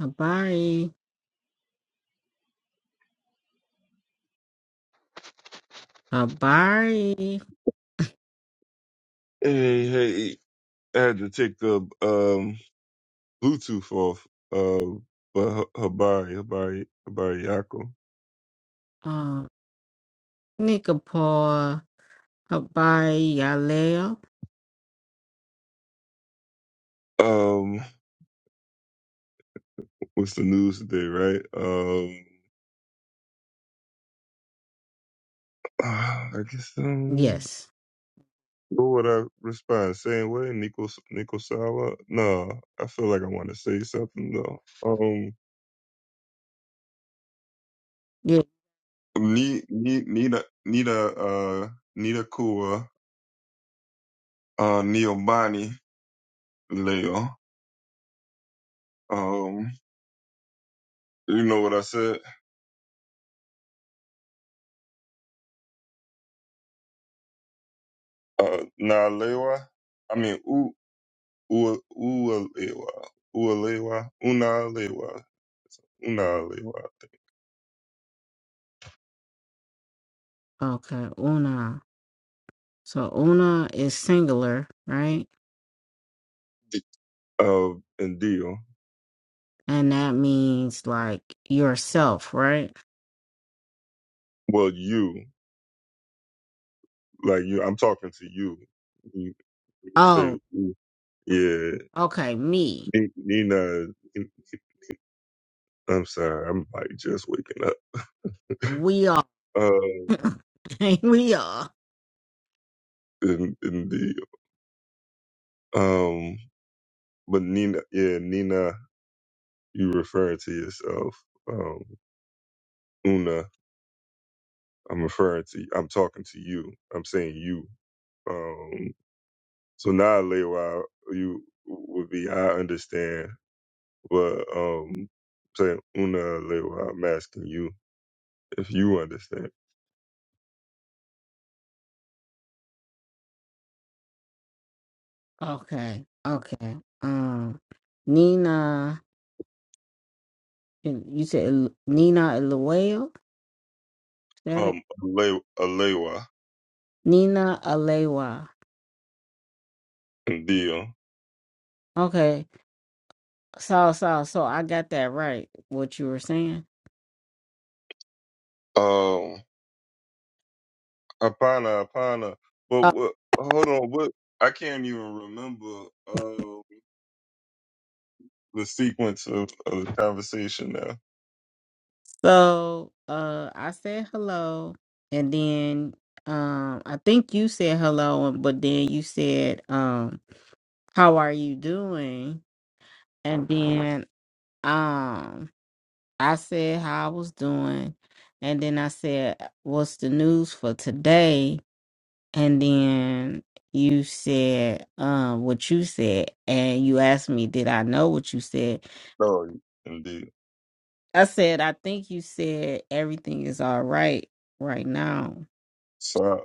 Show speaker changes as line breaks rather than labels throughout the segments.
Habari, Habari,
Hey, hey, I had to take the um, Bluetooth off. Uh, but H- Habari, Habari, Habari Yako.
uh, Nikapor, Habari, Yaleo.
Um, what's the news today, right? Um, ah, I guess um,
Yes.
what would I respond? Same way, Nico, Nico Sala? No, I feel like I want to say something though. Um,
Yeah.
Ni- Ni- Nina, Nina, uh, Nina Kua, uh, Neomani Leo. Um, you know what I said? uh, Nalewa. I mean, U U Ualewa, Ualewa, Unalewa, Unalewa. I think.
Okay. Una. So una is singular, right?
D- Uh, and deal.
And that means like yourself, right?
Well, you like you. I'm talking to you. You, you say,
Oh,
"Ooh." yeah,
okay. Me.
Ni- Nina. I'm sorry. I'm like just waking up.
We are.
Uh,
we are.
and, and deal. Um, but Nina, yeah, Nina. You referring to yourself? Um, Una. I'm referring to I'm talking to you. I'm saying you. Um so now Lewa you would be I understand but um saying Una Lewa, I'm asking you if you understand.
Okay. Okay. Um, Nina. You said El- Nina Alewa. Is that it?
Um Ale- Alewa
Nina Alewa.
deal.
Okay. So, so, so I got that right, what you were saying.
Um Apana Apana. But
Uh,
what hold on, what I can't even remember uh the sequence of, of the conversation now.
so, uh, I said hello, and then, um, I think you said hello, and- but then you said, um, how are you doing? And then, um, I said how I was doing, and then I said, what's the news for today? And then you said, um, what you said, and you asked me, did I know what you said?
Sorry, indeed.
I said, I think you said everything is all right right now.
So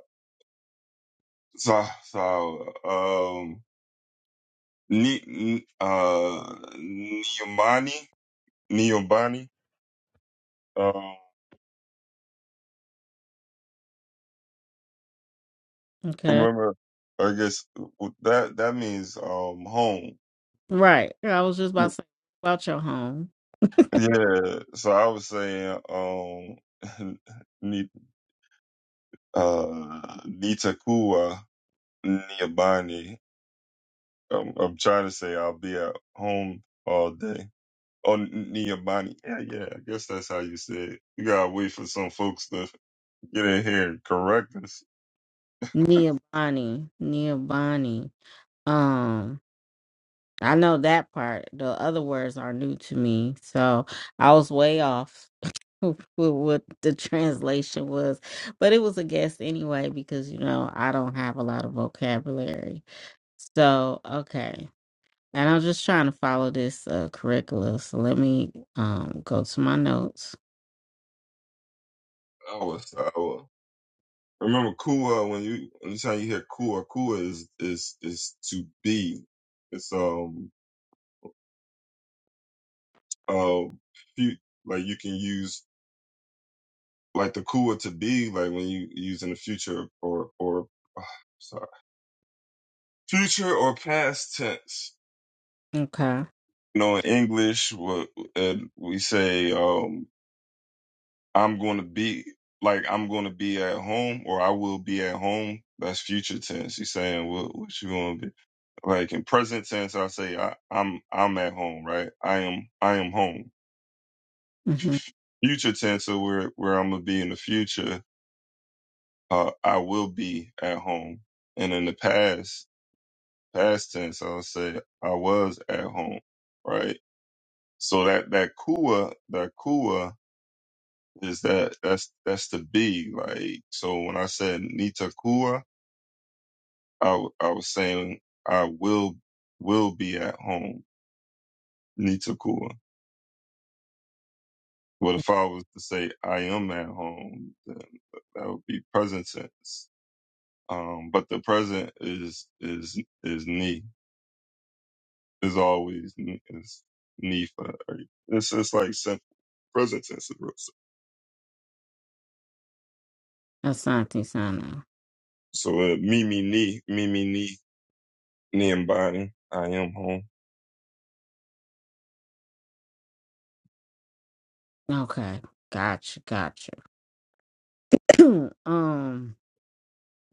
so so um Ni, n- uh, Niomani, Niobani. Um,
Okay.
remember, I guess that that means um home.
Right. Yeah, I was just about to say about your home.
Yeah. So I was saying um, Ni, uh, Nitakua Niobani. I'm, I'm trying to say I'll be at home all day. Oh, Niobani. Yeah, yeah. I guess that's how you say it. You gotta wait for some folks to get in here and correct us.
Nia Bonnie. Nia Bonnie. Um, I know that part. The other words are new to me. So I was way off with what the translation was. But it was a guess anyway, because you know, I don't have a lot of vocabulary. So okay. And I was just trying to follow this uh, curriculum. So let me um, go to my notes.
Our, sour. Remember Kua when you anytime you hear Kua, Kua is is is to be. It's um um fu- like you can use like the Kua to be like when you use in the future or or sorry future or past tense.
Okay.
You know in English what and we say um I'm going to be like I'm going to be at home or I will be at home. That's future tense. He's saying what what you going to be. like in present tense i say I, i'm i'm at home right i am i am home
Mm-hmm.
future tense so where where i'm gonna be in the future uh i will be at home and in the past past tense i'll say i was at home right so that that kua that kua is that that's that's the be like so when i said nita kua i, w- I was saying i will will be at home nita kua But if I was to say I am at home, then that would be present tense. Um, but the present is is is me. Is always me- is me for every- it's just like simple present tense is real simple.
Asante Sana.
So uh, me me me me me me me and I am home.
Okay. Gotcha. Gotcha. um,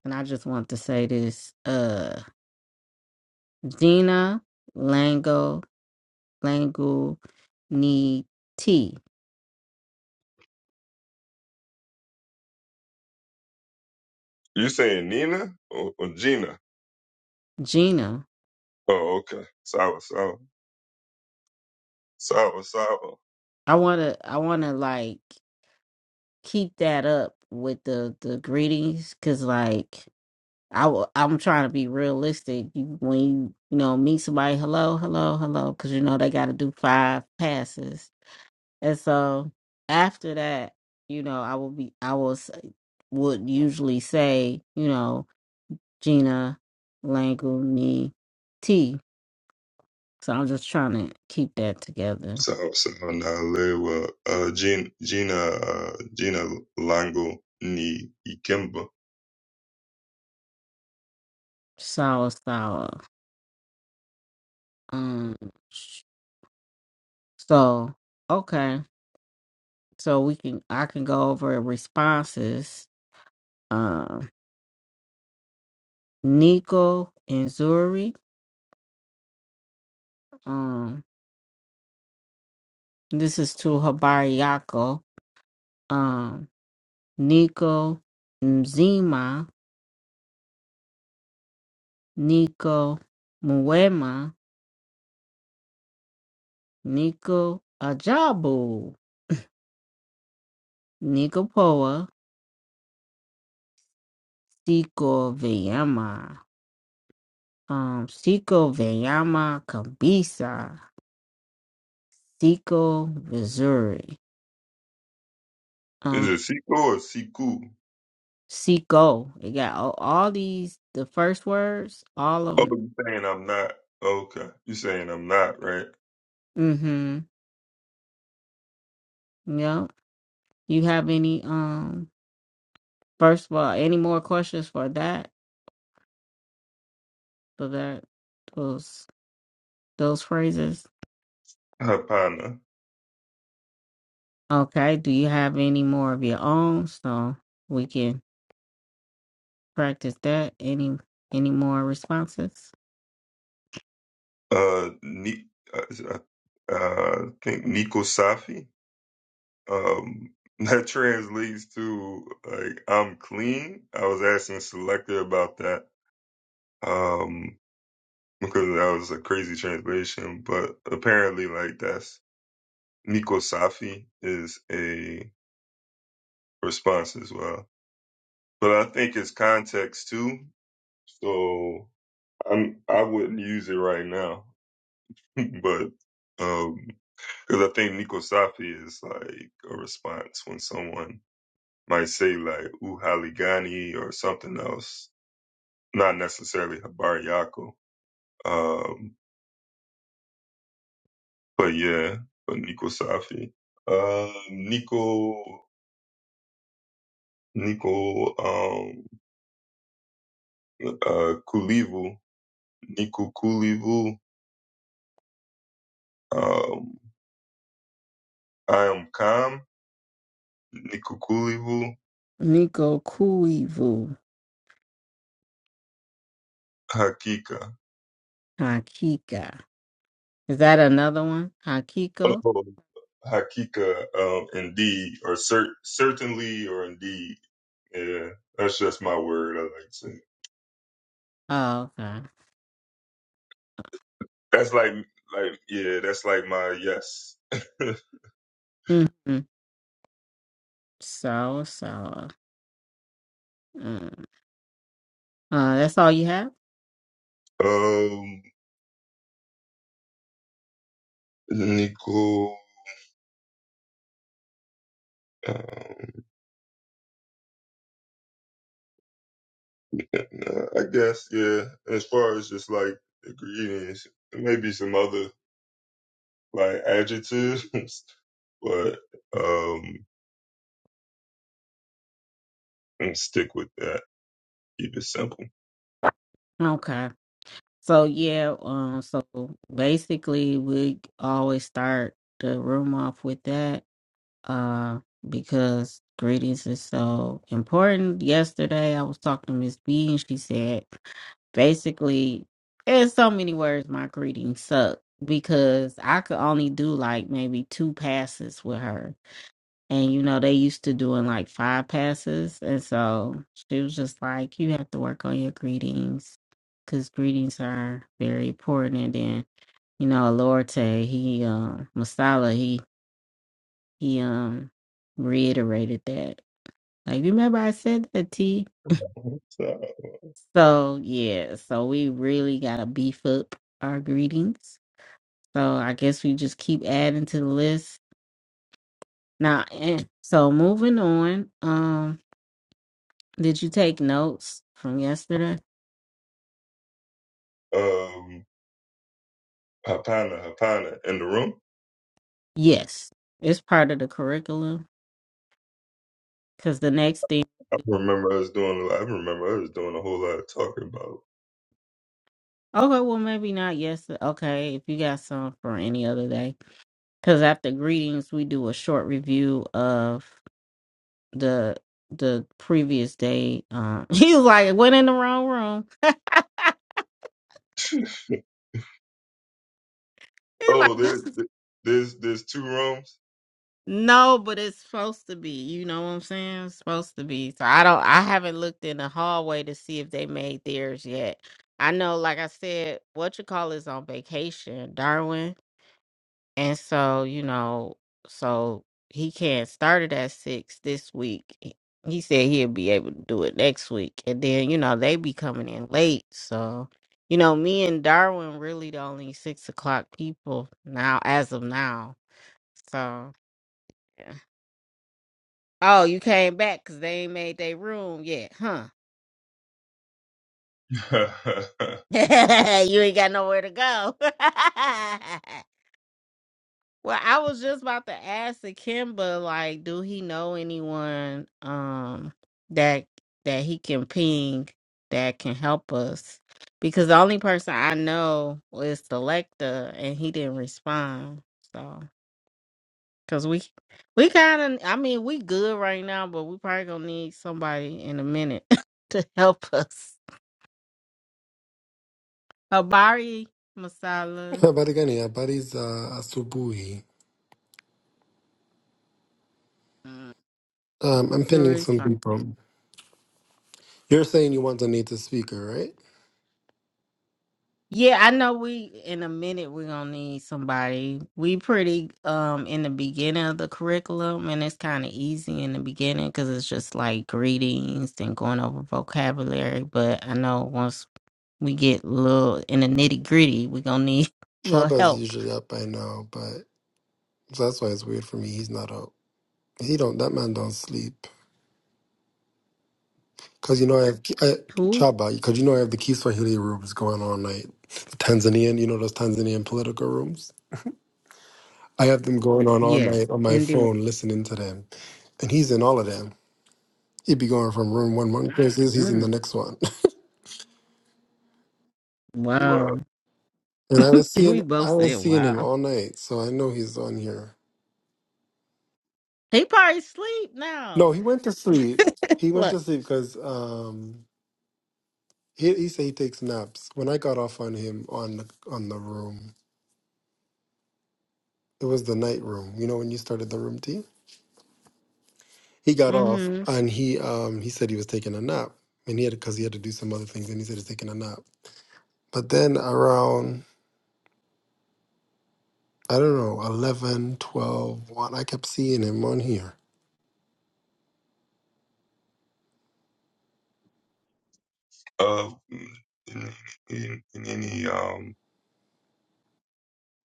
and I just want to say this. Uh, Gina Lango Langu Ni T.
You saying Nina or, or Gina?
Gina.
Oh, okay. Sour sour sour sour.
I wanna. I wanna like keep that up with the the greetings, cause like I w- I'm trying to be realistic. You, when you you know meet somebody, hello, hello, hello, because you know they got to do five passes, and so after that, you know, I will be I will s- would usually say, you know, Gina, Languni, T. So I'm just trying to keep that together.
So, someone uh, Lewa, uh, Gina, Gina, uh, Gina Lango ni Ikemba.
Sour, sour. Um. sh- So okay, so we can I can go over responses. um, Nico and Zuri. Um, this is to Habariako. Um, Nico Mzima, Nico Muema, Nico Ajabu, Nico Poa, Siko Veyama, um, Siko Veyama Kabisa, Siko Missouri.
Is
Um,
it Siku or Siku?
Siko. It got all, all these, the first words, all of
Oh,
them.
you saying I'm not? Okay, you saying I'm not right?
Mm-hmm. yup. You have any um first of all, any more questions for that? For that those those phrases?
Hapana.
Okay. Do you have any more of your own so we can practice that? Any any more responses?
Uh, ni, uh, uh, I think Nico Safi. Um, that translates to like I'm clean. I was asking Selector about that. Um, because that was a crazy translation, but apparently, like that's Nico Safi is a response as well. But I think it's context too. So I'm I wouldn't use it right now. but um because I think Nico Safi is like a response when someone might say like Uhaligani or something else. Not necessarily Habar Yako. Um but yeah, but Nico Safi. Uh Nico Nico um uh Kulivu Nikukulivu, um, I am calm. Nikukulivu,
Niko Kuivu
hakika.
Hakika. Is that another one? Hakiko?
Oh, hakika, um, indeed, or cer- certainly, or indeed. Yeah, that's just my word. I like to.
Oh, okay.
That's like, like, yeah, that's like my yes.
Mm-hmm. So, so. Mm. Uh, that's all you have?
um, Niku. Um, I guess, yeah. As far as just like ingredients, maybe some other. like adjectives, but um, and stick with that. Keep it simple.
Okay. So yeah, um, so basically we always start the room off with that, uh, because greetings is so important. Yesterday I was talking to Miss B and she said basically in so many words my greetings suck because I could only do like maybe two passes with her and you know, they used to doing like five passes. And so she was just like, you have to work on your greetings because greetings are very important. And then, you know, Alorte, he, um, Masala, he, he, um, reiterated that. Like, remember I said that T?
So,
So, yeah, so we really got to beef up our greetings. So I guess we just keep adding to the list. Now, and so moving on, um Did you take notes from yesterday?
um, Hapana, Hapana, in the room.
Yes. It's part of the curriculum. Because the next thing,
I remember us doing. I remember us doing a whole lot of talking about.
okay, well, maybe not yesterday. Okay, if you got some for any other day. Because after greetings, we do a short review of the the previous day. Uh, he was like, went in the wrong room. He like,
oh, there's
this.
there's there's two rooms.
No, but it's supposed to be. You know what I'm saying? It's supposed to be. So I don't I haven't looked in the hallway to see if they made theirs yet. I know, like I said, what you call is on vacation, Darwin. And so, you know, so he can't start it at six this week. He he said he'll be able to do it next week. And then, you know, they be coming in late. So, you know, me and Darwin really the only six o'clock people now as of now. So yeah. Oh, you came back because they ain't made their room yet, huh? you ain't got nowhere to go. well, I was just about to ask Akimba, like, do he know anyone um that that he can ping that can help us? Because the only person I know is Selecta, and he didn't respond. So, because we we kind of, I mean, we good right now, but we probably gonna need somebody in a minute to help us. Habari Masala.
Habari gani? Habari za asubuhi.
Mm,
Um, I'm pinning
Zuri
some
Sar-
people. You're saying you want to need the speaker, right?
Yeah, I know we in a minute we're gonna need somebody. We pretty um in the beginning of the curriculum and it's kinda easy in the beginning because it's just like greetings and going over vocabulary. But I know once we get a little in the nitty gritty, we're gonna need a little
Chaba is
help.
usually up by now, but that's why it's weird for me. He's not up. He don't. That man don't sleep. Cause you know I have I,
Who?
Chaba. Cause you know I have the Kiswahili rooms going all night. The Tanzanian, you know those Tanzanian political rooms. I have them going on all night
Yes,
on my
indeed.
phone, listening to them, and he's in all of them. He'd be going from room one one places. He's in the
Mm,
next one.
well,
wow.
And I was seeing
We
I
both
was
said
seeing him
wow.
all night, so I know he's on here.
He probably sleep
No,
now.
he went to sleep. He went
Look.
to sleep because um, he he said he takes naps. When I got off on him on the on the room, it was the night room. You know when you started the room tea, he got off and he um he said he was taking a nap, and he had because he had to do some other things, and he said he's taking a nap. But then around I don't know eleven, twelve, one, I kept seeing him on here.
uh, in, in, in any um,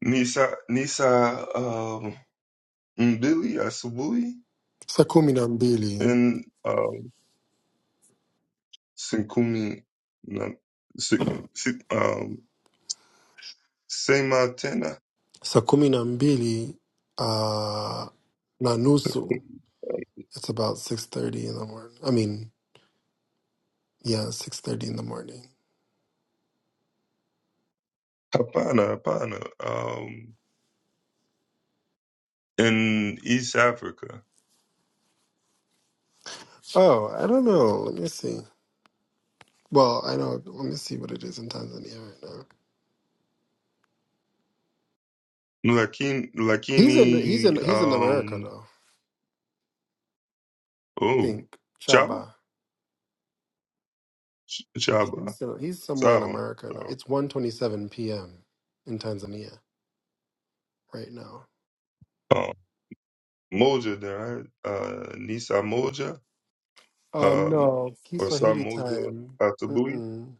Nisa Nisa um, Billy Asubui
Sakumi Nambili.
and um. Sinkumi na si, si, um Sema Tena.
saa kumi na mbili uh, na nusu it's about 6.30 in the morning i mean yeah 6.30 in the morning
Hapana, hapana. Um, in East Africa,
oh i don't know let me see well i know let me see what it is in tanzania right now
Lakini,
he's in he's in
Lakini,
he's in america
um,
though i
oh,
think
Chaba,
chaba
Ch- Chaba,
he's, in, he's somewhere in
Sawa,
america now
Sawa.
it's one twenty seven p.m in tanzania right now
Um, Moja, there, right? uh, Nisa Moja,
oh
um,
no
or
kiswahili
Samoja
time
Atabui,
Mm-mm.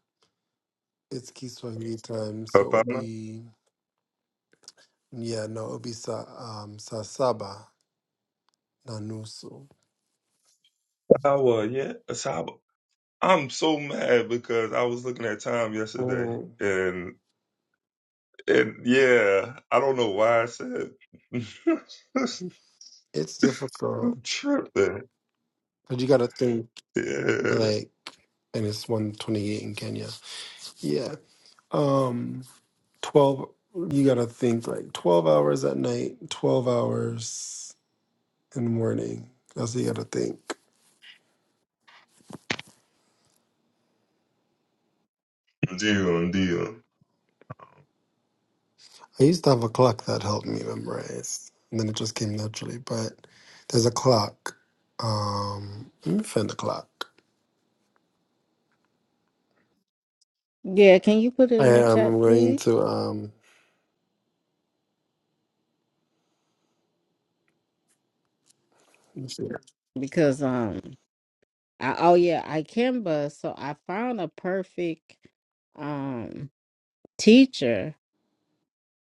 it's kiswahili time so it would
Hapana,
be Yeah, no, it'll be sa um saa saba na nusu.
Sawa, yeah, Sawa. I'm so mad because I was looking at time yesterday,
Mm.
and. And yeah, I don't know why I said
It's difficult,
I'm tripping.
but you gotta think
Yeah,
like, and it's one twenty eight in Kenya. Yeah, um, twelve. You gotta think like twelve hours at night, twelve hours in the morning. That's what you gotta think.
deal, deal.
I used to have a clock that helped me memorize, and then it just came naturally. But there's a clock. Um, let me find the clock.
Yeah, can you put it
I
in the
am.
chat,
I'm going
please?
to um.
Because um, I, oh yeah, I Canva. So I found a perfect um teacher.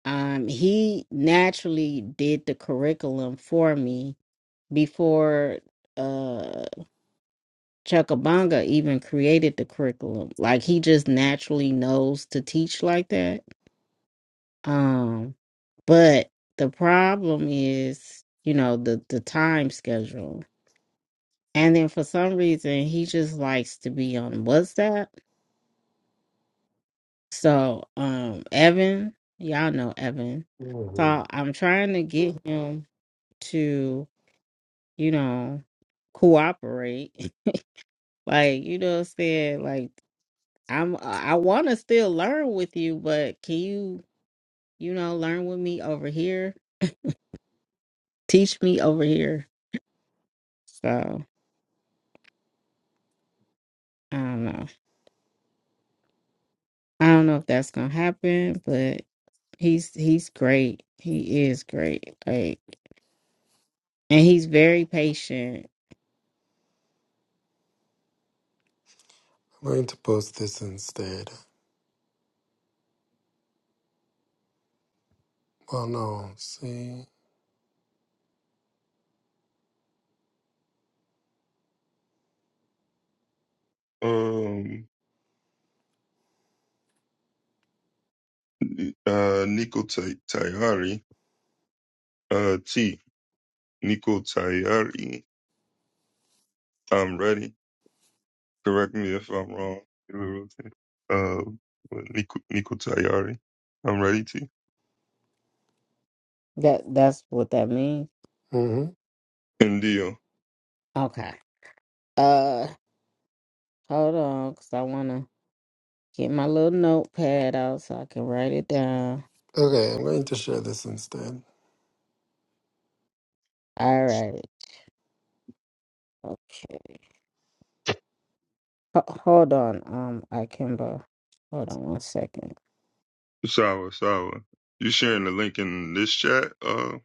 Um, he naturally did the curriculum for me before uh Chuckabanga even created the curriculum. Like he just naturally knows to teach like that. Um, but the problem is, you know, the the time schedule. And then for some reason, he just likes to be on WhatsApp. So, um, Evan, y'all know Evan.
Mhm.
So I'm trying to get him to, you know, cooperate. Like, you know what I'm saying? Like, I'm, I want to still learn with you, but can you, you know, learn with me over here? Teach me over here. So I don't know. I don't know if that's gonna happen, but he's he's great. He is great. Like. And he's very patient.
I'm going to post this instead. Well, no, see.
Um, uh, Nico Tay- Tayari, uh, T. Nico Tayari. I'm ready. Correct me if I'm wrong. Uh, Nico Nico Tayari. I'm ready, T.
That that's what that means.
hmm
And deal.
Okay. Uh hold on, cause I wanna get my little notepad out so I can write it down.
Okay, I'm going to share this instead.
All right. Okay. Ho- hold on, um, I can hold on one second.
Sour, sour. You sharing the link in this chat, uh,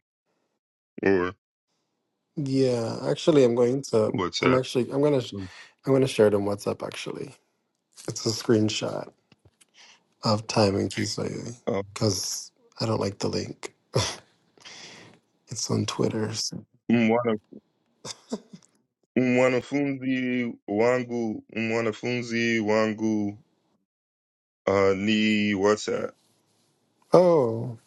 or
Yeah, actually, I'm going to.
what's
I'm
that?
actually. I'm gonna. sh- I'm gonna share it on WhatsApp. Actually, it's a screenshot of timing Tuesday
Um,
because I don't like the link. It's on Twitter. so-
mwanafunzi wangu mwanafunzi wangu uh ni what's that
Oh,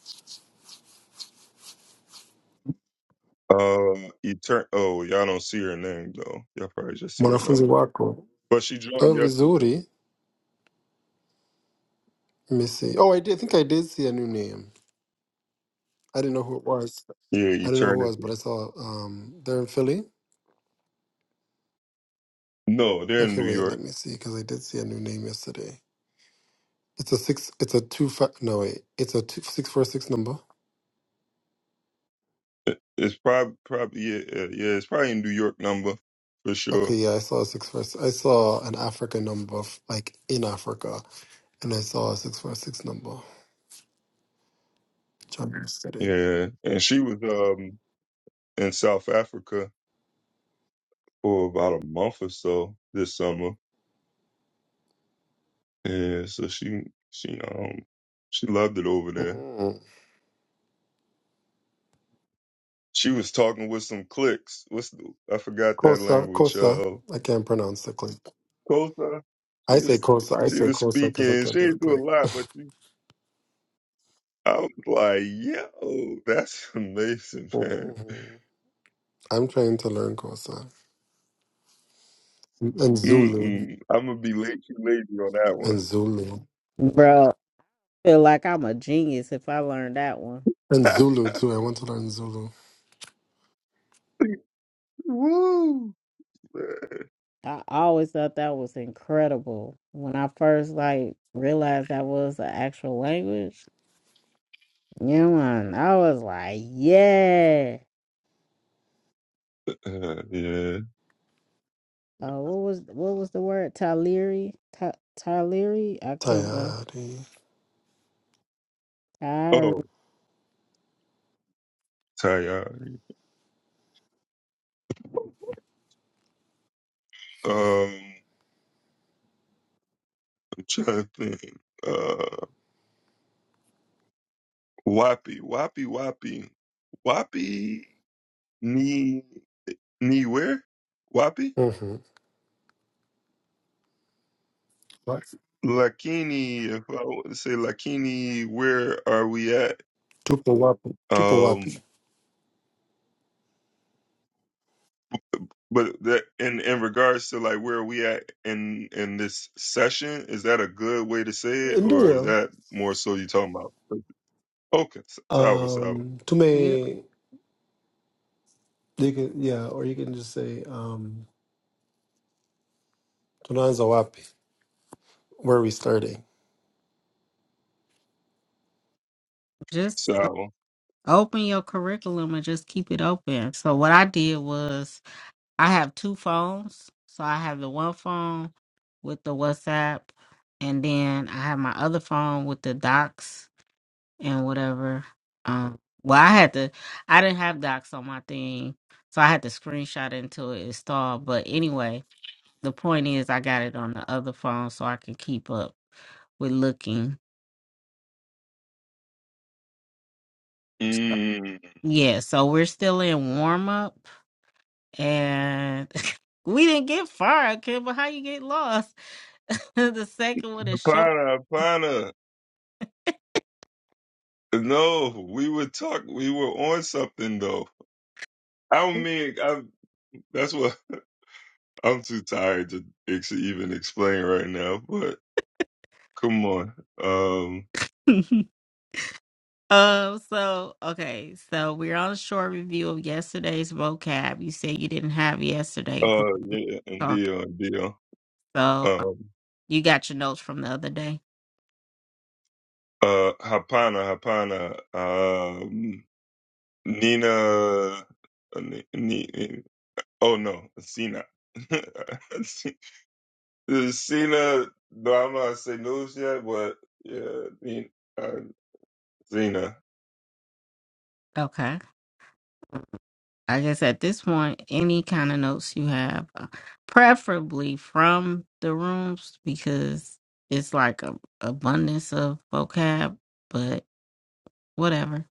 uh etern- oh y'all don't see her name though y'all probably just see her
mwanafunzi
number
wako.
but she joined
Oh,
yesterday
vizuri. Let me see. Oh, I did. I think I did see a new name. I didn't know who it was.
yeah
I didn't know who it was, but
eternity
I saw um they're in Philly.
no they're in
Okay,
new
wait, let
york
me see because I did see a new name yesterday. It's a six. It's a two. Fi- no, wait. It's a two, six four six number.
It- it's probably probably yeah yeah yeah, it's probably a new york number for
Okay,
sure
yeah, I saw a six four. I saw an African number, f- like in Africa, and I saw a six four six number. Job yesterday.
yeah and she was um in south africa for about a month or so this summer yeah so she she um she loved it over there
Mm.
She was talking with some clicks. What's the, I forgot that
Kosa,
language.
Kosa.
Uh,
I can't pronounce the clip.
Kosa. She
I say
was
Kosa. I
she
say
was
Kosa because I
speaking.
can't
She
do the
didn't do a
clip.
lot, but she. I was like, yo, that's amazing, man.
Mhm. I'm trying to learn Kosa and Zulu
Mm-mm. I'm gonna be late, you lady, on
and
that
Zulu
Bro, feel like I'm a genius if I learned that one.
and Zulu too. I want to learn Zulu.
one. Woo! man.
I always thought that was incredible. When I first like realized that was the actual language, you know, and I was like, yeah.
Uh, yeah.
Uh, what was what was the word? Tyleri, Ty, Tyleri. I can't remember.
Tired. eh?
Tyre.
Oh, Tayari. Um, I'm trying to think. Uh, Wappy, Wappy, Wappy, Wappy. Me. ni where wapi
Mm-hmm. Wa-
lakini if i want to say lakini where are we at
Tupo wapi? Tupo wapi?
um but that in in regards to like where are we at in in this session is that a good way to say it or is
Ndiyo.
that more so you talking about okay s- sawa sawa
Um,
You don't-
tume you can, yeah, or you can just say um, tunaanza wapi? Where are we starting?
just o-
sawa
open your curriculum and just keep it open. So what I did was I have two phones. So I have the one phone with the WhatsApp, and then I have my other phone with the docs and whatever. Um, well, I had to. I didn't have docs on my thing, so I had to screenshot it until it installed. But anyway, The point is, I got it on the other phone so I can keep up with looking.
mm.
Yeah, so we're still in warm up and we didn't get far, Kim, but how you get lost? the second one is short.
pana pana no we were talk we were on something though i don't mean i that's what i'm too tired to ex- even explain right now but Come on. Um,
um, so okay, so we're on a short review of yesterday's vocab. You said you didn't have yesterday. 'cause
uh, yeah,
we
ndio, ndio.
talked.
Um,
You got your notes from the other day.
uh, hapana, hapana. Um, Nina, uh, ni, ni, oh no, Sina. Sina, no, I'm not saying those yet, but yeah, Nina, uh, Sina.
Okay. Like I guess at this point, any kind of notes you have, uh, preferably from the rooms, because it's like a abundance of vocab. But whatever,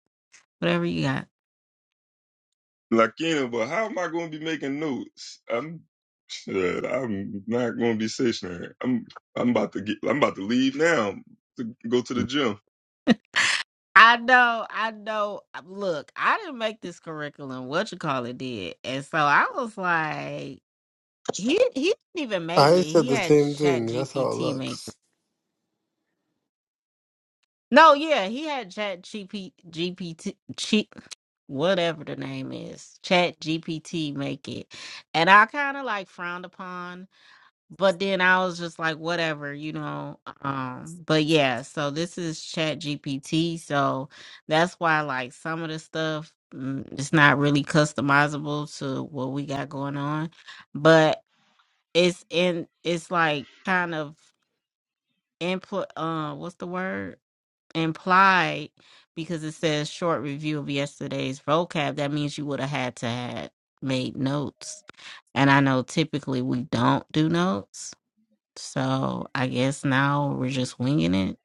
whatever you got.
Lakina, but how am I going to be making notes? I'm, shit, I'm not going to be stationary. I'm, I'm about to get, I'm about to leave now to go to the gym.
I know, I know. uh, Look, I didn't make this curriculum. What you call it did, and so I was like, he he didn't even make it.
I said
He
the
had
same
Chat
thing. That's how it
GPT make. it.
looks.
No, yeah, he had Chat GP, GPT cheap whatever the name is, Chat GPT make it, and I kind of like frowned upon but then I was just like, whatever, you know. Um, but yeah, so this is Chat GPT, so that's why like some of the stuff mm, it's not really customizable to what we got going on, but it's in it's like kind of input. Uh, what's the word? Implied because it says short review of yesterday's vocab. That means you would have had to had made notes, and I know typically we don't do notes so I guess now we're just winging it.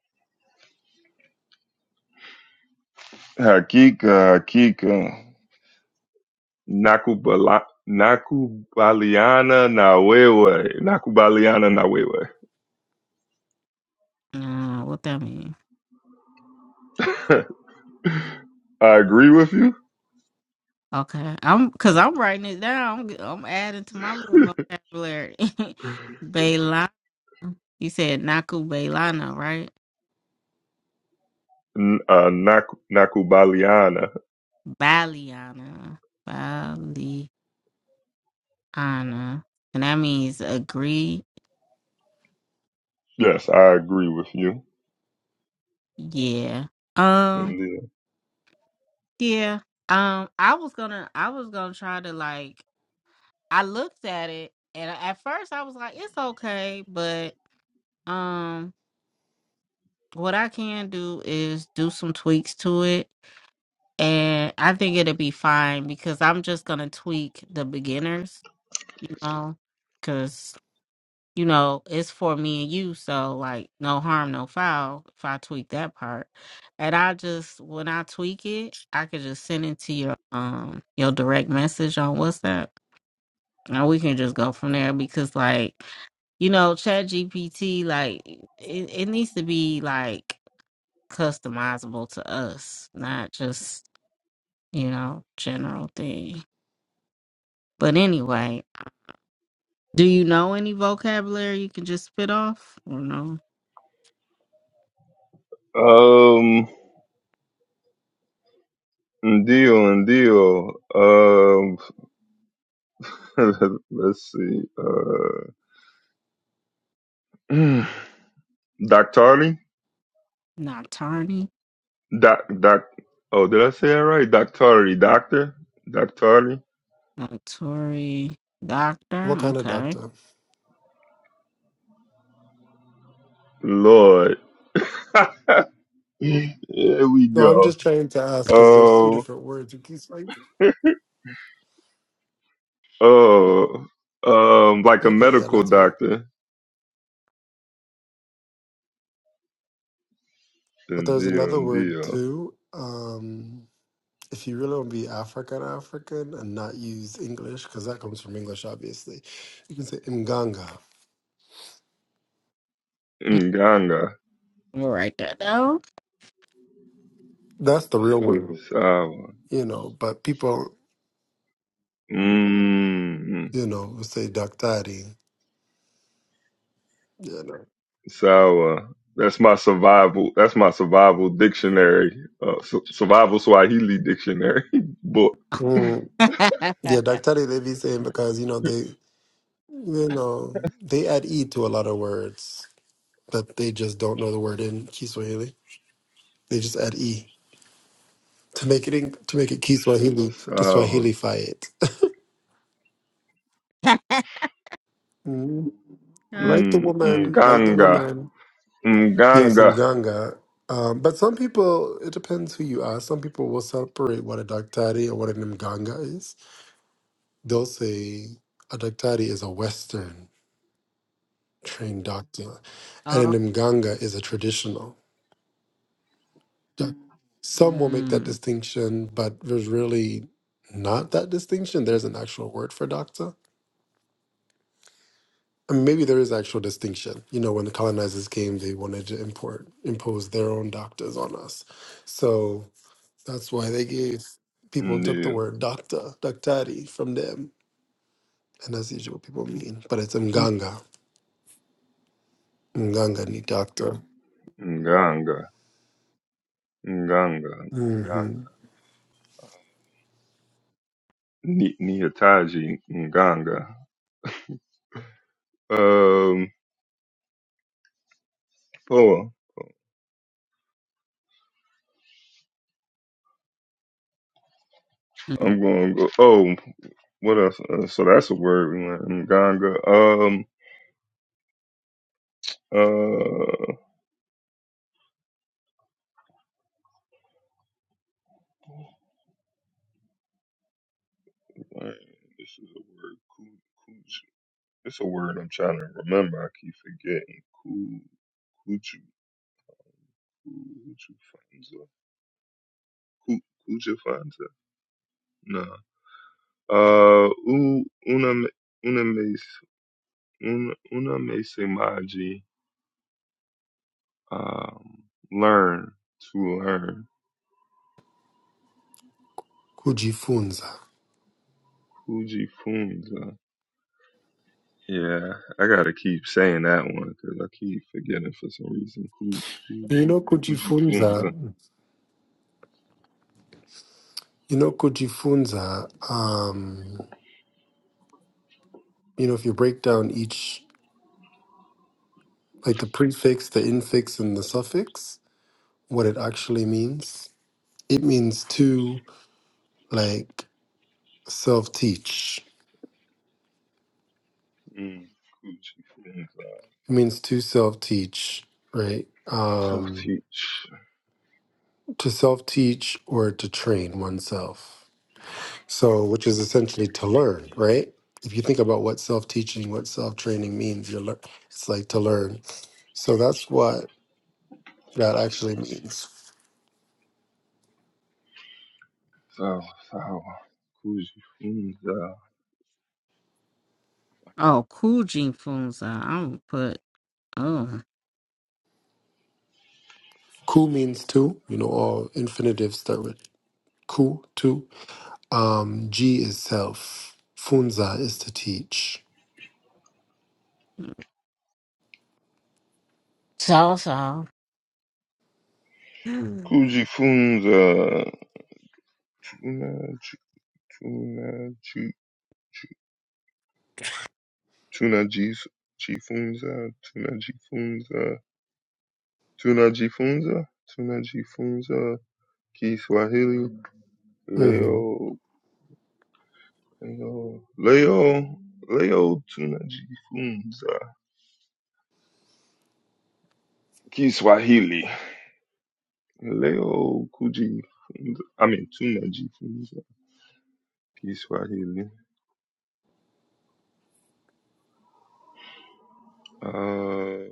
Hakik, uh, Hakik, uh, Nakubala, Nakubaliana Nawewe. Nakubaliana Nawewe.
Uh, what that mean?
I agree with you.
Okay, I'm cause I'm writing it down. I'm, g- I'm adding to my little vocabulary. Bailana, you said Naku Bailana, right?
N- Uh, Nak- Nakubaliana.
Baliana, Baliana, and that means agree
Yes, I agree with you.
Yeah. Um,
Indeed.
yeah. Um, I was gonna I was gonna try to like I looked at it and at first I was like, it's okay, but um what I can do is do some tweaks to it and I think it'll be fine because I'm just gonna tweak the beginners, you know. you know, it's for me and you, so like no harm, no foul if I tweak that part. And I just when I tweak it, I could just send it to your um your direct message on WhatsApp. And we can just go from there because like, you know, Chat GPT, like it, it needs to be like customizable to us, not just, you know, general thing. But anyway, do you know any vocabulary you can just spit off? Or no?
Um, deal and deal. Um, let's see. Uh, Doctari?
Not tarny.
Doc, doc, oh, did I say that right? Doctari, doctor? Doctari?
Uh, Doctor.
What kind of
Okay.
doctor?
Lord. Here we
No, I'm
go.
just trying to ask because there's two
Um,
different words. You keep saying.
oh, um, like a
Okay, yeah,
medical
that's right.
doctor.
But there's
Ndio,
another word
ndio.
too. Um, if you really want to be African African and not use English, because that comes from English, obviously, you can say mganga.
Mm,
Nganga.
We'll write that down.
That's the real word.
Sawa.
you know, but people,
Mmm.
you know, will say daktari, you know.
Sawa. That's my survival. That's my survival dictionary. Uh, su- survival Swahili dictionary book.
Mm. Yeah, daktari they be saying because, you know, they, you know, they add E to a lot of words that they just don't know the word in Kiswahili. They just add E to make it, in, to make it Kiswahili, to
Sawa.
Swahilify it. Mm. Like the
Mm,
woman, like the
Nganga.
woman. Yes,
Nganga.
in Ganga. Um, but some people, it depends who you ask. Some people will separate what a daktari or what an mganga is They'll Dose Adaktari is a Western trained doctor,
oh,
and an Mganga is a traditional. doc- Some will make that
mm,
distinction, but there's really not that distinction. There's an actual word for doctor. I mean, maybe there is actual distinction. You know, when the colonizers came, they wanted to import impose their own doctors on us, so that's why they gave people took the
Ndio.
word doctor, doctari from them, and that's usually what people mean. But it's
mm,
Mganga, Mganga ni doctor.
Nganga. Nganga, Nganga,
Mhm.
Ni- Niyataji, Nganga. Um, oh,
mm.
I'm gonna go. Oh, what else? Uh, so that's a word we learned. Nganga. Um, uh, man, this is a word. Ku- Kuju. It's a word I'm trying to remember. I keep forgetting. Ku, kuju, kuju fanza. Ku, kuju fanza. No. Uh, u, una, me- una, mes, una, una me se um, learn to learn.
Kujifunza.
Kujifunza. Yeah, I gotta keep saying that one because I keep forgetting for some reason. Ku-
You
Fuji
know,
Fuji
kujifunza. You know, kujifunza. Um, you know, if you break down each, like the prefix, the infix, and the suffix, what it actually means, it means to like self-teach.
Mm, Fuji Funza.
It means to self-teach, right?
So
Um,
teach.
to self-teach or to train oneself. So, which is essentially to learn, right? If you think about what self teaching, what self training means, you're lear- it's like to learn. So that's what that actually means.
So so. Kujifunza.
oh, cool Jing Funza. I'm gonna put oh
Ku means two. You know, all infinitives start with ku, two. Um, G is self. Funza is to teach.
so so. Mm,
Kujifunza. Fuji Funza. Tuna G- Tunajifunza. Tunajifunza. Tunajifunza. Kiswahili
hmm
leo leo leo leo tunajifunza Kiswahili leo kujifunza I mean tunajifunza Kiswahili uh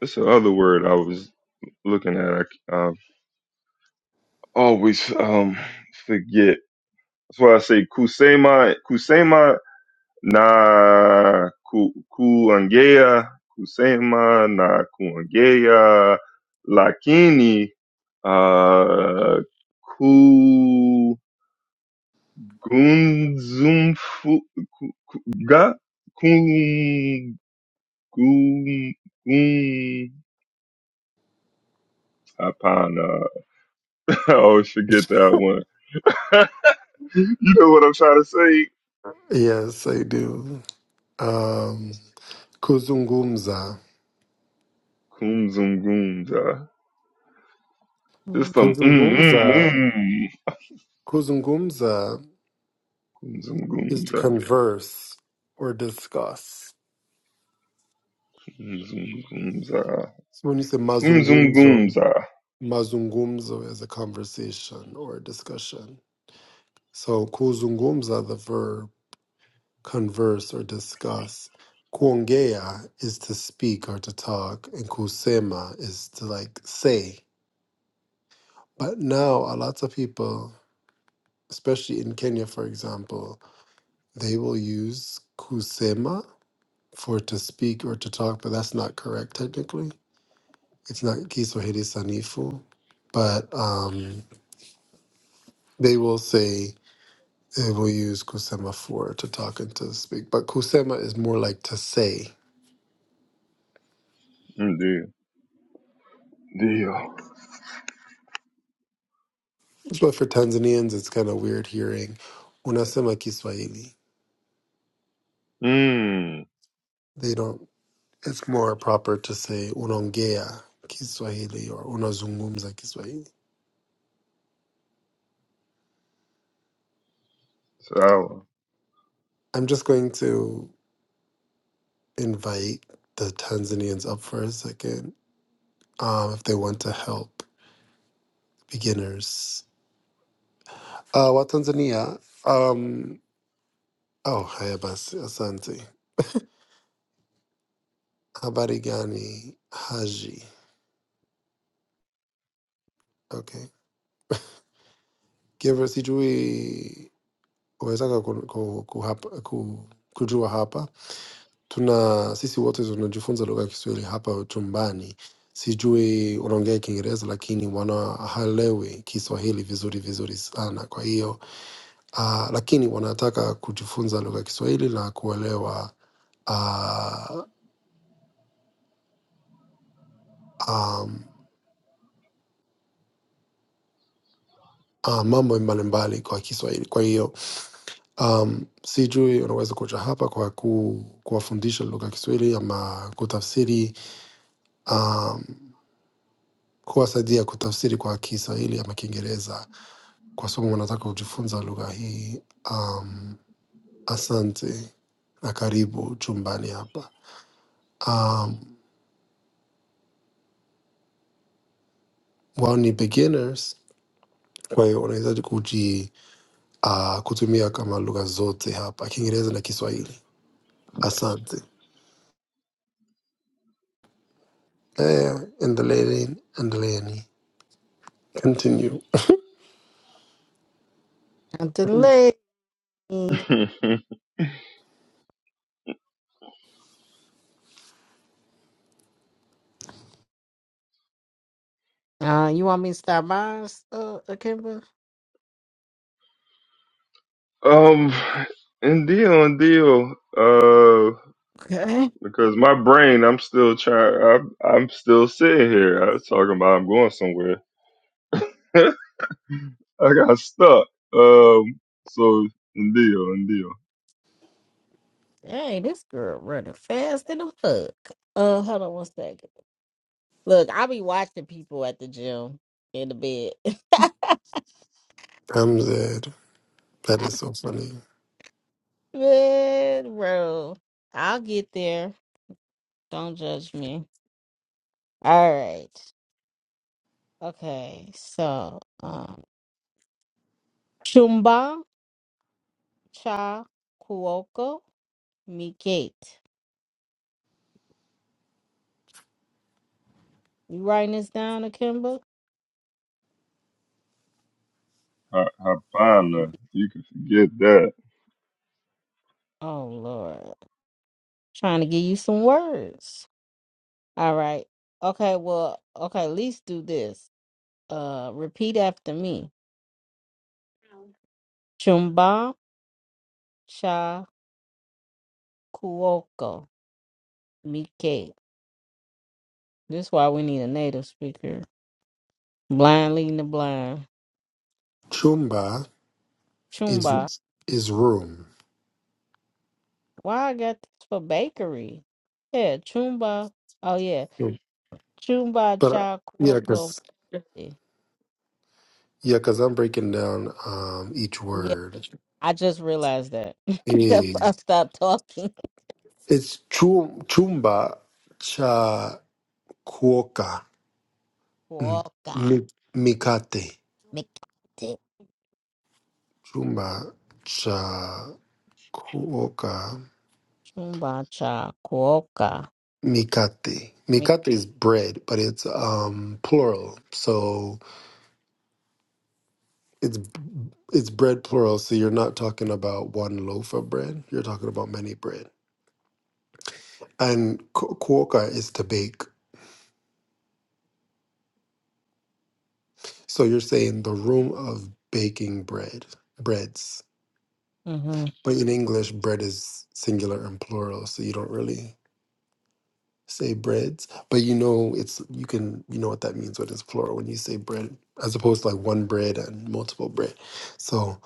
that's the other word I was looking at I I always um forget that's why I say kusema kusema na ku, kuongea kusema na kuongea lakini uh, kugunzumfuga kum, kum, kum, hapana I always forget that one you know what I'm trying to say
Yes, I do. Um, kuzungumza.
kumzungumza It's
cool.
some mm mm
Kuzungumza.
mm
Kuzungumza is to
kumzungumza
converse or discuss.
Kumzungumza.
So when you say mazungumzo,
Kumzungumza.
mazungumzo is a conversation or a discussion. So kuzungumza, the verb converse or discuss. Kuongea is to speak or to talk, and kusema is to like say. But now a lot of people, especially in Kenya, for example, they will use kusema for to speak or to talk, but that's not correct technically. It's not kiswahili sanifu, but um They will say they will use kusema for to talk and to speak, but kusema is more like to say.
Ndio. Ndio.
But for Tanzanians, it's kind of weird hearing unasema Kiswahili.
Mm,
They don't. It's more proper to say unaongea Kiswahili or unazungumza Kiswahili.
sawa.
I'm just going to invite the Tanzanians up for a second um, if they want to help beginners. Uh, wa Tanzania. Um, oh, haya basi, asante. Habari gani, Haji. Okay. Giver sijui umewezaka ku, ku, ku, hapa- ku, kujua hapa tuna sisi wote tunajifunza lugha ya Kiswahili hapa chumbani. Sijui unaongea Kiingereza, lakini wana wanaelewi Kiswahili vizuri vizuri sana. Kwa hiyo uh, lakini wanataka kujifunza lugha ya Kiswahili na kuelewa uh, um, uh, mambo mbalimbali kwa Kiswahili. Kwa hiyo um, sijui unaweza kuja hapa kwa ku, kuwafundisha lugha ya Kiswahili ama kutafsiri um, kuwasaidia kutafsiri kwa Kiswahili ama Kiingereza kwa sababu wanataka kujifunza lugha hii. Um, asante na karibu chumbani hapa. Um, wao ni beginners, kwa hiyo unaweza kuji uh, kutumia kama lugha zote hapa, Kiingereza na Kiswahili. Asante. Eh, endeleeni, endeleeni, continue.
Not delay. Uh, you want me to stop by, uh, Kimber?
um, ndio, ndio. Uh,
Okay.
because my brain, I'm still trying, I'm, I'm still sitting here. I was talking about I'm going somewhere. I got stuck. Um, so, ndio, ndio.
Hey, this girl running fast in the fuck. Uh, hold on one second. Look, I be watching people at the gym in the bed.
I'm dead. That is so funny.
Red road. I'll get there. Don't judge me. All right. Okay. So, um, Chumba Cha Kuoko Mikate. You writing this down, Akimba?
Ha- Hapana. You can forget that.
Oh, Lord. Trying to give you some words. All right. Okay. Well, okay. At least do this. Uh, repeat after me. Chumba Cha Kuoko Mikate. This is why we need a native speaker. Blind leading the blind.
Chumba is
Chumba.
is room,
Why I got this for bakery? Yeah, Chumba. Oh yeah.
but
Chumba
uh, yeah,
Chacuoco.
cause yeah, cause I'm breaking down um each
Yeah.
word.
I just realized that. That's
Eh,
why I stopped talking.
It's chum chumba cha kuoka m-
Cuoca.
mi- mikate.
McCarthy.
Chumba cha kuoka
Chumba Chacuoca.
mikate.
me
Mikate is bread, but it's um plural, so it's. it's bread plural, so you're not talking about one loaf of bread. You're talking about many bread. And ku- kuoka is to bake. So you're saying the room of baking bread, breads.
Mm-hmm.
But in English, bread is singular and plural, so you don't really say breads. But you know it's you can you know what that means when it's plural when you say bread, as opposed to like one bread and multiple bread. So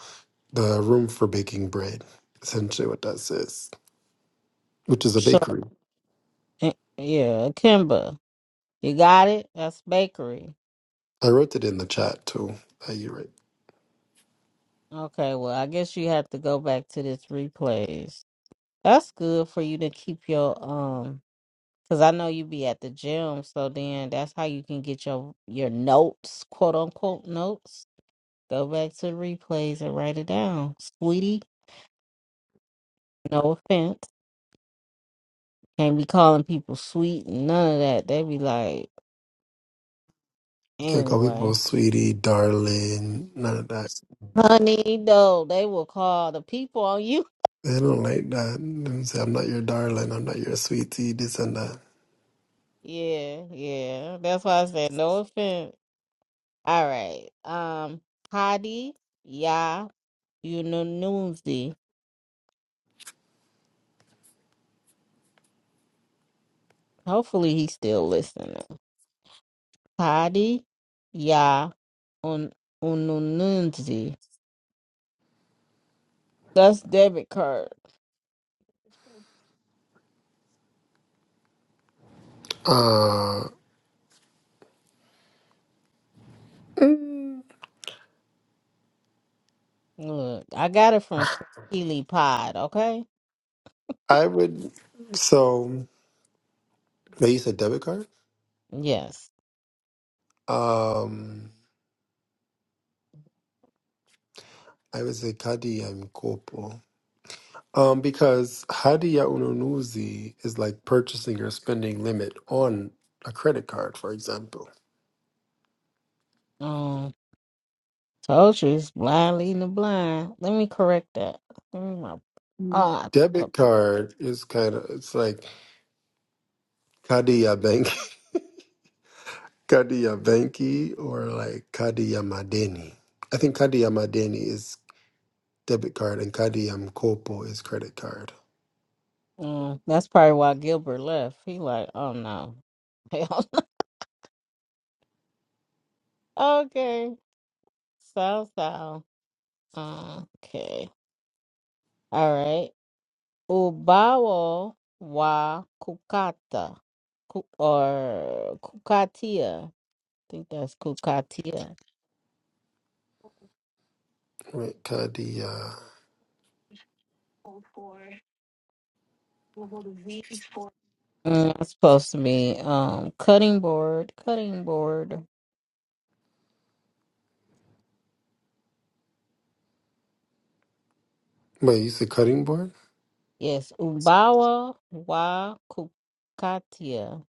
the room for baking bread, essentially what that says, which is a
So,
bakery.
eh, yeah, Kimba, you got it? That's bakery.
I wrote it in the chat too. That you right.
Okay, well, I guess you have to go back to this replays. That's good for you to keep your um, because I know you be at the gym, so then that's how you can get your your notes, quote unquote notes. Go back to the replays and write it down, sweetie. No offense, can't be calling people sweet and none of that. They be like,
You can't call people
anyway,
sweetie, darling, none of that.
honey. Though they will call the people on you.
They don't like that. They say, I'm not your darling, I'm not your sweetie, this and that.
Yeah, yeah. That's why I said no offense. All right. Um, Hadi, yeah, you know, Hopefully he's still listening. Hadi Ya Un Unununzi. That's debit card.
Uh, mm,
Look, I got it from Swahili Pod, okay?
I would, so they use a debit card.
Yes.
Um, I would say Kadi and Kopo. Um, because Hadi ya Ununuzi is like purchasing or spending limit on a credit card, for example.
Um told you it's blind leading the blind. Let me correct that. Give me my
Mm.
ah,
Debit card is kind of, it's like, Kadia Bank, Kadia Banki, or like Kadiyamadeni. I think Kadiyamadeni is debit card and Kadiyamkopo is credit card.
mm, that's probably why Gilbert left. He like, oh no. Hell no. okay. So so. Okay. All right. Ubawa wa Kukata Ku- or Kukatia. I think that's Kukatia.
Wait, Kadiya.
Mm, That's supposed to be um cutting board, cutting board.
Wait, you said cutting board?
Yes, Ubawa wa Kukatia.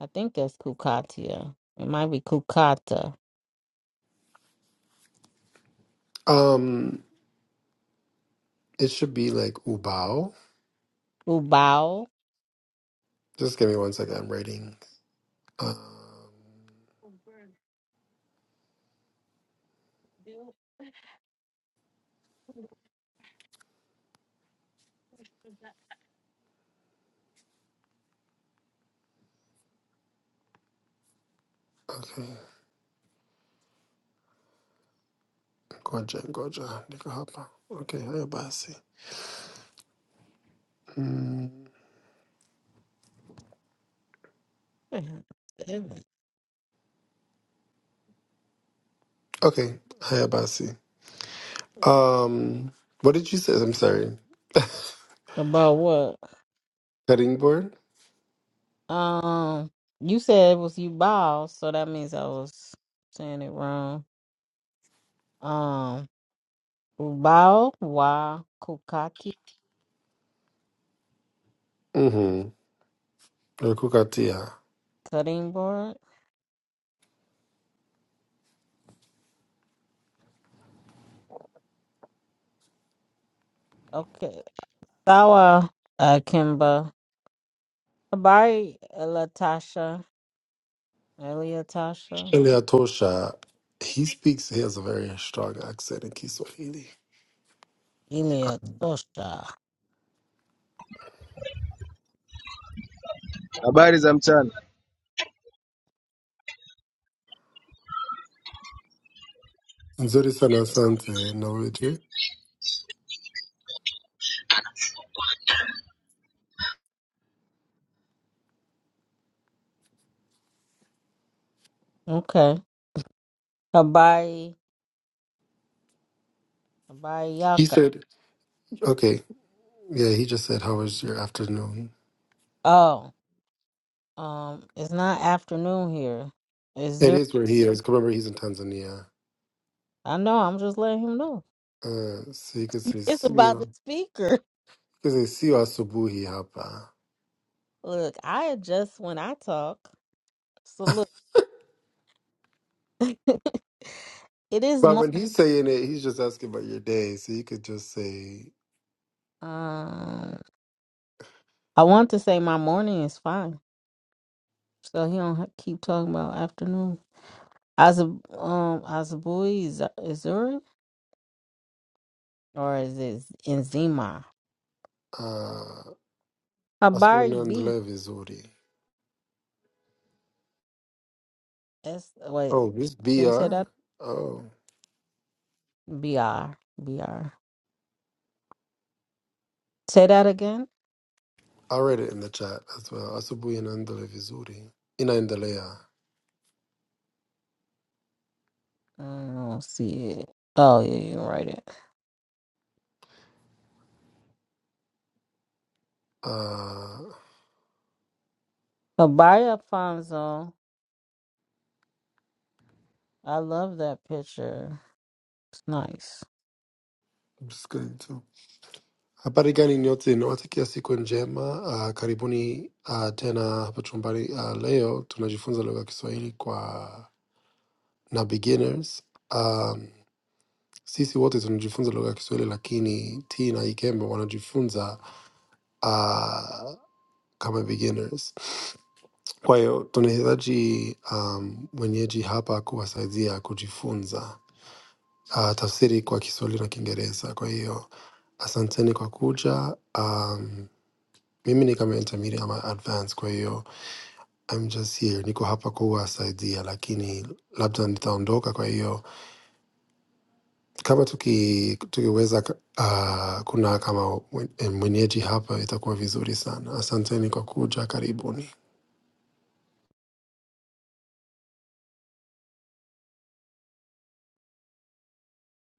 I think that's Kukatia. It might be Kukata.
Um, it should be like Ubao.
Ubao.
Just give me one second. I'm writing. Um, okay. Goja, Goja, Nikahapa. Okay, Hayabasi. Mm, okay, Hayabasi. Um, what did you say? I'm sorry.
About what?
Cutting board?
Um, you said it was you bow, so that means I was saying it wrong. Um, bow wa kukati
Mm-hmm. Kukatia.
cutting board. Okay, sawa akimba habari latasha eliatasha
Elia Tosha, he speaks, he has a very strong accent in Kiswahili.
iliatosha.
Habari za mchana.
Nzuri sana asante, na wewe?
Okay, habari habari
He
yaka.
said, okay, yeah, he just said, how was your afternoon?
Oh, um, it's not afternoon here. Is
It
there?
is where he is. 'cause Remember, he's in Tanzania.
I know. I'm just letting him know.
Uh, so you can say,
It's
sio
about the
you
speaker.
can say, sio asubuhi hapa.
Look, I adjust when I talk. So look, it is
But
morning.
when he's saying it, he's just asking about your day. So you could just say,
Um, I want to say my morning is fine, so he don't have keep talking about afternoon. As um, Azabui is is there or is it Enzima?
uh, asubuhi
Habari B.
naendelea vizuri.
S. Wait,
Oh, this
can you say
BR?
that?
Oh.
B R B R. Say that again.
I read it in the chat as well. Asubuhi inaendelea vizuri. Inaendelea.
I don't see it. Oh yeah, you can write it.
Uh,
Habari Alfonso. I love that picture. It's nice.
I'm just going to. Habari gani nyote, nawatakia siku njema. Uh, karibuni uh, tena hapa chumbani. Uh, leo tunajifunza lugha ya Kiswahili kwa na beginners. Um, sisi wote tunajifunza lugha ya Kiswahili, lakini T na Ikembe wanajifunza uh, kama beginners. Kwa hiyo tunahitaji um, mwenyeji hapa kuwasaidia kujifunza uh, tafsiri kwa Kiswahili na Kiingereza. Kwa hiyo asanteni kwa kuja. Um, mimi ni kama intermediate ama advanced, kwa hiyo I'm just here, niko hapa kuwasaidia, lakini labda nitaondoka. Kwa hiyo kama tuki, tukiweza uh, kuna kama mwen- mwenyeji hapa itakuwa vizuri sana. Asanteni kwa kuja, karibuni.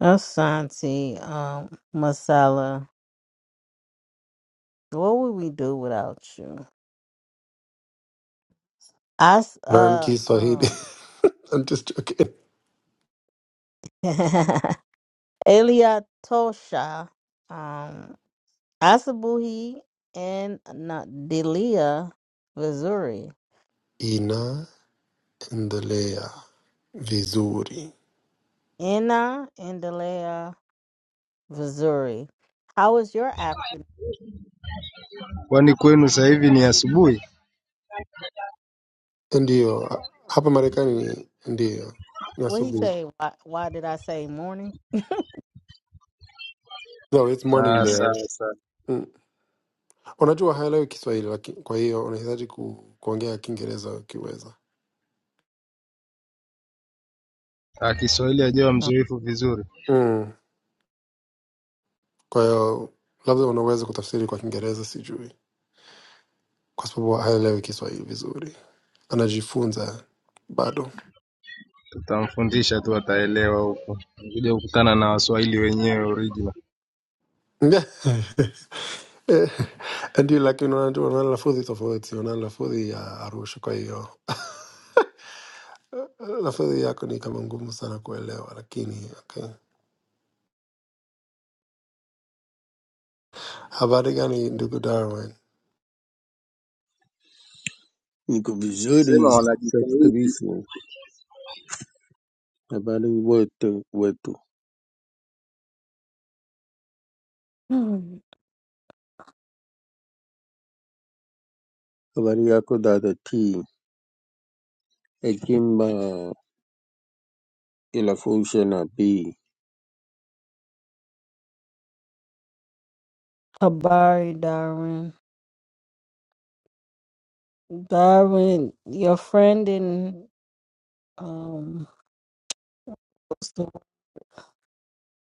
Asante, um, Masala, what would we do without you? I, s-
Learn
uh,
Kiswahili.
um,
I'm just joking.
Elia Tosha, um, Asabuhi, and not Delia Vizuri.
Inaendelea vizuri.
Ina and Delia Vizuri. How was your afternoon?
Kwani kwenu sasa hivi ni asubuhi?
Ndio, hapa Marekani ni ndio
What he
nasubiri.
say? Why, why did I say morning?
No, it's morning
Ah,
there.
sawa sawa.
Mm. Unajua haelewi Kiswahili laki- kwa hiyo unahitaji ku, kuongea Kiingereza ukiweza.
Ah, Kiswahili ajawa
Oh.
mzoefu vizuri,
Mm. Kwa hiyo labda unaweza kutafsiri kwa Kiingereza, sijui, kwa sababu haelewi Kiswahili vizuri, anajifunza bado
tutamfundisha tu, ataelewa huko. Kuja kukutana na Waswahili wenyewe original.
Eh, ndio, lakini unajua una lafudhi tofauti, una lafudhi ya Arusha, kwa hiyo eh, lafudhi yako ni kama ngumu sana kuelewa, lakini okay. Havadagani Ndugu Darwin.
Niko
Sema
vizuri safi
wanajitahidi.
kabisa. Habari wote wetu,
Hmm.
habari yako dada T. Hekima inafusha na B.
Habari, Darwin. Darwin, your friend in um So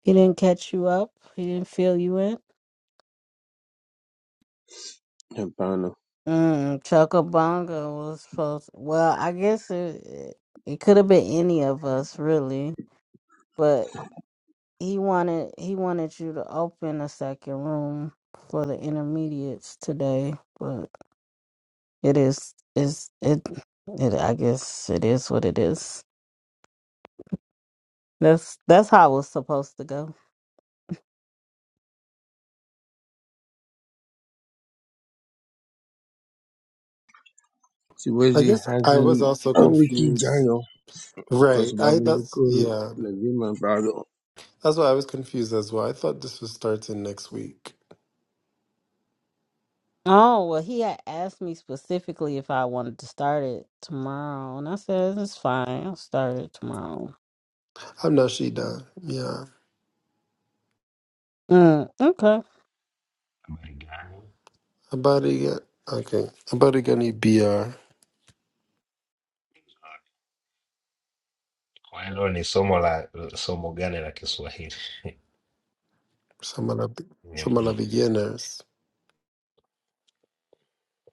he didn't catch you up. He didn't fill you in.
Hapana,
Mm, Chuckabonga was supposed. Well, I guess it it could have been any of us really, but he wanted he wanted you to open a second room for the intermediates today. But it is is it it I guess it is what it is. That's that's how it was supposed to go.
I
siwezi
guess I was
hadi
also
wiki
confused.
ijayo, kwa
Right. I
sababu
that's
niko
yeah.
lazima bado
That's why I was confused as well. I thought this was starting next week.
Oh, well, he had asked me specifically if I wanted to start it tomorrow, and I said, it's fine. I'll start it tomorrow.
I'm Nashida. Yeah.
Mm, okay.
Marekani.
Habariga okay. Habarigani BR.
Kwa hilo ni somo la somo gani la Kiswahili?
Samala Samala
Ni-
beginners.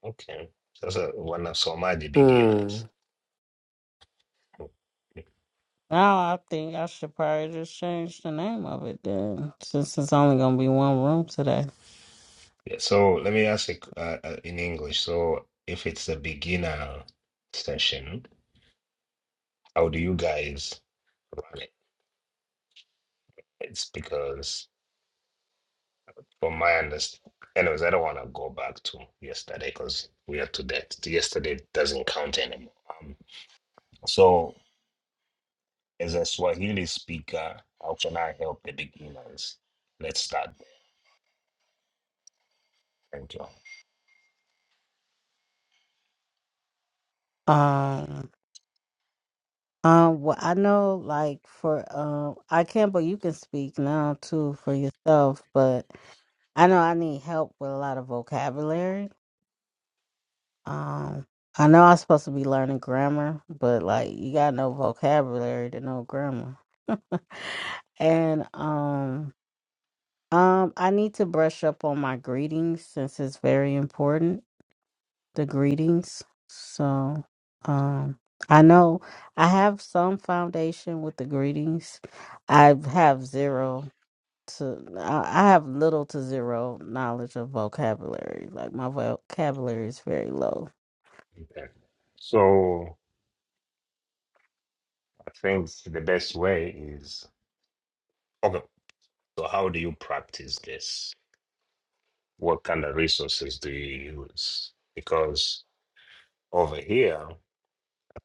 Okay. Sasa wanasomaje
Hmm.
beginners?
Now I think I should probably just change the name of it then, since it's only going to be one room today.
Yeah, so let me ask it, uh, uh, in English. So if it's a beginner session, how do you guys run it? It's because from my understanding, anyways, I don't want to go back to yesterday because we are to that. Yesterday doesn't count anymore. Um, so As a Swahili speaker, how can I help the beginners? Let's start. there. Thank you.
Uh, um, well, I know, like, for, um, I can't, but you can speak now, too, for yourself, but I know I need help with a lot of vocabulary. Um, I know I'm supposed to be learning grammar, but like you gotta know vocabulary to know grammar. And um, um, I need to brush up on my greetings since it's very important. The greetings. So, um, I know I have some foundation with the greetings. I have zero to I I have little to zero knowledge of vocabulary. Like my vocabulary is very low.
Okay. So I think the best way is okay. So how do you practice this? What kind of resources do you use? Because over here, I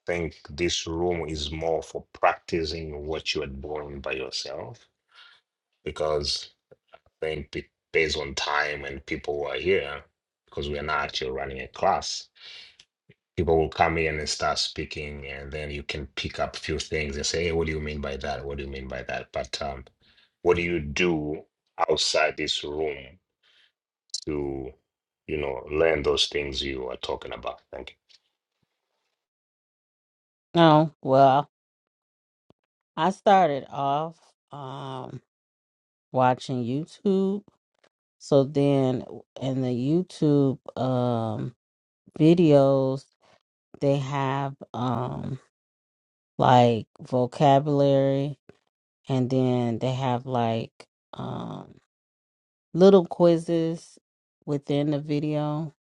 think this room is more for practicing what you are doing by yourself. Because I think be- based on time and people who are here, because we are not actually running a class, people will come in and start speaking and then you can pick up a few things and say hey what do you mean by that what do you mean by that but um, what do you do outside this room to you know learn those things you are talking about thank
Oh well. I started off um watching YouTube. So then in the YouTube um videos they have um like vocabulary and then they have like um little quizzes within the video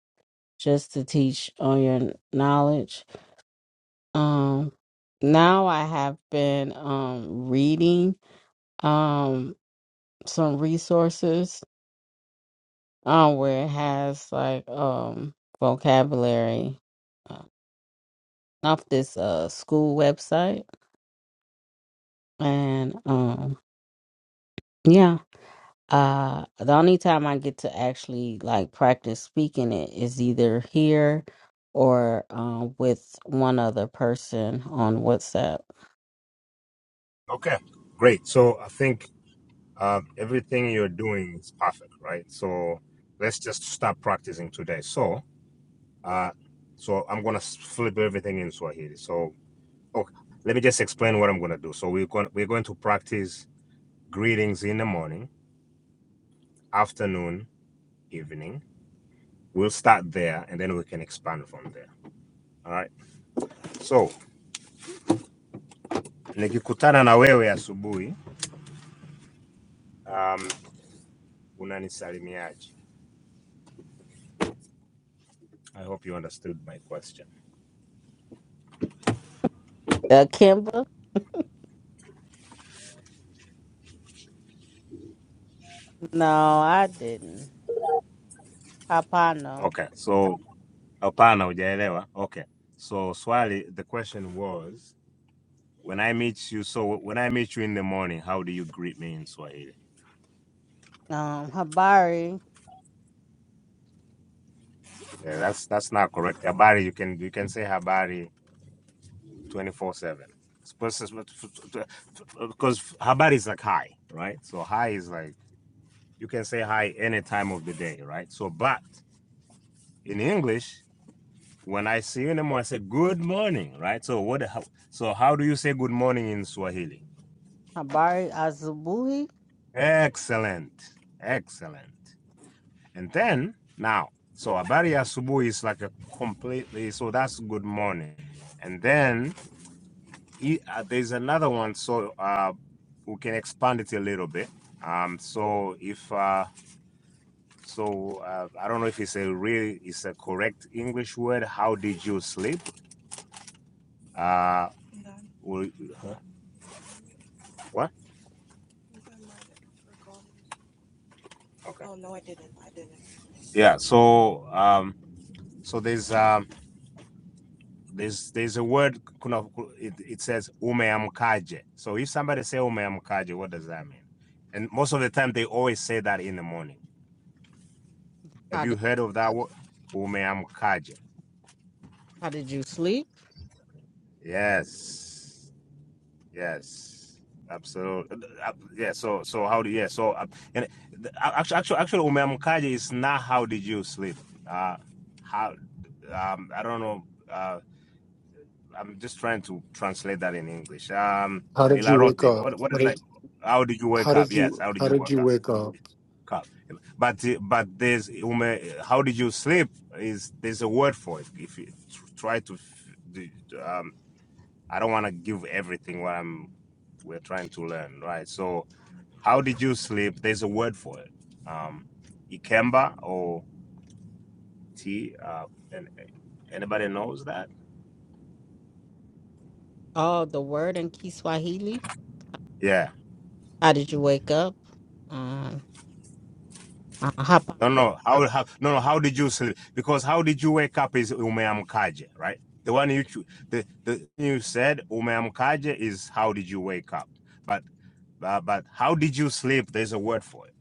just to teach on your knowledge. Um now I have been um reading um some resources um, where it has like um vocabulary uh, off this uh school website, and um, yeah, uh, the only time I get to actually like practice speaking it is either here or um with one other person on WhatsApp.
Okay, great. So I think uh, everything you're doing is perfect, right? So let's just start practicing today. So, uh, so I'm gonna s- flip everything in Swahili. So, okay, let me just explain what I'm gonna do. So we're going to do so we are going we are going to practice greetings in the morning, afternoon, evening. We'll start there and then we can expand from there. All right. So, nikikutana na wewe asubuhi, um, unanisalimiaje? I hope you understood my question.
Uh, Kimba? No, I didn't. Hapano.
Okay. So, hapana hujaelewa. Okay. So, swali the question was when I meet you, so when I meet you in the morning, how do you greet me in Swahili?
Um, Habari.
Yeah, that's that's not correct. Habari, you can you can say habari 24/7. Because habari is like hi, right? So hi is like you can say hi any time of the day, right? So but in English, when I see you in the morning, I say good morning, right? So what? How, so how do you say good morning in Swahili?
Habari Azubuhi.
Excellent, excellent. And then now, so habari ya asubuhi is like a completely. So that's good morning. And then i- uh, there's another one. So uh, we can expand it a little bit. Um, so if uh, so, uh, I don't know if it's a really it's a correct English word. How did you sleep? Uh, what? Okay. Yeah. So um, so there's um, there's there's a word. It, it says umeamkaje. So if somebody say umeamkaje, what does that mean? And most of the time they always say that in the morning. Have
How
you
did
heard of that word? Umeamkaje.
how did you sleep?
Yes. Yes, absolutely. Uh, Yeah. So, so how do? Yeah. So, uh, and actually, actually, actually, umemkaje is not how did you sleep? Uh, how? Um, I don't know. Uh, I'm just trying to translate that in English. Um,
How did you wake
ilarote.
up?
What? What is
What
that?
did-
How did you wake
How
up?
did
Yes.
you
How did
how
you
did
wake
you
up?
wake up?
Cup. But uh, but there's ume. How did you sleep? Is there's a word for it? If you tr- try to, f- do- um, I don't want to give everything what I'm. We're trying to learn, right? So. How did you sleep? There's a word for it. Um, Ikemba or T. Uh, and anybody knows that?
Oh, the word in Kiswahili.
Yeah.
How did you wake up? Um, uh, hapa
No, no. How, how? No, no. How did you sleep? Because how did you wake up is umeamkaje, right? The one you cho- the the you said umeamkaje is how did you wake up? But but but how did you sleep? There's a word for it.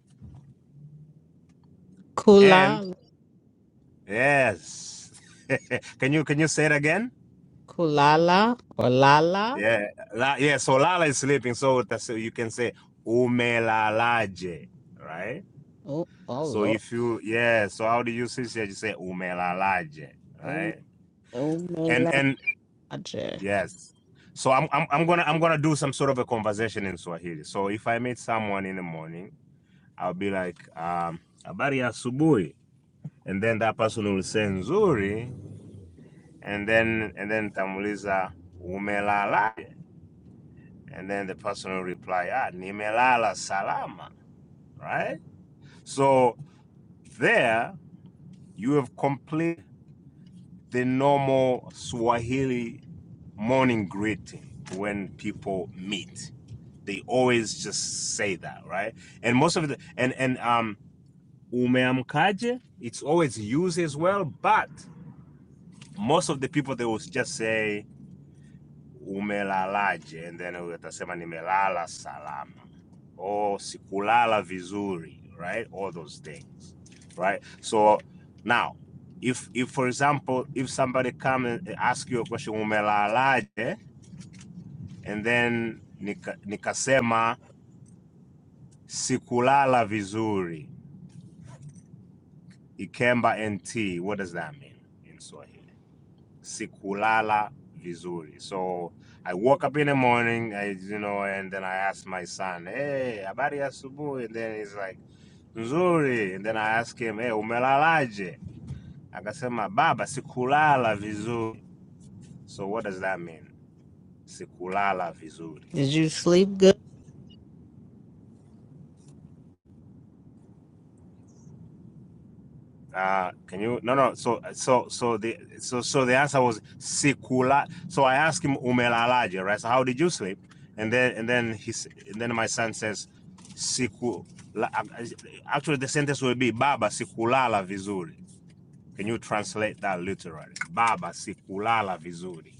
And
kula
yes. can you can you say it again?
kulala or lala.
Yeah, la, yeah. So lala is sleeping. So that's so you can say umelalaje, right?
Oh, oh
So
Lord.
if you yeah, so how do you say it? You say umelalaje,
Um,
right? And
umelaje.
and yes. So I'm, I'm I'm gonna I'm gonna do some sort of a conversation in Swahili. So if I meet someone in the morning, I'll be like um habari ya asubuhi, and then that person will say nzuri, and then and then tamuliza umelalaje, and then the person will reply ah nimelala salama right? So there you have complete the normal Swahili morning greeting when people meet. They always just say that, right? And most of the and and um umeamkaje, it's always used as well, but most of the people they will just say umelalaje and then utasema nimelala salama or sikulala vizuri, right? All those things, right? So now, if if for example, if somebody come and ask you a question, umelalaje, and then nika, nikasema sikulala vizuri, ikemba nt, what does that mean in Swahili? Sikulala vizuri. So I woke up in the morning, I, you know, and then I asked my son, hey, habari ya asubuhi? And then he's like, nzuri. And then I ask him, hey, umelalaje? Akasema baba, sikulala vizuri. So what does that mean? Sikulala vizuri.
Did you sleep good?
Uh, can you no no so so so the so so the answer was sikula so I asked him umelalaje right so how did you sleep and then and then he and then my son says siku actually the sentence will be baba sikulala vizuri can you translate that literally baba sikulala vizuri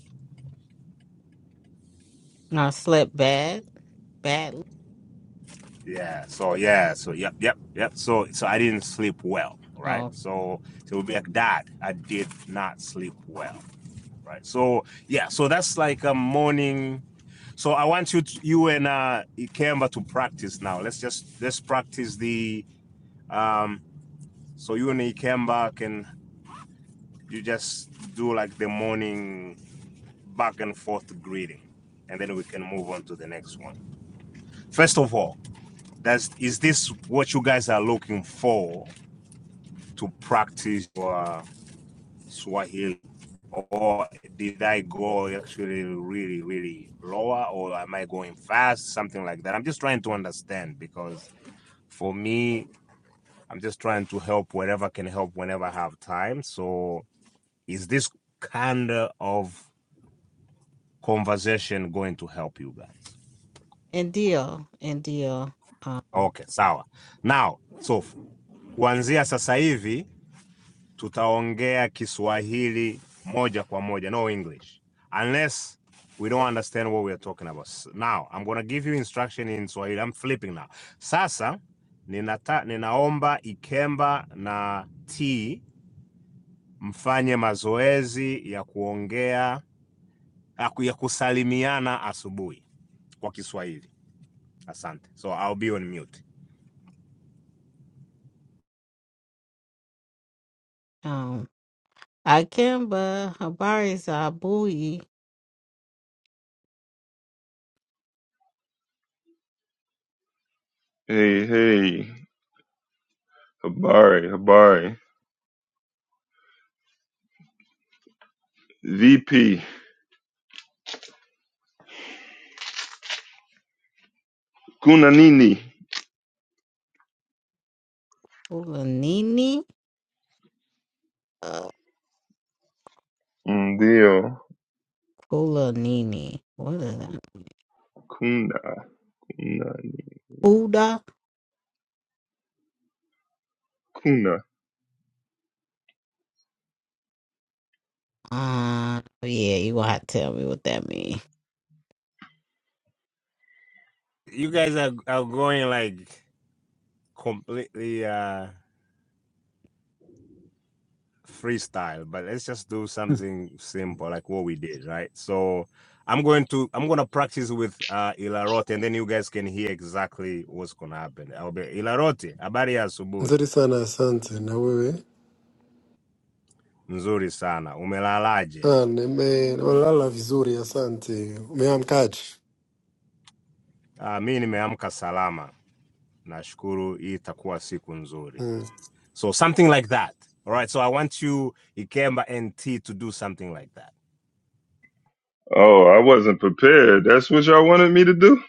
I slept bad, badly.
Yeah. So yeah. So yep, yep, yep. So so I didn't sleep well, right?
Oh,
So so it'll be like that. I did not sleep well, right? So yeah. So that's like a morning. So I want you to, you and uh Ikemba to practice now. Let's just let's practice the um. So you and Ikemba can you just do like the morning back and forth greeting, and then we can move on to the next one. First of all, that's is this what you guys are looking for? to practice your Swahili? Or did I go actually really, really lower, or am I going fast? Something like that. I'm just trying to understand because for me, I'm just trying to help wherever can help whenever I have time. So, is this kind of conversation going to help you guys?
and deal, and deal. Um,
Okay, sawa. Now, so kuanzia sasa hivi tutaongea Kiswahili moja kwa moja, no English, unless we don't understand what we are talking about. Now I'm gonna give you instruction in Swahili. I'm flipping now. Sasa ninata, ninaomba Ikemba na T mfanye mazoezi ya kuongea ya ya kusalimiana asubuhi kwa Kiswahili. Asante. So I'll be on mute.
um, Akemba habari za bui
Hey, hey. Habari, habari. VP. Kunanini.
kulanini. Uh,
Ndio.
kulanini. What is that?
Kuna. Kuna.
Buddha.
Kuna.
Uh, yeah, you gonna have to tell me what that means.
You guys are, are going like completely uh freestyle, but let's just do something simple like what we did, right? So I'm going to I'm gonna practice with uh Ilarote and then you guys can hear exactly what's gonna happen. I'll be Ilarote, habari ya asubuhi.
Nzuri sana asante na wewe?
Nzuri sana. Umelalaje?
Ah, nime- Walala vizuri asante. Umeamkaje?
Uh, mi nimeamka salama. Nashukuru hii itakuwa siku nzuri. So something like that. All right, so I want you, Ikemba and T, to do something like that.
Oh, I wasn't prepared. That's what y'all wanted me to do?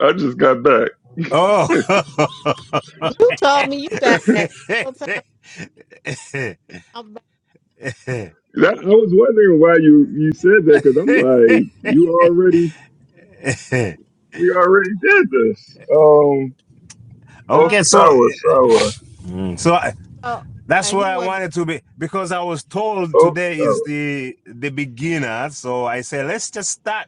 I just got back.
Oh,
You told me you got back all time. I'm back.
That, I was wondering why you, you said that because I'm like, you already, we already did this. Um, oh,
Uh,
okay, so
sour, sour,
So I,
so
that's
okay,
where
he
I
wasn't
wanted to be because I was told
oh,
today
sour.
is the the beginner. So I said, let's just start.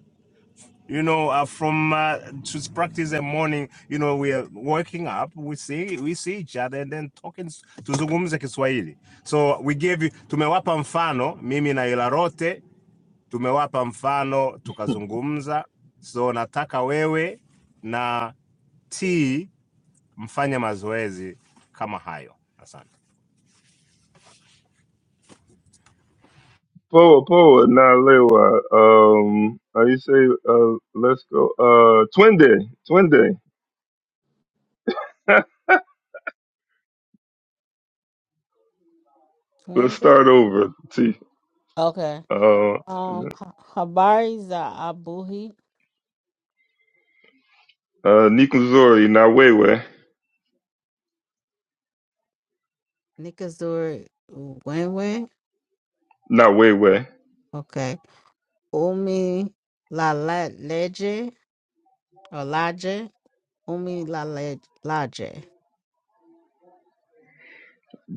You know, uh, from uh, just practice the morning. You know, we are waking up. We see we see each other and then talking s- tuzungumze Kiswahili. So we gave you tumewapa mfano mimi na Ilarote tumewapa mfano tukazungumza. So nataka wewe na T mfanye mazoezi kama hayo. Asante.
Poa, Poa, Na Lewa. Um, how you say, uh, let's go, uh, twende, twende. let's
Swindon.
start over, See.
Okay.
Uh,
Um, Ha- Habari za Abuhi
uh, Nikunzori, Na Wewe.
Nikazuri Wenwe.
No, wait, wait.
Okay. Umi la la leje or laje. Umi la le laje.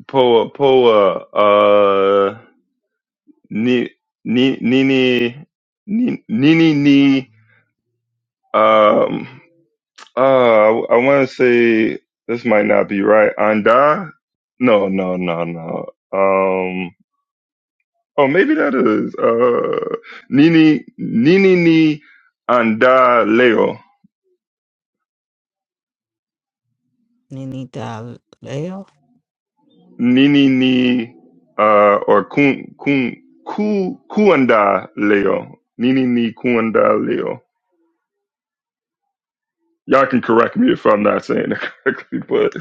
Poa, poa, uh, ni, ni, nini, ni, nini, ni, um, uh, I want to say this might not be right. Anda? No, no, no, no. Um, oh, maybe that is, uh, nini, nini, ni, anda, leo.
Ninita leo.
Nini, ni, uh, or kun, kun, ku, kuanda, leo. Nini, ni, kuanda, leo. Y'all can correct me if I'm not saying it correctly, but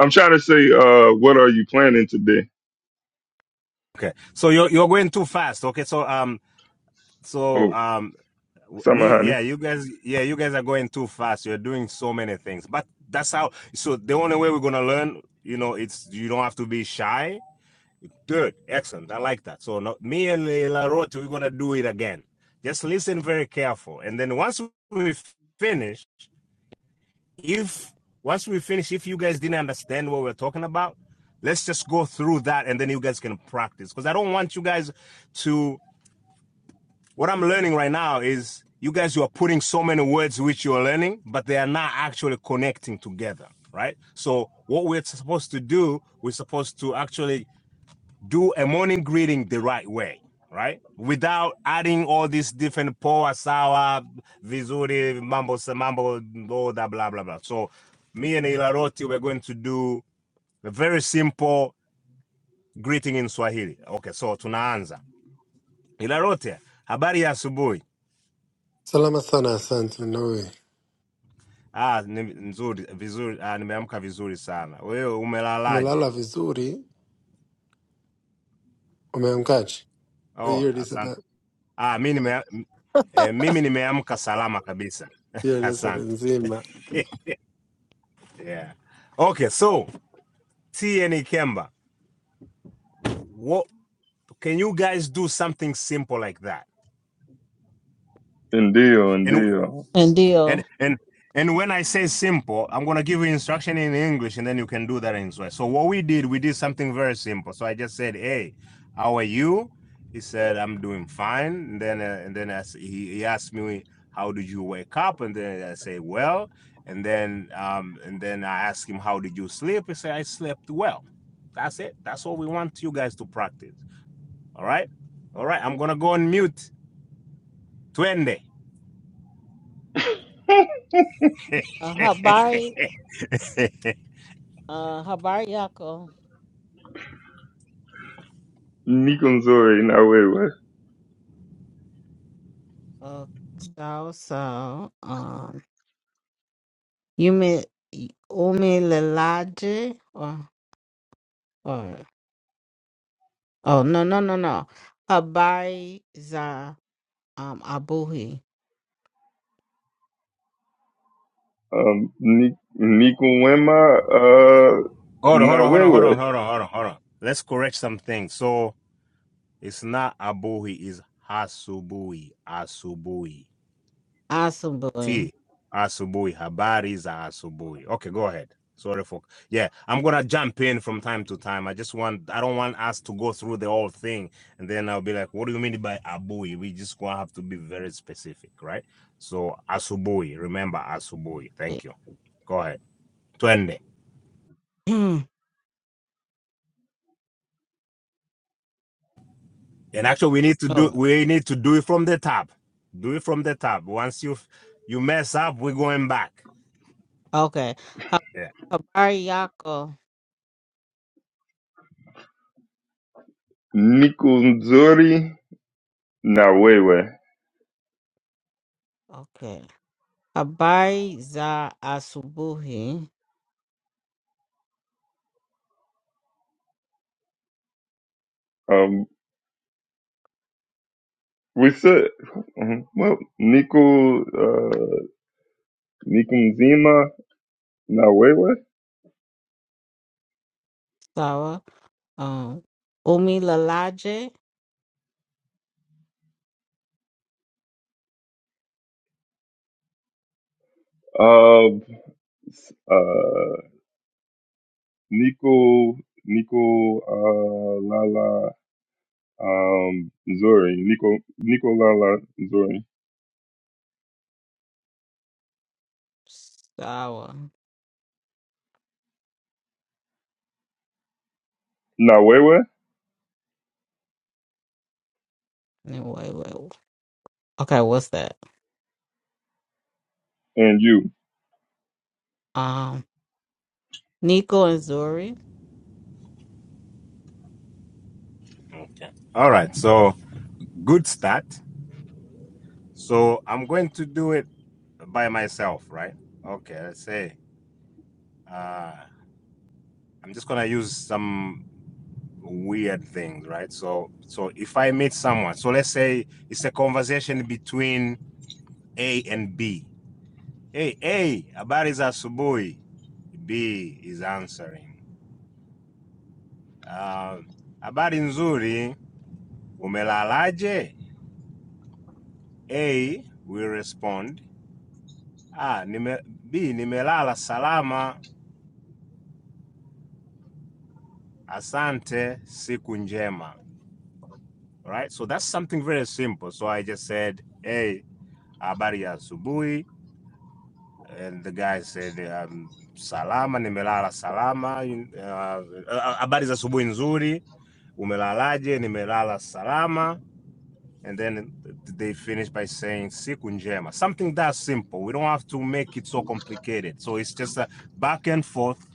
I'm trying to say, uh, what are you planning today?
Okay. So you're you're going too fast. Okay. So um so
Oh,
um
summer
me
honey.
yeah you guys yeah you guys are going too fast. You're doing so many things. But that's how. So the only way we're gonna learn, you know, it's you don't have to be shy. Good. Excellent. I like that. So no, me and Leila Rote, we're gonna do it again. Just listen very careful, and then once we finish, if once we finish, if you guys didn't understand what we're talking about, let's just go through that, and then you guys can practice. Because I don't want you guys to What I'm learning right now is you guys you are putting so many words which you are learning, but they are not actually connecting together, right? So what we're supposed to do, we're supposed to actually do a morning greeting the right way, right? Without adding all these different po asawa, vizuri, mambo sa mambo, all that blah blah blah. So me and Ilaroti we're going to do a very simple greeting in Swahili. Okay, so tunaanza. Ilaroti, habari ya asubuhi.
Salama sana, asante. Nawe
Ah, ni nzuri vizuri. Ah, nimeamka vizuri sana. Wewe umelalaje?
umelala vizuri? Umeamkaje? Oh,
Oh,
Hiyo lisada
asante. Ah, mimi nime eh, mimi nimeamka salama kabisa. asante.
nzima.
Yeah. Okay, so T N E Kemba, what can you guys do something simple like that?
Ndio,
And
ndio.
And
Ndio.
and and when I say simple, I'm gonna give you instruction in English, and then you can do that in Swahili. So what we did, we did something very simple. So I just said, "Hey, how are you?" He said, "I'm doing fine." And then uh, and then I he, he asked me, "How did you wake up?" And then I say, "Well." And then um and then I asked him, "How did you sleep?" He said, "I slept well." That's it. That's what we want you guys to practice. All right, all right. I'm gonna go on mute. Twende.
Uh, Habari Uh, Habar Yako,
Niko nzuri na wewe.
uh, so, so, um, you mean Umi Lelaje or, or, oh, no, no, no, no. Habari za, um, Abuhi,
Um, ni- niko wema, uh,
Hold on, hold
na
on, hold on, hold on,
wewe.
hold on, hold on, hold on. Let's correct something. So it's not Abuhi, it's Hasubui, Asubui.
Asumbuhi.
T, Asubui. Habari is Asubui. Okay, go ahead. Sorry for yeah. I'm gonna jump in from time to time. I just want I don't want us to go through the whole thing and then I'll be like, what do you mean by Abui? We just gonna have to be very specific, right? So Asubui, remember Asubui. Thank you. Go ahead. Twende. And actually, we need to do
oh,
we need to do it from the top. Do it from the top. Once you you mess up, we're going back.
okay. Ha-
Yeah.
Habari Yako,
Niko nzuri na wewe.
okay. Habari za Asubuhi,
Um, we said, mhm, well, niko, uh, niko mzima na wewe.
sawa, um, Umi Lelaje,
Uh, Nico, Nico, uh, Lala, um, Zori, Nico, Nico, Lala, Zori,
sawa.
Nawewe,
Anyway, wait, okay, what's that?
and you.
Um, Nico and Zuri.
All right. So good start. So I'm going to do it by myself, right? Okay. Let's say uh, I'm just gonna use some weird things, right? So so if I meet someone, so let's say it's a conversation between A and B. Hey, A, habari za asubuhi. B is answering. Uh, habari nzuri, umelalaje? A we respond, ah, nime, B nimelala salama, asante, siku njema. All Right? So that's something very simple. So I just said, hey, habari ya asubuhi. And the guy said, um, salama, nimelala salama. habari Uh, za asubuhi nzuri. Umelalaje? Nimelala salama. and then they finish by saying "siku njema." something that simple we don't have to make it so complicated so it's just a back and forth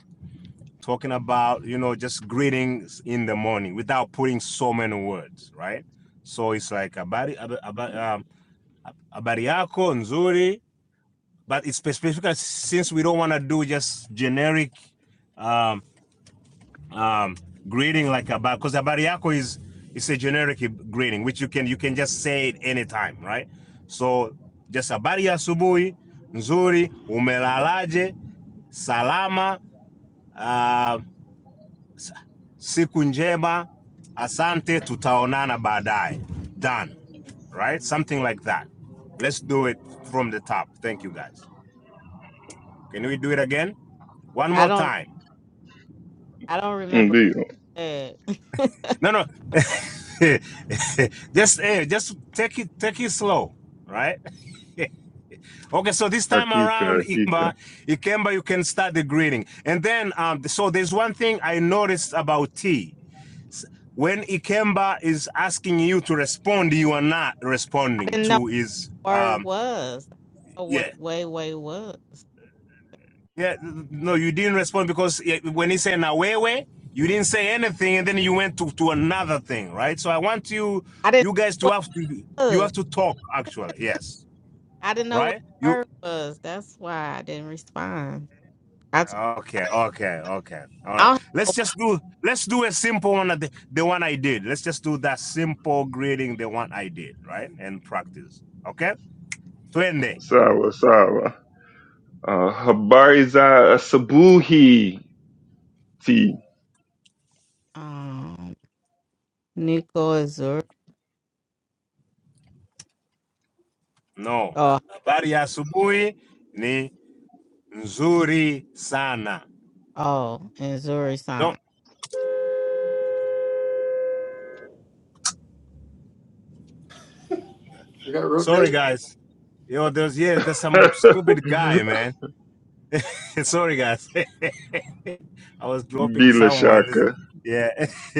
talking about you know just greetings in the morning without putting so many words right so it's like abari ab- ab- um, abari yako nzuri but it's specific since we don't want to do just generic um, um, greeting like about because abari yako is it's a generic greeting which you can you can just say it anytime right so just habari ya asubuhi nzuri umelalaje salama uh, s- siku njema asante tutaonana baadaye done right something like that let's do it from the top thank you guys can we do it again one
I
more
don't.
time
I don't remember
Ndio.
that. I
No, no. just eh, just take it take it slow, right? okay, so this time
Hakika,
around, Ikemba,
hakika.
Ikemba, you can start the greeting. And then um so there's one thing I noticed about tea. When Ikemba is asking you to respond, you are not responding
didn't know
to his
what word
um
was. I didn't know
yeah.
what way way was.
Yeah, no, you didn't respond because eh, when he said Nawewe, you didn't say anything, and then you went to, to another thing, right? So I want you
I didn't
you guys
know
to
what
have to
it
you have
was.
to talk actually. Yes,
I didn't know what
right?
the
You
word was. That's why I didn't respond. I t-
okay? Okay, okay. All right.
I don't-
Let's just do let's do a simple one. The, the one I did. Let's just do that simple greeting. The one I did, right? And practice. Okay. Twende.
Sawa, sawa. Uh, habari za asubuhi. T.
um Nico and Zuri.
No.
Oh
Habari ya asubuhi ni nzuri sana.
oh, and Zuri
Don't
Sana.
You got road
Sorry,
rage?
guys. Yo, there's yeah, there's some stupid guy, man. Sorry, guys. I was dropping
Bila
someone.
shaka.
Yeah,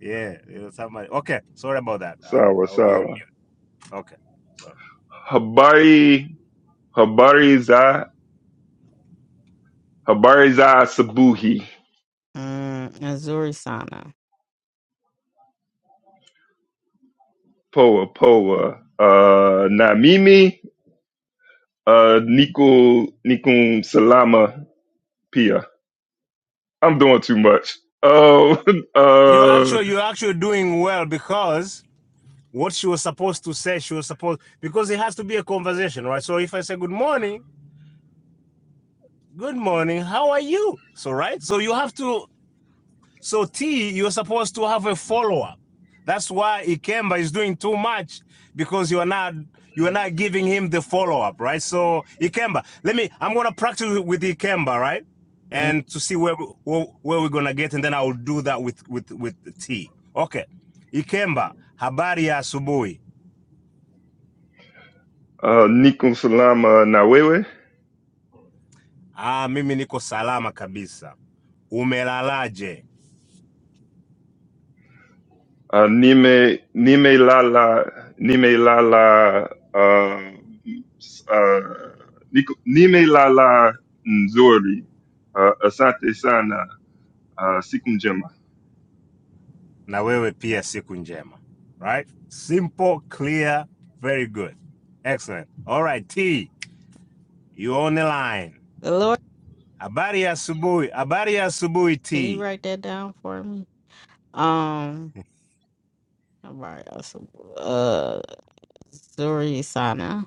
yeah, it was somebody. Okay, sorry about that. Um,
Sawa,
I will be on
sawa.
mute. Okay, sorry.
Habari, habari za, habari za asubuhi.
Mm, and Zuri Sana.
Poa, poa. Uh, na mimi Uh, Nikum Nikum Salama Pia. I'm doing too much. Oh,
You're
uh,
actually you're actually doing well because what she was supposed to say, she was supposed because it has to be a conversation, right? So if I say good morning, good morning, how are you? So right, so you have to So T, you're supposed to have a follow-up. That's why Ikemba is doing too much because you are not you are not giving him the follow-up, right? So Ikemba, let me. I'm gonna practice with Ikemba, right?
Mm.
And to see where, where where we're gonna get, and then I will do that with with with T. Okay, Ikemba, habari ya asubuhi.
uh, Nikum Salama Nawewe.
Ah, mimi niko salama kabisa. Umelalaje?
Uh, Nime Nime Lala Nime Lala. Uh, uh, Niku- Nime Lala Nzori. Uh, Asante Sana. Uh, Sikumjema.
na wewe pia siku njema. Right? Simple, clear, very good. Excellent. All right, T, you on the line.
The Lord,
Habari ya asubuhi. Habari ya asubuhi
can you
T.
write that down for me? Um. All right. also, Uh, Zuri Sana.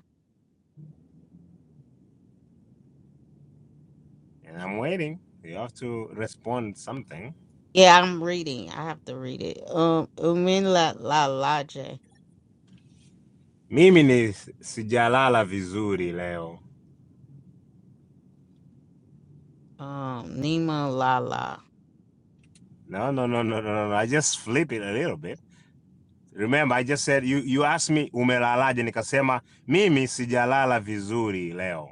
And I'm waiting. You have to respond something.
Yeah, I'm reading. I have to read it. Um, Umin la la la J.
Mimi ni sijalala vizuri leo.
Um, Nima la la.
No, no, no, no, no, no. no. I just flip it a little bit. Remember, I just said you you asked me umelalaje nikasema mimi sijalala vizuri leo.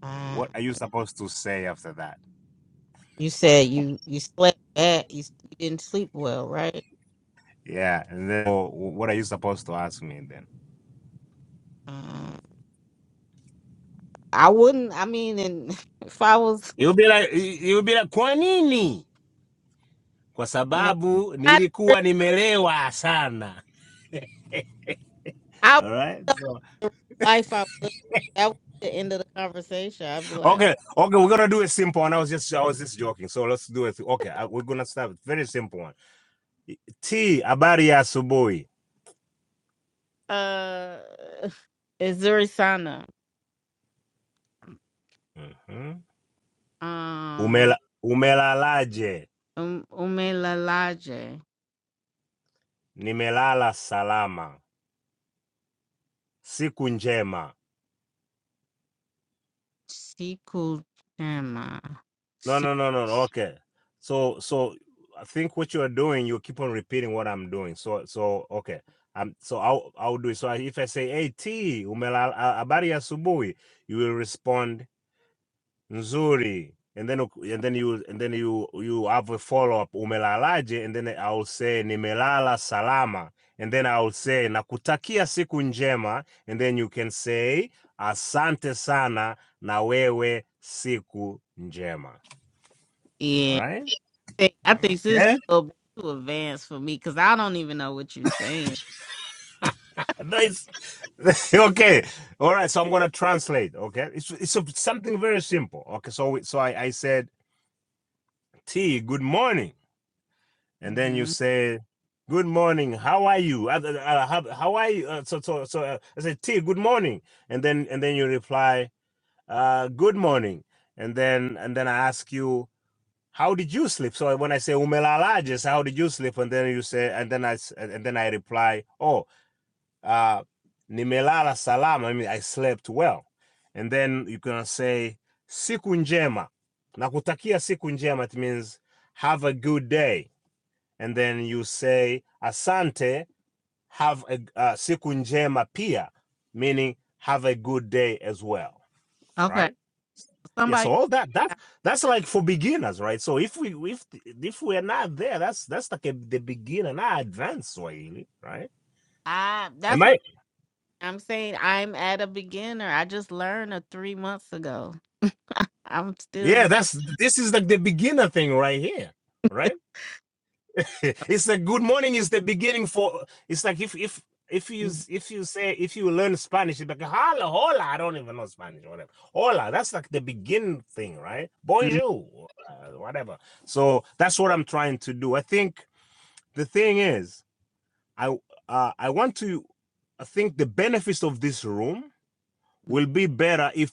Uh,
What are you supposed to say after that?
you said you you slept bad. You, you didn't sleep well, right?
Yeah, and then oh, what are you supposed to ask me then?
Um, I wouldn't. I mean, and if I was
You'll be like, you'll be like, kwa nini? Kwa
no,
sababu
I didn't re-
nilikuwa nimelewa sana.
I
All
would
right. So,
in real life I would. That was the end of the conversation. I'd be like,
Okay, okay, we're gonna do a simple one. I was just, I was just joking. So let's do it. Okay, I, we're gonna start with very simple one. T, habari ya asubuhi.
uh, it's Zurisana.
Mhm.
Um,
Umela, umelalaje?
Um, Umin la la J.
Nimelala salama. Siku njema.
Sequel Gemma.
No,
Se-
no, no, no, no. Okay. So, so I think what you are doing, you keep on repeating what I'm doing. So, so okay. Um, so I'll I'll do it. So I- if I say, "Hey T, umelala habari ya asubuhi," you will respond nzuri, and then uk- and then you and then you you have a follow up umelalaje, and then I will say nimelala salama, and then I will say nakutakia siku njema, and then you can say asante sana na wewe siku njema. All
yeah.
right.
Hey, I think this is
Yeah,
a little bit too advanced for me because I don't even know what you're saying.
nice. okay, all right. So I'm gonna translate. Okay, it's it's a, something very simple. Okay, so so I I said T, good morning, and then you
hmm
say. Good morning. How are you? Uh, uh, uh, how, how are you? Uh, so so so uh, I said T. Good morning, and then and then you reply, uh, Good morning, and then and then I ask you, How did you sleep? So when I say umelala, how did you sleep? And then you say, and then I s- and then I reply, Oh, uh, nimelala salama, I mean, I slept well. And then you can say siku njema, nakutakia siku njema, it means have a good day. And then you say asante, have a uh, siku njema pia, meaning have a good day as well,
Okay.
right? Yeah,
Somebody,
so all that that that's like for beginners, right? So if we if if we're not there, that's that's like a, the beginner, not advanced Swahili, right?
I,
Am
that's
I
what I'm saying. I'm at a beginner. I just learned a three months ago. I'm
Yeah,
still
that's this is like the beginner thing right here, right? it's like good morning is the beginning for it's like if if if you
learning.
if you say if you learn Spanish, it's like hola, hola. I don't even know Spanish, whatever. Hola, that's like the begin thing, right? Bonjour, uh, whatever. So that's what I'm trying to do. I think the thing is, I uh, I want to I think the benefits of this room will be better if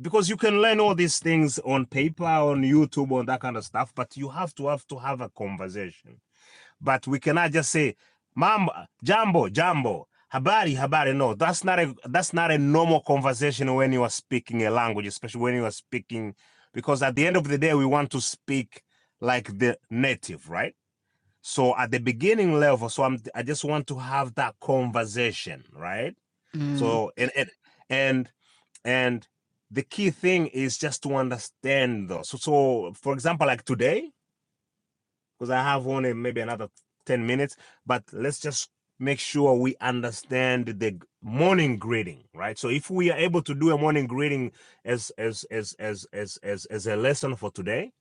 because you can learn all these things on paper on youtube on that kind of stuff but you have to have to have a conversation but we cannot just say "Mamba, jambo jambo habari habari no that's not a that's not a normal conversation when you are speaking a language especially when you are speaking because at the end of the day we want to speak like the native right so at the beginning level so i'm i just want to have that conversation right
Mm-hmm.
so and and, and and the key thing is just to understand those. So, so for example, like today, because I have only maybe another 10 minutes, but let's just make sure we understand the morning greeting, right? So if we are able to do a morning greeting as as as as as as, as a lesson for today,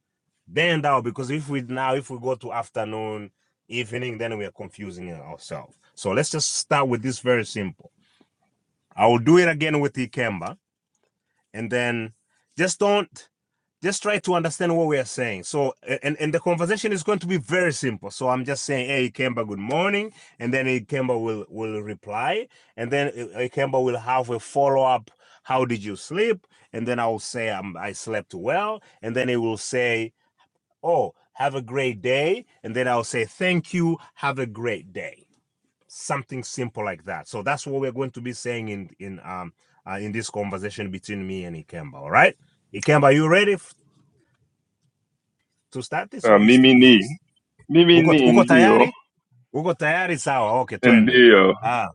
then that will- because if we now if we go to afternoon, evening, then we are confusing ourselves. So let's just start with this very simple. I will do it again with Ikemba and then just don't just try to understand what we are saying. So, and and the conversation is going to be very simple. So I'm just saying, hey, Ikemba, good morning, and then Ikemba will will reply, and then I- Ikemba will have a follow up. How did you sleep? And then I will say, um, I slept well, and then it will say, oh, have a great day, and then I'll say, thank you, have a great day. Something simple like that. So that's what we're going to be saying in in um uh, in this conversation between me and Ikemba. All right, Ikemba, are you ready? to start this
Uh,
or is
Mimi
is
ni
this?
Mimi
Uko,
ni
uko
ndio
tayari? Uko tayari? Sawa, okay, twende.
ndio
Ah,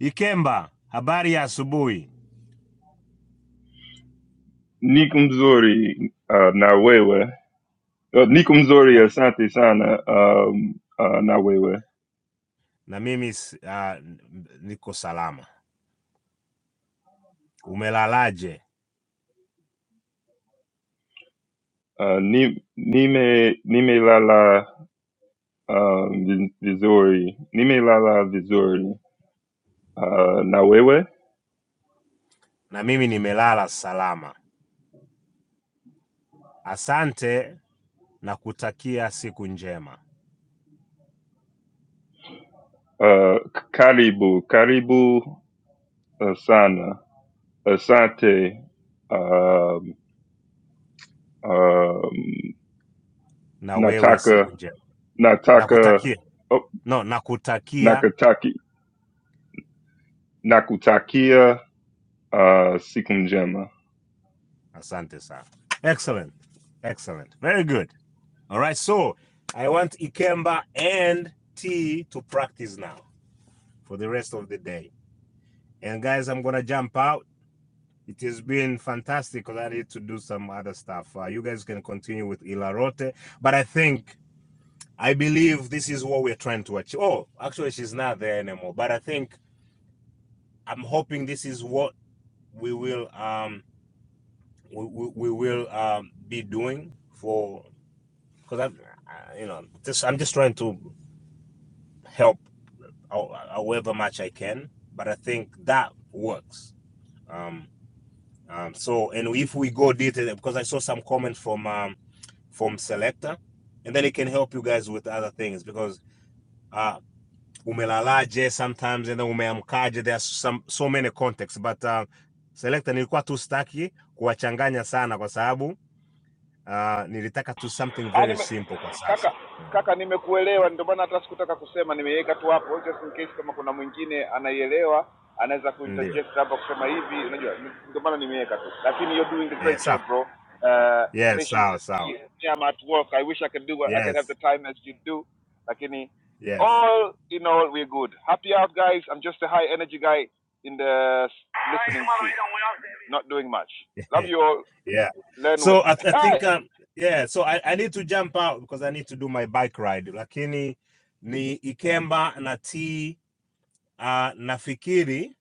Ikemba, habari ya asubuhi.
Nikumzuri uh, na wewe Uh, Niko mzuri,
Na,
asante sana um, uh, na wewe
na mimi ah, niko salama. Umelalaje?
uh, ni- nime nimelala um, vi- vizuri, nimelala vizuri uh, na wewe
Na mimi nimelala salama. Asante na kutakia siku njema.
uh, k- karibu karibu uh, sana, asante um, um,
Na wewe siku
nataka
njema.
nataka
Nakutakia.
oh,
No, na nakutakia.
nakataki nakutakia uh, siku njema,
Asante sana. Excellent. Excellent. Very good. All right, so I want Ikemba and T to practice now. for the rest of the day. And guys, I'm gonna jump out. It has been fantastic, cause I need to do some other stuff. Uh, you guys can continue with Ilarote, but I think I believe this is what we're trying to achieve. Oh, actually, she's not there anymore. But I think I'm hoping this is what we will um we, we, we will um be doing for because I'm uh, you know just I'm just trying to help however much I can. But I think that works. Um, Um, so, and if we go detail, because I saw some comment from um, from selector, and then it can help you guys with other things because uh, umelalaje sometimes and then umeamkaje. there's some so many contexts, but uh, selector nilikuwa tu staki kuwachanganya sana kwa sababu uh, nilitaka tu something very simple kwa sasa. Mhm. Ndio, ndio. Eh, sawa. Yes, sawa sawa. Yes, yes. Yeah. So I, th- I think um yeah, so I, I need to jump out because I need to do my bike ride. Lakini ni Ikemba na T uh, nafikiri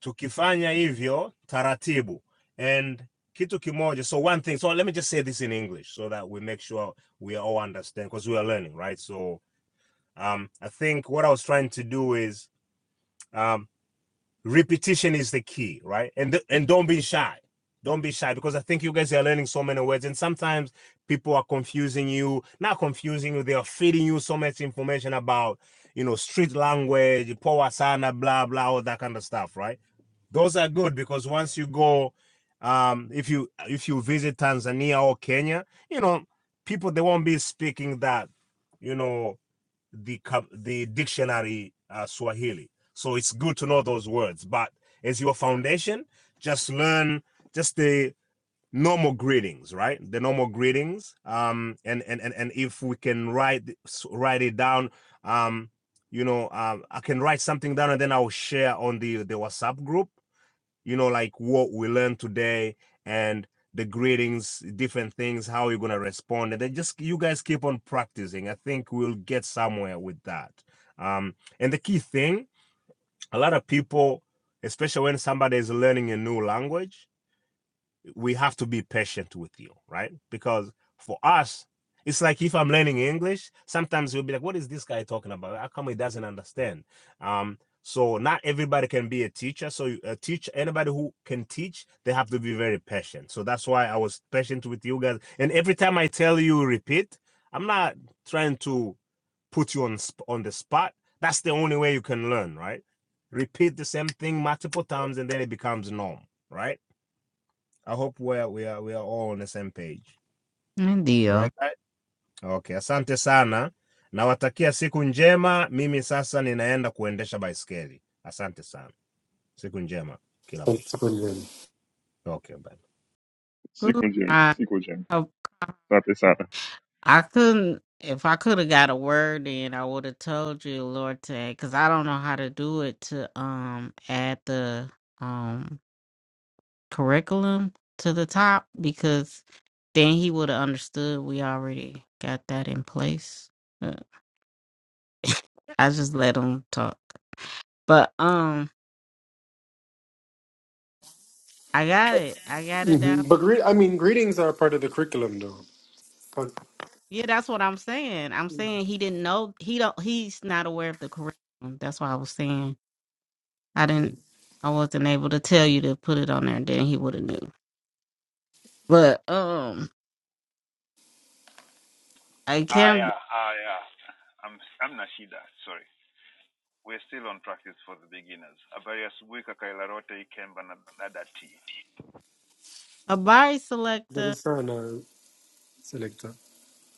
tukifanya hivyo taratibu. And kitu kimoja. So one thing. So let me just say this in English so that we make sure we all understand because we are learning, right? So um I think what I was trying to do is um repetition is the key right and th- and don't be shy don't be shy because i think you guys are learning so many words and sometimes people are confusing you not confusing you they are feeding you so much information about you know street language power sana blah blah all that kind of stuff right those are good because once you go um if you if you visit tanzania or kenya you know people they won't be speaking that you know the the dictionary uh, Swahili. So it's good to know those words. But as your foundation, just learn just the normal greetings, right? The normal greetings. Um, and and and, and if we can write write it down, um, you know, um, I can write something down and then I'll share on the the WhatsApp group you know, like what we learned today and the greetings, different things, how you're gonna respond. And then just you guys keep on practicing. I think we'll get somewhere with that. Um, and the key thing, a lot of people, especially when somebody is learning a new language, we have to be patient with you, right? Because for us, it's like if I'm learning English, sometimes we'll be like, what is this guy talking about? How come he doesn't understand? Um, so not everybody can be a teacher. So a teacher, anybody who can teach, they have to be very patient. So that's why I was patient with you guys. And every time I tell you repeat, I'm not trying to put you on on the spot. That's the only way you can learn, right? Repeat the same thing multiple times, and then it becomes norm, right? I hope we're, we are, we are all on the same page.
Good
All
deal.
right? Okay, asante sana. Nawatakia siku njema. Mimi sasa ninaenda kuendesha baiskeli. Asante sana. Siku njema kila
Asante,
mtu.
siku njema.
Okay, bye.
siku
Good.
njema, siku njema, asante sana.
I couldn't. If I could have got a word in, I would have told you, Lord, today, because I don't know how to do it to um add the um curriculum to the top because then he would have understood we already got that in place. Uh, I just let him talk, but um, I got it. I got it
Mhm.
down.
But gre- I mean, greetings are part of the curriculum though. But
Yeah, that's what I'm saying. I'm saying he didn't know. He don't. He's not aware of the curriculum. That's what I was saying. I didn't I wasn't able to tell you to put it on there and then he would have knew. But um I can't Habari
very
selector
sana selector.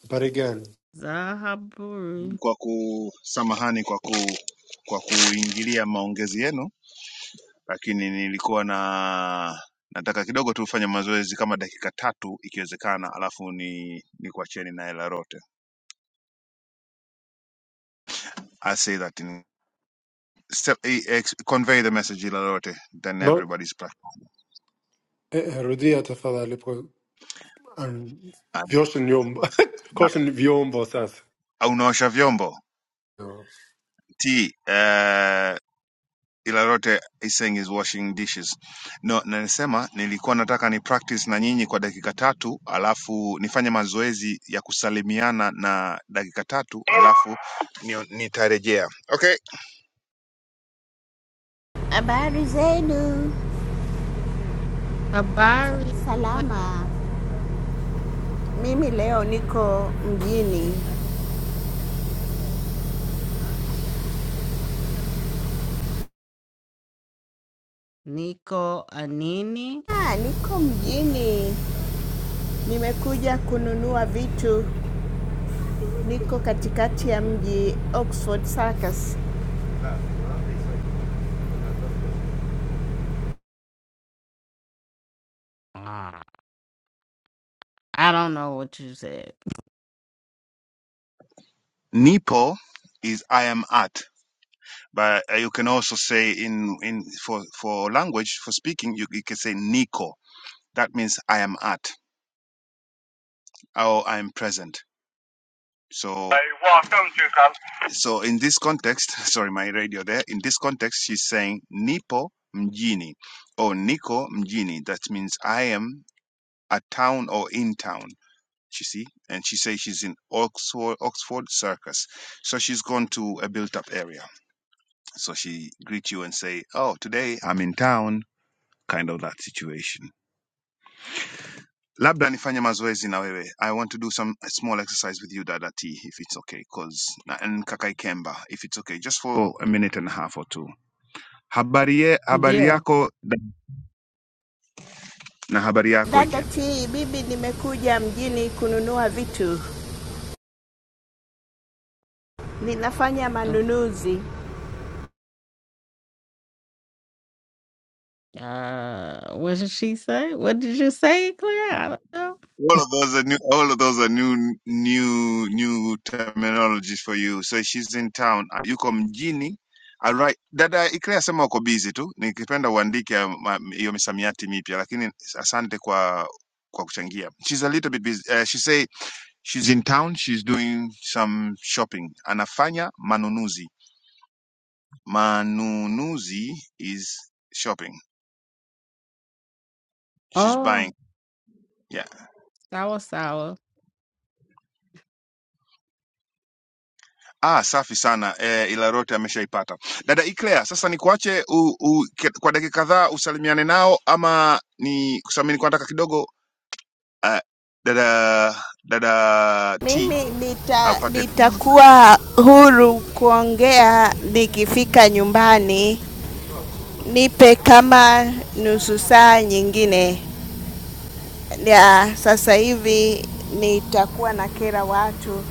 Habari gani?
Zahaburi
kwa ku kwa ku kwa kuingilia maongezi yenu, lakini nilikuwa na nataka kidogo tu ufanye mazoezi kama dakika tatu ikiwezekana, alafu ni nikuacheni naye Larote. I say that in se- eh, ex- convey the message Larote, then
No,
everybody's practice.
eh, eh, rudia tafadhali kwa um,
Ah,
vyoshe nyumba. Koshe ni vyombo sasa.
ah, Unaosha vyombo
No.
T ila lote is saying is washing dishes. No, na nasema nilikuwa nataka ni practice na nyinyi kwa dakika tatu, alafu nifanye mazoezi ya kusalimiana na dakika tatu, alafu ni- nitarejea. Okay.
Habari zenu?
Habari
Salama. Mimi leo niko mjini.
Nico Anini.
Ah, niko mjini, nimekuja kununua vitu. Niko katikati ya mji Oxford Circus.
Ah, I don't know what you said.
Nipo is I am at. But uh, you can also say in in for for language for speaking you, you can say niko. That means I am at or I am present. So so in this context, sorry, my radio there. In this context, she's saying Nipo mjini or Niko mjini. That means I am a town or in town. You see, and she says she's in Oxford, Oxford Circus. So she's gone to a built-up area. So she greet you and say, "Oh, today I'm in town." Kind of that situation. labda nifanye mazoezi na wewe i want to do some small exercise with you dada t if it's okay cause na- and kakai kemba if it's okay just for a minute and a half or two habari, ye, habari
Deal.
yako da- na habari yako
Dada
ikem
T, bibi, nimekuja mjini kununua vitu, ninafanya
Uh
manunuzi.
what did she say? What did you say, Claire? I don't know.
All of those are new. All of those are new, new, new terminologies for you. So she's in town. Ah, Yuko mjini. All right. Dada Ikrea sema uko busy tu. Nikipenda uandike ah, ma- hiyo misamiati mipya lakini asante kwa kwa kuchangia. She's a little bit busy. Uh, she say she's in town, she's doing some shopping. Anafanya manunuzi. Manunuzi is shopping. She's
Oh,
buying. Yeah.
sour sour.
Ah, safi sana eh, ila yote ameshaipata dada Iclea. Sasa nikuache u, u, ke- kwa dakika kadhaa usalimiane nao, ama ni kusamini kwa nataka kidogo uh, dada dada T
Mimi nita
apate funua zaidi.
nitakuwa huru kuongea nikifika nyumbani. Nipe kama nusu saa nyingine. ya sasa hivi nitakuwa na kera watu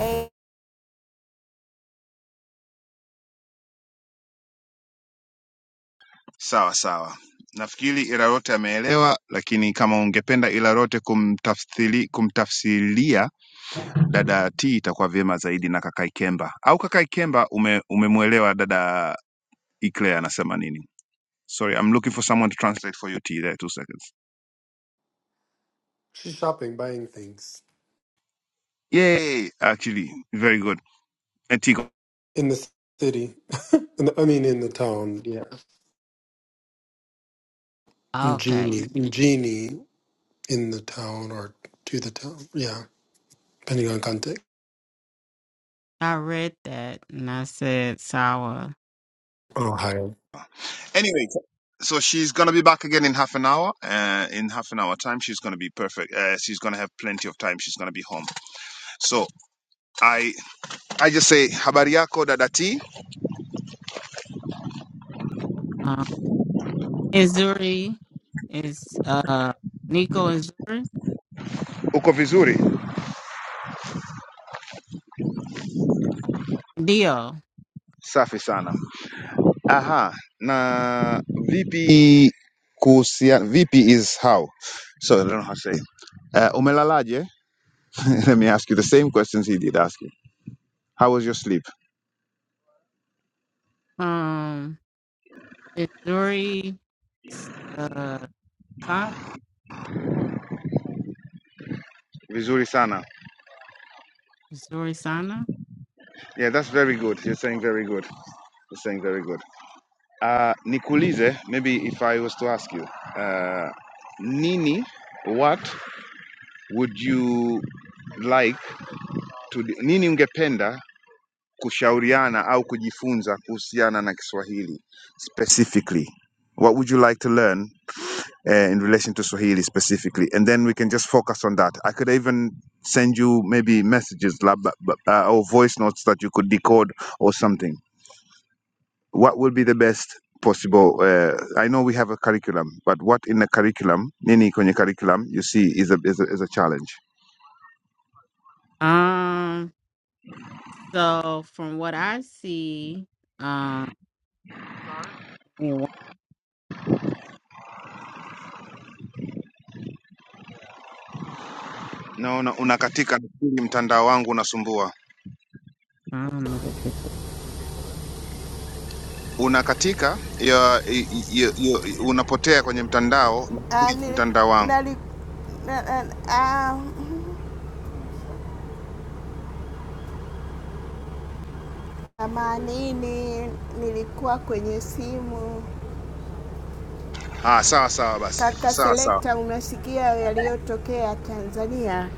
eh,
sawa sawa. Nafikiri ila yote ameelewa, lakini kama ungependa ila yote kumtafsiri, kumtafsiria dada T itakuwa vyema zaidi na kaka Ikemba. Au kaka Ikemba ume, umemwelewa dada Eclair anasema nini? Sorry, I'm looking for someone to translate for you T there two seconds.
She's shopping, buying things
Yay, actually very good. And T
in the city. in the, I mean, in the town. Yeah.
Okay.
Mjini. Mjini. in the town or to the town. Yeah, depending on context.
I read that and I said sour.
Ohio.
Anyway, so she's going to be back again in half an hour. Uh, in half an hour time she's going to be perfect. Uh, she's going to have plenty of time. She's going to be home. So, I I just say habari yako dada T.
Um, Is is uh Nico is
Uko vizuri?
Dio.
Safi sana. Aha, na vipi kuhusiana, vipi is how. So I don't know how to say. it. Uh, umelalaje? Let me ask you the same questions he did ask you. How was your sleep?
Um is uh Sana?
Vizuri sana.
Zuri Sana.
Yeah, that's very good. You're saying very good. You're saying very good. Uh, nikulize, maybe if I was to ask you, uh, nini, what would you like to, nini ungependa kushauriana au kujifunza kuhusiana na Kiswahili specifically. What would you like to learn uh, in relation to Swahili specifically? And then we can just focus on that. I could even send you maybe messages lab- uh, b- uh, or voice notes that you could decode or something. What would be the best possible? Uh, I know we have a curriculum, but what in the curriculum, nini kwenye curriculum, you see is a, is a, is a challenge.
Um so from what I see, um I mean, what-
Naona unakatika, nafikiri mtandao wangu unasumbua.
I don't know.
unakatika ya, ya, ya, unapotea kwenye mtandao
ah,
nafikiri
nili,
mtandao wangu
nali, na, na, ah, amanini nilikuwa kwenye simu.
ah, sawa sawa basi
Kaka
sawa sawa
Selekta, unasikia yaliyotokea Tanzania?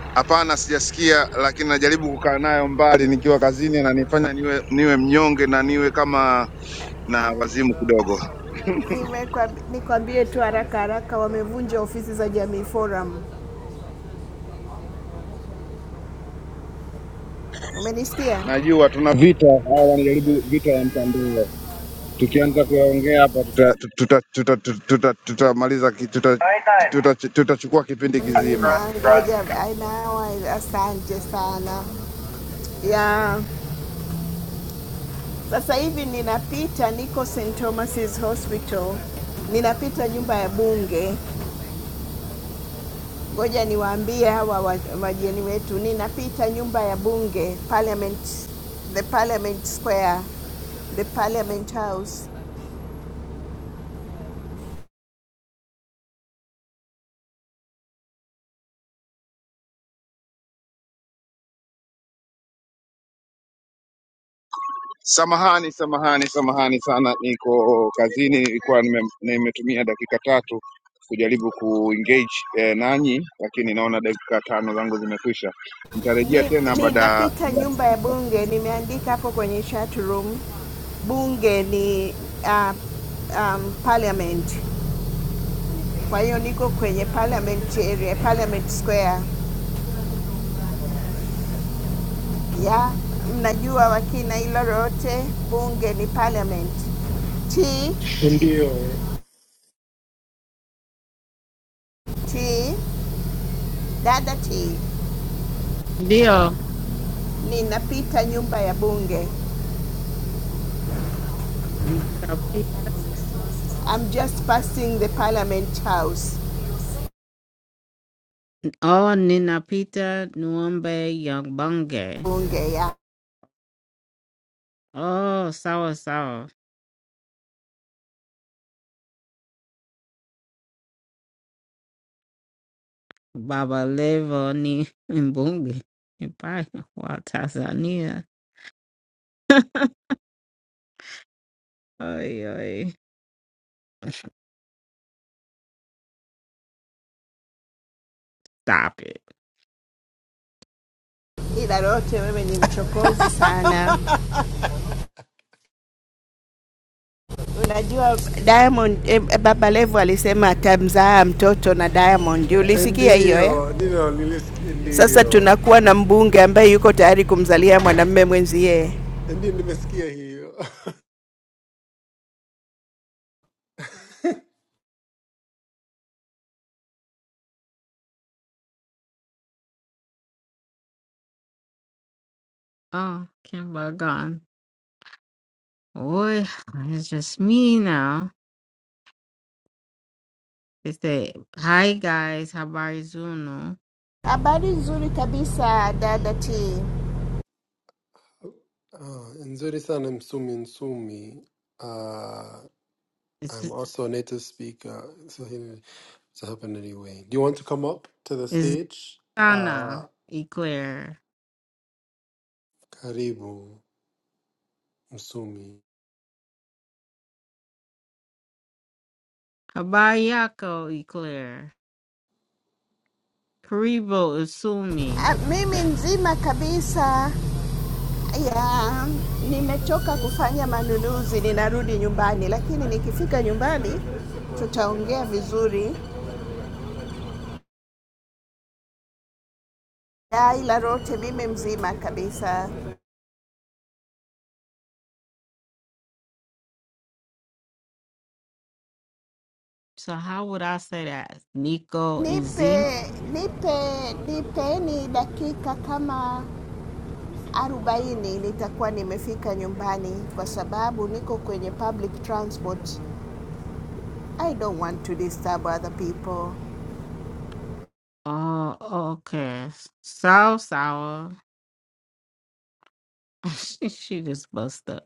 hapana sijasikia lakini najaribu kukaa nayo mbali nikiwa kazini na nifanya niwe niwe mnyonge na niwe kama na
Ah,
wazimu kidogo
nimekwamb- nikwambie tu haraka haraka, wamevunja ofisi za Jamii Forum. Umenisikia?
najua tuna vita tutamaliza tuta, tuta, tuta, tuta, tutamaliza ki- tuta- tuta- tuta, tutachukua kipindi kizima
Amina, ngoja, I know, asante sana ya Sasa hivi ninapita, niko St Thomas's Hospital, ninapita nyumba ya bunge. Ngoja niwaambie hawa wa- wageni wetu, ninapita nyumba ya bunge Parliament, the Parliament Square, the Parliament House.
Samahani, samahani, samahani sana, niko kazini, nilikuwa nime- nimetumia dakika tatu kujaribu kuengage eh, nanyi, lakini naona dakika tano zangu zimekwisha. Nitarejea
Ni-
tena baada ya
Ninapita nyumba ya
dakika.
bunge, nimeandika hapo kwenye chat room bunge ni uh, um, parliament. Kwa hiyo niko kwenye parliament area, parliament square ya mnajua wakina hilo lote, bunge ni parliament. T
Ndio.
T dada T,
Dio
ninapita nyumba ya bunge, I'm just passing the parliament house,
Oh Ninapita Nuombe Yambonge.
bunge ya
Oh Sawa Sawa Baba Levo ni Mbunge. Bye. Wow, Tanzania. Ay, ay. Stop it.
ila lote. Wewe ni mchokozi sana. Unajua Diamond eh, Baba Levo alisema atamzaa mtoto na Diamond, ulisikia hiyo eh?
Ndio. Ndio nilisikia
Sasa
ndio.
tunakuwa na mbunge ambaye yuko tayari kumzalia mwanamume mwenzie.
Ndio nimesikia hiyo.
Oh, Kimba gone. Boy, it's just me now. They say, hi guys, habarizuno.
Habari nzuri kabisa dada T.
Ah, nzuri sana msumi msumi. Uh,
It's
I'm also a native speaker. So anyway, so happen anyway. Do you want to come up to the
it's
stage?
Zana
Uh,
Eclair.
karibu msumi.
Habayako Eclair. Karibo Usumi.
Ah, mimi nzima kabisa ya nimechoka kufanya manunuzi, ninarudi nyumbani, lakini nikifika nyumbani tutaongea vizuri. Ah, ila rote mimi mzima kabisa.
So how would I say that? Nico and Zima?
Nipe nipe nipeni dakika kama arobaini nitakuwa nimefika nyumbani, kwa sababu niko kwenye public transport. I don't want to disturb other people.
Oh, okay. Sour sour. she she just bust up.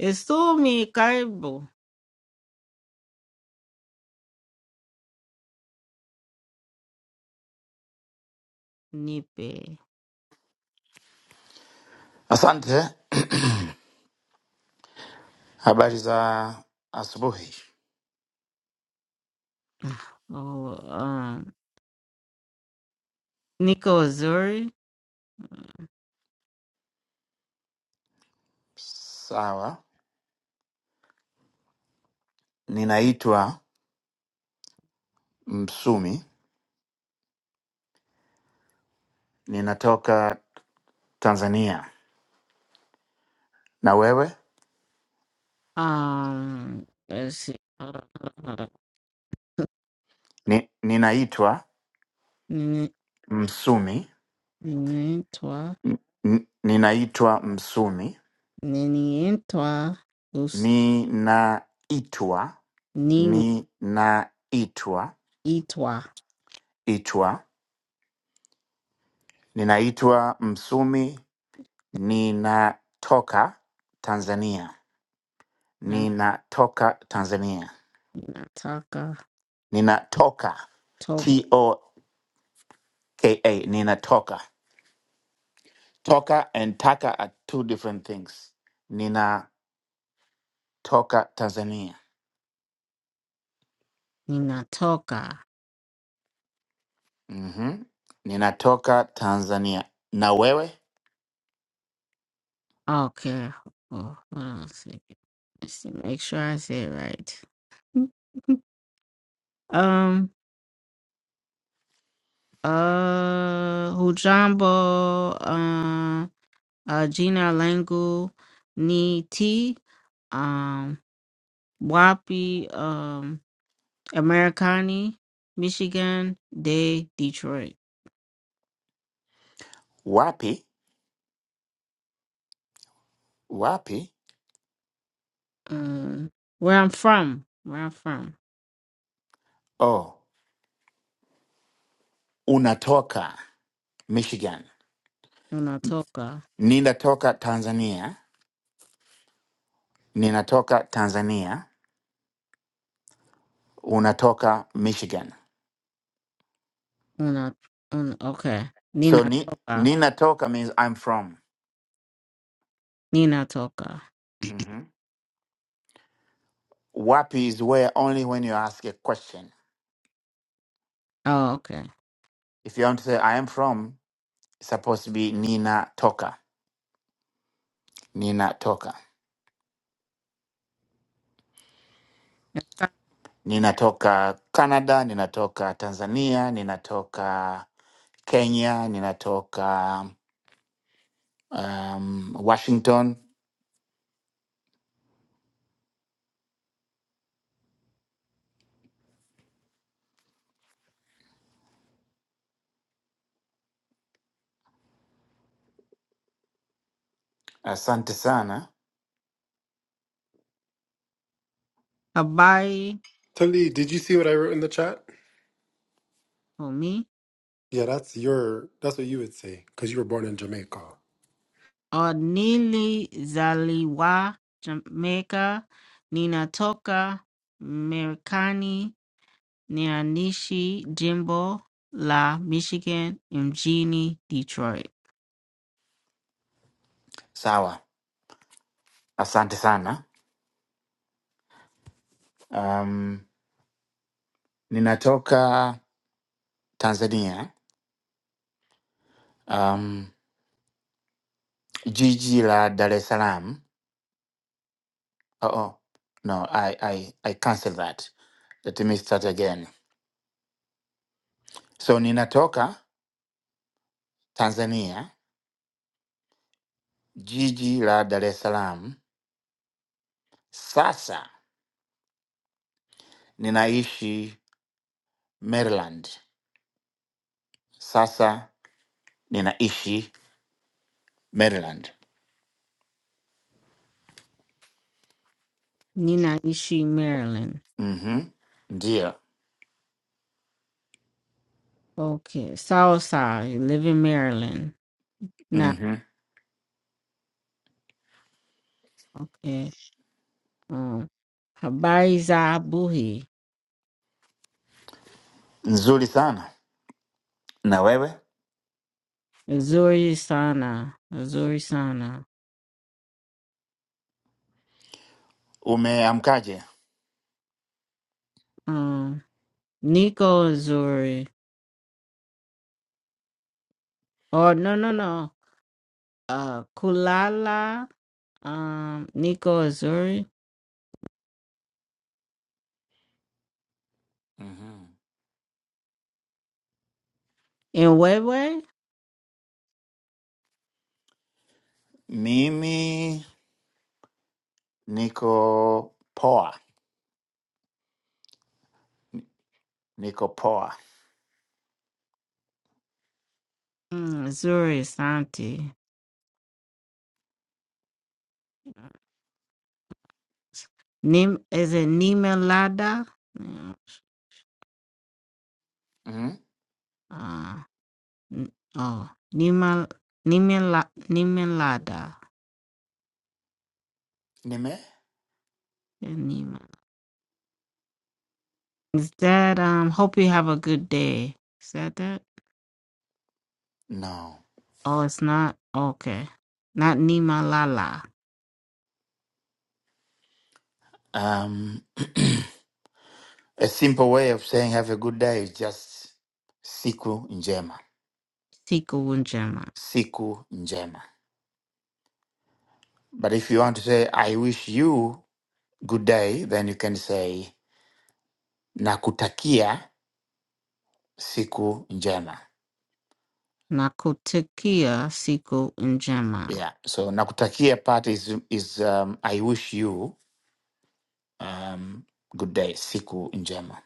Isumi Karibo. Nipe.
Asante, habari za asubuhi.
Oh, um, Nico Azuri.
Sawa, ninaitwa Msumi, ninatoka Tanzania. Na wewe?
Um, let's see. Hold on, hold on, hold on.
Ni, ninaitwa
Ni-
Msumi,
ni- Toi,
N- n- ninaitwa Msumi,
Nini Intwa, Lus
ninaitwa,
Nina
ninaitwa,
Itwa,
itwa, ninaitwa Msumi, ninatoka Tanzania,
Na-
ninatoka Tanzania.
Nataka
Ninatoka.
Toka,
T O K A. Ninatoka. Toka and taka are two different things. Ninatoka Tanzania.
Nina Toka.
Mm-hmm. Ninatoka Tanzania. Na wewe?
Okay. Oh, hold on a second. Let's see, make sure I say it right. um, uh, Hujambo, uh, uh, Gina Langu, Ni T, um, Wapi, um, Americani, Michigan, de Detroit.
Wapi? Wapi?
Um, where I'm from, where I'm from,
Oh, unatoka Michigan.
Unatoka,
Ninatoka Tanzania. Ninatoka Tanzania. Unatoka Michigan.
Una, un, okay,
So ni,
Ninatoka,
ninatoka means I'm from.
Ninatoka.
hmm Wapi is where only when you ask a question.
Oh, okay.
If you want to say I am from, it's supposed to be ninatoka, ninatoka, ninatoka Canada, ninatoka Tanzania, ninatoka Kenya, ninatoka um, Washington. Asante sana.
Habari,
Tali, did you see what I wrote in the chat?
homie,
Yeah, that's your that's what you would say because you were born in Jamaica.
Nili Zaliwa, Jamaica, Ninatoka, Americani, Ninaishi Jimbo la Michigan mjini Detroit.
Sawa, asante sana. Um, ninatoka Tanzania, um, jiji la Dar es Salaam. Oh, oh. no, I, I, I cancel that. Let me start again. So ninatoka Tanzania jiji la Dar es Salaam. Sasa ninaishi Maryland. Sasa ninaishi Maryland.
Ninaishi Maryland.
Mhm. Ndio.
Okay. Southside, live in Maryland. Now,
Mhm.
okay. Um, habari buhi.
Nzuri sana. Na wewe
Nzuri sana. Nzuri sana.
umeamkaje?
Um, Nico Azuri. Oh, no, no, no. Uh, Kulala. Um, Nico Azuri.
Mhm.
In Wewe?
Mimi niko poa, niko poa.
Mm, Azuri Santi. Nim is a Nimelada?
Mhm.
Uh, n- oh, Nimel Nimela Nimelada.
Nime?
Yeah, Nimel. Is that um? Hope you have a good day. Is that that?
No.
Oh, it's not. Okay, not Nimalala.
Um, a simple way of saying have a good day is just siku njema,
Siku Njema.
siku njema. But if you want to say, I wish you good day, then you can say, nakutakia siku njema.
Nakutikia Siku Njema.
Yeah. So nakutakia part is, is um, I wish you um, good day, siku njema.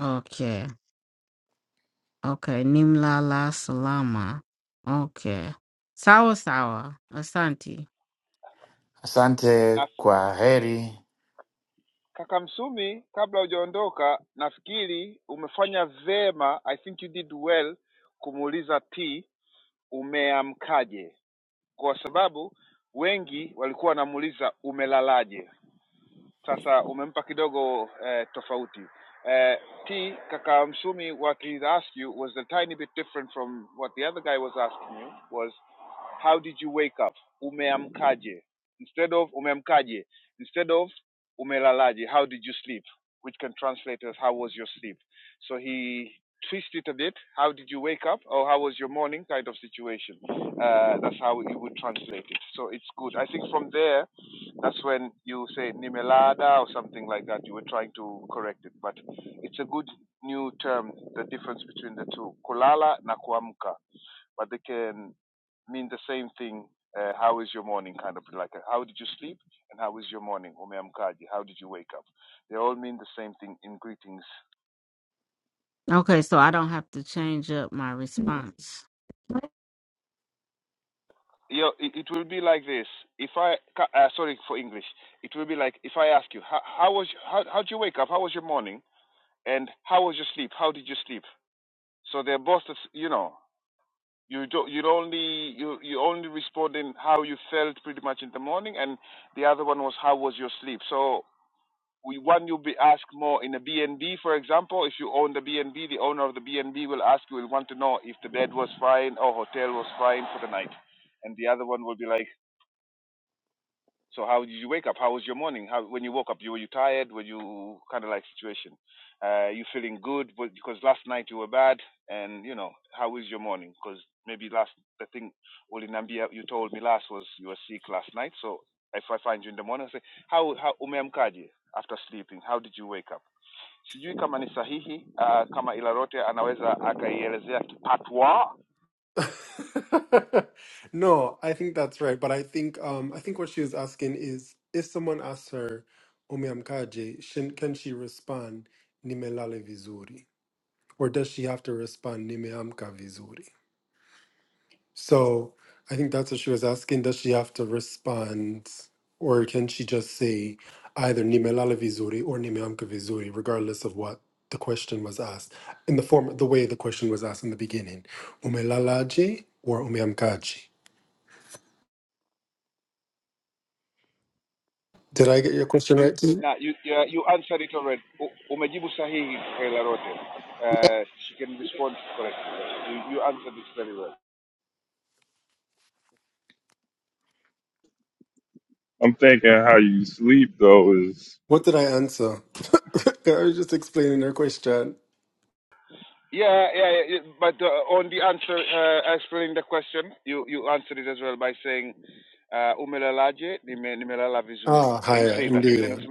Okay. Okay. Nimlala Salama. Okay. Sawa sawa. Asante.
Asante kwa heri.
Okay, so I don't have to change up my response.
No, I think that's right. But I think um I think what she was asking is if someone asks her umeamkaje, shin- can she respond nimelale vizuri? Or does she have to respond nimeamka vizuri? So I think that's what she was asking. Does she have to respond, or can she just say either nimelala vizuri or nimeamka vizuri, regardless of what the question was asked, in the form, the way the question was asked in the beginning, umelalaje or umeamkaje? Did I get your question right? Too?
I'm thinking how you sleep though is
What did I answer? I was just explaining her question. Ah, hiya, indeed.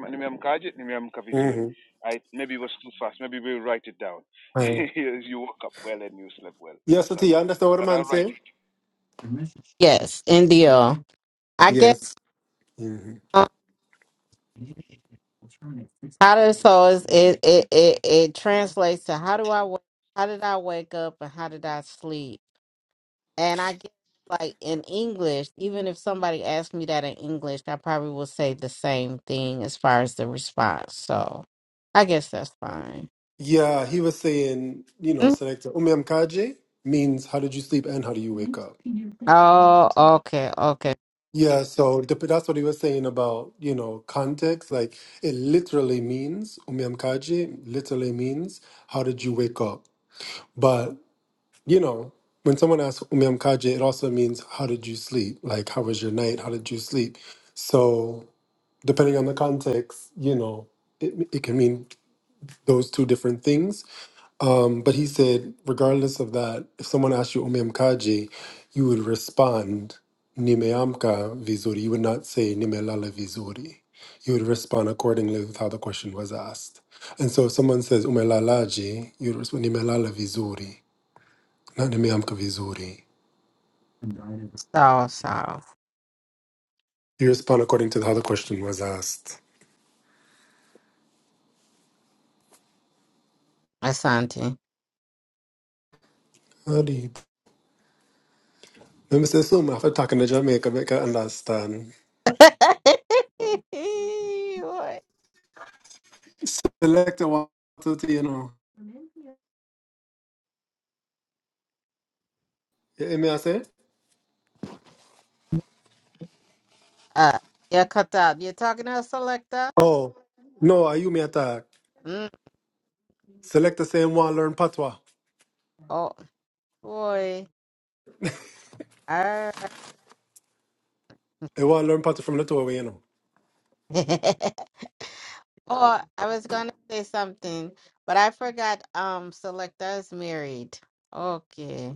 Mm-hmm.
I, maybe it was too fast. Maybe we'll write it down.
Hiya.
you
Yes, Ati, you understand what I'm saying?
Yeah, yes, Indio. I
Yes.
guess um, how does so is it, it it it translates to how do I wa- how did I wake up and how did I sleep? And I guess like in English, even if somebody asked me that in English, I probably will say the same thing as far as the response. So I guess that's fine.
Yeah, he was saying, you know,
Mm.
selecta umyamkaje means how did you sleep and how do you wake up?
Oh, okay, okay.
Yeah, so dep- that's what he was saying about, you know, context. Like it literally means umyamkaje literally means how did you wake up? But, you know, when someone asks umyamkaje, it also means how did you sleep? Like how was your night? How did you sleep? So depending on the context, you know, it, it can mean those two different things. Um, but he said, regardless of that, if someone asked you umeamkaji, you would respond nimeamka vizuri. You would not say nimelala vizuri. You would respond accordingly with how the question was asked. And so if someone says umelalaji, you would respond nimelala vizuri, not nimeamka vizuri.
So, so.
You respond according to how the question was asked.
Asante.
Adi. Remember, say, so after talking to Jamaica, make I understand.
Boy.
Select the one, two, three, you know. You hear me I say?
Uh, yeah, Katab, you talking to us, Selecta?
Oh, no, are you me attack?
Mm,
Selecta say him want learn patois.
oh, boy. All
I want learn patois from Lithuania. You know.
right. Oh, I was gonna say something, but I forgot. Um, Selecta is married. Okay.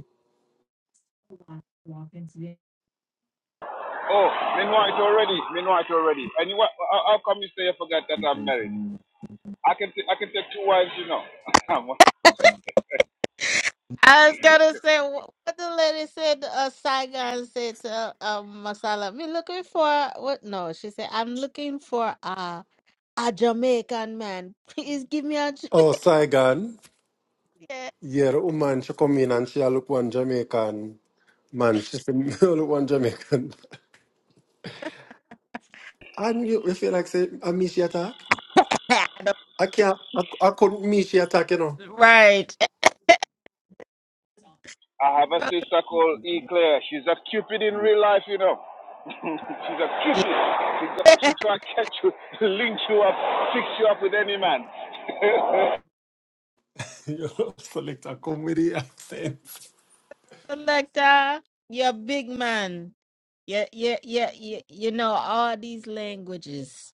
I was gonna say wh- what the lady said. Uh, Saigon said to uh, um Masala, "Me looking for what? No, she said I'm looking for. a Jamaican man. Please give me a
Oh, Saigon.
Jamaican.
Yeah, the woman she come in and she a look one Jamaican man. She say, "Me look one Jamaican. And you, you feel like say I miss your attack. I can't. I, I couldn't miss your attack. You know.
right. Yeah.
You know, Selecta come with the accent.
Selector, you're a big man. Yeah, yeah, yeah, yeah. You know all these languages.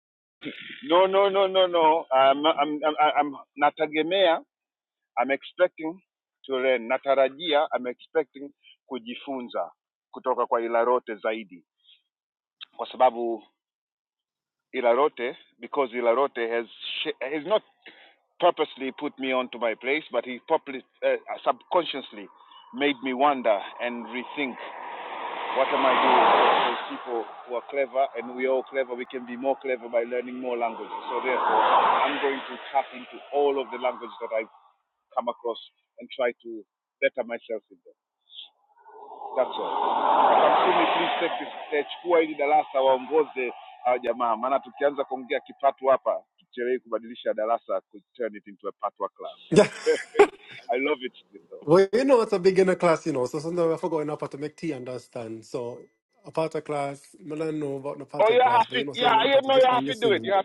Yeah. Well, you know it's a beginner class. You know, so sometimes we have to go in a part to make tea understand. So. A part of class, I don't know about the part of class, but you know, say I learn part of just by listening.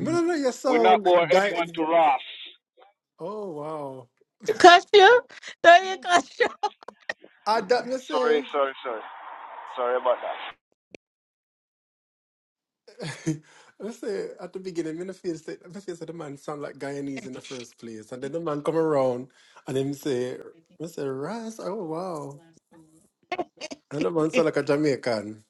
I don't know your sound, guy. Oh wow.
Cuss you? Don't you cuss you?
I that me say me say at the beginning me no feel say me feel say the man sound like Guyanese in the first place. And then the man come around and him say me say Ras, oh wow. And the man sound like a Jamaican.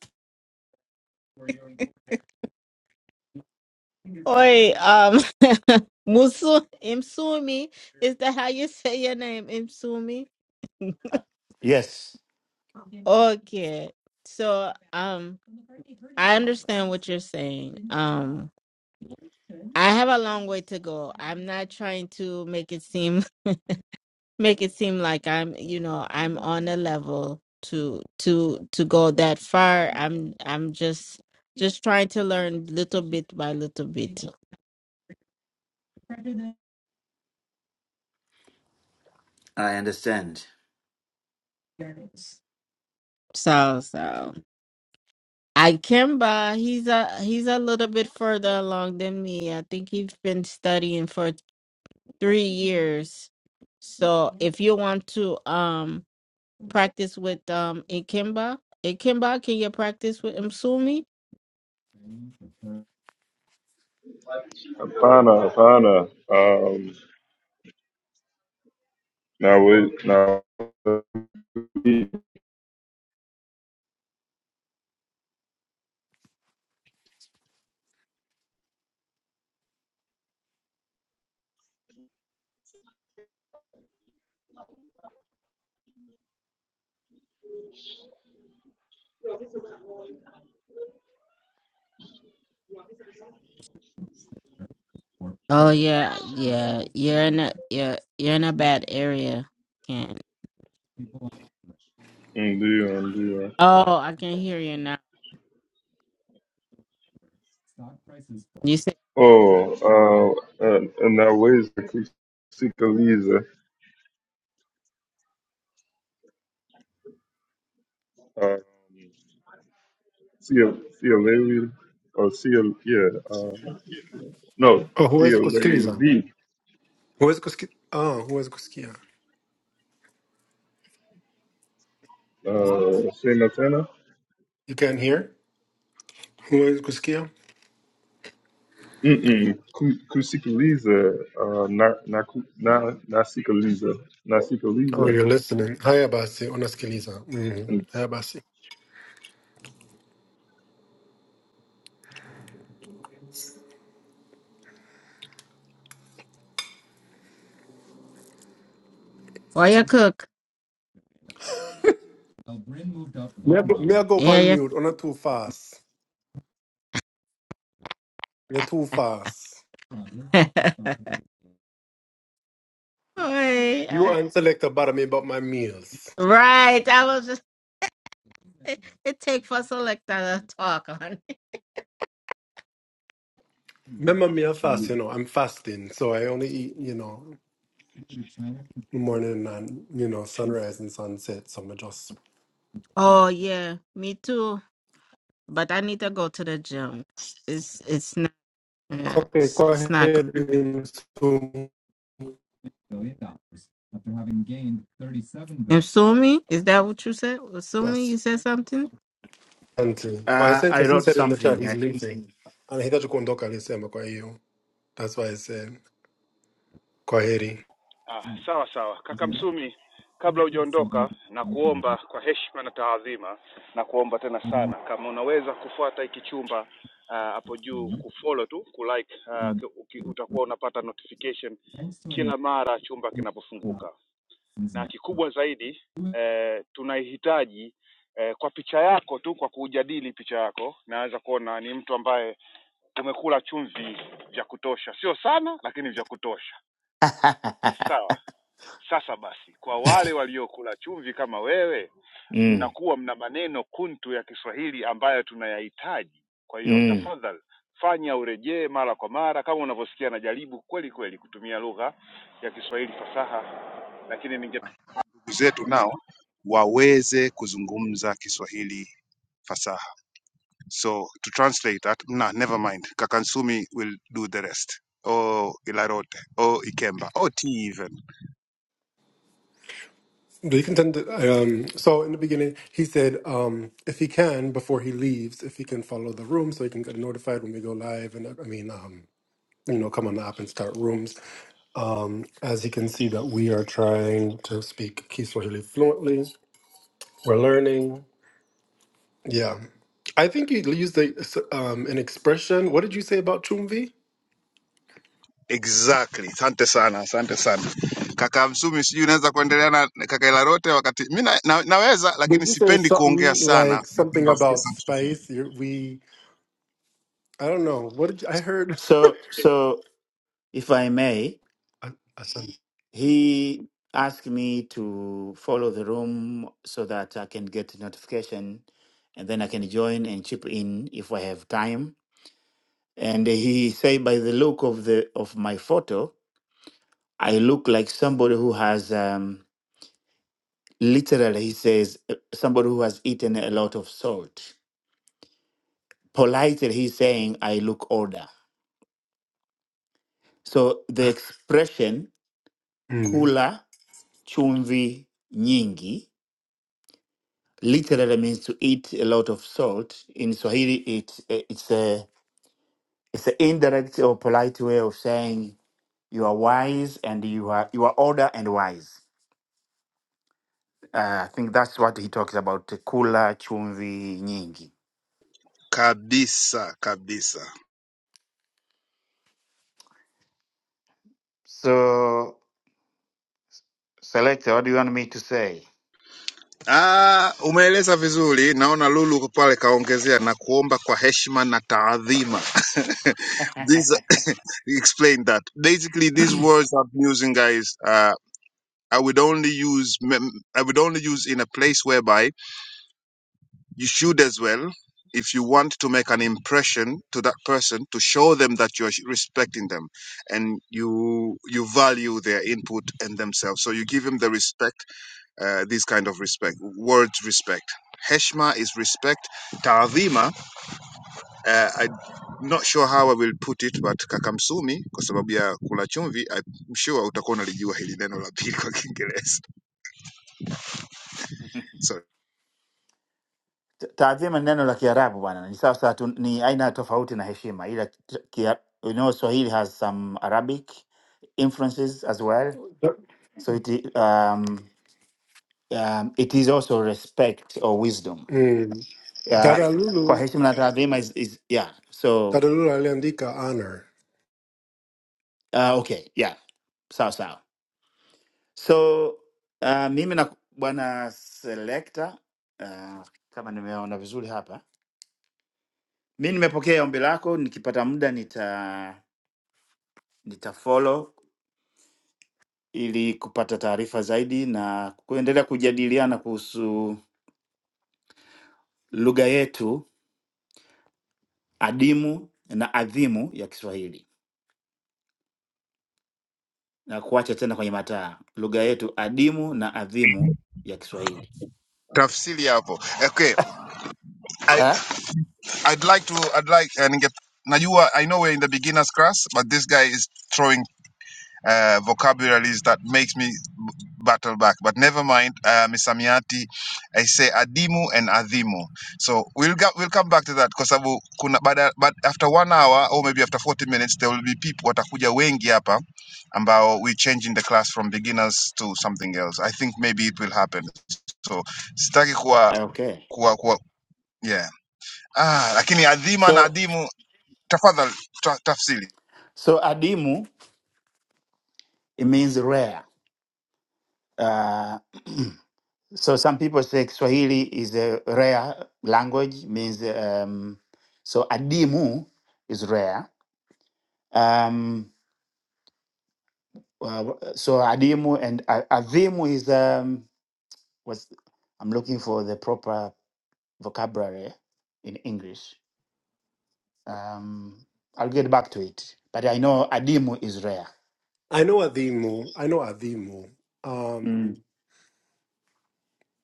Oi, um, Musu, Imsumi, is that how you say your name, Imsumi?
Yes,
Okay, so um, I understand what you're saying. Um, I have a long way to go. I'm not trying to make it seem make it seem like I'm, you know, I'm on a level to to to go that far. I'm I'm just just trying to learn little bit by little bit.
I understand.
So so I Kimba, he's a he's a little bit further along than me. I think he's been studying for three years. So if you want to um practice with um Ikemba. Ikemba, can you practice with Msumi?
Hapana, Hapana. Um, now wait, now.
Oh yeah, yeah. You're in a you're, you're in a bad area. Can
Ndio, ndio.
oh I can hear you now. You said
Oh, uh, uh, naweza ku- kusikiliza. Uh, sio, sio lewi, or sio, yeah, uh, no,
Oh who is
sio
Kuskiza?
lazy.
Who is Kuski oh who is Kuskia?
Uh, sema tena.
You can hear? Who is Kuskia?
Mm-mm. Ku, kusikiliza, uh, na, na, ku- na, nasikiliza,
Oh
nasikiliza
you're listening. Hi Abasi, on a Skiliza. Mm. Hi Abasi.
for you cook.
Me I go me I go up
Yeah,
on
yeah.
mute, on too fast. You're too fast.
Wait,
You
I-
and selector bother me about my meals.
right. I was just it, it take for selector to talk on.
Remember me, I fast, you know, I'm fasting, so I only eat, you know, morning and, you know, sunrise and sunset. So i just.
Oh yeah, me too. But I need to go to the gym. It's it's not yeah,
Okay,
it's,
go
it's not good.
ahead. um,
votes. Asumi, is that what you said? Asumi,
That's
you said something?
Anthony. But I
uh,
said,
I
because he
wrote
said in the chat
something.
he's leaving. And he thought you couldn't talk and he said, "I'm going to you." That's why I said, go ahead. eh.
Ah, sawa sawa kaka Msumi, kabla hujaondoka, na kuomba kwa heshima na taadhima, na kuomba tena sana, kama unaweza kufuata hiki chumba ah, hapo uh, juu, kufollow tu kulike, ah, ki- uki- utakuwa unapata notification kila mara chumba kinapofunguka, na kikubwa zaidi eh, tunaihitaji eh, kwa picha yako tu, kwa kujadili picha yako na ni mtu ambaye amekula chumvi sana, lakini
mm, mm.
saha zetu nao waweze kuzungumza Kiswahili fasaha. So to translate that, nah, never mind. Kakansumi will do the rest. Oh, Ilarote. Oh, Ikemba. Oh, T even.
Do you contend? Um, so in the beginning, he said, um, if he can, before he leaves, if he can follow the room so he can get notified when we go live. And I mean, um, you know, come on the app and start rooms. Um, as you can see, that we are trying to speak Kiswahili fluently. We're learning. Yeah, I think you used the, um, an expression. What did you say about chumvi?
Exactly. Asante sana, asante sana. Kaka Msumi, sijui unaweza kuendelea na na kaka Ilarote wakati mi na, na, naweza
Did
lakini
you say
sipendi kuongea
something
sana.
like something
Napenda wasikie
about
sauti tofauti.
spice? you we, I don't know. What did you, I heard?
So, so if I may,
I, I said,
He asked me to follow the room so that I can get notification and then I can join and chip in if I have time. And he said, by the look of the of my photo, I look like somebody who has um, literally, he says, uh, somebody who has eaten a lot of salt. Politely, he's saying, I look older. So the expression
mm,
kula chumvi nyingi literally means to eat a lot of salt. In Swahili, it, it's a it's an indirect or polite way of saying you are wise and you are you are older and wise. Uh, I think that's what he talks about. Kula chumvi nyingi.
Kabisa, kabisa.
So selector, what do you want me to say?
Ah, umeeleza vizuri. Naona Lulu uko pale kaongezea na kuomba kwa heshima na taadhima. These explain that. Basically these words I'm using guys uh, I would only use mem- I would only use in a place whereby You should as well, if you want to make an impression to that person, to show them that you're respecting them and you you value their input and themselves. So you give them the respect uh, this kind of respect, words respect. Heshma is respect. Taadhima, uh, I'm not sure how I will put it, but kakamsumi, kwa sababu ya kula chumvi, I'm sure utakuwa unalijua hili neno la pili kwa Kiingereza. So
Ta- Taadhima ni neno la Kiarabu bwana, ni sawa sawa tu, ni aina tofauti na heshima, ila ki- kia- you know Swahili has some Arabic influences as well.
Da-
So it um, um, it is also respect or wisdom.
mm,
Uh, kwa
Daralulu,
heshima na taadhima is, is yeah. So
Daralulu aliandika honor.
uh, okay, yeah, sawa sawa. So uh, mimi na bwana selector uh, kama nimeona vizuri hapa, mi nimepokea ombi lako, nikipata muda nita nita follow ili kupata taarifa zaidi na kuendelea kujadiliana kuhusu lugha yetu adimu na adhimu ya Kiswahili. na kuacha tena kwenye mataa, lugha yetu adimu na adhimu ya Kiswahili.
tafsiri hapo. Okay, I,
Ah,
I'd like to. I'd like and get. Now you I know we're in the beginners class, but this guy is throwing uh, vocabularies that makes me b- battle back. But never mind, uh, misamiati. I say adimu and adimu. So we'll go, we'll come back to that kwa sababu kuna baada, but after one hour or maybe after 40 minutes there will be people watakuja wengi hapa ambao we changing the class from beginners to something else. I think maybe it will happen. So sitaki kuwa
okay.
kuwa kuwa yeah. Ah, lakini adhima na
So
adimu tafadhali ta, tafsiri
so adimu it means rare. Uh, so some people say Kiswahili is a rare language means um, so adimu is rare. Um, well, so adimu and a- adhimu is um, what's I'm looking for the proper vocabulary in English. Um, I'll get back to it. But I know Adimu is rare.
I know Adimu. I know Adimu. Um,
Mm,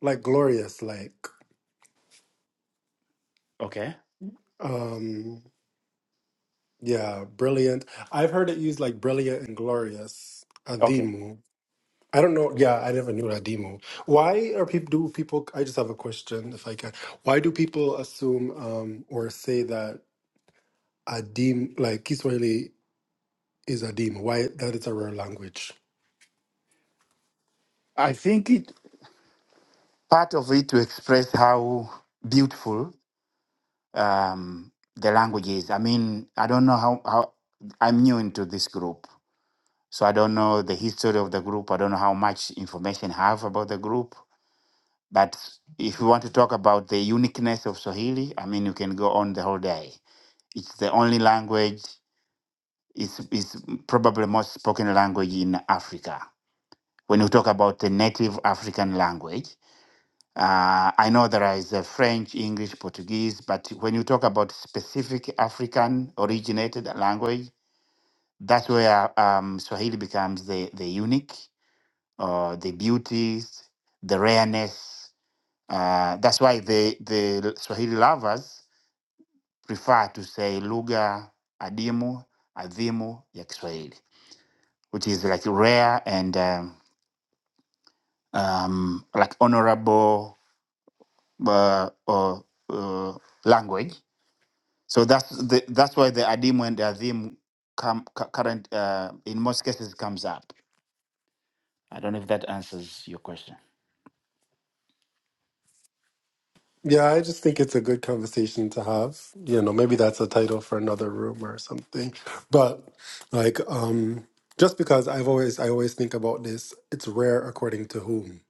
like glorious, like.
okay.
Um, Yeah, brilliant. I've heard it used like brilliant and glorious.
Okay.
Adimu. I don't know. Yeah, I never knew Adimu. Why are people, do people, I just have a question if I can. Why do people assume um, or say that Adim, like Kiswahili is Adimu? Why that it's a rare language?
I think it part of it to express how beautiful um, the language is. I mean, I don't know how, how I'm new into this group. So I don't know the history of the group. I don't know how much information I have about the group. But if you want to talk about the uniqueness of Swahili, I mean, you can go on the whole day. It's the only language is is probably most spoken language in Africa. When you talk about the native African language, uh, I know there is a French, English, Portuguese, but when you talk about specific African originated language, that's where um, Swahili becomes the the unique, uh, the beauties, the rareness. Uh, that's why the the Swahili lovers prefer to say lugha adimu adhimu ya Kiswahili which is like rare and um, um, like honorable uh, uh, uh, language. So that's the, that's why the adim and the adim come cu- current uh, in most cases comes up. I don't know if that answers your question.
Yeah, I just think it's a good conversation to have. You know, maybe that's a title for another room or something. But like, um, just because I've always I always think about this, it's rare according to whom,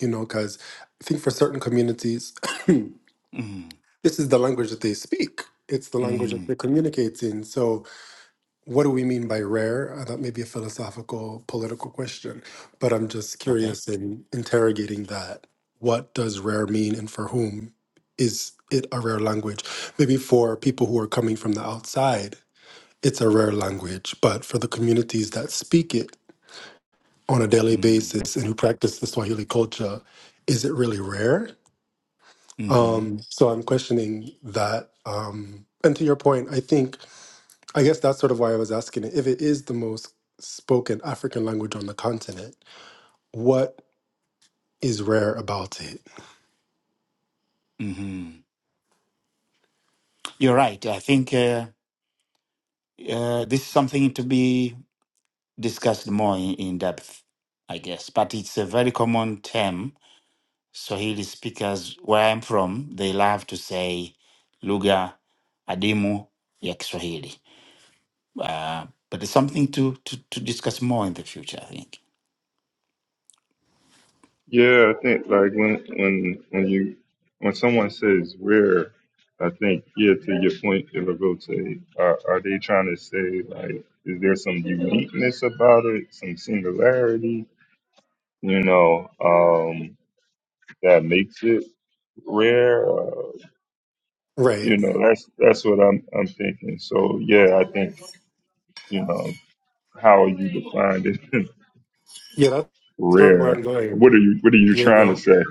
you know, because I think for certain communities, this
Mm,
is the language that they speak. It's the language that
mm,
they communicate in. So what do we mean by rare? Uh, That may be a philosophical, political question, but I'm just
okay.
curious in interrogating that. What does rare mean and for whom is it a rare language? Maybe for people who are coming from the outside, it's a rare language, but for the communities that speak it on a daily
Mm,
basis and who practice the Swahili culture, is it really rare?
hmm
Um, so I'm questioning that. Um, and to your point, I think I guess that's sort of why I was asking it. If it is the most spoken African language on the continent, what is rare about it?
hmm You're right. I think uh, uh, this is something to be discussed more in, in depth, I guess. But it's a very common term Swahili speakers where I'm from, they love to say lugha adimu ya Kiswahili. Uh, but it's something to, to, to discuss more in the future, I think.
Yeah, I think like when when when you when someone says rare, I think yeah, to your point, Ilagote, are are they trying to say like is there some uniqueness about it, some singularity, you know, um, that makes it rare? Uh, you
Right.
know, that's that's what I'm I'm thinking. So yeah, I think you know how you defined it
Yeah, that's sort of where I'm
rare. What
going.
are you What are you
You
trying to
know.
say?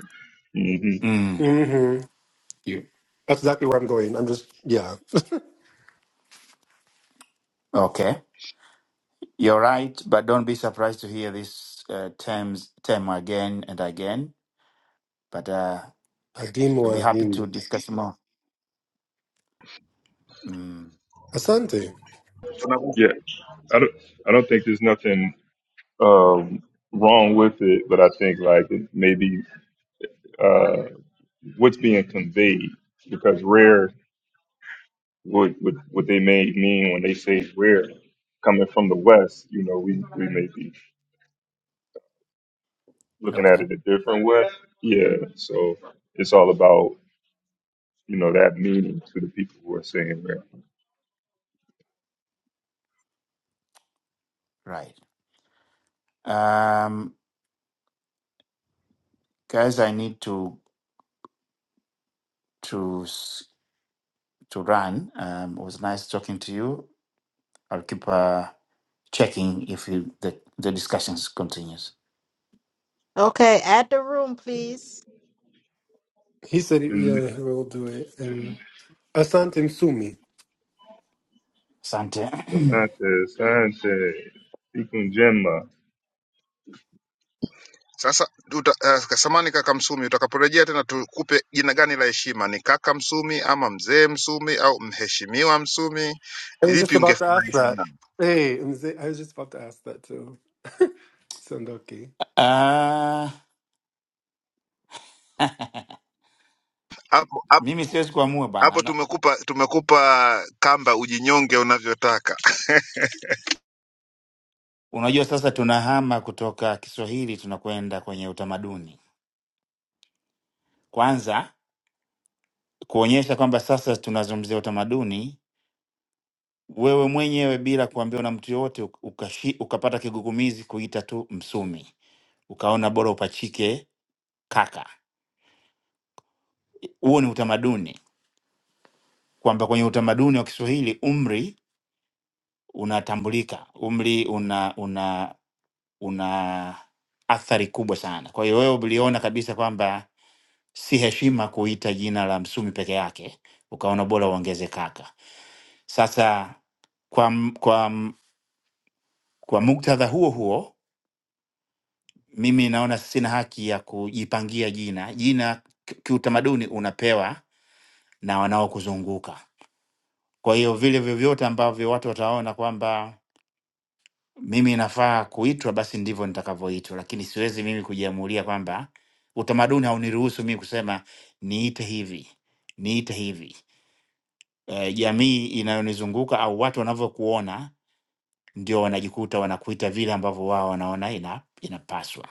hmm
Mm.
hmm
You.
That's exactly where I'm going. I'm just yeah.
Okay. You're right, but don't be surprised to hear this uh, terms, term again and again. But uh, we'll be
Adimu,
happy to
adimu.
discuss more. Mm.
Asante.
Yeah, I don't I don't think there's nothing um, wrong with it, but I think like it maybe uh, what's being conveyed because rare what what what they may mean when they say rare coming from the West, you know, we we may be looking at
Okay.
it a different way. Yeah, so it's all about you know that meaning to the people who are saying rare.
Right. Um, guys, I need to to s- to run. Um, it was nice talking to you. I'll keep. Uh, checking if you, the, the discussions continues.
Okay, at the room, please.
He said,
And
yeah, he will do it. And Asante Msumi.
Asante.
Asante, Asante, Ikunjema,
sasa uta, uh, samani kaka msumi utakaporejea tena tukupe jina gani la heshima ni kaka msumi ama mzee msumi au mheshimiwa msumi
I was just
lipi
about to ask
ungefurahi
that.
sana
Hey, Mzee, I was just about to ask that too. Sandoki.
Ah,
hapo hapo
mimi siwezi kuamua bana.
hapo
Na-
tumekupa tumekupa kamba ujinyonge unavyotaka
Unajua sasa tunahama kutoka Kiswahili tunakwenda kwenye utamaduni. Kwanza kuonyesha kwamba sasa tunazungumzia utamaduni, wewe mwenyewe bila kuambiwa na mtu yoyote uk- ukashi, ukapata kigugumizi kuita tu Msumi, ukaona bora upachike kaka. Huo ni utamaduni, kwamba kwenye utamaduni wa Kiswahili umri unatambulika, umri una una una athari kubwa sana. Kwa hiyo wewe uliona kabisa kwamba si heshima kuita jina la Msumi peke yake, ukaona bora uongeze kaka. Sasa kwa m- kwa m- kwa muktadha huo huo, mimi naona sina haki ya kujipangia jina. Jina ki- kiutamaduni unapewa na wanaokuzunguka. Kwa hiyo vile vyovyote ambavyo watu wataona kwamba mimi nafaa kuitwa, basi ndivyo nitakavyoitwa, lakini siwezi mimi kujiamulia kwamba utamaduni hauniruhusu mimi kusema niite hivi, niite hivi. E, jamii inayonizunguka au watu wanavyokuona ndio wanajikuta wanakuita vile ambavyo wao wanaona ina, inapaswa.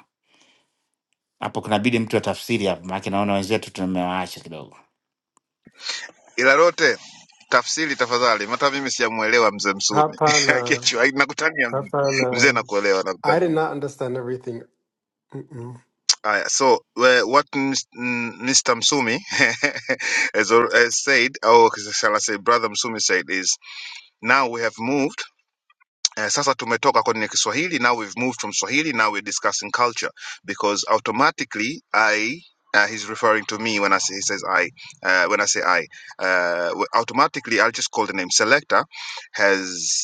Hapo kunabidi mtu atafsiri hapo, maana naona wenzetu tumewaacha kidogo.
ila lote tafsiri tafadhali hata mimi sijamuelewa mzee msumi
Hapana.
Akiachwa, nakutania mzee Mzee
Hapana.
nakuelewa
I
nakutania
did not understand everything Mm-mm.
Uh, so uh, what Mis- mm, Mr. Msumi has, al- has said, or shall I say, Brother Msumi said, is now we have moved uh, sasa tumetoka kwenye kiswahili now we've moved from swahili now we're discussing culture because automatically i uh, he's referring to me when I say he says I. Uh, when I say I, uh, w- automatically I'll just call the name. Selector has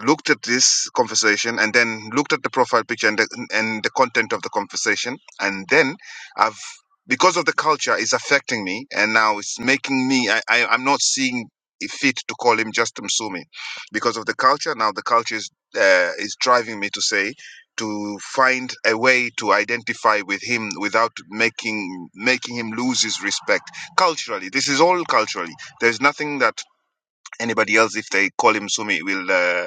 looked at this conversation and then looked at the profile picture and the, and the content of the conversation and then i've because of the culture is affecting me and now it's making me i, I i'm not seeing it fit to call him just msumi because of the culture now the culture is uh, is driving me to say to find a way to identify with him without making making him lose his respect culturally this is all culturally there's nothing that anybody else if they call him sumi will uh,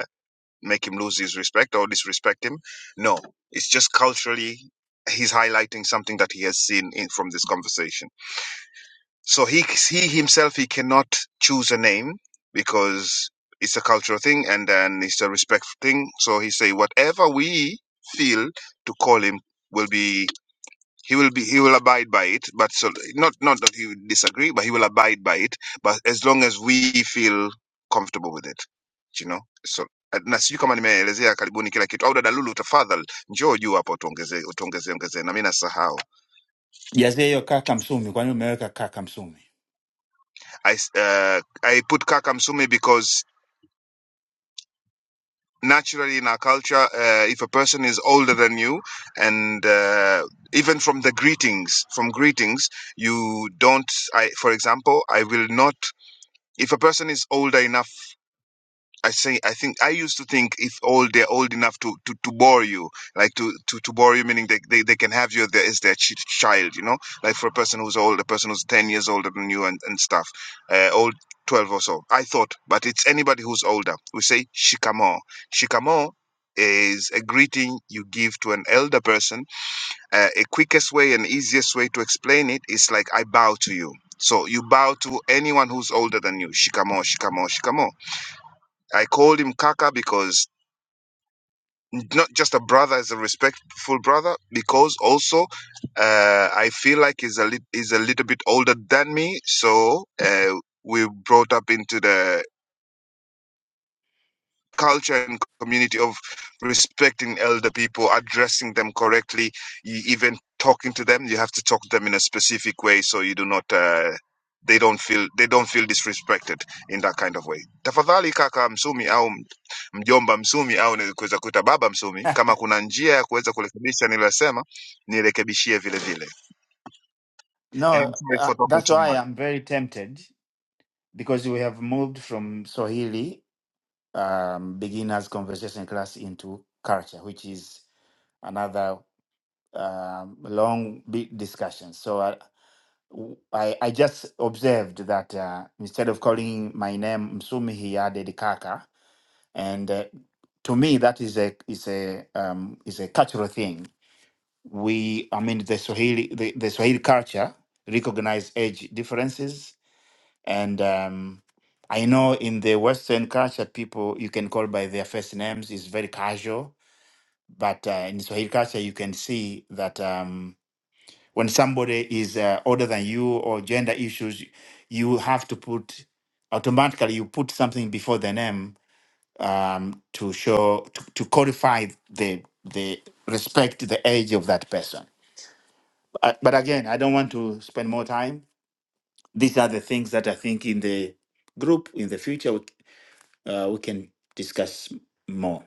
make him lose his respect or disrespect him. No, it's just culturally he's highlighting something that he has seen in, from this conversation. So he he himself he cannot choose a name because it's a cultural thing and then it's a respect thing. So he say whatever we feel to call him will be he will be he will abide by it, but so not not that he would disagree, but he will abide by it. But as long as we feel comfortable with it, you know. So eh, na sijui kama nimeelezea karibuni kila kitu au dada Lulu, tafadhali njoo juu hapa utuongezee utuongezee ongezee, na mimi nasahau.
Jazie hiyo kaka Msumi, kwani umeweka kaka Msumi?
I s- eh, I put Kaka Msumi because naturally in our culture uh, if a person is older than you and uh, even from the greetings from greetings you don't i for example i will not if a person is older enough i say i think i used to think if old they're old enough to to, to bore you like to, to to bore you meaning they, they they can have you there as their ch- child you know like for a person who's old a person who's 10 years older than you and, and stuff uh, old 12 or so i thought but it's anybody who's older we say shikamo shikamo is a greeting you give to an elder person uh, a quickest way and easiest way to explain it is like I bow to you. So you bow to anyone who's older than you. Shikamo, shikamo, shikamo. I called him Kaka because not just a brother, as a respectful brother, because also uh, I feel like he's a lit he's a little bit older than me. So uh, we brought up into the culture and community of respecting elder people, addressing them correctly, you, even talking to them. You have to talk to them in a specific way so you do not. Uh, they don't feel they don't feel disrespected in that kind of way. Tafadhali kaka msumi au m- mjomba msumi au ni kuweza kuita baba msumi, kama kuna njia ya kuweza kurekebisha nilosema, nirekebishie vile vile. And
No,
I'm sorry
uh,
for talking
that's
too
why
much.
I'm very tempted because we have moved from Swahili um, beginners conversation class into culture, which is another um, long big discussion. So I, w- I, I just observed that uh, instead of calling my name Msumi, he added Kaka, and uh, to me that is a is a um, is a cultural thing. We, I mean, the Swahili the, the Swahili culture recognize age differences and um, I know in the Western culture, people you can call by their first names is very casual. But uh, in Swahili culture, you can see that um, when somebody is uh, older than you or gender issues, you have to put automatically you put something before the name um, to show to, to codify the the respect to the age of that person. Uh, but again, I don't want to spend more time. These are the things that I think in the group in the future uh, we can discuss more.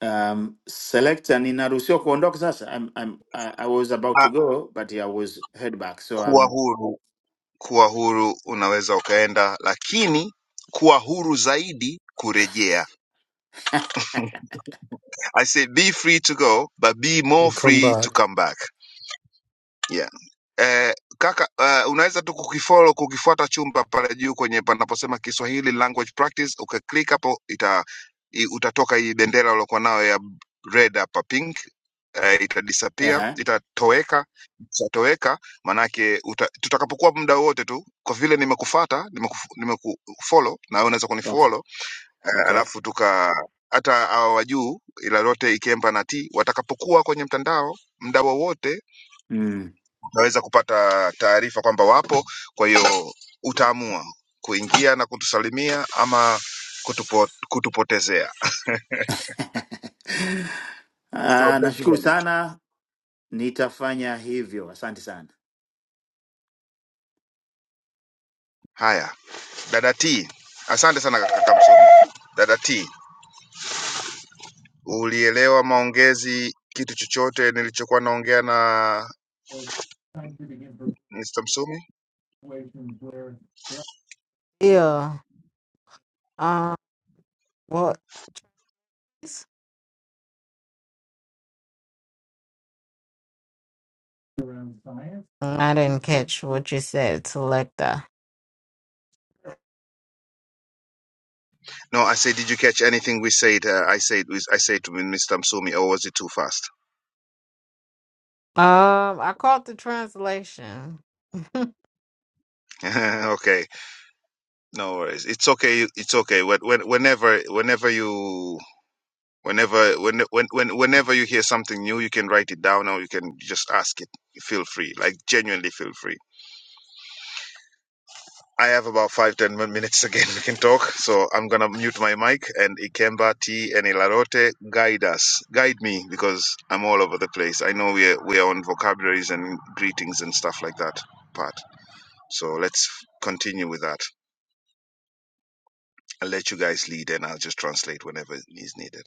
Um, selector, ninaruhusiwa kuondoka sasa. I'm, I'm, I, I was about to
Ah,
go but yeah, I was head back so
kuwa
I'm
huru, kuwa huru unaweza ukaenda, lakini kuwa huru zaidi kurejea. I say be free to go, but be
You
more
Come
free to
back.
come back. yeah. Eh, kaka eh, unaweza tu kukifollow kukifuata chumba pale juu kwenye panaposema Kiswahili language practice, ukaklik hapo ita i, utatoka hii bendera uliokuwa nayo ya red hapa pink eh, itadisappear
uh-huh.
itatoweka, ikishatoweka manake uta, tutakapokuwa muda wote tu, kwa vile nimekufata nimekufollow nimeku nimekufollow na wewe unaweza
Okay,
kunifollow eh,
okay.
alafu tuka hata hawa wa juu ila lote ikemba na t watakapokuwa kwenye mtandao muda wowote
Mm.
utaweza kupata taarifa kwamba wapo. Kwa hiyo utaamua kuingia na kutusalimia ama kutupo, kutupotezea. So,
Ah,
thank you
nashukuru
very much.
sana, nitafanya hivyo. Asante sana.
Haya, dada T, asante sana kaka msomi. Dada T, ulielewa maongezi kitu chochote nilichokuwa naongea na Mr. Msumi?
Yeah. Um. What? I didn't catch what you said, Selecta.
No, I said, did you catch anything we said? Uh, I said, I said to Mr. Msumi, or was it too fast?
Um. I caught the translation.
okay, no worries. It's okay. It's okay. When, when, whenever, whenever you Whenever, when, when, when, whenever you hear something new, you can write it down or you can just ask it. Feel free, like genuinely feel free. I have about five, ten min- minutes again. We can talk. So I'm going to mute my mic and Ikemba, T, and Ilarote, guide us. Guide me because I'm all over the place. I know we're, we're on vocabularies and greetings and stuff like that part. So let's continue with that. I'll let you guys lead and I'll just translate whenever is needed.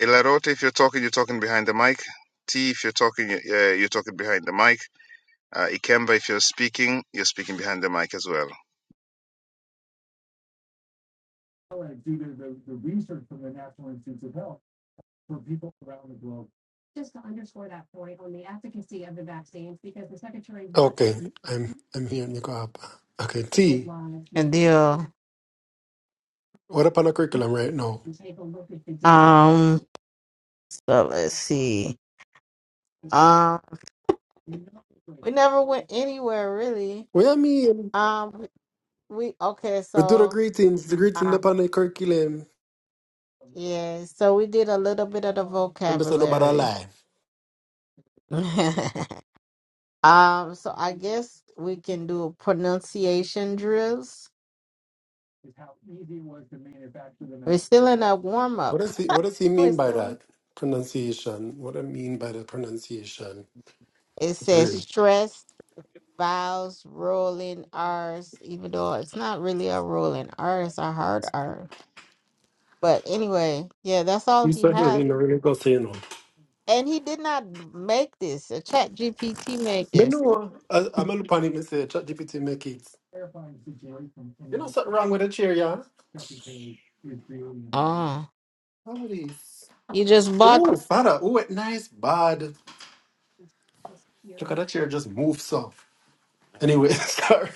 Ilarote, if you're talking, you're talking behind the mic. T, if you're talking, uh, you're talking behind the mic. Uh, Ikemba, if you're speaking, you're speaking behind the mic as well.
Okay, I'm I'm here, Nicoapa. Okay, T.
and deal.
What upon the curriculum right now?
Um. So let's see. Um. We never went anywhere really.
What I mean,
Um. We okay.
we do the
So.
greetings, the greeting
Uh,
upon the curriculum.
yeah. So we did a little bit of the
I'm just saying about a
vocabulary.
lie.
Um, so I guess we can do a pronunciation drills. We're still in a warm
What
up.
does he What does he
We're
mean by
still in-
that pronunciation? What I mean by the pronunciation?
It says
Really?
stress, vowels, rolling R's, even though it's not really a rolling R, it's a hard R. But anyway, yeah, that's all
You
he
so
has.
really no really go say no.
And he did not make this. A chat GPT made
Me
this.
know. I, I'm a look on it. Me say ChatGPT make it. You know something wrong with the chair, yeah?
Oh,
How it is?
you just
Oh,
bought.
father. Oh, it nice, bad. Look at that chair just move so. Anyway, sorry.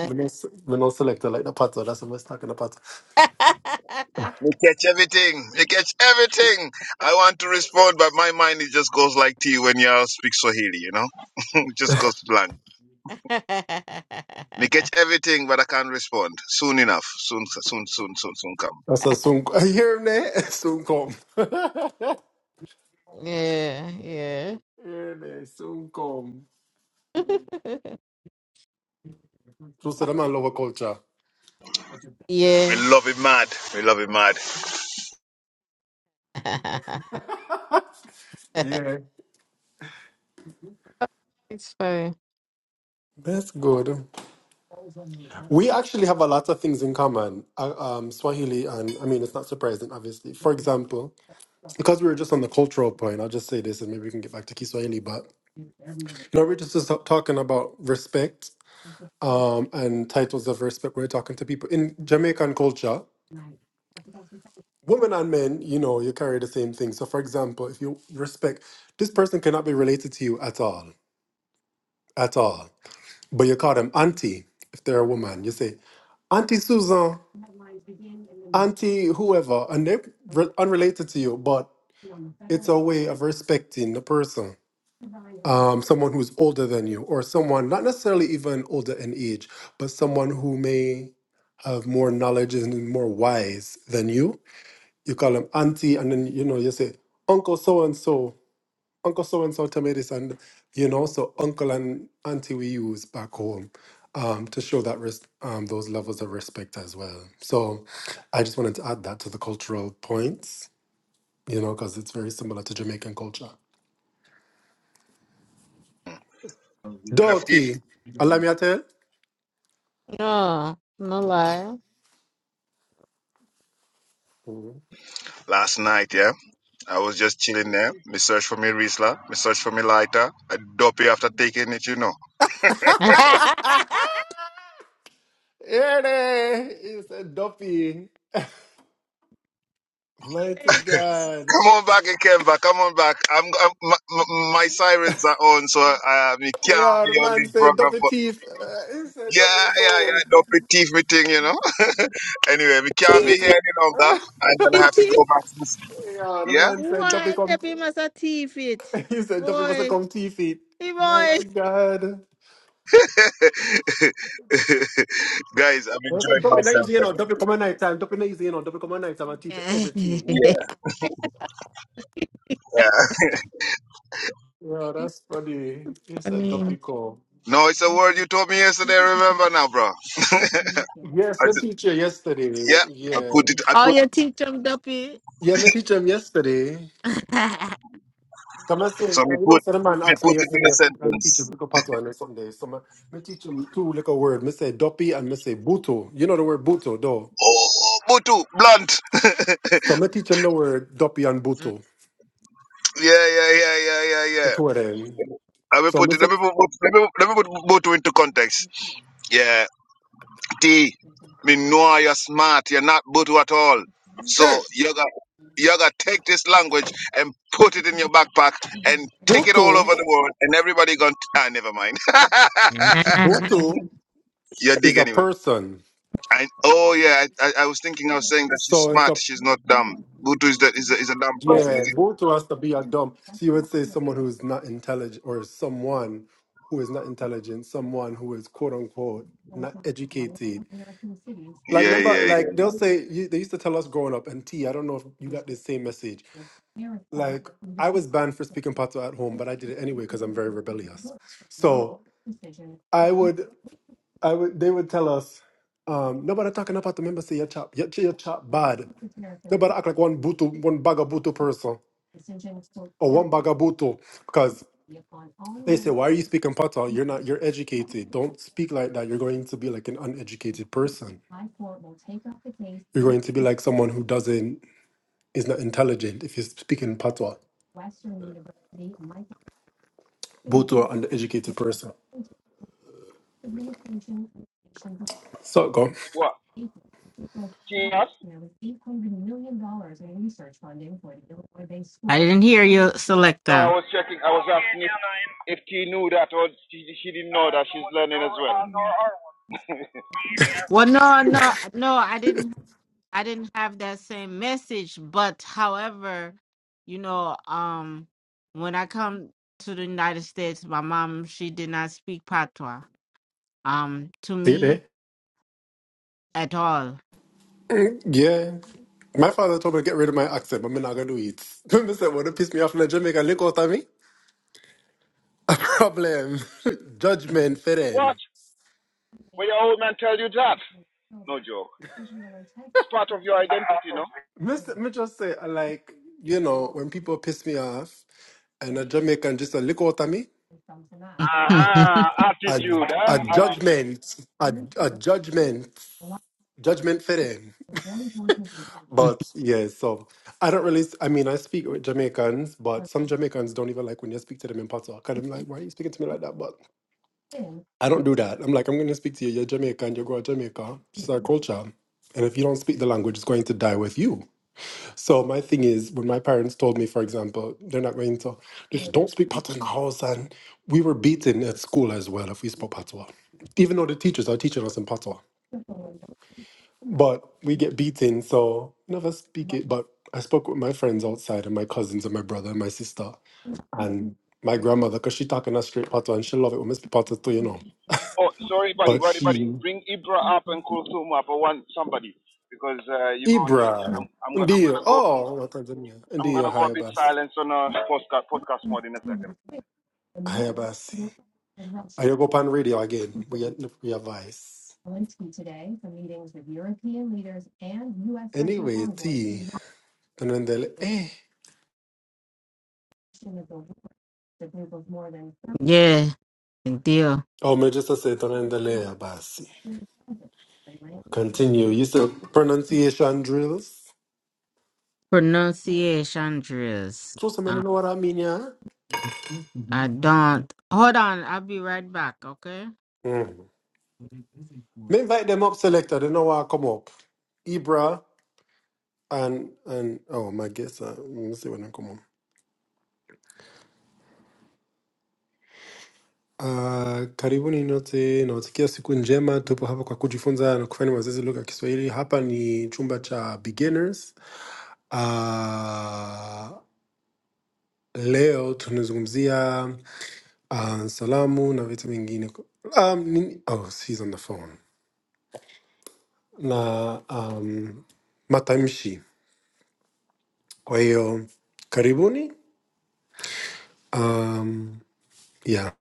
When I s- when I select like the pattern, that's what I was talking about.
You catch everything. You catch everything. I want to respond, but my mind it just goes like T when y'all speak Swahili, you know? it just goes blank. Me catch everything, but I can't respond. Soon enough. Soon, soon, soon, soon, soon come.
That's a soon. Hear me, soon come.
Yeah, yeah.
Hear me, soon come. So that man love a culture.
yeah.
We love it mad. We love it mad.
Yeah,
it's funny.
that's good. We actually have a lot of things in common. Uh, um, Swahili, and I mean, it's not surprising, obviously. For example, because we were just on the cultural point, I'll just say this, and maybe we can get back to Kiswahili. But you know, we're just, just talking about respect um, and titles of respect. We're talking to people in Jamaican culture. women and men, you know, you carry the same thing. So, for example, if you respect, this person cannot be related to you at all, at all. But you call them auntie if they're a woman. You say auntie Susan, auntie whoever, and they're re- unrelated to you, but it's a way of respecting the person. Um, someone who's older than you, or someone not necessarily even older in age, but someone who may have more knowledge and more wise than you. You call them auntie, and then you know you say uncle so and so Uncle so and so to me this, and you know, so uncle and auntie we use back home um, to show that res- um, those levels of respect as well. So I just wanted to add that to the cultural points, you know, because it's very similar to Jamaican culture.
Nafikiri,
Doughty, allow me to
No, no lie.
tell.
last night, yeah? I was just chilling there. Me search for me Riesler. Me search for me lighter. I dopey after taking it, you know.
Here they, it's a Duffy. Mighty God.
Come on back, Ikemba. Come on back. I'm, I'm my, my my sirens are on, so I, I me can't
Yeah, the
be on
man
this
said
program
Duffy
for.
teeth. Uh, He said Duffy
Yeah, yeah, yeah. Dopey teeth me thing, you know. anyway, we can't be
Thief
here any longer. I'm
tongue.
gonna
it,
have to
thief.
go back. To, s-
Yeah, the
yeah,
man said Dobby
Why?
come.
Maybe must a thief it.
He said Dobby must
Boy,
come two feet.
hey boy.
Mighty God.
guys, I'm
I said
enjoying
Dobby not
myself.
easy, you know.
right
Dobby come at night time. Dobby not easy, you know. Dobby come at night time and teeth everything.
Yeah, yeah.
Yeah, that's funny. He
I
said
mean,
Dobby come.
No, it's a word you told me yesterday. Remember now, bro. I
Yes, my
ju-
teacher yesterday.
yeah. I
Yeah,
put it. I
oh,
put
your teeth jumped up here.
yeah, my teacher him yesterday. Come and say,
So me
you know,
put
so the man
me
asked me
put it in
yesterday
a
if I'm teaching
sentence.
little pattern or something. So my, my teacher him two little words. Me say Doppy and me say Buto. You know the word Buto, though.
Oh, Butu, blunt. yeah,
So me teach him the word Doppy and Buto.
yeah, yeah, yeah, yeah,
The
yeah.
two of them.
I me
So
put it. Let
Mr.
me put. Let me, let me put Butu into context. Yeah, T. Me know you're smart. You're not Butu at all. So you got you got take this language and put it in your backpack and take it all
Butu,
over the world and everybody gonna. Ah, never mind.
Butu
you
is
dig
a
anyway.
person.
I oh yeah, I, I, I was thinking I was saying that she's
So it's
smart,
a
she's not dumb. Butu is that is a is a dumb person,
yeah.
is it?
Butu has to be a dumb. So you would say someone who is not intelligent, or someone who is not intelligent, someone who is quote unquote not educated. Like
Yeah,
remember,
yeah,
like
yeah.
they'll say you- they used to tell us growing up. And T, I don't know if you got the same message. Like I was banned for speaking Patois at home, but I did it anyway because I'm very rebellious. So I would. I would, they would tell us, um, nobody talking about the member say your chop, your, your chop bad. Nobody act like one butu, one bagabutu person or one bagabutu because they say, why are you speaking pata? You're not, you're educated. Don't speak like that. You're going to be like an uneducated person. You're going to be like someone who doesn't, is not intelligent if you are speaking patois. Butu or undereducated person. So go.
What? Yes?
dollars I didn't hear you,
No, I
Selecta.
was checking. I was asking if, if she knew that or she, she didn't know that she's learning as well.
Well, no, no, no, I didn't. I didn't have that same message. But however, you know, um, when I come to the United States, my mom she did not speak patois, um, to
See it there?
me at all.
Yeah. My father told me to get rid of my accent, but I'm not going to do it. Remember, said, what piss me off in Jamaica, look out at me. problem, judgment for
What?
them.
Will your old man tell you that? It's part of your identity, no?
Mr. Me just say, I like, You know, when people piss me off and a Jamaican just a lick out at me,
Aha,
a,
attitude, huh?
a
Attitude.
judgment, a, a judgment, judgment for them. But yeah, so I don't really, I mean, I speak with Jamaicans, but some Jamaicans don't even like when you speak to them in Patois. Kind of like, why are you speaking to me like that? But I don't do that. I'm like, I'm going to speak to you. You're Jamaican, you go to Jamaica. This is our culture. And if you don't speak the language, it's going to die with you. So my thing is, when my parents told me, for example, they're not going to just don't speak patois in the house, and we were beaten at school as well if we spoke patois, even though the teachers are teaching us in patois. But we get beaten, so never speak it. But I spoke with my friends outside, and my cousins, and my brother, and my sister, and my grandmother, because she talking us straight patois, and she love it when we speak patois too, you know. But she Ibra, ndio, oh, Watanzania, ndio haya basi, haya basi. I go Ayogopan radio again. We had we advice. Anyway, T tonendele eh.
yeah, deal.
Oh, me just say tonendele ya basi. Continue. You still pronunciation drills.
Pronunciation drills.
Trust me, you
I,
know what I mean, yeah.
I don't. Hold on, I'll be right back. Okay.
Mm. Me invite them up, selector. They know what I come up. Ibra and and oh my guess. Uh, let me see when I come on. Uh, karibuni nyote nawatakia siku njema. Tupo hapa kwa kujifunza na kufanya mazoezi lugha ya Kiswahili. Hapa ni chumba cha beginners Uh, leo tunazungumzia uh, salamu na vitu vingine um, nini? Oh, she's on the phone na um, matamshi. Kwa hiyo karibuni. Um, yeah.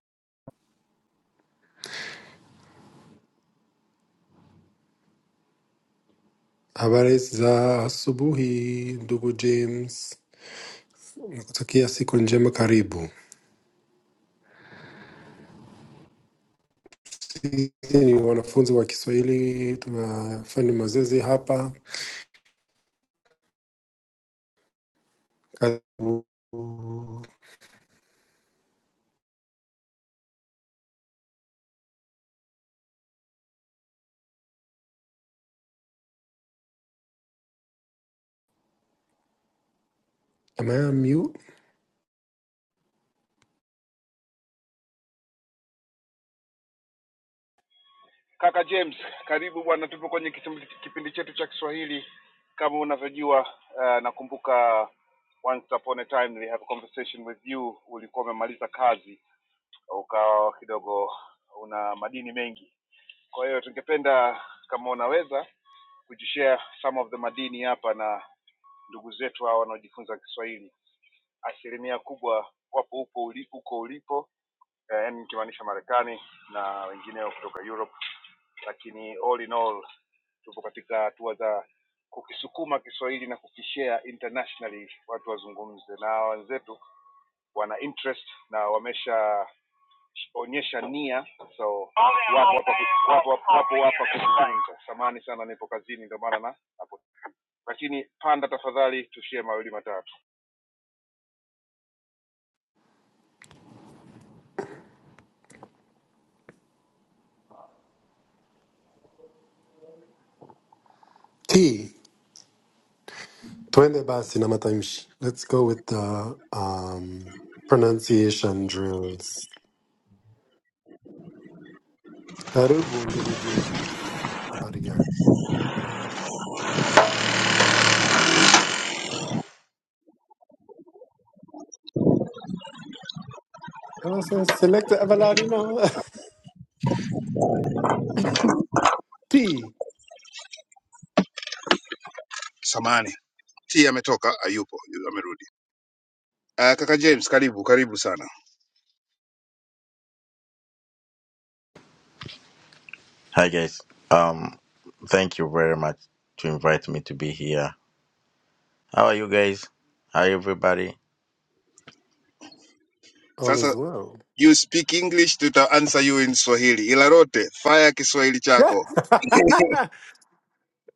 Habari za asubuhi ndugu James, nakutakia siku njema. Karibu. Sisi ni wanafunzi wa Kiswahili, tunafanya mazoezi hapa. Karibu. Am I on mute? T. Twende basi na matamshi. Let's go with the um, pronunciation drills. Karibu ndugu James. Habari gani? Kama sasa select the Avalado P.
Samani tia ametoka ayupo, yu- amerudi. Uh, kaka James, karibu karibu sana.
Hi guys. Um, thank you very much to invite me to be here. How are you guys? Hi everybody.
All
Sasa
is well.
you speak English, tuta answer you in Swahili. Ilarote, rote fire Kiswahili
Yeah.
chako.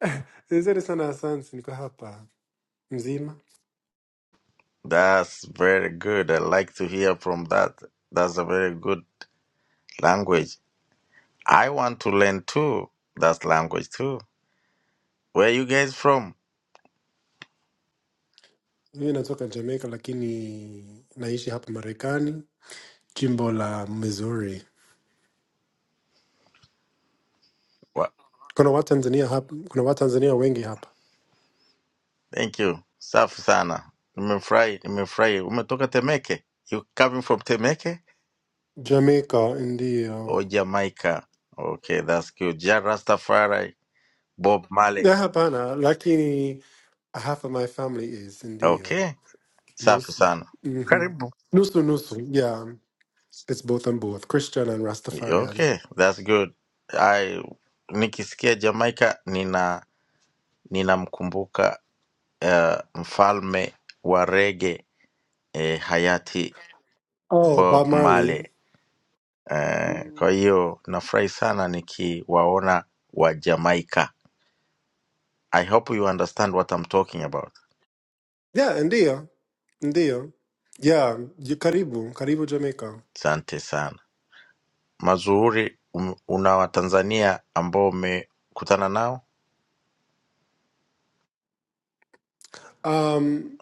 Nzuri sana asante niko hapa mzima.
That's very good. I like to hear from that. That's a very good language. I want to learn too. That language too. Where you guys from?
Mimi natoka Jamaica lakini naishi hapa Marekani, jimbo la Missouri.
What?
Kuna Watanzania hapa, kuna Watanzania wengi hapa.
Thank you. Safi sana. Nimefurahi, nimefurahi. Umetoka Temeke? You coming from Temeke
Jamaica ndio.
or Jamaica? Okay, that's good. Ja Rastafari, Bob Marley.
Yeah, hapana, lakini half of my family is
Okay.
ndio.
Safi
Nusu.
sana.
Mm-hmm.
Karibu.
Nusu nusu. Yeah. It's both and both, Christian and Rastafarian.
Okay, that's good. I nikisikia Jamaica nina ninamkumbuka uh, mfalme wa rege eh, hayati
Oh, Bob
Bob
Marley.
Marley. Eh, kwa
Mm.
hiyo nafurahi sana nikiwaona wa Jamaica. I hope you understand what I'm talking about.
Yeah, ndio. Ndio. Yeah, you karibu, karibu Jamaica.
Asante sana. Mazuri, um, una Watanzania ambao umekutana nao?
Um,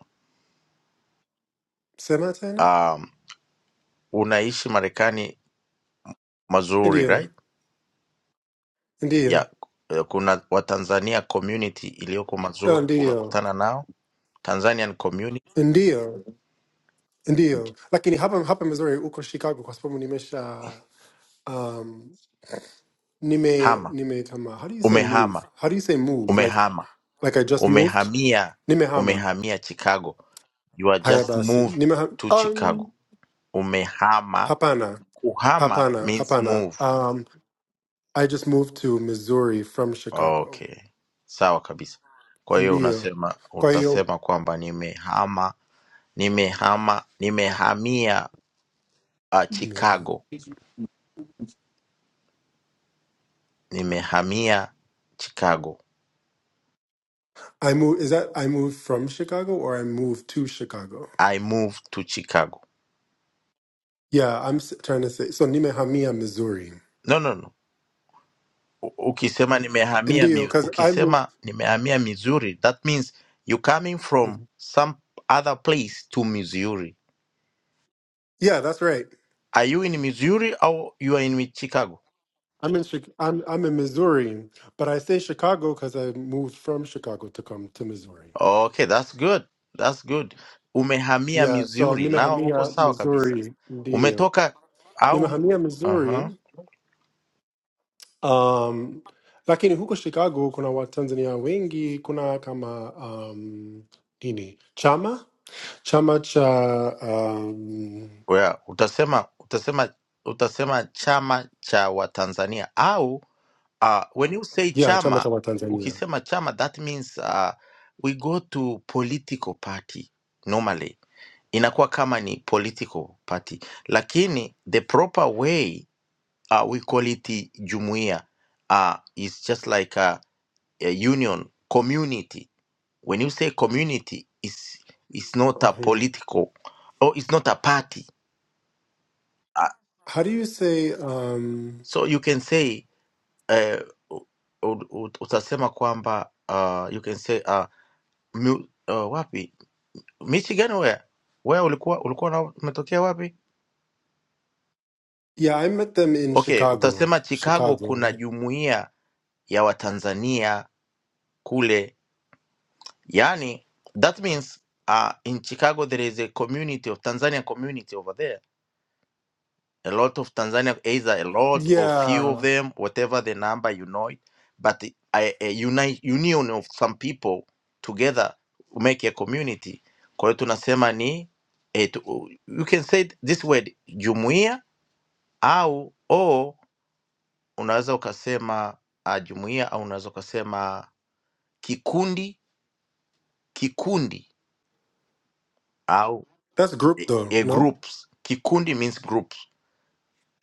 sema tena?
Um, unaishi Marekani mazuri, right?
Ndio. Ndio.
ya eh, kuna Watanzania community iliyoko
Ah,
Mazuri,
Ndio.
umekutana nao Tanzanian community
Ndio. Ndio. Lakini hapa hapa Missouri uko Chicago kwa sababu nimesha um, Nime
hama,
Nime Kama. How do you say move?
umehama,
How do you say move? Like
umehama,
like I just moved?
umehamia,
Nimehama.
umehamia Chicago, you are
Haya
just
basi.
moved
Nimehama.
to Chicago,
Um
umehama.
Hapana.
Kuhama
Hapana.
means
Hapana.
move.
Um I just moved to Missouri from Chicago.
Okay, sawa kabisa. Kwa hiyo
Indio.
unasema,
Kwa hiyo.
utasema kwamba nimehama, nimehama, nimehamia uh,
Yeah.
Chicago, nimehamia Chicago.
I moved is that I moved from Chicago or I moved to Chicago?
I moved to Chicago.
Yeah, I'm s- trying to say so Nimehamia, Missouri.
No, no, no. U- Ukisema nimehamia
Indio,
mi,
because I moved.
ukisema nimehamia Missouri, that means you coming from
Mhm.
some other place to Missouri.
Yeah, that's right.
Are you in Missouri or you are in Chicago?
I'm in Chi- I'm I'm in Missouri, but I say Chicago because I moved from Chicago to come to Missouri.
Okay, that's good. That's good. Umehamia
Yeah, so
Missouri. Now uko
Nimehania,
sawa kabisa.
Missouri, ndio.
Umetoka au
Nimehania
uh-huh.
Missouri. Um, lakini huko Chicago kuna Watanzania wengi, kuna kama um, nini chama chama cha um,
Well, utasema utasema utasema chama cha Watanzania au uh, when you say
yeah chama cha
chama
Watanzania.
ukisema chama that means uh, we go to political party normally inakuwa kama ni political party lakini the proper way uh, we call it jumuia uh, is just like a, a union community when you say community is is not a
uh
political or it's not a party uh,
How do you say? Um,
so you can say uh, u- u- utasema kwamba uh, you can say uh, Mu, uh, wapi michigan where where ulikuwa ulikuwa na umetokea wapi
yeah, I met them in
okay
Chicago.
utasema chicago kuna
Chicago.
jumuiya ya watanzania kule yani that means uh, in chicago there is a community of tanzania community over there a lot of Tanzania, either a lot or few
Yeah.
of them, whatever the number you know it, but the- a, a unite, union of some people together make a community. Kwa hiyo tunasema ni eh, tu- you can say it this word jumuia au o unaweza ukasema uh, jumuia au unaweza ukasema kikundi kikundi au
That's group though,
a
no?
groups kikundi means groups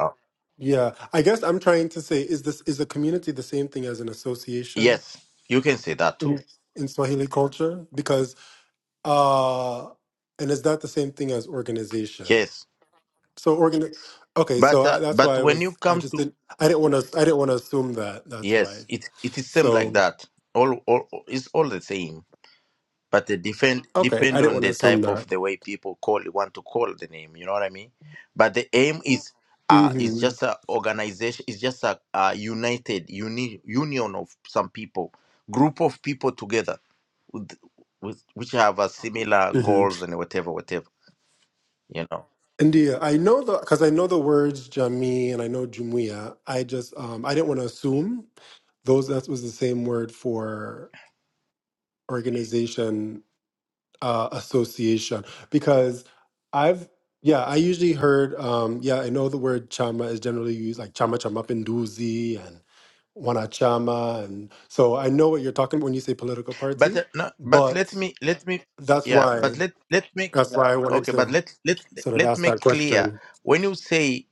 uh,
Yeah. I guess I'm trying to say is this is a community the same thing as an association
yes you can say that too
in, in Swahili culture? Because uh and is that the same thing as organization?
yes
So organ Okay, so
But
I,
uh,
that's
but
why I
when you
was I
come
just
to
didn't I didn't want to I didn't want to assume that. That's
yes,
why.
it it is same like
So
that. All all it's all the same. But the depend
okay, I
depend
didn't
on
want to
the
assume
type of
that.
the way people call want to call the name. You know what I mean? But the aim is uh is
Mhm.
just a organization. It's just a, a united uni, union of some people, group of people together with, with which have a similar
Mhm.
goals and whatever whatever. You know.
India, I know the cuz I know the words jamii and I know jumuiya. I just um I didn't want to assume Those that was the same word for organization, uh, association. Because I've yeah, I usually heard um, yeah, I know the word chama is generally used like chama chama pinduzi and wanachama, and so I know what you're talking when you say political
But uh,
party.
no, but
But
let me let me
that's
yeah,
why
but let let make
that's why I wanted
okay, but
to
let let
sort of
let
ask that
make clear
question.
when you say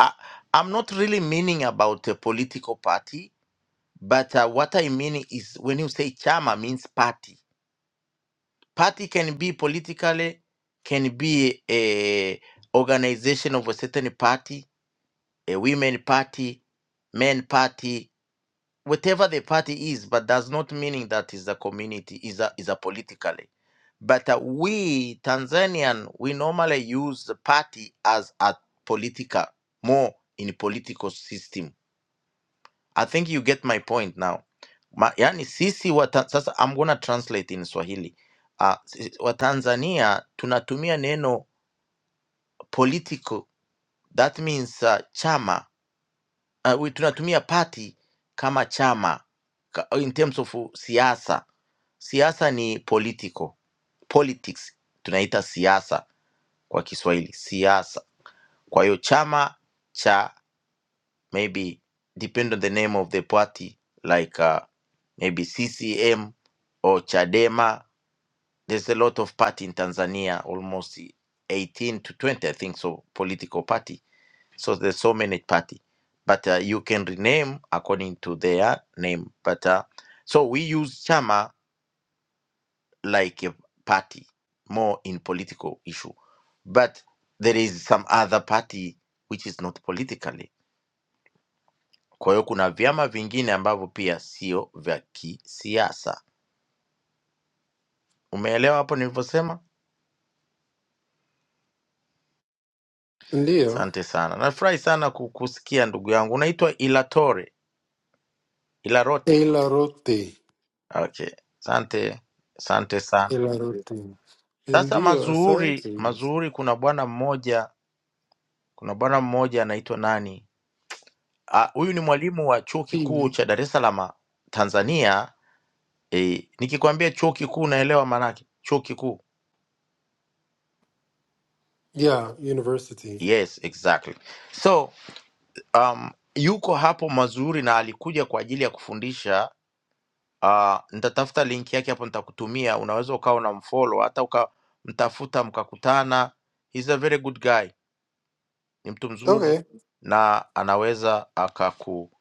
I, I'm not really meaning about a political party, but uh, what I mean is when you say chama means party. Party can be politically, can be a organization of a certain party, a women party, men party, whatever the party is, but does not meaning that is a community, is a is a politically. But uh, we Tanzanian, we normally use the party as a political, more in political system. I think you get my point now. Ma, yani sisi wa, Ta- sasa I'm gonna translate in Swahili. Uh, si, wa Tanzania tunatumia neno political. That means uh, chama uh, we, tunatumia party kama chama ka- in terms of siasa. Siasa ni political politics, tunaita siasa kwa Kiswahili siasa. Kwa hiyo chama cha maybe depend on the name of the party like uh, maybe CCM or Chadema. There's a lot of party in Tanzania, almost 18 to 20 I think so, political party So there's so many party, but uh, you can rename according to their name. But uh, so we use chama like a party more in political issue, but there is some other party which is not politically. Kwa hiyo kuna vyama vingine ambavyo pia sio vya kisiasa. Umeelewa hapo nilivyosema?
Ndio,
Asante sana, nafurahi sana ku- kusikia ndugu yangu. Unaitwa Ilatore Ilarote?
ilarote,
Okay, asante, asante sana.
ilarote.
Sasa
Indio,
mazuhuri,
Asante.
mazuhuri, kuna bwana mmoja, kuna bwana mmoja anaitwa nani? Ah, Huyu ni mwalimu wa chuo kikuu
Team.
cha Dar es Salaam Tanzania. E, nikikwambia chuo kikuu unaelewa maanake chuo kikuu.
Yeah, university.
Yes, exactly. So um, yuko hapo Mazuri na alikuja kwa ajili ya kufundisha. Uh, nitatafuta link yake hapo, nitakutumia. Unaweza ukawa unamfollow hata ukamtafuta mkakutana. He's a very good guy. ni mtu mzuri
Okay.
na anaweza akaku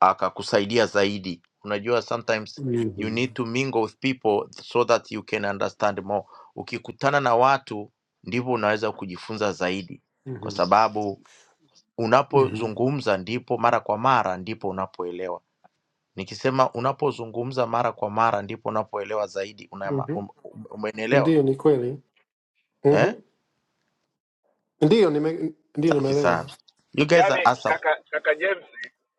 akakusaidia zaidi unajua sometimes you
Mhm.
need to mingle with people so that you can understand more ukikutana na watu ndivyo unaweza kujifunza zaidi kwa
Mhm.
sababu
Mhm.
unapozungumza ndipo mara kwa mara ndipo unapoelewa nikisema unapozungumza mara kwa mara ndipo unapoelewa zaidi una,
Mhm.
um, um, umenielewa
Ndio ni kweli.
eh?
Mhm. Ndio nime ndio
safi
nimeelewa.
sana you guys are
yaani
awesome.
kaka kaka James,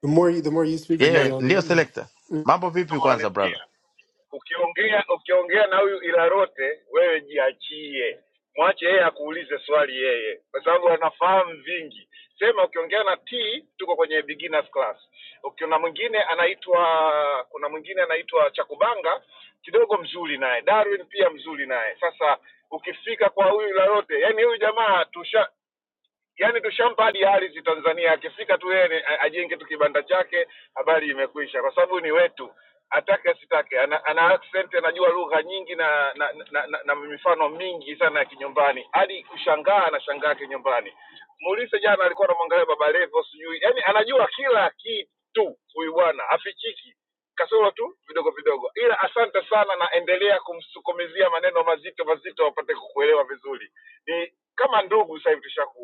The more you, the more you speak, the
kaka
more
yeah,
you
James,
ndio
understand.
selector mambo
si
vipi
kama
kwanza brother
unanisikia, ukiongea ukiongea na huyu Ilarote, wewe jiachie, mwache yeye akuulize swali yeye, kwa sababu anafahamu vingi. Sema ukiongea na T, tuko kwenye beginners class. Ukiona mwingine anaitwa, kuna mwingine anaitwa Chakubanga, kidogo mzuri naye, Darwin pia mzuri naye. Sasa ukifika kwa huyu Ilarote, yani huyu jamaa tusha Yani tushampa hadi ardhi Tanzania, akifika tu yeye ni- a- ajenge tu kibanda chake, habari imekwisha, kwa sababu ni wetu, atake asitake. Ana, ana accent, anajua lugha nyingi na na, na, na na mifano mingi sana ya kinyumbani, hadi kushangaa anashangaa kinyumbani. Mulise jana alikuwa anamwangalia Baba Levo, sijui yaani anajua kila kitu huyu bwana, hafichiki kasoro tu vidogo vidogo, ila asante sana, na endelea kumsukumizia maneno mazito mazito wapate kukuelewa vizuri. Ni kama ndugu sasa hivi tushakuwa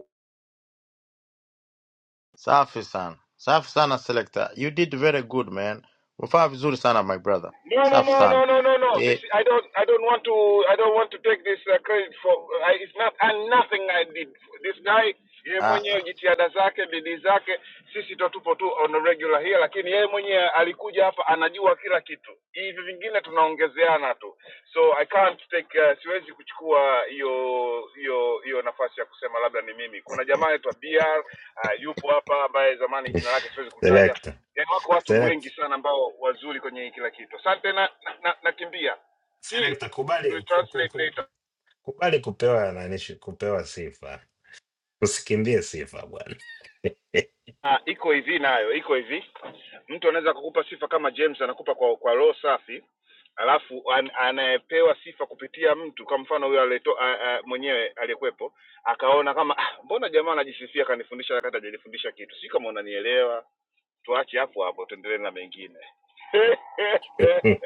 Safi sana, safi sana selector, you did very good man, umefanya vizuri sana my brother,
No, no,
safi
no, no,
sana
no, no, no. This
e,
I don't, I don't want to, I don't want to take this uh, credit for. uh, I, it's not and nothing I did. This guy, yeye
a,
mwenyewe jitihada zake, bidii zake, sisi ndo tupo tu on a regular here, lakini yeye mwenyewe alikuja hapa, anajua kila kitu. Hivi vingine tunaongezeana tu, so I can't take, uh, siwezi kuchukua hiyo hiyo hiyo nafasi ya kusema labda ni mimi. Kuna jamaa anaitwa BR uh, yupo hapa ambaye zamani jina lake siwezi kutaja
Select.
yani wako watu wengi
Select.
sana ambao wazuri kwenye kila kitu asante na, nakimbia. na, na, t
Select kubali
you
ku, ku,
translate
ku,
later.
kubali kupewa nani shi- kupewa sifa. Usikimbie sifa bwana.
Ah, iko hivi nayo iko hivi mtu anaweza kukupa sifa kama james anakupa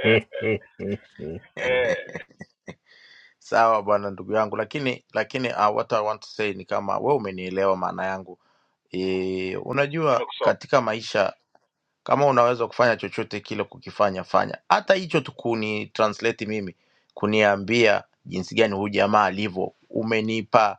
sawa bwana ndugu yangu, lakini lakini uh, what I want to say ni kama we umenielewa maana yangu e, unajua katika maisha kama unaweza kufanya chochote kile kukifanya fanya hata hicho tu kuni translate mimi kuniambia jinsi gani huyu jamaa alivyo umenipa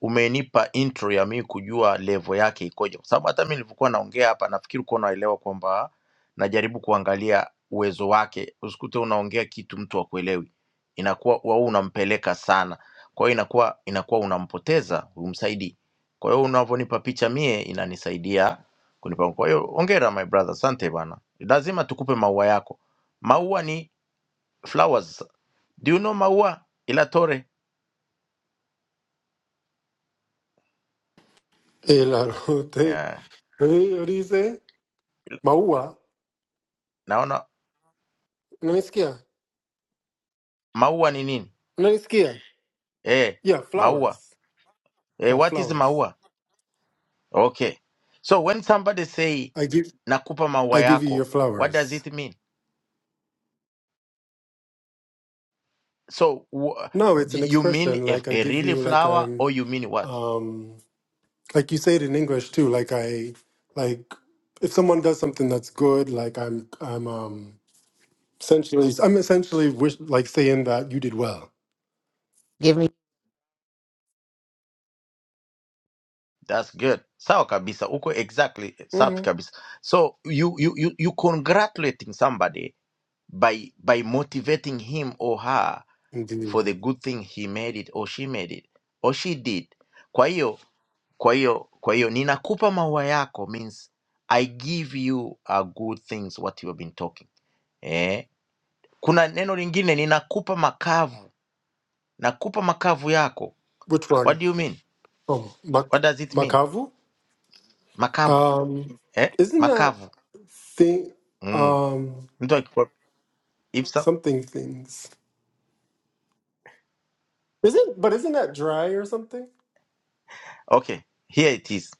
umenipa intro ya mimi kujua level yake ikoje kwa sababu hata mimi nilivyokuwa naongea hapa nafikiri kuwa naelewa kwamba najaribu kuangalia uwezo wake usikute unaongea kitu mtu akuelewi inakuwa wau unampeleka sana kwa hiyo inakuwa inakuwa unampoteza umsaidii kwa hiyo unavyonipa picha mie inanisaidia kunipa. Kwa hiyo hongera my brother, asante bana, lazima tukupe maua yako. Maua ni flowers, do you know maua ila tore
El arote.
yeah.
Eh, What do you say? Maua.
Naona
Unanisikia?
maua ni nini
Unanisikia?
eh,
Yeah,
maua
flowers.
eh,
Oh,
what is
flowers.
maua? Okay, so when somebody say
I give
nakupa maua
I give you your
yako, what does
flowers.
it mean? So wh-
No, it's an
you mean
expression
if
like I
a
give
really
you like
flower
I'm
or you mean what?
um like you say it in English too. Like I like if someone does something that's good, like I'm I'm um essentially I'm essentially wish like saying that you did well.
That's good. Sawa kabisa. Uko exactly safi
hmm
kabisa. So you you you you congratulating somebody by by motivating him or her
Indeed.
for the good thing he made it or she made it or she did kwa hiyo kwa hiyo kwa hiyo ninakupa maua yako means i give you a good things what you have been talking eh? kuna neno lingine ninakupa makavu nakupa makavu yako
Which
what
one?
do you mean
Oh, Mak-
what does it mean
Makavu.
makavu
Um,
eh?
isn't that
makavu
thing
mm.
um
mtu akikupa- if so,
something things? Isn't but isn't that dry or something?
okay here it is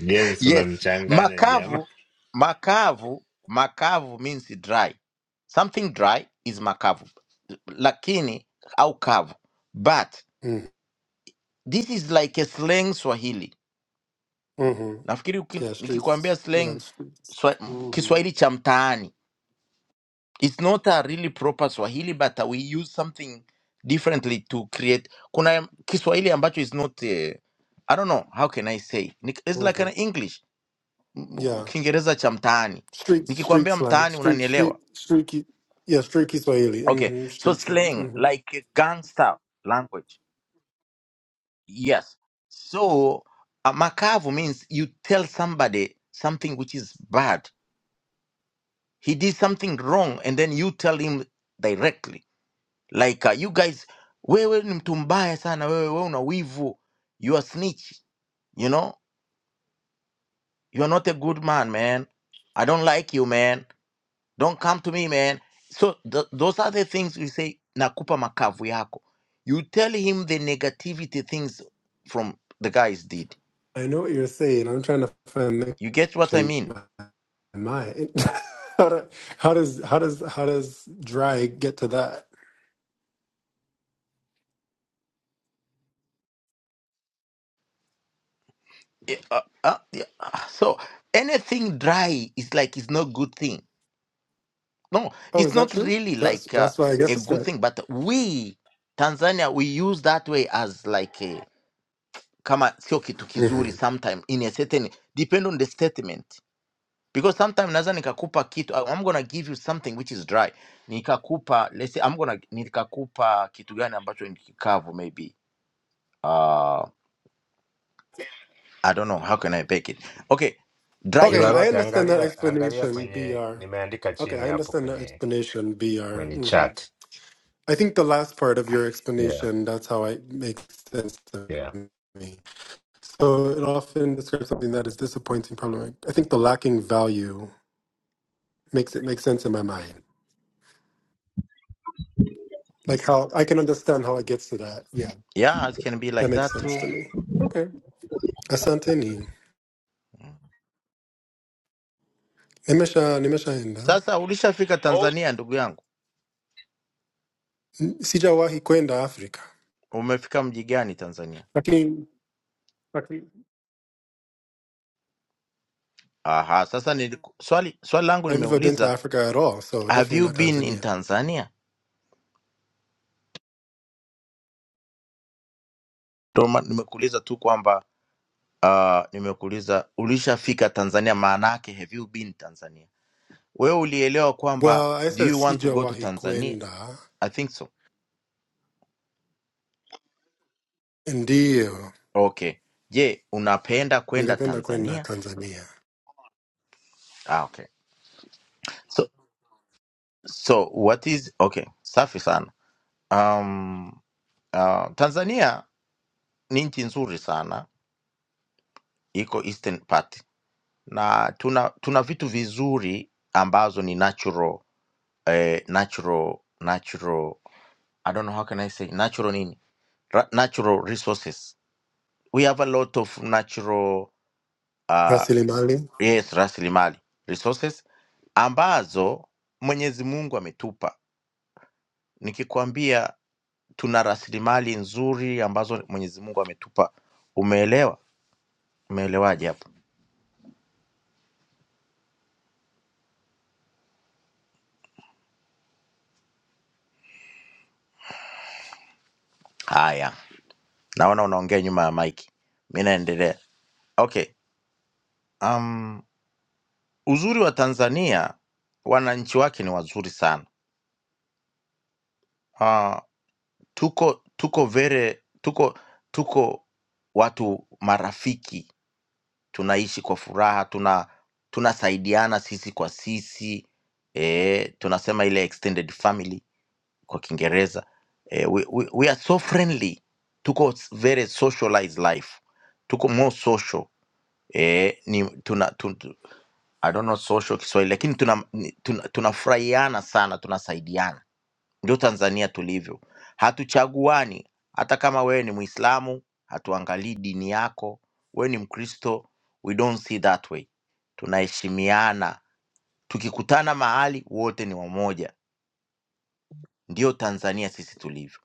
James
Yes,
unamchanganya jamaa.
makavu, makavu, makavu means dry. Something dry is makavu, lakini au kavu. But
Mm,
this is like a slang Swahili.
Mm-hmm.
Nafikiri uki-
Yeah,
nikikwambia
streets. Yeah,
slang
streets.
swa,
Mm-hmm.
Kiswahili cha mtaani, it's not a really proper Swahili but we use something differently to create. Kuna Kiswahili ambacho is not uh, I don't know how can I say. Ni- It's like
Mm-hmm.
an English m-
Yeah.
m- Kiingereza cha mtaani.
Street street
Nikikwambia
slang.
mtaani
Street street
unanielewa.
streaky. Yeah, streaky Swahili.
Okay,
hmm
so
Street slang.
slang
hmm
like a gangster language. Yes. So uh, makavu means you tell somebody something which is bad. He did something wrong and then you tell him directly. Like uh, you guys, wewe ni mtu mbaya sana, wewe wewe una wivu. You are snitch, you know? You are not a good man, man. I don't like you, man Don't come to me, man. So th- those are the things we say, nakupa makavu yako. You tell him the negativity things from the guys did.
I know what you're saying. I'm trying to find the
You get what I
connection.
mean?
in My how, do, how does how does how does dry get to that?
Eh, uh, uh, yeah, uh, So anything dry is like it's not good thing. No,
Oh,
it's
is that
not
true?
really
That's
like uh,
that's why I guess
a
it's
good
right.
thing. But we Tanzania we use that way as like a kama sio kitu kizuri
hmm
sometime in a certain depend on the statement because sometimes naweza nikakupa kitu I- I'm gonna give you something which is dry nikakupa let's say I'm gonna nikakupa kitu gani ambacho ni kikavu maybe uh, I don't know how can I bake it okay dry
Okay,
Ila
I
meat
Rote
understand that
angalia angalia
explanation,
kwenye
Br.
nimeandika
Okay,
chini
I
hapo
understand that
kwenye
explanation, Br.
kwenye
hmm
chat.
I think the last part of your
Yeah,
explanation that's how it makes sense to
yeah.
me. So it often describes something that is disappointing, problematic. I think the lacking value makes it make sense in my mind. Like how I can understand how it gets to that. Yeah,
yeah it can be
that
like
makes
that
sense to
too
me. Okay. Asanteni.
Mm.
Nimesha, nimeshaenda.
sasa ulishafika
Also,
Tanzania ndugu yangu
N- Sijawahi kwenda Africa.
umefika mji gani Tanzania
Lakini, lakini.
aha sasa ni swali swali langu
I've never been to
nimeuliza
Africa at all, so
have
definitely
you
not
been in
Tanzania.
Tanzania Ndio maana nimekuuliza tu kwamba uh, nimekuuliza ulishafika Tanzania maana yake have you been Tanzania Wewe ulielewa kwamba
Well, I
do
said
you want to go to
sijawahi
Tanzania?
kwenda.
I think so.
Ndiyo,
Okay. Je, unapenda kwenda
ningependa kwenda
Tanzania?
Tanzania.
Ah, okay. So so what is okay, safi sana. Um, uh, Tanzania ni nchi nzuri sana, iko Eastern part na tuna tuna vitu vizuri ambazo ni natural eh, natural natural I don't know how can I say natural nini? Ra natural resources. We have a lot of natural uh,
Rasilimali.
yes, rasilimali resources ambazo Mwenyezi Mungu ametupa. Nikikwambia tuna rasilimali nzuri ambazo Mwenyezi Mungu ametupa, umeelewa? Umeelewaje hapo? Haya, naona unaongea nyuma ya maiki, mi naendelea. Okay, um, uzuri wa Tanzania, wananchi wake ni wazuri sana. Uh, tuko tuko vere tuko tuko watu marafiki tunaishi kwa furaha, tuna tunasaidiana sisi kwa sisi eh, tunasema ile extended family kwa Kiingereza eh, we, we, we are so friendly, tuko s- very socialized life, tuko more social eh, ni tuna tun, tu- I don't know social Kiswahili, lakini tuna ni- tuna- tunafurahiana sana, tunasaidiana ndio Tanzania tulivyo, hatuchaguani. Hata kama wewe ni Mwislamu, hatuangalii dini yako. Wewe ni Mkristo, we don't see that way. Tunaheshimiana, tukikutana mahali wote ni wamoja. Ndio Tanzania sisi tulivyo.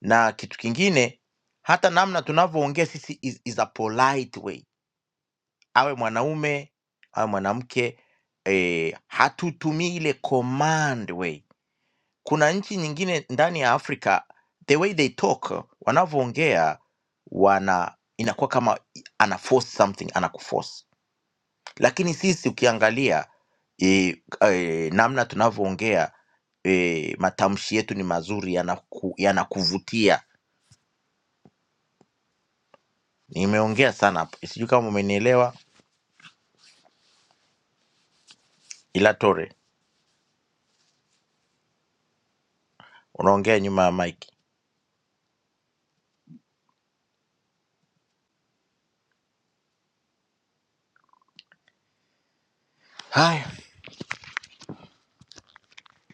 Na kitu kingine, hata namna tunavyoongea sisi is, is a polite way. Awe mwanaume awe mwanamke, eh, hatutumii ile command way kuna nchi nyingine ndani ya Afrika the way they talk, wanavyoongea wana inakuwa kama i- ana force something, anakuforce. Lakini sisi ukiangalia e, e, namna tunavyoongea e, matamshi yetu ni mazuri, yanaku, yanakuvutia. Nimeongea sana hapo, sijui kama umenielewa, ila Tore unaongea nyuma ya mike. Haya,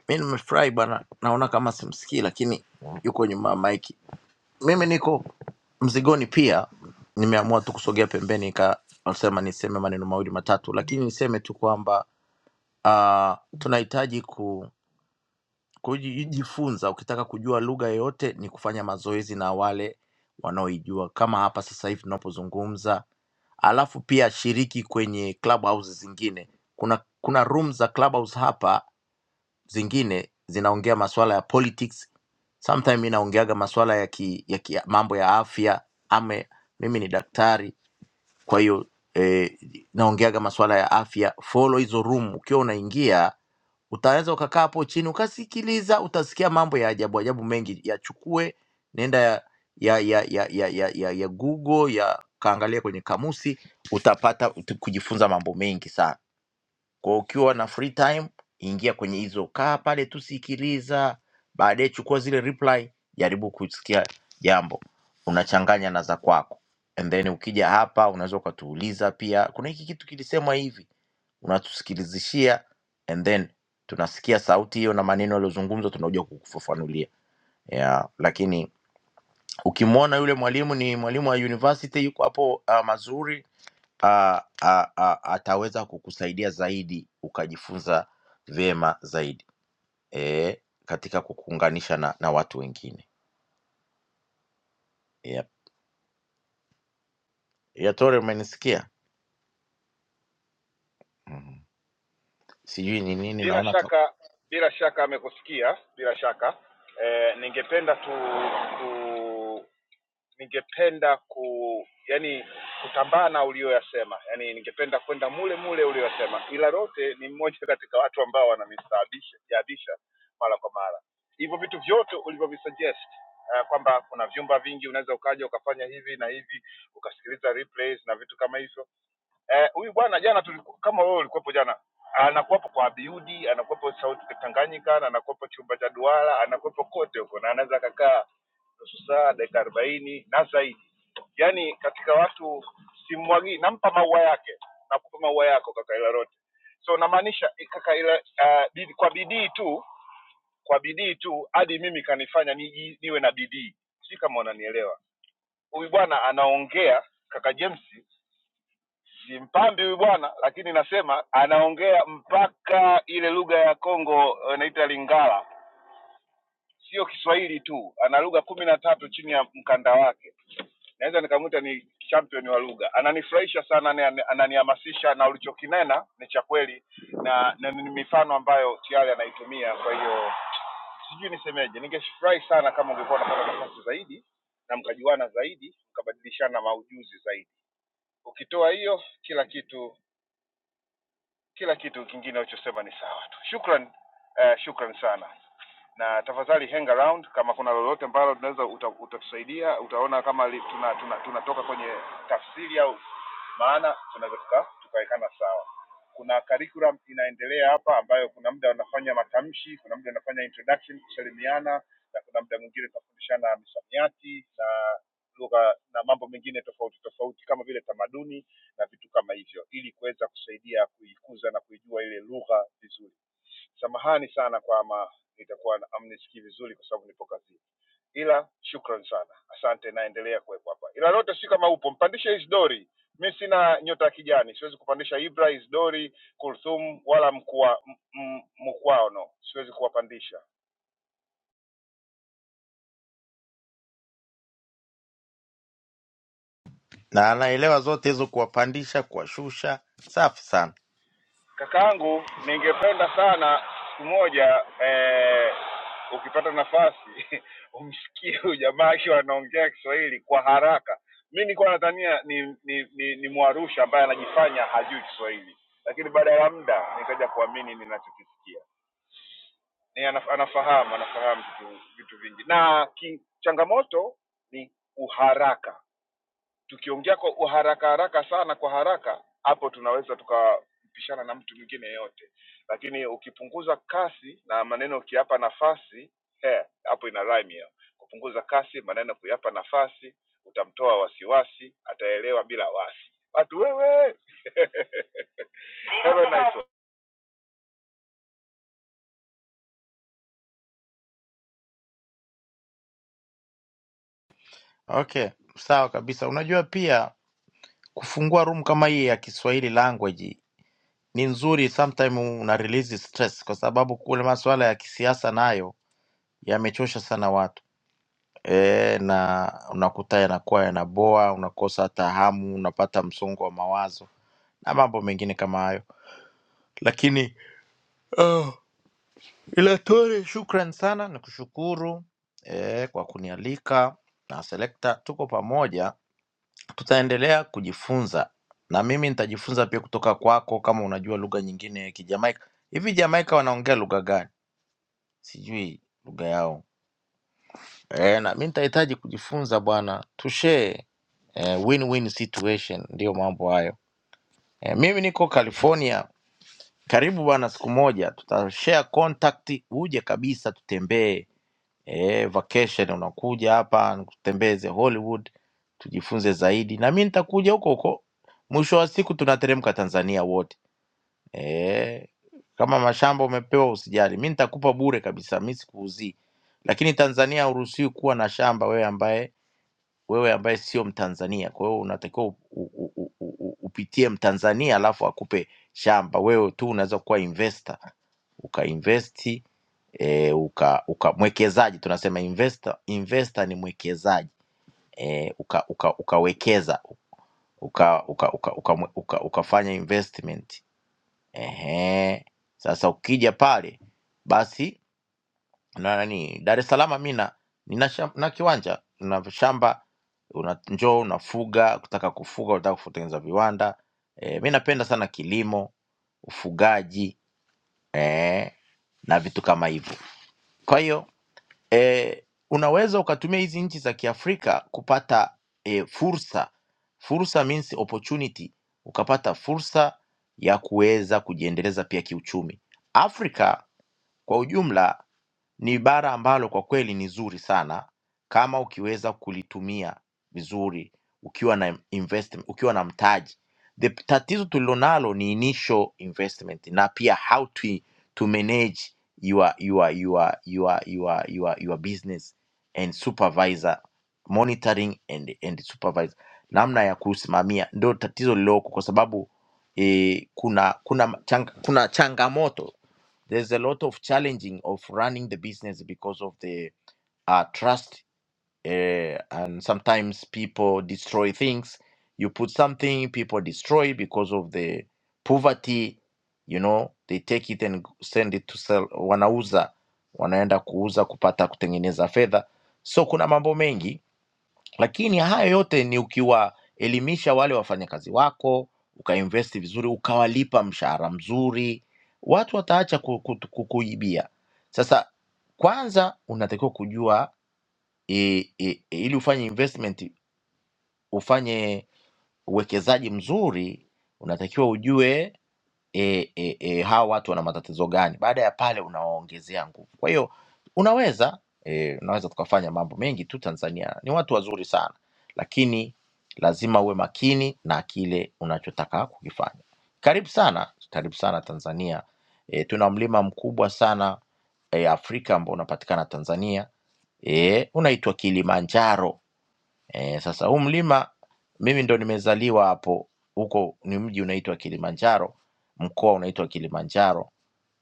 mi nimefurahi bwana, naona kama simsikii, lakini yuko nyuma ya mike. mimi niko mzigoni pia nimeamua tu kusogea pembeni kasema niseme maneno mawili matatu lakini niseme tu kwamba uh, tunahitaji ku kujifunza ukitaka kujua lugha yoyote ni kufanya mazoezi na wale wanaoijua kama hapa sasa hivi tunapozungumza alafu pia shiriki kwenye clubhouse zingine kuna kuna room za clubhouse hapa zingine zinaongea masuala ya politics sometime mi naongeaga masuala ya, ki, ya ki, mambo ya afya ame mimi ni daktari kwa hiyo eh, naongeaga masuala ya afya follow hizo room ukiwa unaingia utaweza ukakaa hapo chini ukasikiliza utasikia mambo ya ajabu ajabu mengi yachukue nenda ya ya ya ya ya, ya, ya, ya google ya kaangalia kwenye kamusi utapata uta- kujifunza mambo mengi sana kwa hiyo ukiwa na free time, ingia kwenye hizo, kaa pale tu, sikiliza, baadaye chukua zile reply, jaribu kusikia jambo, unachanganya na za kwako, and then ukija hapa unaweza ukatuuliza pia, kuna hiki kitu kilisemwa hivi, unatusikilizishia and then tunasikia sauti hiyo na maneno yaliyozungumzwa, tunakuja kukufafanulia yeah. Lakini ukimwona yule mwalimu ni mwalimu wa university, yuko hapo uh, Mazuri a, a, a, ataweza kukusaidia zaidi ukajifunza vyema zaidi e, katika kukuunganisha na, na watu wengine yep. Yatore, umenisikia? Mhm. Sijui ni nini, naona ka...
kwa bidii tu hadi mimi kanifanya niji- niwe na bidii si kama unanielewa huyu bwana anaongea kaka james si mpambi huyu bwana lakini nasema anaongea mpaka ile lugha ya congo eh, lingala sio kiswahili tu ana lugha kumi na tatu chini ya mkanda wake naweza nikamwita ni champion wa lugha. Ananifurahisha sana, anani- ananihamasisha, na ulichokinena ni cha kweli na, na ni mifano ambayo tayari anaitumia. Kwa hiyo sijui nisemeje, ningefurahi sana kama ungekuwa unapata nafasi zaidi mkajuana zaidi, mkabadilishana maujuzi zaidi. Ukitoa hiyo, kila kitu kila kitu kingine uchosema ni sawa tu. Shukran, uh, shukran sana na tafadhali hang around kama kuna lolote ambalo unaweza uta, utatusaidia utaona kama li, tuna, tuna, tunatoka kwenye tafsiri au maana tunaweza tuka tukaeka Dori mi sina nyota kijani siwezi kupandisha Ibra Isdori Kulthum wala mkua, m, m, mkwaono siwezi kuwapandisha
na anaelewa zote hizo, kuwapandisha, kuwashusha. Safi sana,
Kakangu, ningependa sana siku moja eh, ukipata nafasi umsikie huyu jamaa akiwa anaongea Kiswahili kwa haraka. nilikuwa nadhania ni ni, ni, ni Mwarusha ambaye anajifanya hajui Kiswahili, lakini baada ya muda nikaja kuamini ninachokisikia anaf- anafahamu anafahamu vitu, vitu vingi, na ki, changamoto ni uharaka tukiongea kwa uharaka haraka sana kwa haraka hapo tunaweza tukapishana na mtu mwingine yeyote lakini ukipunguza kasi na maneno ukiapa nafasi eh,
okay, sawa kabisa. Unajua pia kufungua room kama hii ya Kiswahili language ni nzuri, sometime una release stress, kwa sababu kule masuala ya kisiasa nayo yamechosha sana watu Eh, na unakuta yanakuwa yanaboa, unakosa hata hamu, unapata msongo wa mawazo na mambo mengine kama hayo. Lakini shukran sana, nikushukuru eh, kwa kunialika na Selekta, tuko pamoja, tutaendelea kujifunza na mimi nitajifunza pia kutoka kwako, kama unajua lugha nyingine ya Kijamaika. Hivi Jamaika wanaongea lugha gani? Sijui lugha yao. Eh, na mimi nitahitaji kujifunza bwana, tushare eh, win-win situation, ndio mambo hayo. E, mimi niko California. Karibu bwana, siku moja tutashare contact, uje kabisa tutembee. E, vacation unakuja hapa nikutembeze Hollywood, tujifunze zaidi, na mi nitakuja huko huko. Mwisho wa siku tunateremka Tanzania wote. E, kama mashamba umepewa usijali, mi nitakupa bure kabisa, mi sikuuzii. Lakini Tanzania hauruhusiwi kuwa na shamba wewe ambaye wewe ambaye sio Mtanzania. Kwa hiyo unatakiwa u- u- u- u- u- upitie Mtanzania alafu akupe shamba. Wewe tu unaweza kuwa investor ukainvesti e, uka, uka mwekezaji tunasema investor, investor ni mwekezaji e, uka, uka, ukawekeza uka, uka, uka, uka, uka, ukafanya investment ehe. Sasa ukija pale basi na nani dar es salaam mina nina, sham- na kiwanja na shamba una njoo unafuga ukitaka kufuga unataka kutengeneza viwanda e, mi napenda sana kilimo ufugaji e, na vitu kama hivyo kwa hiyo e, unaweza ukatumia hizi nchi za kiafrika kupata e, fursa fursa means opportunity ukapata fursa ya kuweza kujiendeleza pia kiuchumi afrika kwa ujumla ni bara ambalo kwa kweli ni zuri sana kama ukiweza kulitumia vizuri ukiwa na investment, ukiwa na mtaji. The tatizo tulilonalo ni initial investment na pia how to, to manage your, your, your, your, your, your, your business and supervisor monitoring and, and supervisor, namna ya kusimamia ndio tatizo lililoko, kwa sababu eh, kuna kuna, chang, kuna changamoto there's a lot of challenging of running the business because of the uh, trust uh, and sometimes people destroy things you put something people destroy because of the poverty you know they take it and send it to sell wanauza wanaenda kuuza kupata kutengeneza fedha so kuna mambo mengi lakini haya yote ni ukiwaelimisha wale wafanyakazi wako ukainvesti vizuri ukawalipa mshahara mzuri watu wataacha ku- ku- ku- kuibia sasa kwanza unatakiwa kujua e, e, e, ili ufanye investment ufanye uwekezaji mzuri unatakiwa ujue e, e, e, hawa watu wana matatizo gani. Baada ya pale unawaongezea nguvu. Kwa hiyo unaweza e, unaweza tukafanya mambo mengi tu. Tanzania ni watu wazuri sana, lakini lazima uwe makini na kile unachotaka kukifanya. Karibu sana, karibu sana Tanzania. E, tuna mlima mkubwa sana e, Afrika ambao unapatikana Tanzania e, unaitwa Kilimanjaro Eh, sasa huu mlima mimi ndo nimezaliwa hapo, huko ni mji unaitwa Kilimanjaro, mkoa unaitwa Kilimanjaro.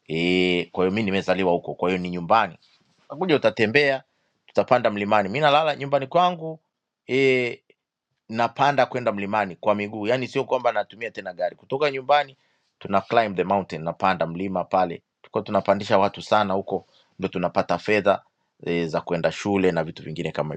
Eh, kwa hiyo mi nimezaliwa huko, kwa hiyo ni nyumbani. Utakuja utatembea, tutapanda mlimani. Mi nalala nyumbani kwangu eh, napanda kwenda mlimani kwa miguu, yaani sio kwamba natumia tena gari. Kutoka nyumbani tuna climb the mountain, napanda mlima pale, tuko tunapandisha watu sana huko, ndo tunapata fedha eh, za kwenda shule na vitu vingine kama hivyo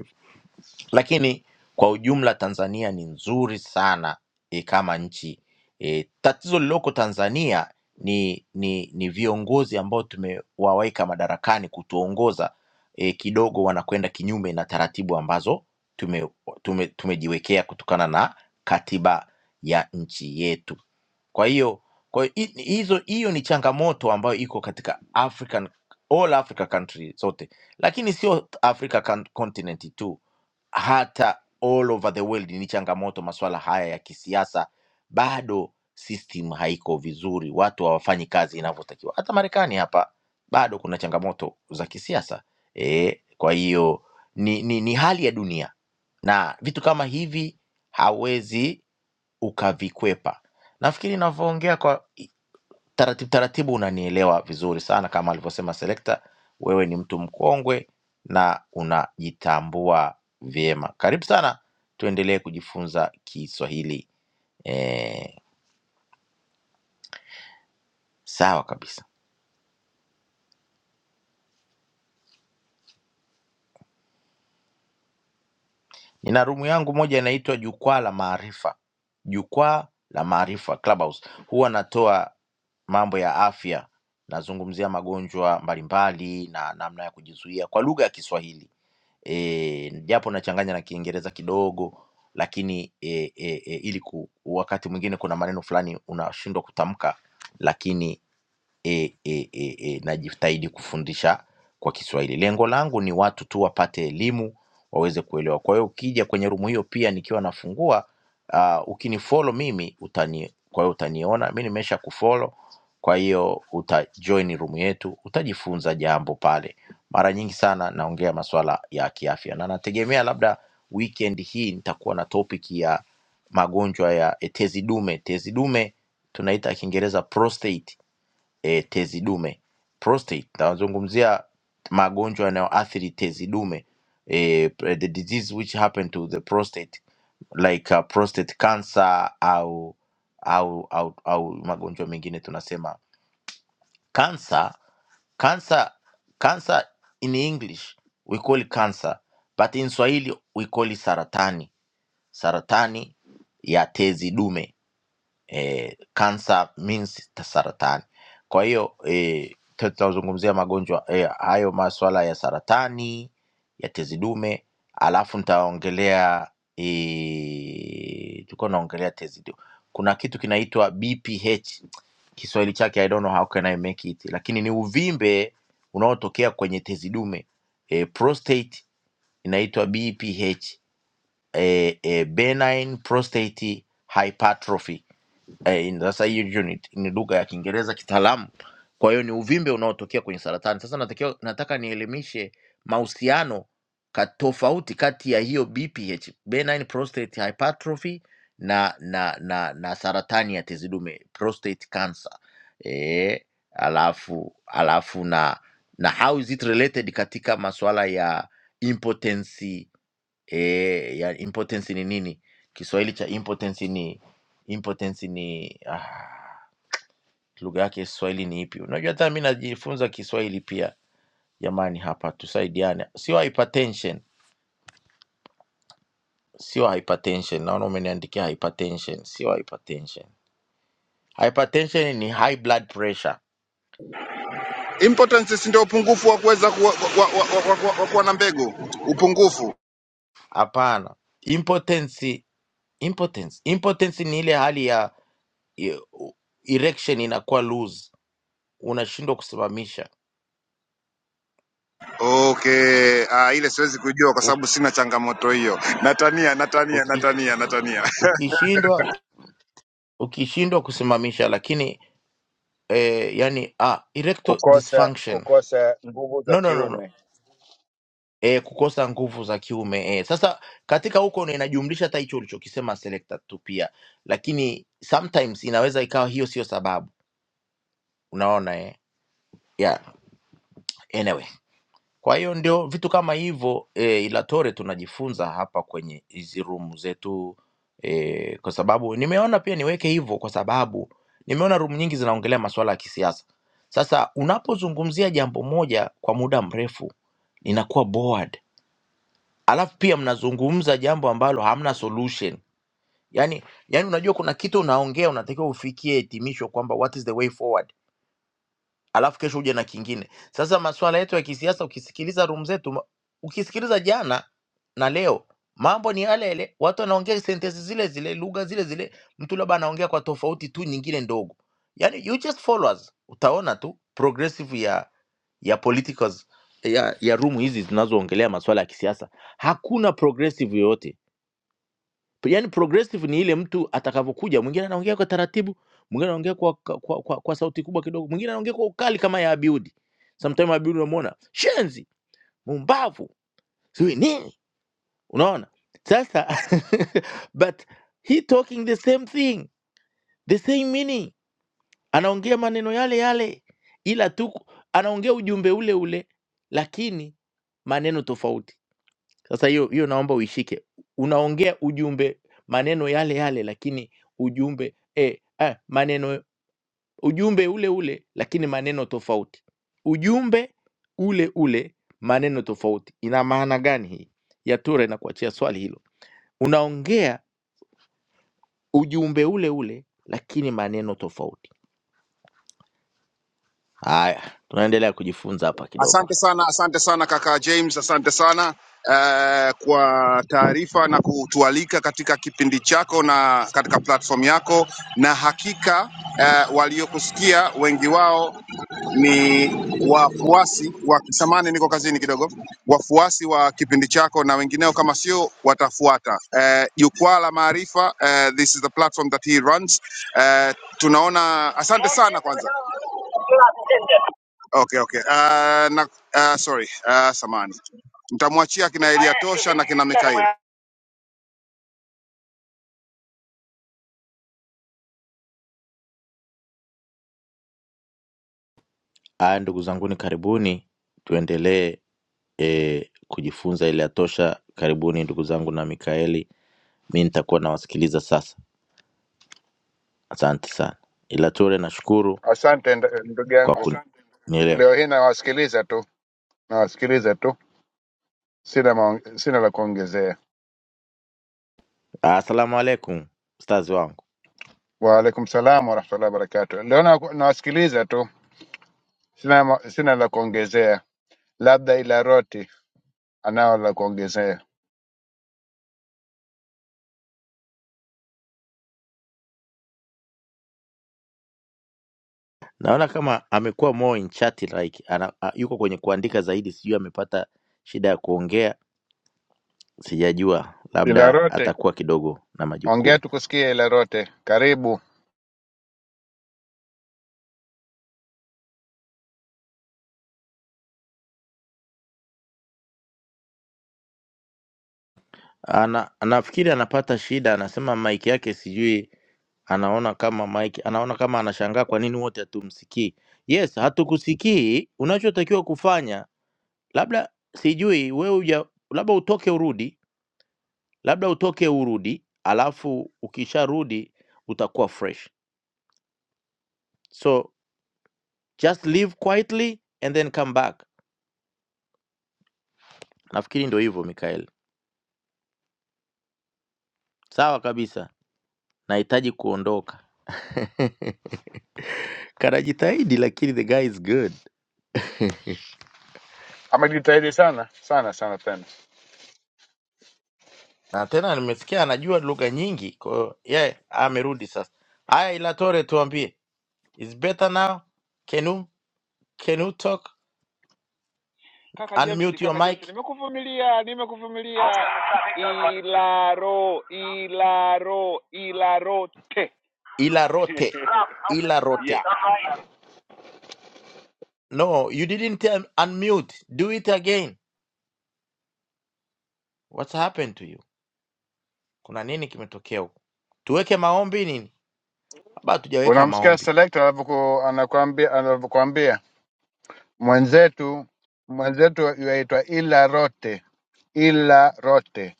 lakini kwa ujumla Tanzania ni nzuri sana e, kama nchi e, tatizo lililoko Tanzania ni, ni, ni viongozi ambao tumewaweka madarakani kutuongoza e, kidogo wanakwenda kinyume na taratibu ambazo tume, tume, tumejiwekea kutokana na katiba ya nchi yetu. Kwa hiyo kwa hiyo hi- hizo hiyo ni changamoto ambayo iko katika African all Africa country zote, lakini sio Africa con- continent tu hata all over the world ni changamoto masuala haya ya kisiasa bado system haiko vizuri watu hawafanyi kazi inavyotakiwa hata marekani hapa bado kuna changamoto za kisiasa e, kwa hiyo ni, ni, ni hali ya dunia na vitu kama hivi hawezi ukavikwepa nafikiri navyoongea kwa taratibu taratibu unanielewa vizuri sana kama alivyosema selekta wewe ni mtu mkongwe na unajitambua vyema karibu sana tuendelee kujifunza kiswahili eh, sawa kabisa Nina rumu yangu moja inaitwa Jukwaa la Maarifa, Jukwaa la Maarifa Clubhouse. Huwa natoa mambo ya afya, nazungumzia magonjwa mbalimbali na namna ya kujizuia kwa lugha ya Kiswahili e, japo nachanganya na Kiingereza kidogo, lakini e, e, e, ili ku, wakati mwingine kuna maneno fulani unashindwa kutamka, lakini e, e, e, e, najitahidi kufundisha kwa Kiswahili. Lengo langu ni watu tu wapate elimu waweze kuelewa. Kwa hiyo ukija kwenye rumu hiyo pia nikiwa nafungua uh, ukinifollow mimi utani, kwa hiyo utaniona mi nimesha kufollow, kwa hiyo utajoin room yetu, utajifunza jambo pale. Mara nyingi sana naongea masuala ya kiafya, na nategemea labda weekend hii nitakuwa na topic ya magonjwa ya eh, tezi dume. Tezi dume tunaita Kiingereza prostate e, tezi dume prostate. Tazungumzia magonjwa yanayoathiri tezi dume eh, the disease which happen to the prostate like uh, prostate cancer au au au, au magonjwa mengine tunasema cancer cancer cancer in english we call it cancer but in swahili we call it saratani saratani ya tezi dume eh, cancer means ta- saratani. Kwa hiyo eh, tutazungumzia magonjwa eh, hayo maswala ya saratani ya tezi dume, alafu nitaongelea eh, tulikuwa naongelea tezi dume. Kuna kitu kinaitwa BPH Kiswahili chake I don't know how can I make it, lakini ni uvimbe unaotokea kwenye tezi dume eh, prostate inaitwa BPH eh, eh, benign prostate hypertrophy eh, in- sasa hiyo hiyo ni, ni lugha ya Kiingereza kitaalamu. Kwa hiyo ni uvimbe unaotokea kwenye saratani. Sasa natakiwa, nataka nielimishe mahusiano ka tofauti kati ya hiyo BPH, benign prostate hypertrophy na na na, na saratani ya tezi dume prostate cancer. Eh, alafu alafu na na how is it related katika masuala ya impotency eh, ya impotence ni nini kiswahili cha impotence ni impotence ni ah, lugha yake ya kiswahili ni ipi unajua hata mi najifunza kiswahili pia jamani hapa tusaidiane sio hypertension sio hypertension naona umeniandikia hypertension sio hypertension hypertension ni high blood pressure
importance si ndio upungufu wa kuweza kuwa na mbegu upungufu
hapana impotence impotence impotence ni ile hali ya ya- erection inakuwa loose unashindwa kusimamisha
okay ah, ile siwezi kujua kwa sababu
Uki-
sina changamoto hiyo natania natania
uki-
natania natania
ukishindwa ukishindwa kusimamisha lakini eh, yani ah, erectile
kukosa
dysfunction
kukosa nguvu za
no, no, no, no.
kiume.
Eh, kukosa nguvu za kiume eh. Sasa katika huko ndo inajumlisha hata hicho ulichokisema selector tu pia, lakini sometimes inaweza ikawa hiyo sio sababu, unaona eh. Yeah. Anyway. Kwa hiyo ndio vitu kama hivyo e, Ilatore tunajifunza hapa kwenye hizi room zetu e, kwa sababu nimeona pia niweke hivyo, kwa sababu nimeona room nyingi zinaongelea masuala ya kisiasa. Sasa unapozungumzia jambo moja kwa muda mrefu inakuwa bored, alafu pia mnazungumza jambo ambalo hamna solution. Yani, yani unajua kuna kitu unaongea, unatakiwa ufikie hitimisho kwamba what is the way forward alafu kesho uje na kingine. Sasa masuala yetu ya kisiasa, ukisikiliza room zetu, ma- ukisikiliza jana na leo, mambo ni yale yale, watu wanaongea sentensi zile zile, lugha zile zile, mtu labda anaongea kwa tofauti tu nyingine ndogo. Yani you just follow us, utaona tu progressive ya ya politicals ya, ya room hizi zinazoongelea masuala ya kisiasa, hakuna progressive yoyote yani progressive ni ile mtu atakavyokuja, mwingine anaongea kwa taratibu, mwingine anaongea kwa, kwa, kwa, kwa, kwa sauti kubwa kidogo, mwingine anaongea kwa ukali kama ya Abiudi. Sometimes Abiudi unamuona shenzi, mumbavu, sijui nini, unaona sasa but he talking the same thing the same meaning, anaongea maneno yale yale, ila tu anaongea ujumbe ule ule, lakini maneno tofauti. Sasa hiyo hiyo naomba uishike. Unaongea ujumbe maneno yale yale, lakini ujumbe eh, ah, maneno ujumbe ule ule, lakini maneno tofauti. Ujumbe ule ule, maneno tofauti. Ina maana gani hii? Ya Ture, na kuachia swali hilo. Unaongea ujumbe ule ule, lakini maneno tofauti. Haya, tunaendelea kujifunza hapa kidogo.
Asante sana, asante sana kaka James, asante sana eh, kwa taarifa na kutualika katika kipindi chako na katika platform yako, na hakika eh, waliokusikia wengi wao ni wafuasi wa samani, niko kazini kidogo, wafuasi wa kipindi chako na wengineo, kama sio watafuata eh, jukwaa la maarifa eh, this is the platform that he runs eh, tunaona. Asante sana kwanza Okay, okay. Uh, na, uh, sorry, uh, samani, nitamwachia kina Eliatosha na kina Mikaeli.
Haya, ndugu zanguni, karibuni tuendelee eh, kujifunza ile ya tosha. Karibuni ndugu zangu na Mikaeli mi nitakuwa nawasikiliza sasa. Asante sana, ila Ture, nashukuru
Asante nd- ndugu yangu,
kwa kunielewa.
leo hii nawasikiliza tu, nawasikiliza tu, sina maong- sina la kuongezea.
Assalamu alaikum, mstazi wangu.
Waalaikum salam warahmatullahi wabarakatuh. Leo na- nawasikiliza tu, sina ma- sina la kuongezea, labda Ilaroti anao la kuongezea.
Naona kama amekuwa more in chat like ana, a, yuko kwenye kuandika zaidi, sijui amepata shida ya kuongea, sijajua, labda
Ilaroti,
atakuwa kidogo na
ongea
majukumu.
tukusikie. Ilaroti, karibu.
Ana, nafikiri anapata shida, anasema mic yake sijui, anaona kama mic, anaona kama anashangaa kwa nini wote hatumsikii. Yes, hatukusikii. Unachotakiwa kufanya labda sijui wewe uja, labda utoke urudi, labda utoke urudi, alafu ukisharudi utakuwa fresh. So just leave quietly and then come back. Nafikiri ndio hivyo Mikael. Sawa kabisa, nahitaji kuondoka. Kanajitahidi lakini the guy is good,
Amejitahidi sana sana sana tena.
na tena nimesikia anajua lugha nyingi, kwa hiyo yeye amerudi sasa. Aya, ila Tore, tuambie is better now, can you, can you talk
kaka James,
unmute your
kaka James,
mic
nimekuvumilia, nimekuvumilia. Ilaro, Ilaro, ilaro. Ilarote.
Ilarote. Ilarote. No, you didn't tell- unmute. Do it again. What's happened to you? Kuna nini kimetokea huko? Tuweke maombi nini? Haba hatujaweka
Unamsikia
maombi.
selekta anavyoku- anakuambia anavyokuambia mwenzetu mwenzetu yaitwa Ila Rote, Ila Rote.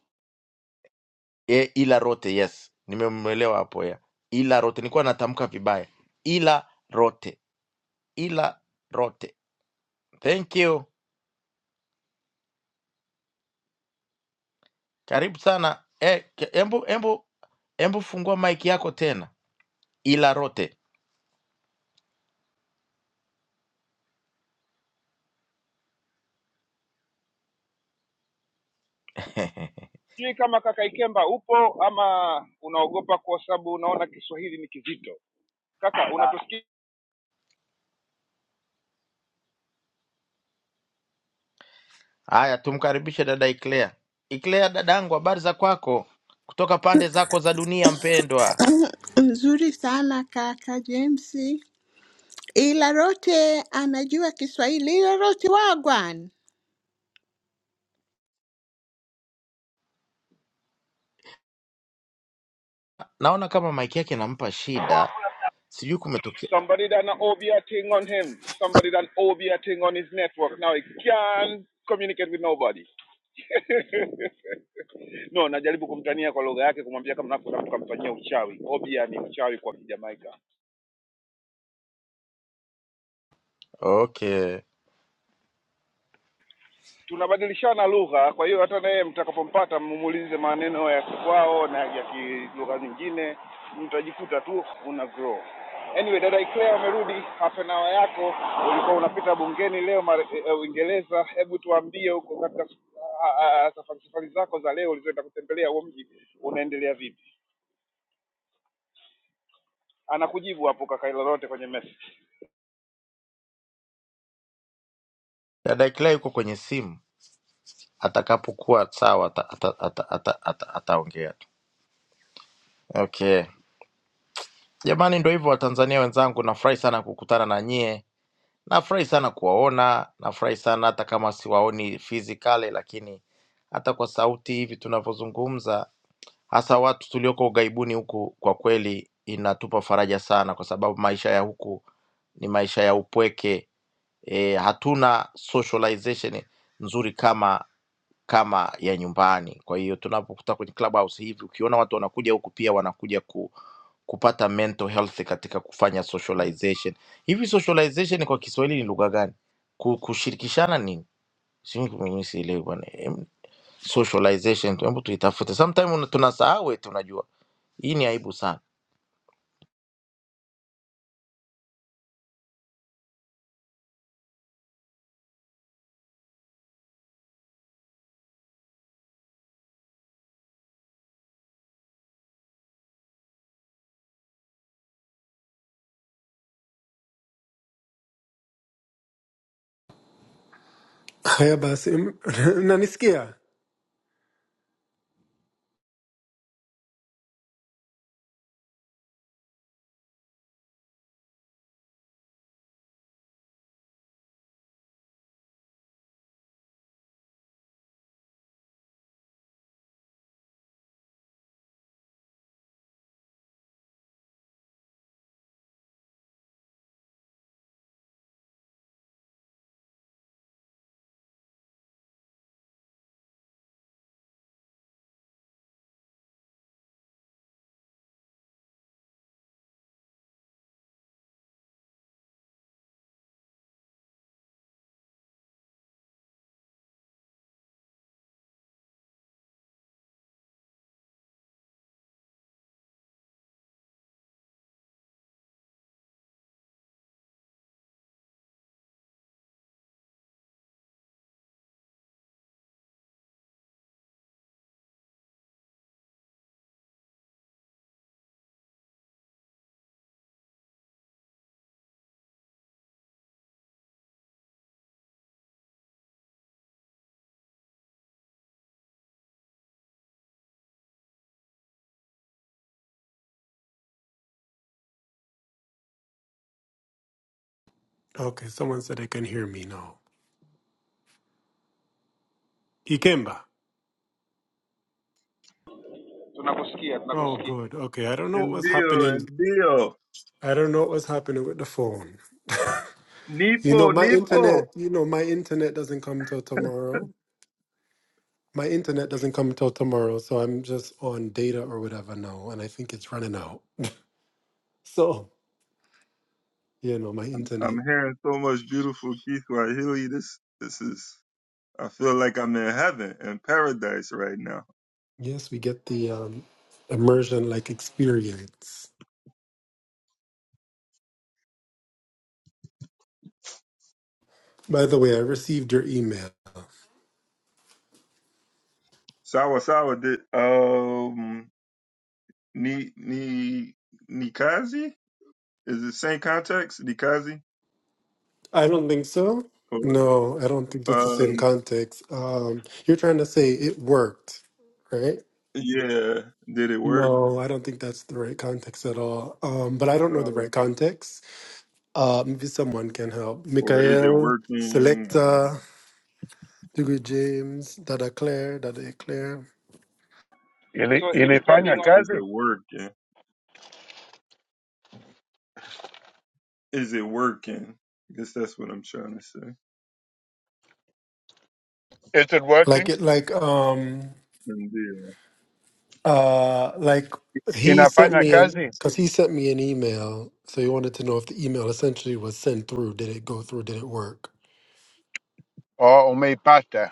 E, ila rote, yes. Nimemwelewa hapo ya. Ila rote. Nilikuwa natamka vibaya. Ila rote. Ila rote. Thank you. Karibu sana. E, embu, embu, embu fungua mic yako tena. Ila rote.
Sijui kama kaka Ikemba upo ama unaogopa kwa sababu unaona Kiswahili ni kizito. Kaka, unatusikia?
Haya, tumkaribishe dada Iclea. Iclea dadangu, habari za kwako kutoka pande zako za dunia, mpendwa?
Nzuri sana kaka James. ila rote anajua Kiswahili, ila rote wagwan
Naona kama maiki yake inampa shida, sijui kumetokea.
Somebody done an O B a thing on him. Somebody done O B a thing on his network. Now he can't communicate with nobody. no, najaribu kumtania kwa lugha yake, kumwambia kama nafuta mtu kamfanyia uchawi. Obia ni uchawi kwa Kijamaika.
Okay,
tunabadilishana lugha, kwa hiyo hata naye mtakapompata mumuulize maneno ya kwao na ya ki- lugha nyingine, mtajikuta tu una grow. Anyway, dada Iclea amerudi, half an hour yako ulikuwa unapita bungeni leo Mare- eh, eh, Uingereza. uh, Hebu tuambie huko katika s- ah, ah, ah, safari safari zako za leo ulizoenda kutembelea huo mji unaendelea vipi? Anakujibu hapo kaka lolote kwenye message.
dada Iclea yuko kwenye simu, atakapokuwa sawa ataongea ata, ata, ata, ata, ataongea tu. Okay. Jamani, ndo hivyo Watanzania wenzangu, nafurahi sana kukutana na nyie, nafurahi sana kuwaona, nafurahi sana hata kama siwaoni physically, lakini hata kwa sauti hivi tunavyozungumza, hasa watu tulioko ughaibuni huku, kwa kweli inatupa faraja sana, kwa sababu maisha ya huku ni maisha ya upweke e, hatuna socialization nzuri kama kama ya nyumbani. Kwa hiyo tunapokuta kwenye clubhouse hivi, ukiona watu wanakuja huku pia wanakuja ku kupata mental health katika kufanya socialization. Hivi socialization kwa Kiswahili ni lugha gani? Ku- Kushirikishana nini? Sio mimi sielewi bwana. Em, Socialization tu, hebu tuitafute. Sometime una- tunasahau eti unajua. Hii ni aibu sana.
Haya basi, m- unanisikia? Okay, someone said I can hear me now. Ikemba.
Tunakusikia,
Oh,
tunakusikia.
good. Okay, I don't know what
and
was
Dio,
happening.
and Dio,
I don't know what was happening with the phone. You know,
Nipo,
my
Nipo.
internet, you know, my internet doesn't come till tomorrow. My internet doesn't come till tomorrow, so I'm just on data or whatever now, and I think it's running out. So, you know, my
I'm
internet.
hearing so much beautiful Kiswahili. This this is I feel like I'm in heaven in paradise right now.
Yes, we get the um, immersion like experience. By the way, I received your email.
Sawa Sawa did um ni ni Nikazi? Is it same context? Nikazi?
I don't think so.
Or
No, I don't think it's the same
um
context. Um, you're trying to say it worked, right?
yeah, did it work?
No, I don't think that's the right context at all. Um, but I don't know the
Uh,
right context. Uh, maybe someone can help.
or is it
Mikhail,
working? Um,
Selecta, Dugu James, Dada Claire, Dada Claire.
Ili,
So
Is
it
it is
ilifanya
depending
it
on,
is
kazi?
it working? Is it working? I guess that's what I'm trying to say.
Is it
Like
working?
it, like um,
And the, uh,
uh, like he sent
Inafanya
me an
kazi?
because he sent me an email. So he wanted to know if the email essentially was sent through. Did it go through? Did it work?
Oh, umeipata?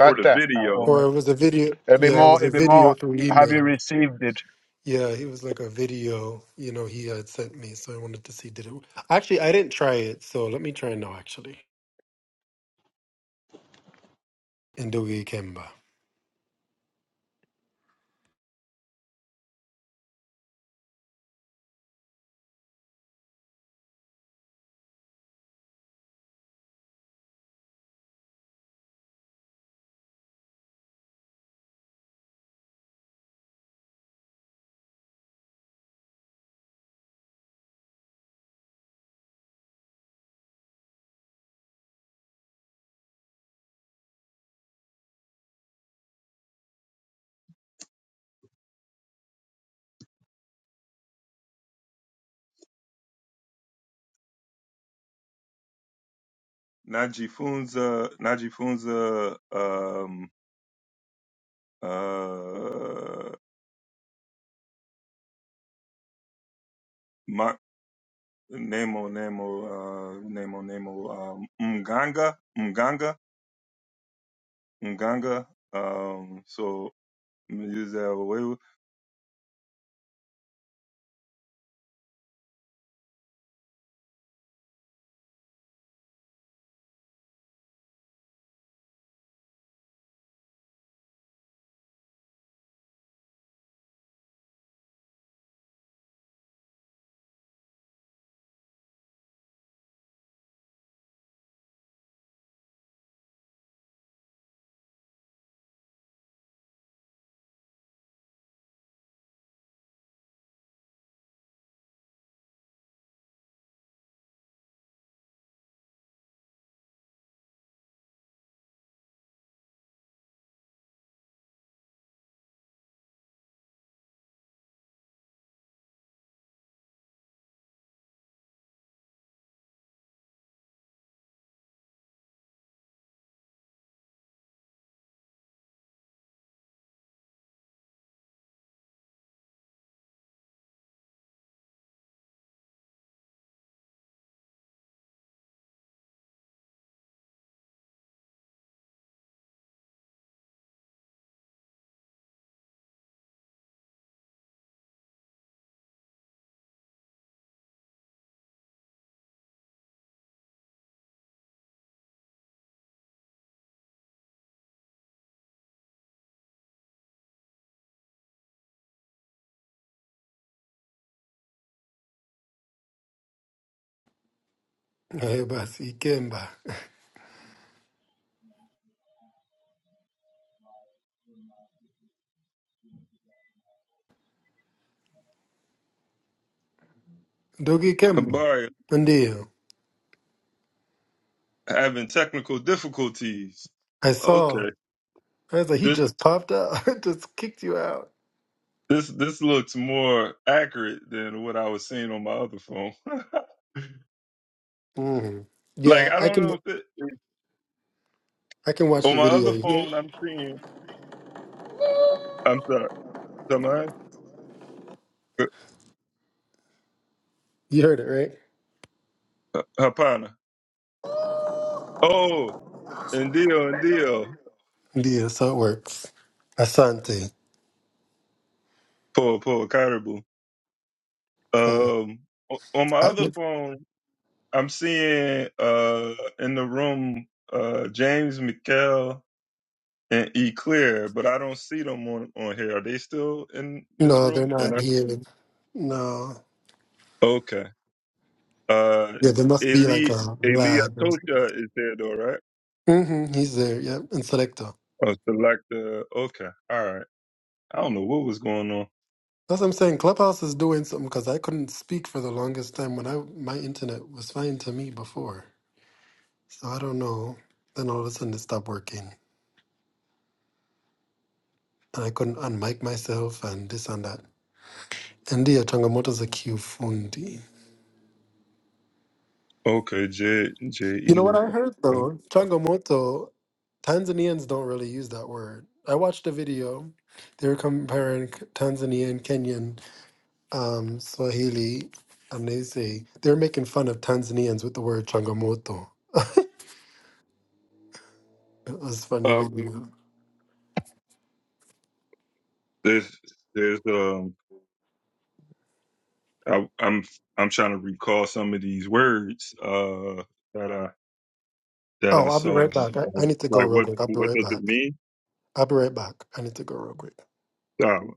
or the
Ah,
video.
Or
ume.
it was a video.
It'll be
Yeah, it was
more,
a
it'll be more.
video through
Have you
email.
received it?
Yeah, it was like a video, you know, he had sent me. So I wanted to see did it. Actually, I didn't try it. So let me try now, actually. Ndogi Kemba.
najifunza najifunza um, uh, ma, nemo nemo uh, nemo nemo um, mganga mganga mganga um, so let me use that way
Eh, basi, Kemba. Ndogi Kemba.
Abari
Ndio.
having technical difficulties
I saw.
okay
I was like, he
this
just popped out. just kicked you out.
this this looks more accurate than what I was seeing on my other phone
Mhm.
like
Yeah,
I
I
don't
can
know if it
I can watch
on
the
my
video.
other
Yeah.
phone I'm seeing I'm sorry am I?
You heard it, right?
Uh, Hapana. Oh, and deal and deal.
Yeah, so it works. Asante.
Poor, poor Caribou.
Mm.
Um, o- on my
I-
other phone, I'm seeing uh in the room uh James McKell and E Clear, but I don't see them on on here. Are they still in this
no, they're
room? And
not
I
here. No.
okay. Uh,
Yeah, there must be like
Eli
a
Eli
lag.
Atosha is there though, right?
Mm-hmm, he's there, yeah, in Selector.
Oh, Selecta. Okay, all right. I don't know what was going on.
That's what I'm saying. Clubhouse is doing something because I couldn't speak for the longest time when I my internet was fine to me before. So I don't know. Then all of a sudden it stopped working. And I couldn't unmic myself and this and that. And yeah, Changamoto's a kifundi.
Okay, J J E.
You know what I heard
Okay.
though? Changamoto, Tanzanians don't really use that word. I watched a video. They were comparing Tanzania and Kenyan um, Swahili, and they say they're making fun of Tanzanians with the word changamoto. It was funny
Um,
video.
there's there's um I, I'm I'm trying to recall some of these words uh that I that I
Oh, I'll be
saw
right back. I,
like,
I need to go
like
real
what
quick. I'll be
what
right
does it
back.
mean?
I'll be right back. I need to go real quick.
Um,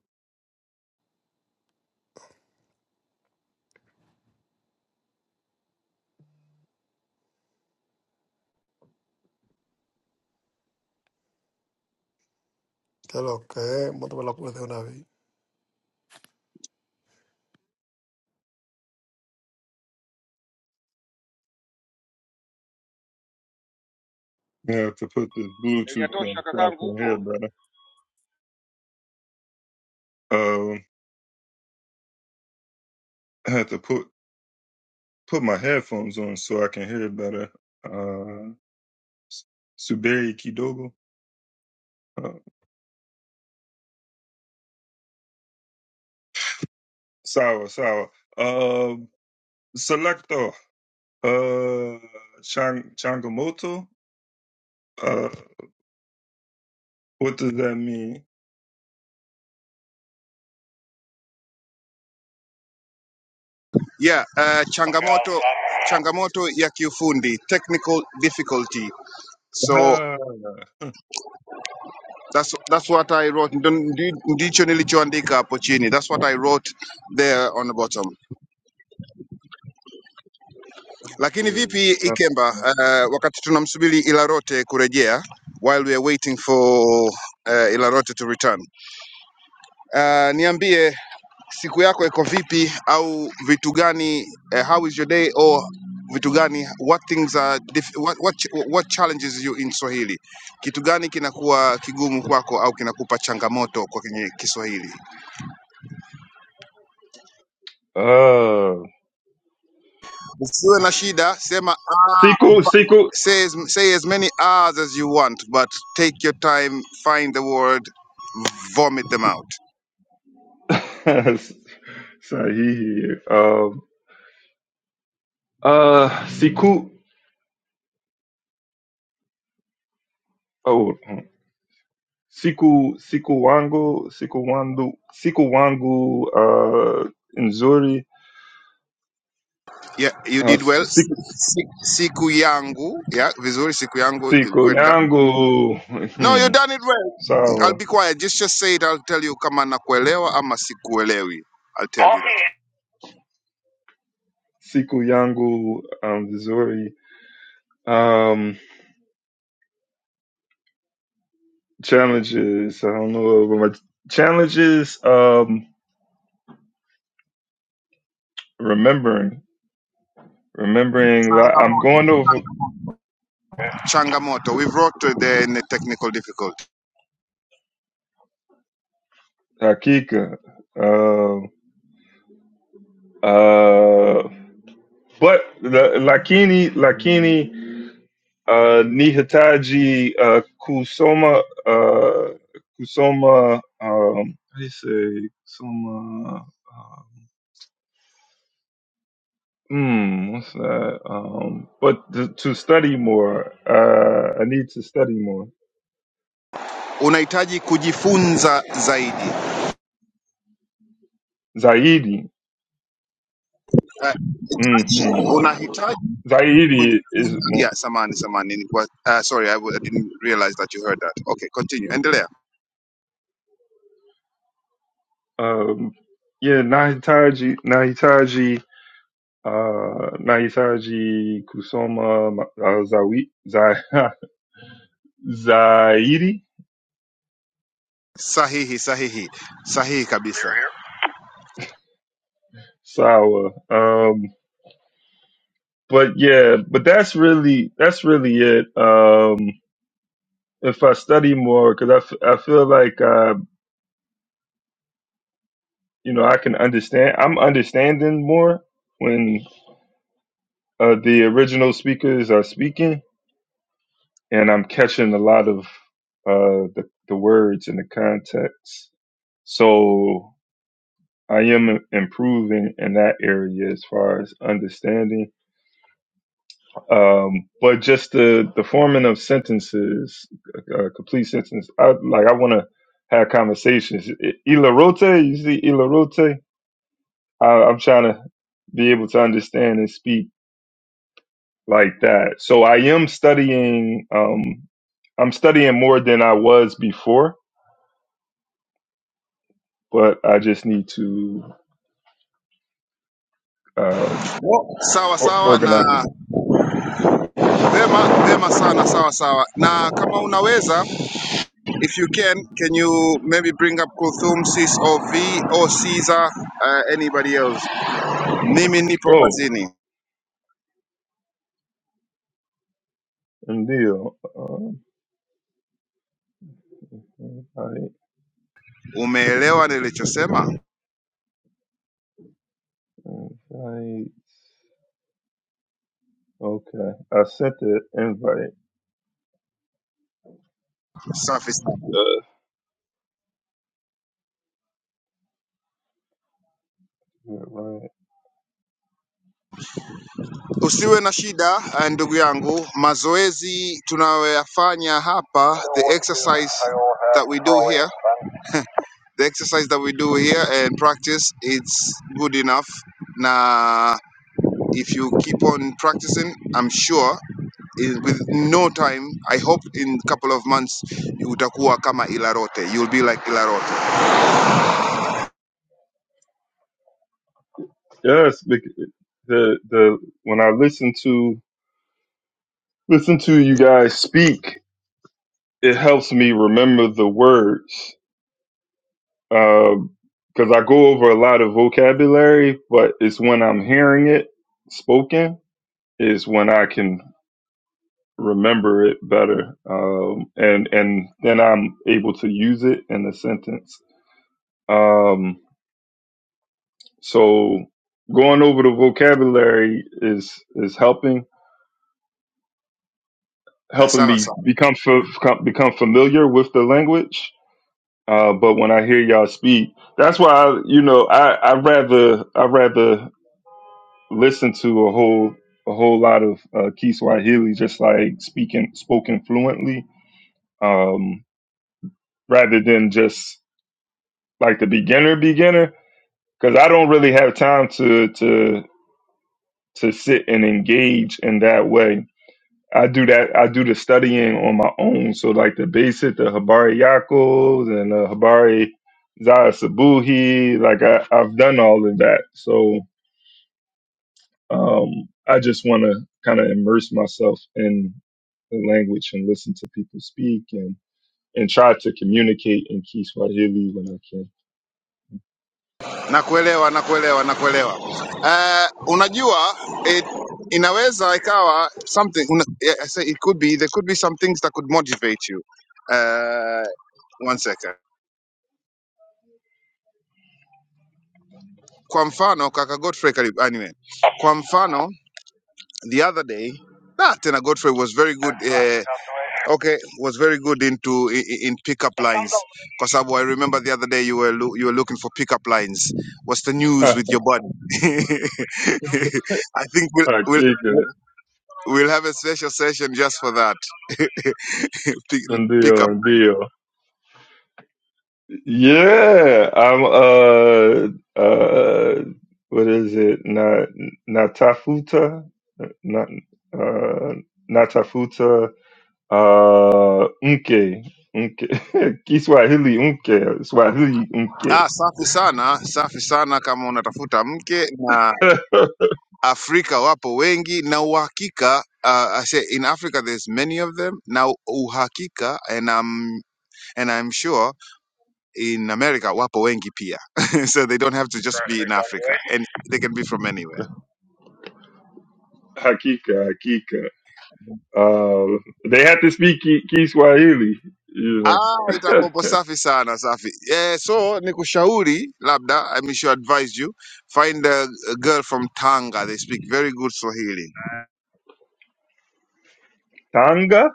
Hello, okay. Mbona unakula unavi?
I have to put this Bluetooth
Eliatosha
thing so I
kakangu,
can hear
upo?
better. Um, I have to put put my headphones on so I can hear better. Uh, S- Suberi Kidogo, uh, Sawa Sawa, um, Selector, uh, Chang Changamoto. Uh, what does that mean?
Yeah, uh, changamoto changamoto ya kiufundi, technical difficulty. So
Ah,
that's that's what I wrote. Ndo- ndi- Ndicho nilichoandika hapo chini. That's what I wrote there on the bottom. Lakini vipi
Jesus.
Ikemba, uh, wakati tunamsubiri Ilarote kurejea while we are waiting for uh, Ilarote to return. Uh, niambie siku yako iko vipi au vitu gani eh, how is your day or vitu gani what things are dif- what, what, ch- what challenges you in swahili kitu gani kinakuwa kigumu kwako au kinakupa changamoto kwa kwenye kiswahili
Ah,
usiwe na shida sema ah,
siku siku
say as, say as many hours as you want but take your time find the word vomit them out
sahihi. Um, uh, siku oh, hmm. siku siku wangu siku wangu siku wangu uh, nzuri
yeah you
uh,
did well Si-
siku,
si- siku yangu yeah vizuri siku yangu eh,
siku
well done
yangu
No, you
hmm,
done it well. I'll
sawa
be quiet. Just just say it. I'll tell you kama nakuelewa ama sikuelewi. I'll tell you Okay. that.
siku yangu um, nzuri um, challenges. I don't know, but my challenges. Um, remembering, remembering. li- I'm going over
Okay. Changamoto. We've wrote to the in the technical difficulty.
Hakika. Uh, uh, but the Lakini, Lakini, uh, Nihitaji, uh, Kusoma, uh, Kusoma, um, how do you say, Kusoma, uh, hmm, what's that? Um, but to, to study more, uh, I need to study more.
Unahitaji kujifunza zaidi.
Zaidi,
Uh,
mm-hmm.
unahitaji
Zaidi is
kujifunza.
more.
Yeah, samani samani. Nilikuwa- Uh, sorry, I, w- I didn't realize that you heard that. Okay, continue. Endelea.
Um, yeah, Nahitaji, Nahitaji, uh, Nahitaji Kusoma uh, Zawi, Zai- Zaidi
Sahihi, sahihi. Sahihi kabisa.
Sawa. Um, but yeah, but that's really that's really it. Um, if I study more, because I, f- I feel like uh, you know I can understand. I'm understanding more when uh, the original speakers are speaking, and I'm catching a lot of uh, the the words and the context. So I am improving in that area as far as understanding. Um, but just the, the forming of sentences, a, a complete sentence. I like, I want to have conversations. Ilarote, you see Ilarote? I, I'm trying to be able to understand and speak like that. So I am studying, um, I'm studying more than I was before, but I just need to, um,
Sawa
or,
sawa
organize.
na vema vema sana sawa sawa. Na kama unaweza If you can, can you maybe bring up Kuthum, Sis or V or Caesar, uh, anybody else? Mimi nipo
Oh,
kazini.
Deal. Um, invite,
Umeelewa nilichosema?
invite. Okay, I sent the invite.
Safi sana.
Uh, yeah, right.
Usiwe na shida eh, ndugu yangu, mazoezi tunayoyafanya hapa, the exercise that we do here, the exercise that we do here and practice, it's good enough. Na if you keep on practicing, I'm sure is with no time i hope in couple of months utakuwa kama ilarote you'll be like ilarote
Yes, bec- the the when I listen to listen to you guys speak, it helps me remember the words. Um, because I go over a lot of vocabulary, but it's when I'm hearing it spoken is when I can remember it better. Um, and and then I'm able to use it in a sentence Um, so going over the vocabulary is is helping
Eh,
helping
sawa
me
sawa
become fa- become familiar with the language. Uh, but when I hear y'all speak, that's why I, you know I I rather I rather listen to a whole a whole lot of uh, Kiswahili just like speaking spoken fluently, um, rather than just like the beginner beginner because I don't really have time to to to sit and engage in that way I do that. I do the studying on my own. So like the basic, the Habari Yaakov and the Habari Zaya Sabuhi. Like I, I've done all of that. So um, I just want to kind of immerse myself in the language and listen to people speak and and try to communicate in Kiswahili when I
nakuelewa nakuelewa nakuelewa uh, unajua it, inaweza ikawa something una, yeah, I say it could be there could be some things that could motivate you uh, one second kwa mfano kaka godfrey karibu anyway kwa mfano the other day ah, tena godfrey was very good Eh, Okay, was very good into in, in pickup lines. Kosabu, I remember the other day you were loo- you were looking for pickup lines. What's the news
can.
with your body? I think we'll we'll
Hakika,
we'll have a special session just for that. Pick, pickup
ndio,
lines.
ndio. Yeah, I'm uh uh what is it? Na Natafuta not uh Natafuta uh Unke Unke Kiswahili Unke Swahili Unke
Ah, safi sana, safi sana kama unatafuta mke na Afrika wapo wengi na uhakika uh, I say in Africa there's many of them. Now uhakika and I'm and I'm sure in America wapo wengi pia. so they don't have to just be in Africa and they can be from anywhere.
Hakika Hakika uh they have to speak Ki- Kiswahili you know
Ah, itakuwapo safi sana safi. Eh, so ni kushauri labda I mean should advise you find a, a girl from Tanga they speak very good Swahili.
Tanga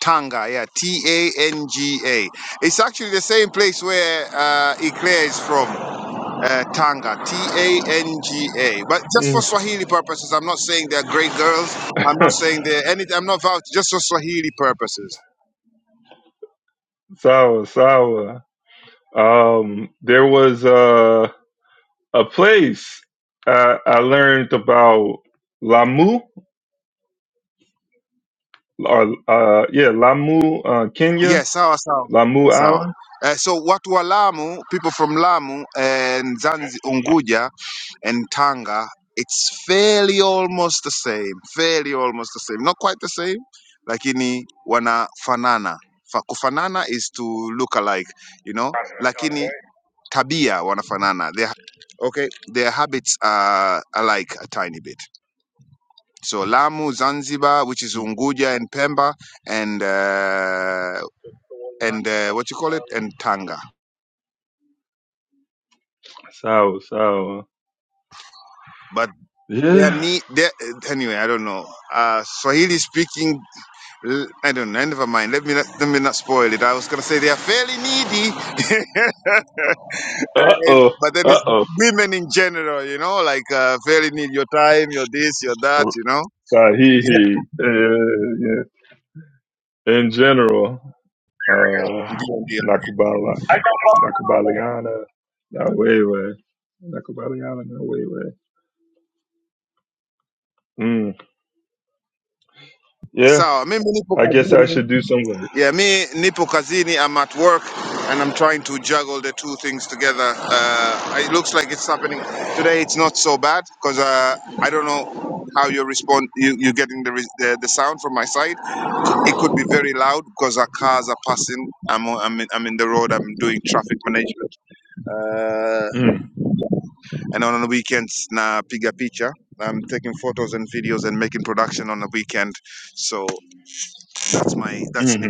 Tanga, yeah, T A N G A. It's actually the same place where uh, Eclair is from, uh, Tanga, T A N G A. But just for
Mm.
Swahili purposes, I'm not saying they're great girls. I'm not saying they're anything. I'm not vouching, just for Swahili purposes.
Sawa Sawa um there was uh, A place uh, I learned about Lamu, or uh, yeah, Lamu, uh, Kenya,
Yes, sawa sawa.
Lamu
Sawa.
Island.
Uh, so watu wa Lamu, people from Lamu and Zanzi Unguja, and Tanga, it's fairly almost the same, fairly almost the same, not quite the same, lakini wanafanana. Fa- Kufanana is to look alike, you know, lakini tabia wanafanana. Their, okay, their habits are alike a tiny bit. So Lamu, Zanzibar, which is Unguja and Pemba, and uh, and uh, what you call it, and Tanga,
So, so
but they are
yeah.
need, anyway, I don't know. Uh, Swahili speaking L- I don't know. Never mind. Let me not, let me not spoil it. I was gonna say they are fairly needy, Uh,
Uh oh,
but then
uh
it's
oh.
women in general. You know, like uh, fairly need your time, your this, your that. You know. Yeah,
Sahihi. Yeah, yeah. yeah. In general, uh,
ndio ndio.
Nakubala, Nakubaliana, Nawewe, Nakubaliana, Nawewe. Mm. Yeah,
Sawa, mimi nipo
I guess I
kazini.
should do some work.
Yeah, me nipo kazini. I'm at work, and I'm trying to juggle the two things together. Uh, it looks like it's happening today. It's not so bad because uh, I don't know how you respond. You you getting the, re- the the sound from my side? It could be very loud because our cars are passing. I'm on- I'm in, I'm in the road. I'm doing traffic management. Uh,
Mm.
and on the weekends, na piga picha. I'm taking photos and videos and making production on the weekend. So that's my that's me.
mm-hmm.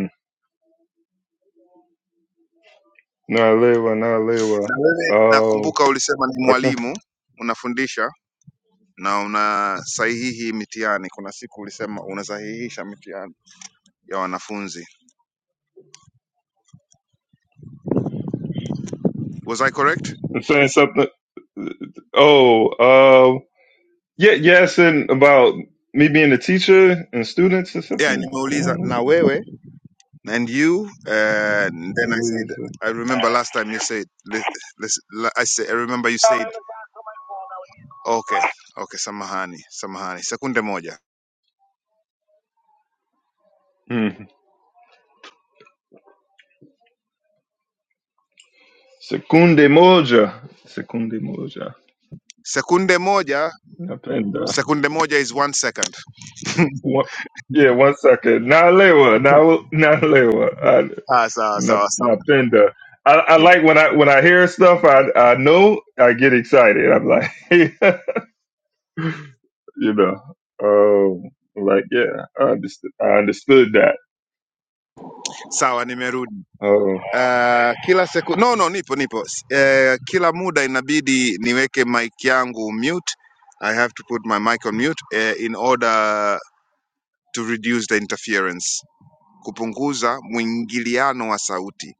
Nalewa,
Na
Nalewa.
wewe
Um,
nakumbuka ulisema ni
okay.
mwalimu, unafundisha na unasahihi mitihani. Kuna siku ulisema unasahihisha mitihani ya wanafunzi. Was I correct?
I'm saying something. Oh, um, yeah, yeah, and about me being a teacher and students or
Yeah,
something
nimeuliza
along
na wewe and you uh,
those
then I said
lines.
I remember last time you said let, let's- la- I, say, I remember you said okay, okay, samahani, samahani. Sekunde moja.
Mm. Secunde moja. Secunde moja.
Sekunde moja,
Napenda.
sekunde moja is one second.
What? Yeah, one second. Nalewa, na- nalewa. I-
Ah, sawa
na-
sawa, sam-
Napenda. I, I
yeah.
like when I when I hear stuff I I know I get excited. I'm like you know, um, like yeah, I understood. I understood that.
Sawa nimerudi.
Uh,
Uh, kila seku no, no, nipo nipo. S- eh, kila muda inabidi niweke mic yangu mute. I have to put my mic on mute eh, in order to reduce the interference, kupunguza mwingiliano wa sauti,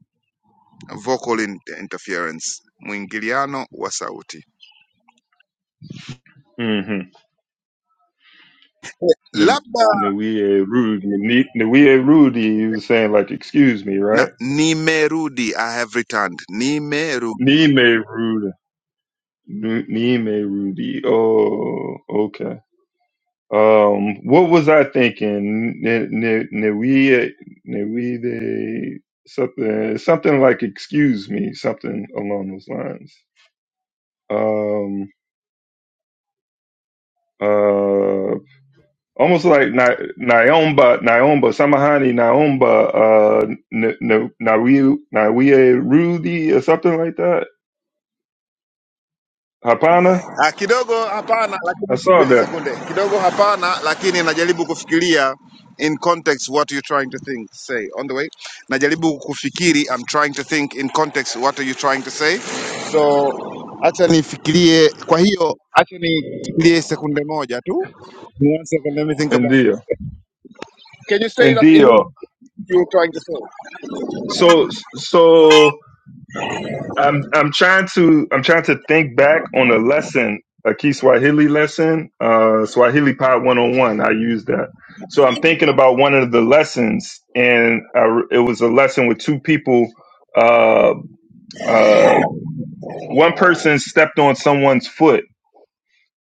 vocal in interference, mwingiliano wa sauti.
mm-hmm.
Labda
Nuie Rudy, Ni- Nuie Rudy, you was saying like, excuse me,
na
right?
nimerudi, I have returned, nimerudi.
Nime Rudy, Nu- Nime Rudy. Oh, okay. Um, what was I thinking? N- N- Nuie, Nuie, something, something like, excuse me, something along those lines. Um. uh, almost like Na- Naomba, Naomba, Samahani, Naomba, uh, N- N- Nawi, Nawie Rudy or something like that. Hapana.
Ah, kidogo hapana,
I
lakini
saw
subiri
that
sekunde kidogo hapana, lakini najaribu kufikiria in context what you trying to think say on the way. Najaribu kufikiri, I'm trying to think in context what are you trying to say. So acha nifikirie, kwa hiyo acha nifikirie sekunde moja tu. One second, let me think
in
about it.
deal, in deal. So, so I'm, I'm trying to, I'm trying to think back on a lesson, a key Swahili lesson, uh, Swahili Pod 101. I used that. So I'm thinking about one of the lessons and I, it was a lesson with two people, uh, uh, one person stepped on someone's foot.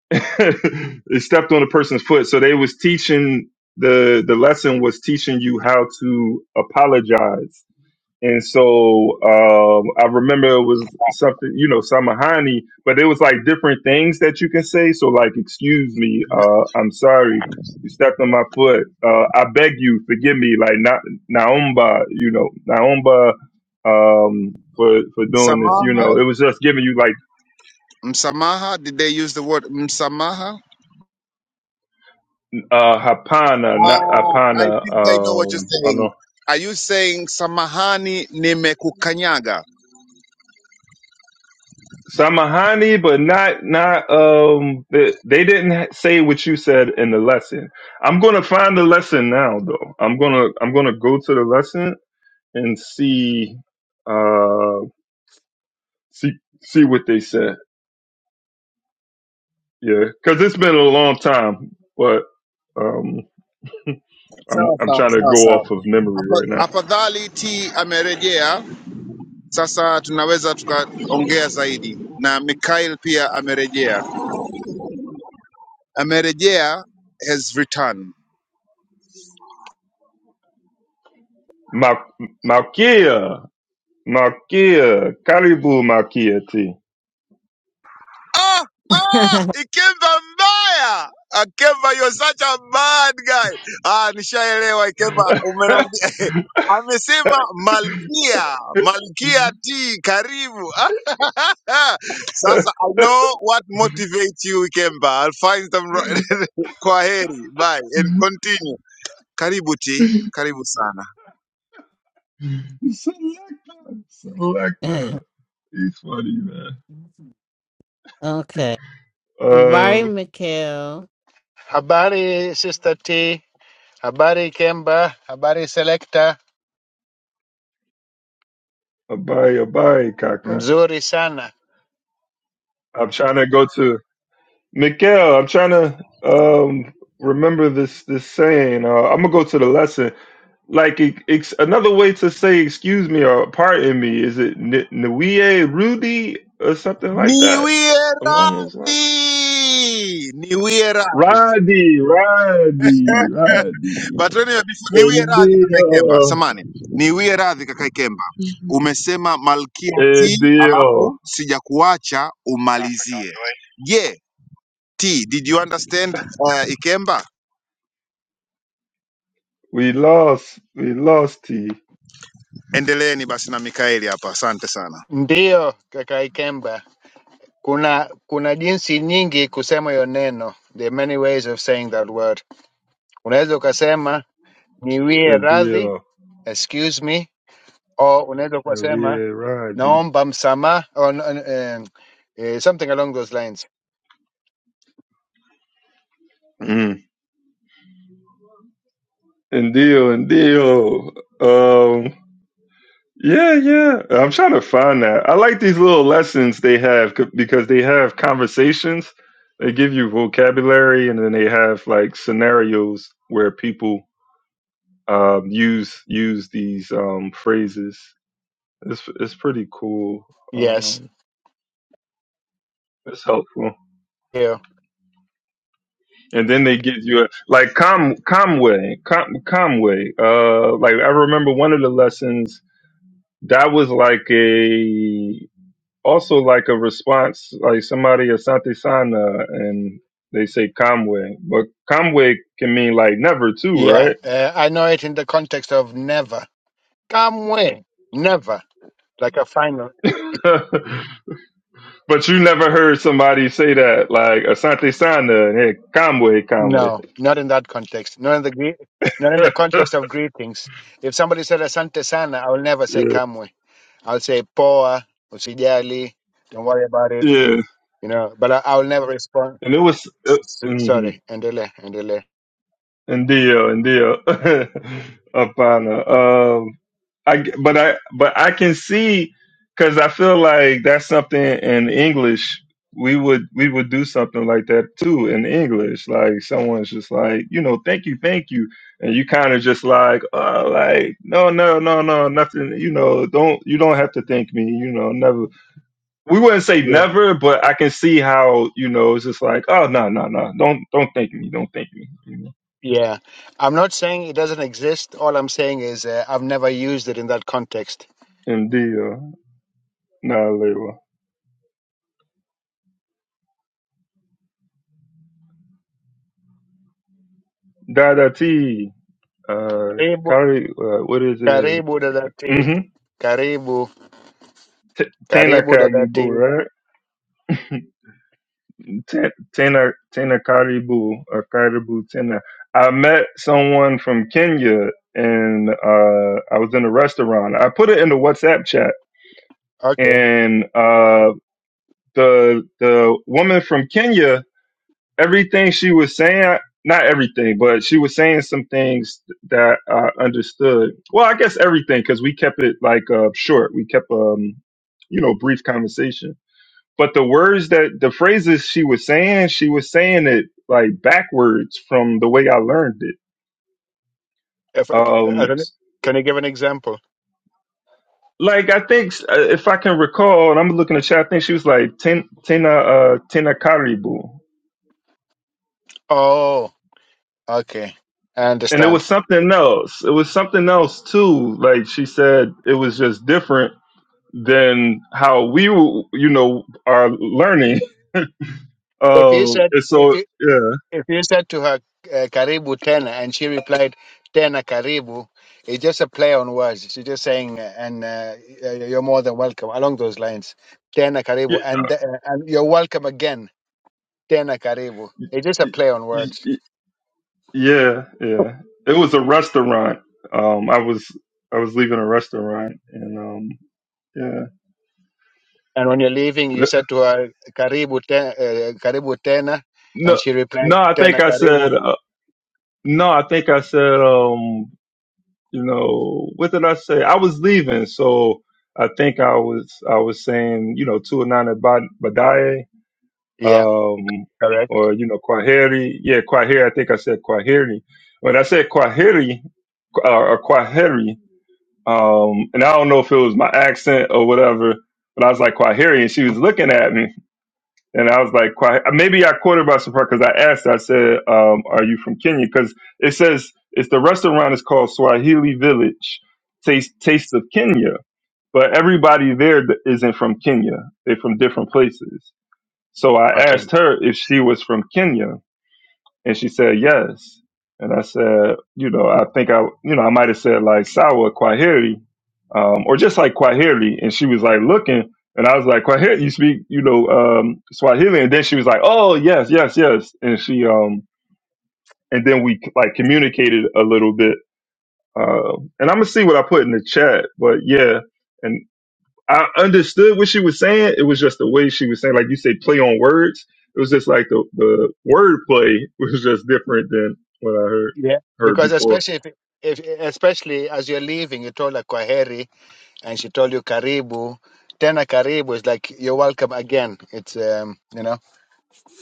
they stepped on a person's foot. So they was teaching the the lesson was teaching you how to apologize. And so um, I remember it was something, you know, Samahani, but it was like different things that you can say. So like, excuse me, uh, I'm sorry, you stepped on my foot. Uh, I beg you, forgive me. Like na- Naomba, you know, Naomba um, for for doing this. You know,
Msamaha,
it was just giving you like
msamaha, did they use the word msamaha?
uh hapana not
Oh, I
hapana
think I know what you're
um i don't
saying.
know
Are you saying samahani nimekukanyaga?
samahani but not not um they, they didn't ha- say what you said in the lesson i'm gonna find the lesson now though i'm gonna i'm gonna go to the lesson and see uh see see what they said yeah because it's been a long time but um i'm
Sawa
i'm
sawa
trying to
sawa
go
sawa.
off of memory right
Apa-
now
Afadhali T amerejea, sasa tunaweza tukaongea zaidi, na Mikhail pia amerejea, amerejea has returned.
Ma- Malkia, Malkia, Karibu Malkia T.
Ah,
Give.
ah, Ikemba mbaya. Ah, Kemba, you're such a bad guy. Ah, nishaelewa Ikemba, umenambia. Amesema Malkia, Malkia T, karibu. Sasa I know what motivates you Ikemba. I'll find some ri- kwaheri. Bye and continue. Karibu T, karibu sana.
Selector, selector. He's funny, man.
okay. Barry
Uh,
Mikhail.
Habari Sister T, habari Kemba, habari Selector.
Abai, Abai, Kaka.
Mzuri sana.
I'm trying to go to Mikhail. I'm trying to um remember this this saying. Uh, I'm gonna go to the lesson. Like it, it's another way to say excuse me or pardon me. Is it N- Nwie Rudy or something like that
Niwie
along those lines?
radhi. Niwie radhi.
Roddy, Roddy, Roddy,
But anyway, before- niwie
and
radhi kaka Ikemba,
deal,
samani, niwie radhi kaka Ikemba, umesema Malkia T
and
alafu sijakuacha umalizie. Yeah, T, did you understand uh, Ikemba?
We lost. We lost T.
Endeleeni basi na Mikaeli hapa, asante sana.
Ndiyo kaka Ikemba, kuna kuna jinsi nyingi kusema hiyo neno. There are many ways of saying that word. Unaweza ukasema niwie radhi,
Ndio.
excuse me, or unaweza kusema
We're Roddy.
naomba msamaha or um, uh, something along those lines.
Mm. Ndio. Ndio. Um. Yeah, yeah. I'm trying to find that. I like these little lessons they have c- because they have conversations. They give you vocabulary, and then they have like scenarios where people um, use use these um, phrases. It's it's pretty cool.
Yes.
Um, it's helpful.
Yeah.
and then they give you a like Com Comway, Com, Comway. Uh, like I remember one of the lessons that was like a also like a response, like somebody Asante Sana, and they say Comway, but Comway can mean like never too,
Yeah.
right?
Uh, I know it in the context of never. Kamwe. Never. Like a final.
but you never heard somebody say that like Asante Sana and hey, Comway, Comway.
No, not in that context. Not in the gre- not in the context of greetings. If somebody said asante sana, I will never say
yeah,
kamwe. I'll say poa, usijali, don't worry about it,
yeah,
you know, but I, I will never respond.
and it was. Uh,
S- s-
mm-hmm.
sorry, endelea, endelea.
Ndio, ndio. Hapana. Um, I g- but I but I can see because I feel like that's something in English we would we would do something like that too in English. Like someone's just like you know, thank you, thank you, and you kind of just like oh, like no, no, no, no, nothing. You know, don't you don't have to thank me. You know, never. We wouldn't say
Yeah.
never, but I can see how you know it's just like oh no, no, no, don't don't thank me, don't thank me. You know,
Yeah. I'm not saying it doesn't exist. All I'm saying is uh, I've never used it in that context.
and deal. No, Lewa. Dada T. Uh,
Karibu,
Kari, uh, what is it?
karibu dadati.
Mm-hmm.
Karibu,
T- Tena
karibu
Karibu,
dadati.
right? T- Tena, Tena Karibu, or Karibu Tena. I met someone from Kenya and, uh, I was in a restaurant. I put it in the WhatsApp chat
Okay.
and, uh, the, the woman from Kenya everything she was saying, not everything, but she was saying some things that I understood. Well, I guess everything because we kept it like uh, short. We kept, um, you know, brief conversation. But the words that the phrases she was saying, she was saying it like backwards from the way I learned it.
If, I
Um,
don't know. can you give an example?
like I think uh, if I can recall, and I'm looking at the chat, I think she was like ten, tena, uh, tena karibu.
Oh, okay. I
and it was
understand.
something else. It was something else too. Like she said, it was just different than how we, w- you know, are learning.
If you
Uh,
said,
and
if
so,
you,
yeah,
If you said to her, uh, Karibu Tena, and she replied, Tena Karibu, it's just a play on words. She's just saying, uh, and uh, y- uh, you're more than welcome, along those lines. Tena Karibu, and, uh, and you're welcome again, Tena Karibu.
Y-
It's just a
y-
play on words.
y- yeah, yeah. It was a restaurant. Um, I was I was leaving a restaurant, and um, yeah.
And when you're leaving, you said to her, Karibu, ten, uh, Karibu Tena,
No,
and she replied,
no, I think
Tena
I
Karibu.
said uh, no. I think I said. Um, you know, what did I say? I was leaving, so I think I was I was saying, you know, two and nine at Badaye,
Yeah,
um,
correct.
or you know, Kwaheri. Yeah, Kwaheri. I think I said Kwaheri. When I said Kwaheri uh, or Kwaheri, um, and I don't know if it was my accent or whatever, but I was like Kwaheri, and she was looking at me. And I was like, quite, maybe I caught her by surprise because I asked. I said, um, "Are you from Kenya?" Because it says it's the restaurant is called Swahili Village, Taste Taste of Kenya. But everybody there th- isn't from Kenya; they're from different places. So I
Okay.
asked her if she was from Kenya, and she said, yes. And I said, you know, I think I, you know, I might have said like Sawa quaheri, um, or just like quaheri. And she was like looking, and I was like, quaheri, you speak, you know, um, Swahili. And then she was like, oh, yes, yes, yes. And she, um, and then we like communicated a little bit. Uh, and I'm gonna see what I put in the chat, but yeah. and. I understood what she was saying. It was just the way she was saying, like you say, play on words. It was just like the the word play was just different than what I heard
Yeah,
heard
because
before.
especially if, if especially as you're leaving, you told her Kwaheri, and she told you karibu tena karibu is like you're welcome again it's um you know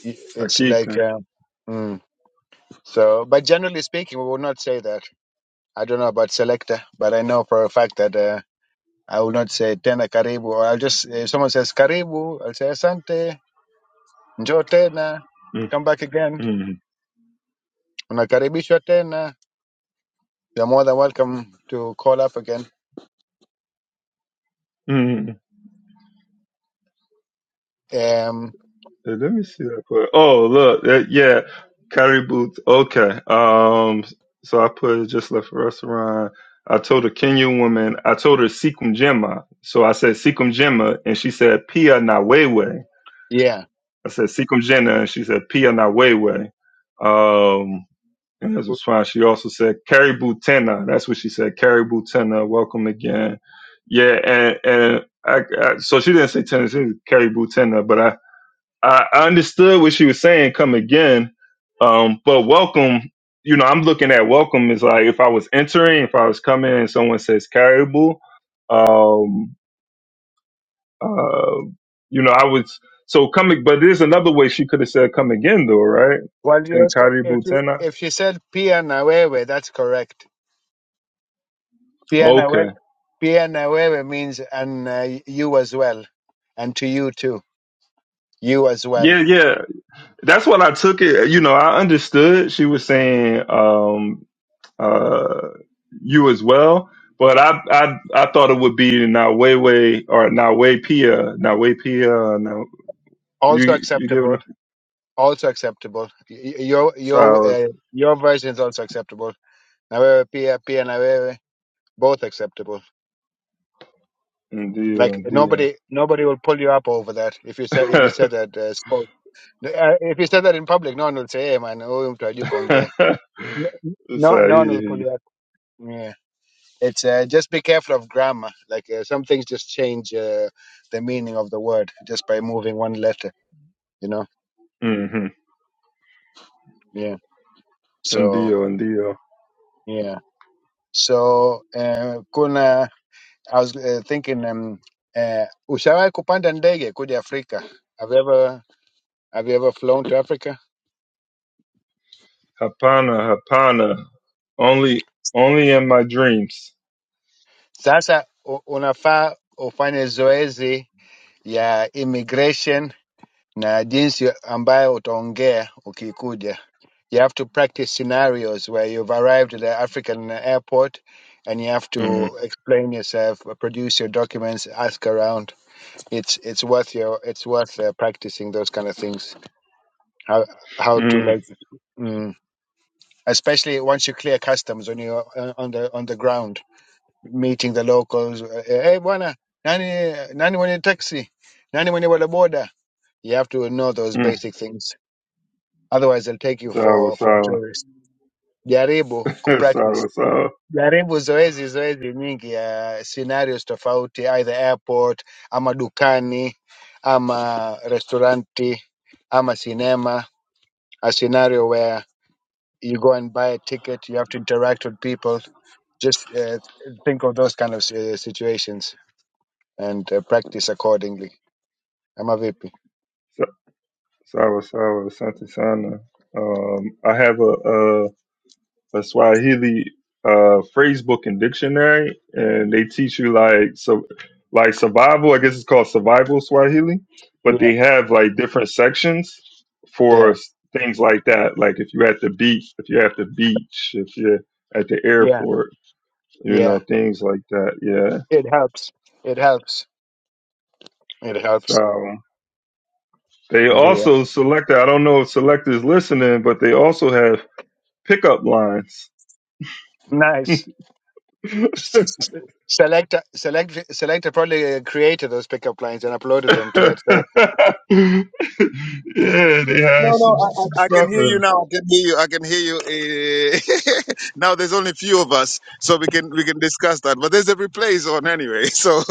it's like
Akika.
um, mm. so but generally speaking we will not say that i don't know about selector but i know for a fact that uh, i will not say tena karibu or i'll just if someone says karibu i'll say asante njoo tena
mm
come back again
mm
unakaribishwa tena you're more than welcome to call up again
mm.
um
Uh, Let me see that put. Oh look, that, yeah, curry boots. Okay. Um. So I put just left a restaurant. I told a Kenyan woman. I told her Sekum Jema. So I said Sekum Jema, and she said Pia Nawewe.
yeah
I said, Seekum Jenna. And she said, Pia na Wewe. Um, and as a response, she also said, Caribou Tena. That's what she said, Caribou Tena. Welcome again. Yeah. And, and I, I, so she didn't say Tena, she said Caribou Tena, but I, I I understood what she was saying, come again. Um, but welcome, you know, I'm looking at welcome is like if I was entering, if I was coming and someone says Caribou, um, uh, you know, I was so coming, but there's another way she could have said come again though, right?
well you
Then
ask- if
Karibu
you,
Tena.
if she said pia na wewe that's correct Pia na wewe,
Okay.
pia na wewe means and uh, you as well, and to you too, you as well.
Yeah, yeah. That's what I took it. You know, I understood she was saying um uh you as well, but I I I thought it would be Nawewe or Nawe Pia, Nawe Pia, now
Also
you you giving
acceptable.
the
Also acceptable. Y- y- Your your
flowers
uh, your version is also acceptable. Na wewe pia, pia na wewe, both acceptable.
and deal
Like
deal.
nobody nobody will pull you up over that if you say if you said that uh, spoke. Uh, if you said that in public, no one will say, "Hey man, huyu mtu hajui kuongea."
It's
No, no one will pull
like,
you up. Yeah. It's uh, just be careful of grammar. Like uh, some things just change uh, the meaning of the word just by moving one letter. You know.
mm-hmm.
Yeah.
And
So
deal and
yeah. So uh, kuna I was uh, thinking um, uh, ushawahi kupanda ndege kuja Afrika? Have you ever have you ever flown to Africa?
Hapana, Hapana. Only, only in my dreams.
Sasa u- unafaa ufanye zoezi ya immigration na jinsi ambayo utaongea ukikuja. You have to practice scenarios where you've arrived at the African airport and you have
Mm,
to explain yourself, produce your documents, ask around. It's it's worth your it's worth uh, practicing those kind of things. How how to
mm,
like, mm, especially once you clear customs when you're uh, on the on the ground, meeting the locals. uh, Hey, bwana, nani nani mwenye taxi, nani mwenye boda? boda. You have to know those
mm.
basic things. otherwise they'll take you
Sawa,
for for a
sawa.
tourist. Jaribu kupractice,
sawa, sawa.
jaribu zoezi zoezi nyingi ya scenarios tofauti, either airport ama dukani ama restauranti ama cinema. A scenario where you go and buy a ticket, you have to interact with people. Just uh, think of those kind of uh, situations and uh, practice accordingly. Ama vipi?
Sa- Sawa, sawa. Asante sana. Um, I have a, a, a Swahili, uh, phrase book and dictionary, and they teach you like, so, like survival, I guess it's called survival Swahili, but
Yeah,
they have like different sections for
yeah,
s- things like that. Like if you're at the beach, if you're at the beach, if you're at the
yeah,
airport, you know,
yeah.
things like that. Yeah.
It helps. It helps. It helps.
So they
Indeed.
also select, I don't know if select is listening, but they also have pickup lines.
Nice. S- s- s- Select, select, select. Probably created those pickup lines and uploaded them to
yeah,
that site.
they have
No, no,
some,
I,
some
I, I can
stuff
hear you
in,
now. I can hear you. I can hear you. eh. now there's only few of us, so we can we can discuss that. But there's a replays on anyway. So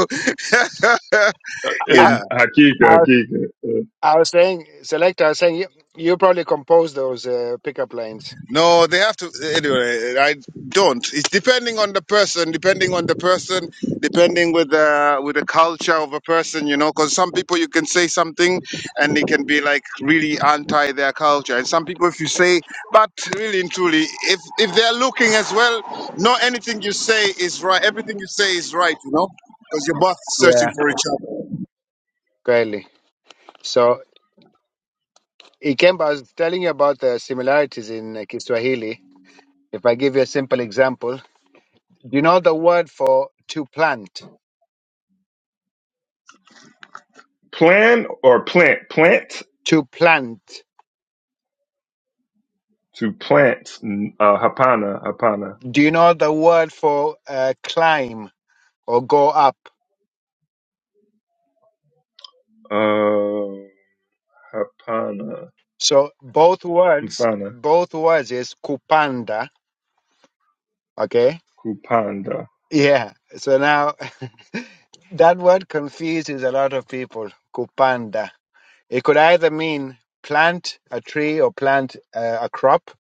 I,
yeah.
in Hakika,
I, was-
Hakika. Uh,
I was saying, select. I was saying you, you probably composed those uh, pickup lines.
No, they have to. Anyway, I don't. It's depending on the person, depending on the person, depending with the with the culture of a person, you know. Because some people you can say something, and they can be like really anti their culture, and some people if you say, but really and truly, if if they're looking as well, not anything you say is right. Everything you say is right, you know, because you're both searching
Yeah,
for each other.
clearly. So Ikemba, I was telling you about the similarities in uh, Kiswahili. If I give you a simple example, do you know the word for to plant?
plan or plant, plant
To plant.
to plant, uh, Hapana, Hapana,
Do you know the word for uh, climb or go up?
uh, Hapana,
So both words,
Hapana,
both words is kupanda. Okay.
Kupanda.
Yeah. So now that word confuses a lot of people. Kupanda. It could either mean plant a tree or plant uh, a crop,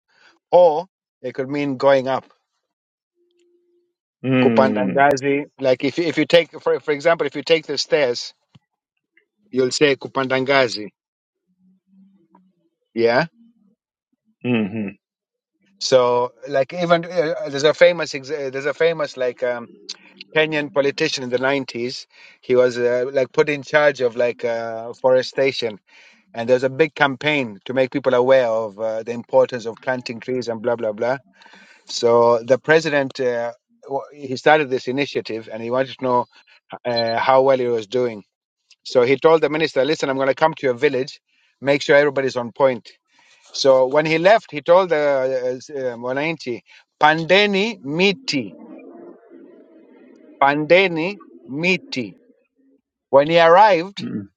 or it could mean going up.
Mm,
Kupandangazi. Like if you- if you take for for example, if you take the stairs, you'll say kupandangazi. Yeah.
mm-hmm.
So like even uh, there's a famous ex- uh, there's a famous like um Kenyan politician in the 90s. He was uh, like put in charge of like uh, forestation, and there was a big campaign to make people aware of uh, the importance of planting trees and blah blah blah. So the president uh, w- he started this initiative, and he wanted to know uh, how well he was doing. So he told the minister, "Listen, I'm going to come to your village, make sure everybody's on point." So when he left, he told the uh, uh, Wananchi, "Pandeni miti, pandeni miti." When he arrived
mm.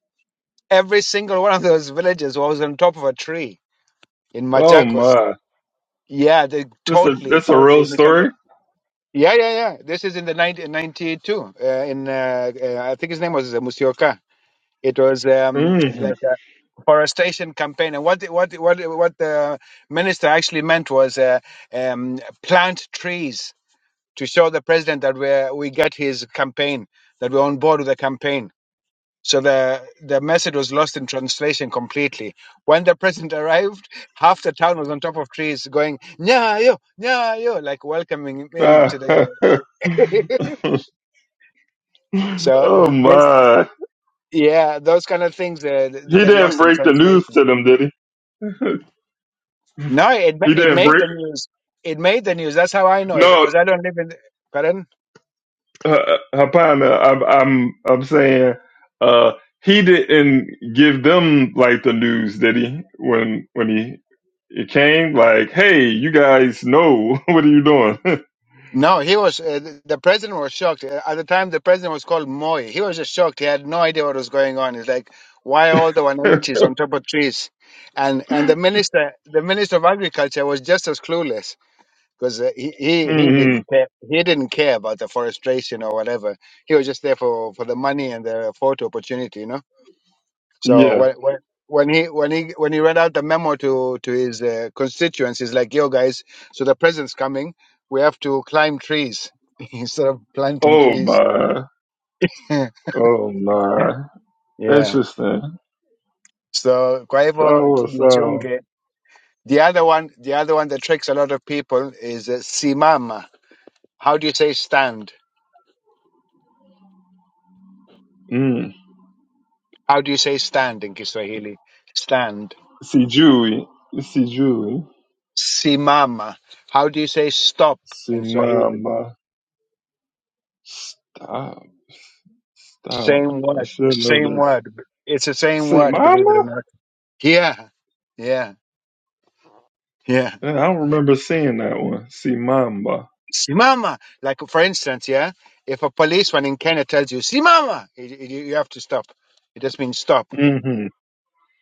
Every single one of those villages was on top of a tree in
Oh
Machakos.
my.
Yeah, they
That's a
totally,
that's a
totally
real
misunderstood.
story.
Yeah, yeah, yeah. This is in the 1992. Uh, in uh, uh, I think his name was uh, Musioka. It was um,
Mm.
like a forestation campaign, and what the- what the- what the- what the minister actually meant was uh, um, plant trees to show the president that we we got his campaign, that we're on board with the campaign. So the, the message was lost in translation completely. When the president arrived, half the town was on top of trees going, Nyayo, Nyayo, like welcoming him in to the. so th-
oh
this,
my!
yeah, those kind of things uh, th- they
He
get
didn't
lost in
break the news
translation.
to them, did he?
No, it, ma-
He
it
didn't
made
break.
the news. It made the news. That's how I know it
No,
because I don't live in. Pardon?
uh, uh, Hapana. I'm I'm I'm saying uh, he didn't give them like the news, did he? When when he it came, like, hey, you guys know what are you doing?
No, he was, uh, th- the president was shocked. Uh, At the time, the president was called Moy. He was just shocked. He had no idea what was going on. He's like, why all the Wananchis on top of trees? And and the minister, the minister of agriculture was just as clueless because uh, he, he he
hmm
didn't care. He didn't care about the forestation or whatever. He was just there for, for the money and the photo opportunity, you know? So
Yeah.
when when when he when he when he read out the memo to to his uh, constituents, he's like, "Yo, guys, so the president's coming. We have to climb trees instead of planting
Oh
trees."
my. Oh my.
yeah.
Interesting.
So kwa hivyo
Sawa sawa.
jichunge. The other one, the other one that tricks a lot of people is uh, simama. How do you say stand?
Mm.
How do you say stand in Kiswahili? Stand.
Sijui, sijui,
Simama. How do you say stop in Swahili?
simama. Stop, stop.
Same
I
word.
should know
Same
this.
word. It's the same word, believe it or
Simama?
not. Yeah. Yeah. Yeah.
Yeah, I don't remember seeing that one. Simamba.
Simama. Like, for instance, yeah, if a policeman in Kenya tells you, Simama, you, you you have to stop. It just means stop.
Mm-hmm.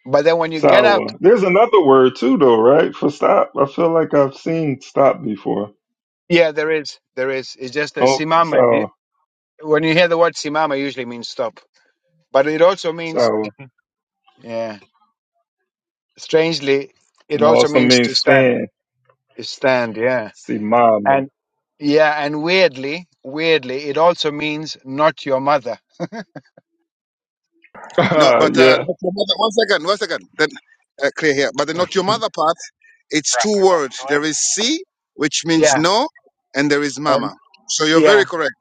But then when you get up,
Sawa. There's another word too, though, right? For stop. I feel like I've seen stop before.
yeah, there is. There is. It's just a
Oh,
Simama. You-
sawa,
When you hear the word Simama, it usually means stop. But it also means,
sawa.
yeah, strangely, it
And
also
also
means to
means
stand.
stand.
Stand, yeah.
Simama.
And yeah, and weirdly, weirdly, it also means not your mother.
No,
Ah,
but uh,
yeah.
not your mother. One second, one second. Then uh, clear here. But the not your mother part. It's two words. There is si, which means
Yeah,
no, and there is
and
mama. So you're
yeah,
very correct.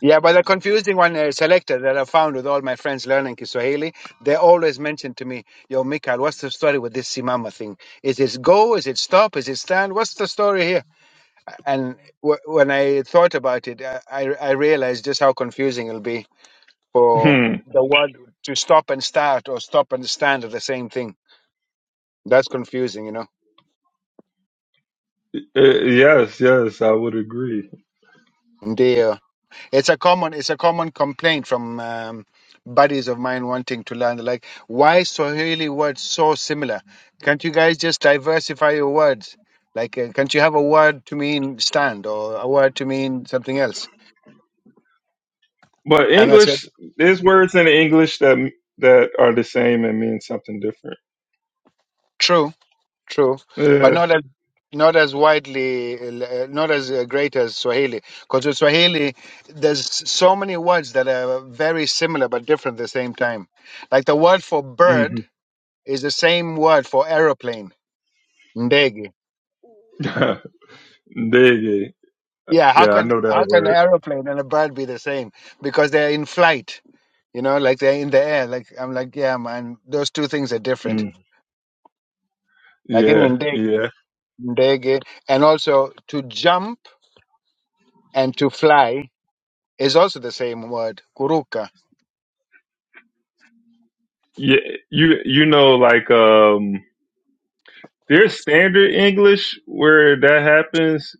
yeah. But the confusing one uh, selector that I found with all my friends learning Kiswahili, they always mention to me, "Yo, Mikhail, what's the story with this simama thing? Is it go? Is it stop? Is it stand? What's the story here?" And w- when I thought about it, I, I I realized just how confusing it'll be for
Hmm.
the word to stop and start or stop and stand are the same thing. That's confusing, you know.
Eh, yes, yes, I would agree.
It's a common it's a common complaint from um, buddies of mine wanting to learn They're like why Swahili words so similar? Can't you guys just diversify your words? Like uh, can't you have a word to mean stand or a word to mean something else?
But
And I said
English, there's words in English that that are the same and mean something different.
true, true, but
Yeah.
not as not as widely, uh, not as uh, great as Swahili. Because with Swahili, there's so many words that are very similar but different at the same time. Like the word for bird
Mm-hmm.
Is the same word for aeroplane, ndege.
Dig it.
Yeah, how
Yeah, I
can
know that
how can an
word.
aeroplane and a bird be the same? Because they're in flight, you know, like they're in the air. Like I'm like, yeah, man, those two things are different.
Mm.
Like in
Yeah,
ndege,
yeah,
ndege, and also to jump and to fly is also the same word, kuruka.
yeah. You you know like um, there's standard English where that happens,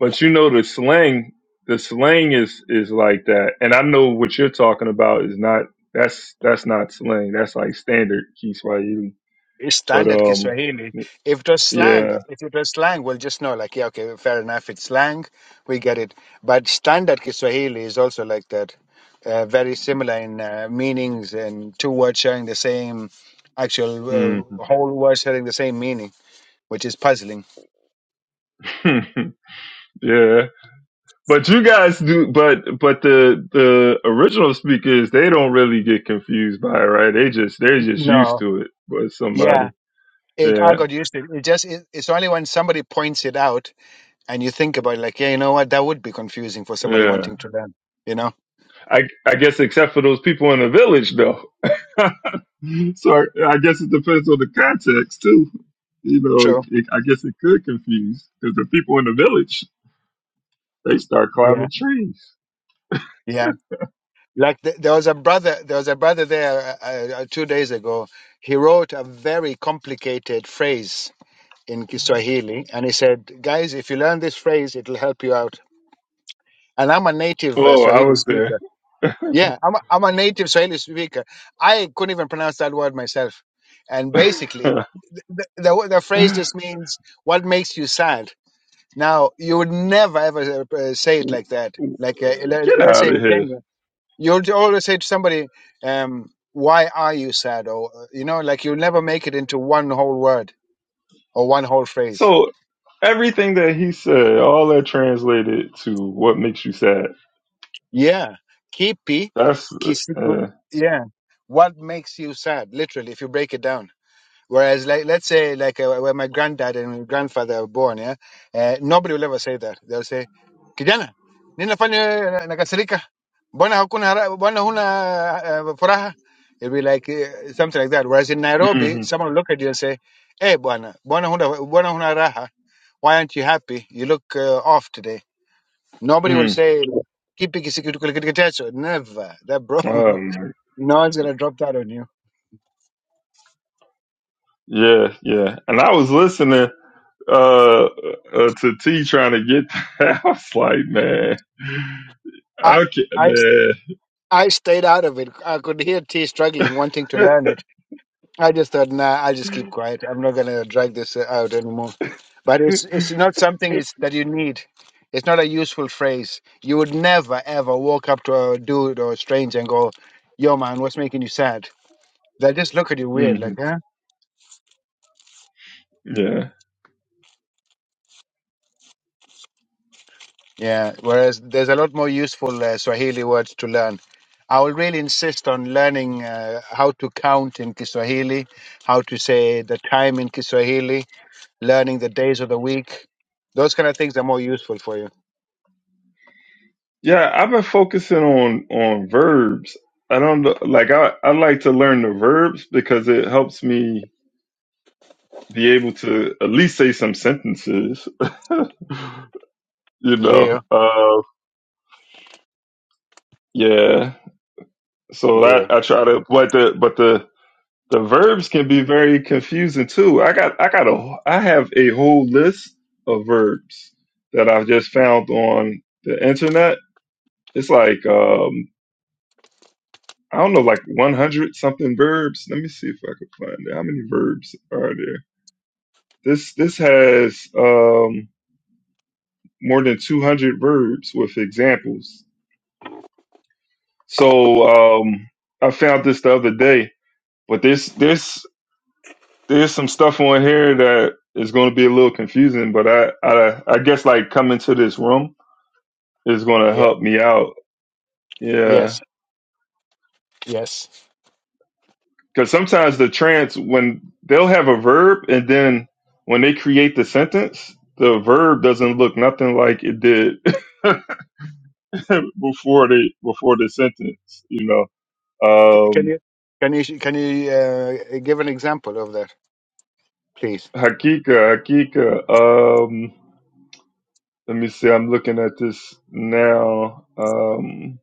but you know the slang. The slang is is like that, and I know what you're talking about is not. That's that's not slang. That's like standard Kiswahili.
It's
But
standard
um,
Kiswahili. If it was slang,
yeah.
if it was slang, we'll just know, like, yeah, okay, fair enough. It's slang. We get it. But standard Kiswahili is also like that, uh, very similar in uh, meanings and two words sharing the same actual
Hmm.
uh, whole word sharing the same meaning, which is puzzling.
yeah. But you guys do but but the the original speakers they don't really get confused by it, right? They just they're just used
No.
to it But
Yeah.
somebody.
It, I
Yeah.
got used to it. It just it, it's only when somebody points it out and you think about it, like, yeah, you know what, that would be confusing for somebody
Yeah.
wanting to learn. You know,
I I guess except for those people in the village though. so I, I guess it depends on the context too. You know, it,
true.
it, I guess it could confuse because the people in the village they start
Yeah.
climbing trees.
Yeah. Like th- there was a brother, there was a brother there uh, uh, uh, two days ago. He wrote a very complicated phrase in Kiswahili, and he said, "Guys, if you learn this phrase, it'll help you out." And I'm a native uh,
Oh, I
Swahili
was there.
speaker. Yeah, I'm a, I'm a native Swahili speaker. I couldn't even pronounce that word myself. And basically,
Get
the, the, the phrase just means what makes you sad. Now, you would never ever uh, say it like that. Like uh, le- let's say
out of
in
here.
Kenya. You'll j- always say to somebody, um, "Why are you sad?" Or uh, you know, like you'll never make it into one whole word or one whole phrase.
So Everything that he said, all that translated to what makes you sad.
Yeah, kipi,
That's
kisiku.
uh,
Yeah, what makes you sad? Literally, if you break it down. Whereas, like, let's say, like, uh, when my granddad and grandfather were born, yeah, uh, nobody will ever say that. They'll say, kijana, ninafanya nakasirika, Bona hakuna, hara- bona huna uh, furaha? It'll be like uh, something like that. Whereas in Nairobi,
mm,
someone will look at you and say, hey, bwana, mbona huna, mbona huna raha? Why aren't you happy? You look uh, off today. Nobody will
mm,
say, kipi kisikitukulikitiketecho. Never. That bro,
oh
no
my,
one's going to drop that on you.
yeah, yeah. And I was listening uh, uh to T trying to get that. I was like, man,
I,
okay,
I I stayed out of it. I could hear T struggling, wanting to learn it. I just thought, nah, I'll just keep quiet. I'm not going to drag this uh, out anymore. But
man.
it's it's not something it's, that you need. It's not a useful phrase. You would never ever walk up to a dude or a stranger and go, "Yo, man, what's making you sad?" They just look at you
hmm
weird, like, "Huh?"
Yeah.
Yeah. Whereas there's a lot more useful uh, Swahili words to learn. I will really insist on learning uh, how to count in Kiswahili, how to say the time in Kiswahili, learning the days of the week. Those kind of things are more useful for you.
Yeah, I've been focusing on on verbs. I don't know, like I I like to learn the verbs because it helps me be able to at least say some sentences. you know
Dear,
uh yeah so that
dear,
i try to but the but the the verbs can be very confusing too i got i got a i have a whole list of verbs that i've just found on the internet it's like um i don't know like 100 something verbs let me see if i can find it how many verbs are there this this has um more than 200 verbs with examples so um i found this the other day but this this there's some stuff on here that is going to be a little confusing, but I, I, I guess like coming to this room is going to
yeah,
help me out. Yeah.
yes, yes.
Cause sometimes the trance, when they'll have a verb and then when they create the sentence, the verb doesn't look nothing like it did before the, before the sentence, you know,
C- can
um,
you can you can you uh, give an example of that, please?
Hakika, Hakika, um, let me see, I'm looking at this now. Um,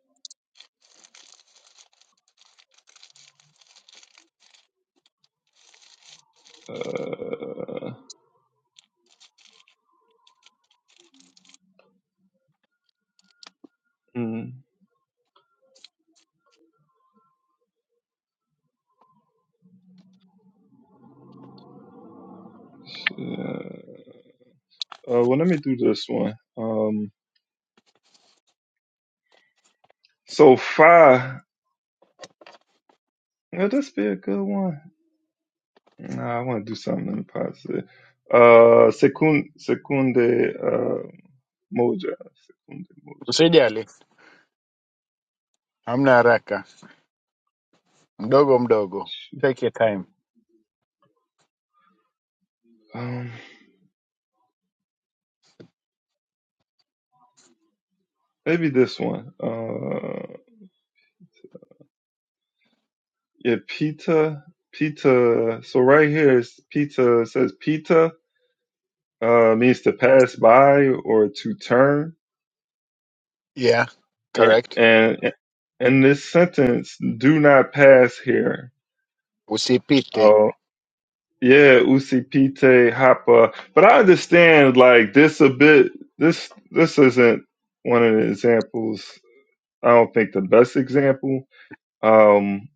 mm, shit. Uh, well, let me do this one. Um, so far, Well, this be a good one. Nah, I want to do something positive. Uh, secund, secunde, uh, moja, secunde moja.
Usijali, hamna haraka, mdogo mdogo.
Shoot.
Take your time.
Um, maybe this one. Uh, yeah, pita, pita. So right here is pita it says pita, uh, means to pass by or to turn.
Yeah,
And,
correct.
and, and in this sentence, do not pass here.
Usipite.
Uh, Yeah, Usipite Hapa. But I understand like this a bit this this isn't one of the examples. I don't think the best example. Um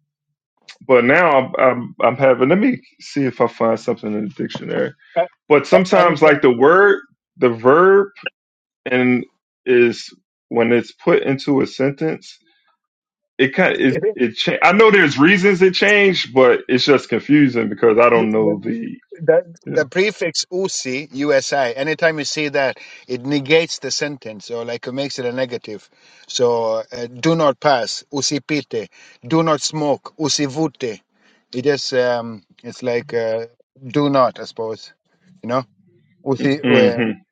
but now I'm I'm I'm having let me see if I find something in the dictionary.
A-
But
a-
sometimes
Anytime.
like the word the verb and is when it's put into a sentence it kind it it cha- I know there's reasons it changed, but it's just confusing because I don't know the
The, the prefix usi, USI, anytime you see that, it negates the sentence or like it makes it a negative. So uh, do not pass, usipite. Do not smoke, usivute. It just, um, it's like uh, do not, I suppose. You know? Usi, uh, uh,
yeah.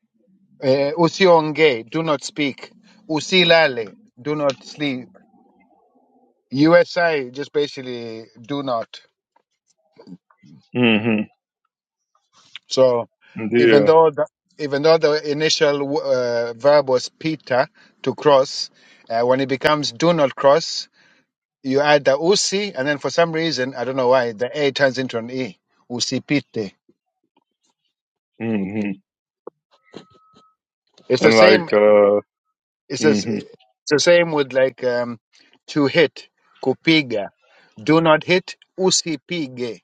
usionge, do not speak. Usilale, do not sleep. USI, just basically do not.
hmm
So even
Yeah.
though the, even though the initial uh, verb was pita to cross, uh, when it becomes do not cross, you add the usi, and then for some reason I don't know why the a turns into an e. Usi pite.
hmm
It's the
And
same.
like, uh,
It's the, s-
hmm
it's the same with like um, to hit kupiga. Do not hit usipige.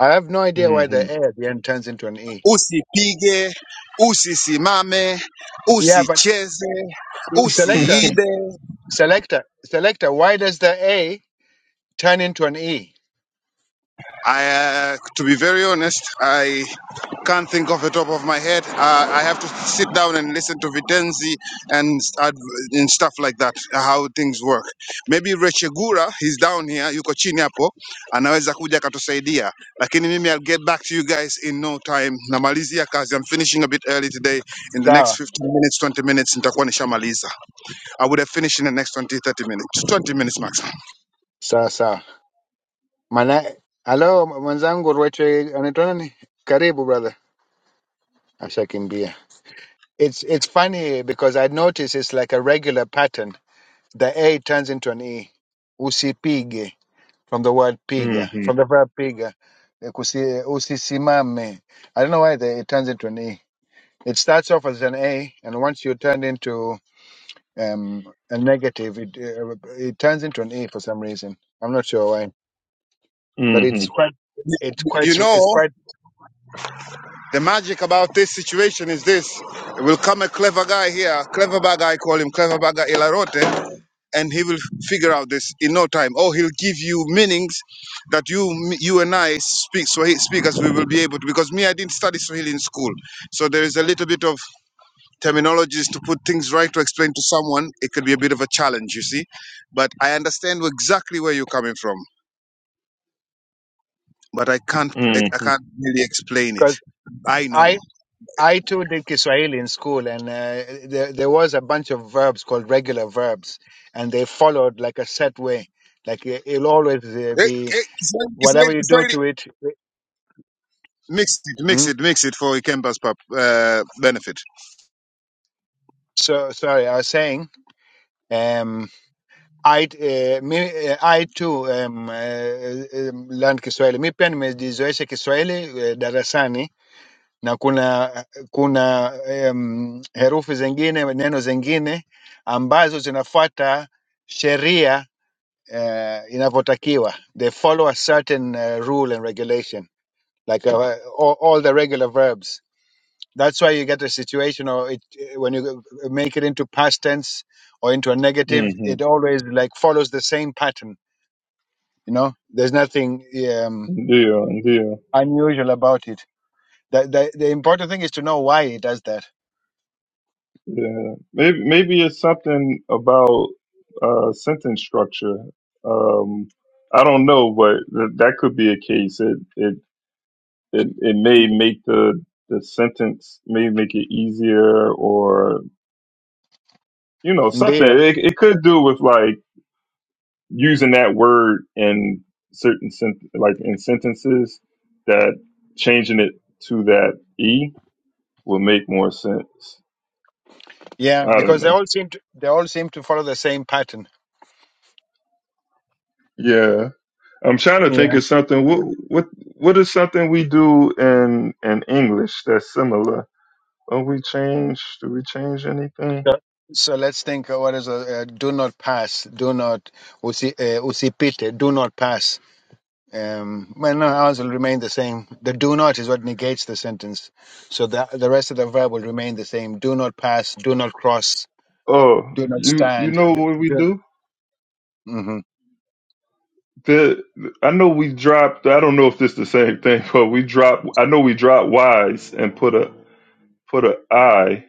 I have no idea why the
hmm
a at the end turns into an e.
Usipige, usisimame,
Yeah, but
usicheze,
i- selector,
hmm
usiibe.
selector, selector. Why does the a turn into an e?
I, uh, to be very honest, I can't think off the top of my head. Uh, I have to sit down and listen to Vitenzi and start, and stuff like that, how things work. Maybe Rechegura, he's down here, yuko chini hapo, anaweza kuja akatusaidia. Lakini mimi I'll get back to you guys in no time. Namalizia kazi. I'm finishing a bit early today. In the next
Sawa
15 minutes, 20 minutes, nitakuwa nishamaliza. I would have finished in the next 20, 30 minutes. 20 minutes maximum.
sawa sawa, maana halo mwenzangu Rweche anaitwa nani? Karibu brother, ashakimbia. It's it's funny because I notice it's like a regular pattern. The A turns into an E. Usipige from the word piga,
hmm
from the verb piga. Eh, Kusi, usisimame. I don't know why the, it turns into an E. It starts off as an A, and once you turn into um, a negative, it uh, it turns into an E for some reason. I'm not sure why. but
hmm
it's quite it's quite
You
sur- it's
know,
quite
The magic about this situation is this. It Will come a clever guy here, clever bag guy, call him clever bag guy Ilarote, and he will figure out this in no time. Or he'll give you meanings that you you and I speak Swahili speakers we will be able to because me I didn't study Swahili in school. So there is a little bit of terminologies to put things right to explain to someone. It could be a bit of a challenge, you see. But I understand exactly where you're coming from. But I can't I, I can't really explain it.
because
I know.
I I too did Kiswahili in school and uh, there there was a bunch of verbs called regular verbs and they followed like a set way like it- it'll always uh,
Eh,
be
eh, Kiswahili,
whatever
Kiswahili,
you do
Kiswahili.
to it.
Mix it, mix
Hmm?
it, mix it for Ikemba's pap, uh, benefit.
So sorry, I was saying. Um, I uh, me, uh, I too um, uh, um, learned Kiswahili. Mi pia nimejizoesha Kiswahili uh, darasani na kuna kuna um, herufi zingine neno zingine ambazo zinafuata sheria uh, inavyotakiwa they follow a certain uh, rule and regulation like uh, all, all the regular verbs that's why you get a situation or it when you make it into past tense or into a negative
hmm
it always like follows the same pattern you know there's nothing um,
Yeah, yeah,
unusual about it the, the, the important thing is to know why it does that
yeah. Maybe maybe it's something about uh sentence structure. Um, I don't know, but th- that could be a case. It it it, it may make the the sentence may make it easier, or you know something.
Ndio.
It it could do with like using that word in certain sent- like in sentences that changing it to that e will make more sense.
Yeah,
I don't
because they
know.
all seem to they all seem to follow the same pattern.
Yeah, I'm trying to think
Yeah.
of something. What what what is something we do in in English that's similar? Oh, we change. Do we change anything?
So, so let's think. uh, What is a uh, do not pass? Do not usi uh, usipite. Do not pass. Um, well, no, ours will remain the same. The do not is what negates the sentence. So the the rest of the verb will remain the same. Do not pass. Do not cross.
Oh,
Do not
you you
stand.
know
Do,
what we
do,
do?
hmm
The I know we dropped. I don't know if this the same thing, but we drop. I know we dropped wise and put a put a I.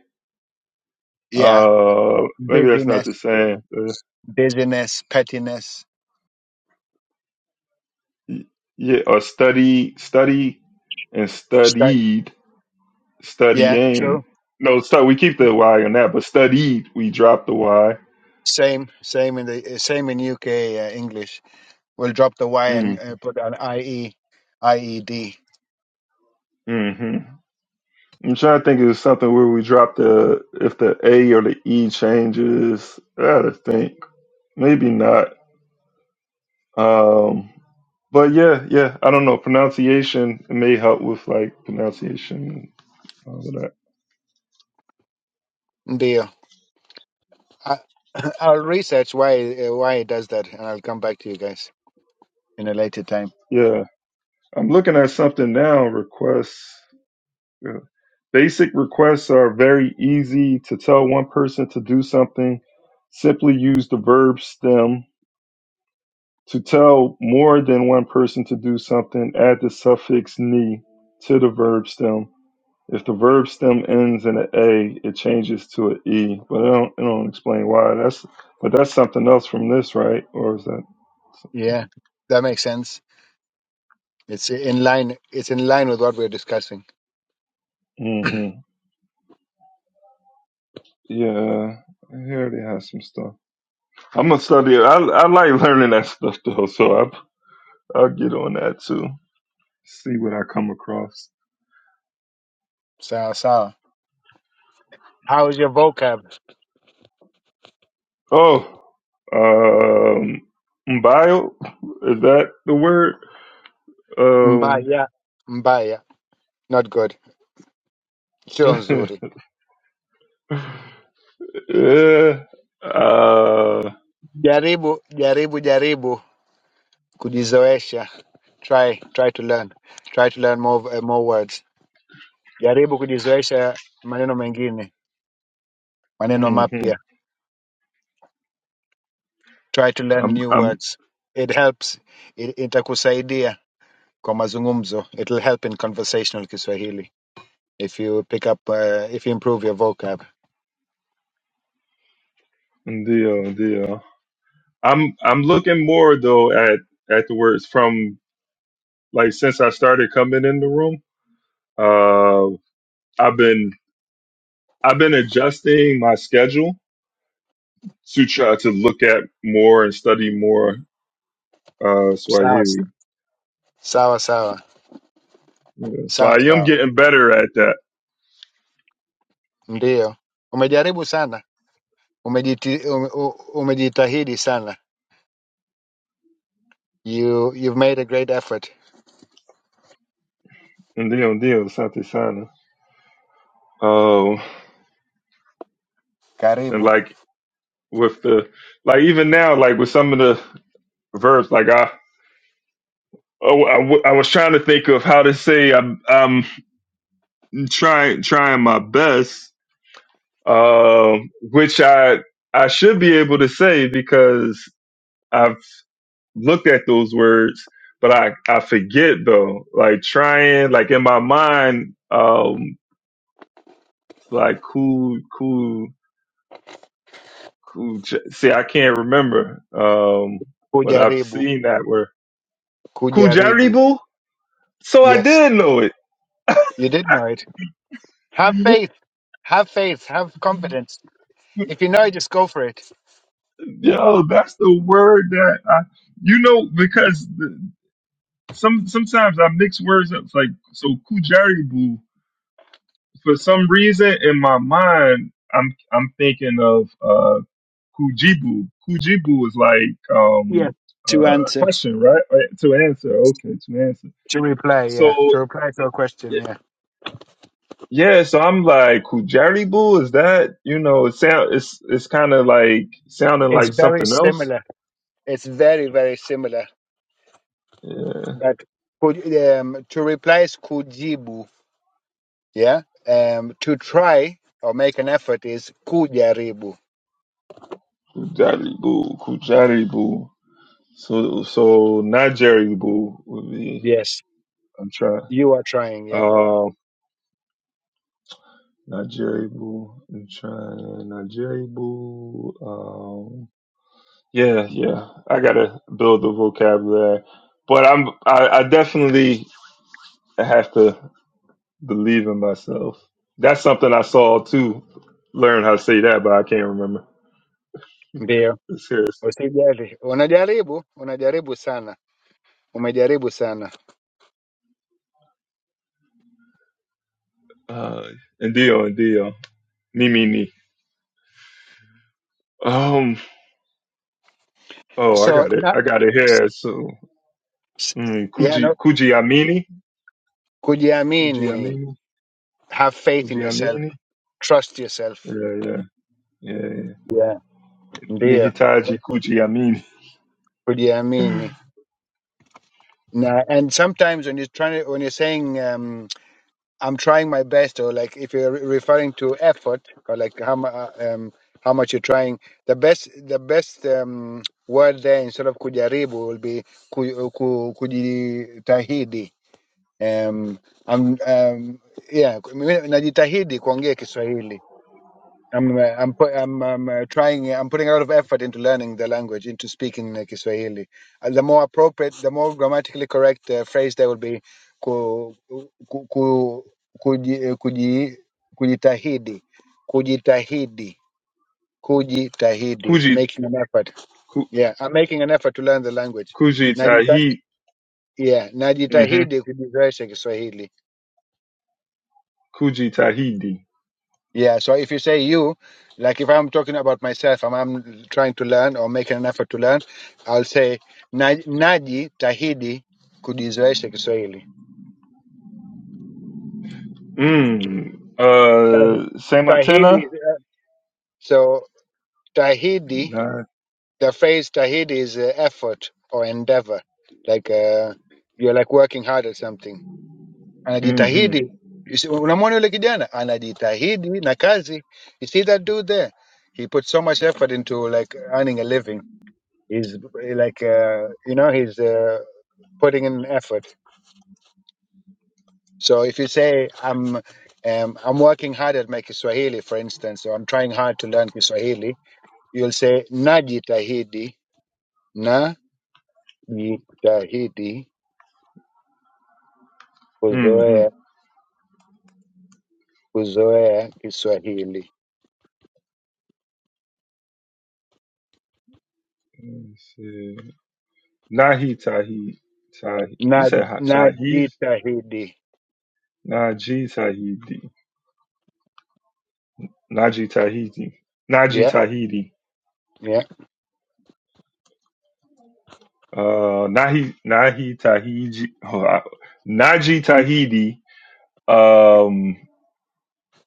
Yeah,
Uh, maybe that's not
busyness,
the same. Uh,
busyness, pettiness.
y- yeah, or study, study, and
Sta-
studied,
yeah,
studying.
true.
No, so we keep the Y on that, but studied, we drop the Y.
Same, same in the uh, same in UK uh, English. We'll drop the Y and
Mm,
uh, put an I E, I E D
hmm I'm trying to think of something where we drop the if the A or the E changes. I gotta think. Maybe not. Um, but yeah, yeah. I don't know. Pronunciation may help with like pronunciation and all of that.
IED. Deal. I, I'll research why uh, why it does that, and I'll come back to you guys in a later time.
Yeah. I'm looking at something now. Requests. Yeah. Basic requests are very easy to tell one person to do something. Simply use the verb stem. To tell more than one person to do something, add the suffix ni to the verb stem. If the verb stem ends in an A, it changes to an E. But I don't, I don't explain why. That's but that's something else from this, right? Or is that?
Yeah, that makes sense. It's in line. It's in line with what we're discussing.
hmm Yeah, here they have some stuff. I'm gonna study. it. I I like learning that stuff though, so I I'll get on that too. See what I come across.
Sawa, so how's your vocab?
Oh, um, bio is that the word? Um,
Mbaya, mbaya, not good. Sio nzuri.
yeah. Uh,
Jaribu, jaribu, jaribu. Kujizoesha. Try, try to learn. Try to learn more uh, more words. Jaribu kujizoesha maneno mengine. maneno
hmm
mapya try to learn
I'm
new
I'm
words it helps it, itakusaidia kwa mazungumzo it'll help in conversational kiswahili if you pick up uh, if you improve your vocab
deal deal. I'm I'm looking more though at at the words from like since I started coming in the room. Uh, I've been I've been adjusting my schedule sutra to look at more and study more uh,
sawa
Swahili.
sawa sawa
Yeah. So I
sawa
am
sawa
getting better at that.
ndio umejaribu sana umejiti, ume, u- umejitahidi sana you you've made a great effort
And deal, deal, Sante Sana. Oh, and
karibu
like with the, like even now, like with some of the verbs, like I, oh, I, w- I was trying to think of how to say I'm, I'm trying, trying my best, uh, which I, I should be able to say because I've. looked at those words, but I, I forget though. Like trying, like in my mind, um, it's like cool, cool, cool. J- See, I can't remember. Um, but I've
kujaribu
seen that word, cool
kujaribu
Boo. So I
yes
did know it.
you did know it have faith have faith have confidence if you know it just go for it
Yo, that's the word that I, you know, because the, some sometimes I mix words up. It's like so, Boo. For some reason, in my mind, I'm I'm thinking of uh, Kujibu. Kujibu is like
Yeah,
um
to
uh
answer,
question, right? Uh, To answer. Okay, to answer.
To reply,
So
yeah. To reply to a question,
y-
yeah.
yeah, so I'm like Kujaribu, is that you know, it sound it's it's kinda like sounding
It's
like
very
something else.
similar. It's very, very similar.
Yeah.
But could, um, to reply is kujibu, yeah. Um, to try or make an effort is kujaribu.
Kujaribu, Kujaribu. So so Nigeribu would be
Yes,
I'm trying
you are trying, yeah.
um Nigeribu, I'm trying Nigeribu, Yeah, yeah. I gotta build the vocabulary, but I'm I, I definitely have to believe in myself. That's something I saw too. Learn how to say that, but I can't remember.
Ndio.
It's serious.
Usijali. Unajaribu, unajaribu sana. Umejaribu sana.
Uh, and Dio and Dio, me me me. Um. Oh, I
So,
got
you
it.
know,
I got it
s-
here. So,
s-
mm,
yeah,
Kuji
no.
Kujiamini,
Kujiamini,
Kujiamini,
have faith in yourself,
Kujiamini.
trust yourself.
Yeah, yeah, yeah. yeah.
Ndio,
Nihitaji Kujiamini,
kujiamini. Na and sometimes when you're trying to, when you're saying um, I'm trying my best or like if you're re- referring to effort or like how mu- uh, um, how much you're trying, the best the best um, word there instead of kujaribu will be ku, ku, kujitahidi. Um, I'm, um, yeah, mimi najitahidi kuongea Kiswahili. I'm uh, I'm put, I'm I'm uh, trying I'm putting a lot of effort into learning the language into speaking uh, Kiswahili. Uh, the more appropriate, the more grammatically correct uh, phrase there will be ku, ku, ku, kuji, uh, kuji, kujitahidi, kujitahidi, kujitahidi,
Kuji
making an effort.
Ku,
Yeah, I'm making an effort to learn the language.
Kuji
Najita,
Tahi.
yeah,
Mm-hmm.
najitahidi kujizoesha Kiswahili.
Kuji Tahidi.
Yeah, so if you say you, like if I'm talking about myself, I'm, I'm trying to learn or making an effort to learn, I'll say "Na- najitahidi kujizoesha Kiswahili.
Mm.
Tahi-
Uh,
Tahidi.
Samatena.
is, uh, So tahidi,
Nah.
the phrase tahidi is uh, effort or endeavor, like uh, you're like working hard at something.
Mm-hmm.
Anajitahidi. You see, unamwona yule kijana anajitahidi na kazi. You see that dude there? He put so much effort into like earning a living He's like, uh, you know, he's uh, putting in effort. So if you say I'm, um, I'm working hard at my Kiswahili, for instance, or I'm trying hard to learn Kiswahili, you'll say najitahidi, najitahidi
Mm-hmm.
kuzoea kuzoea Kiswahili,
Let's see. Nahi Tahid. Tahid. You
na
said Ha- Tahid?
najitahidi.
Naji Tahidi. Naji Tahidi. Naji
Yeah,
Tahidi.
yeah.
Uh, Nahi Nahi Tahidi. Oh, I- Naji Tahidi. Um.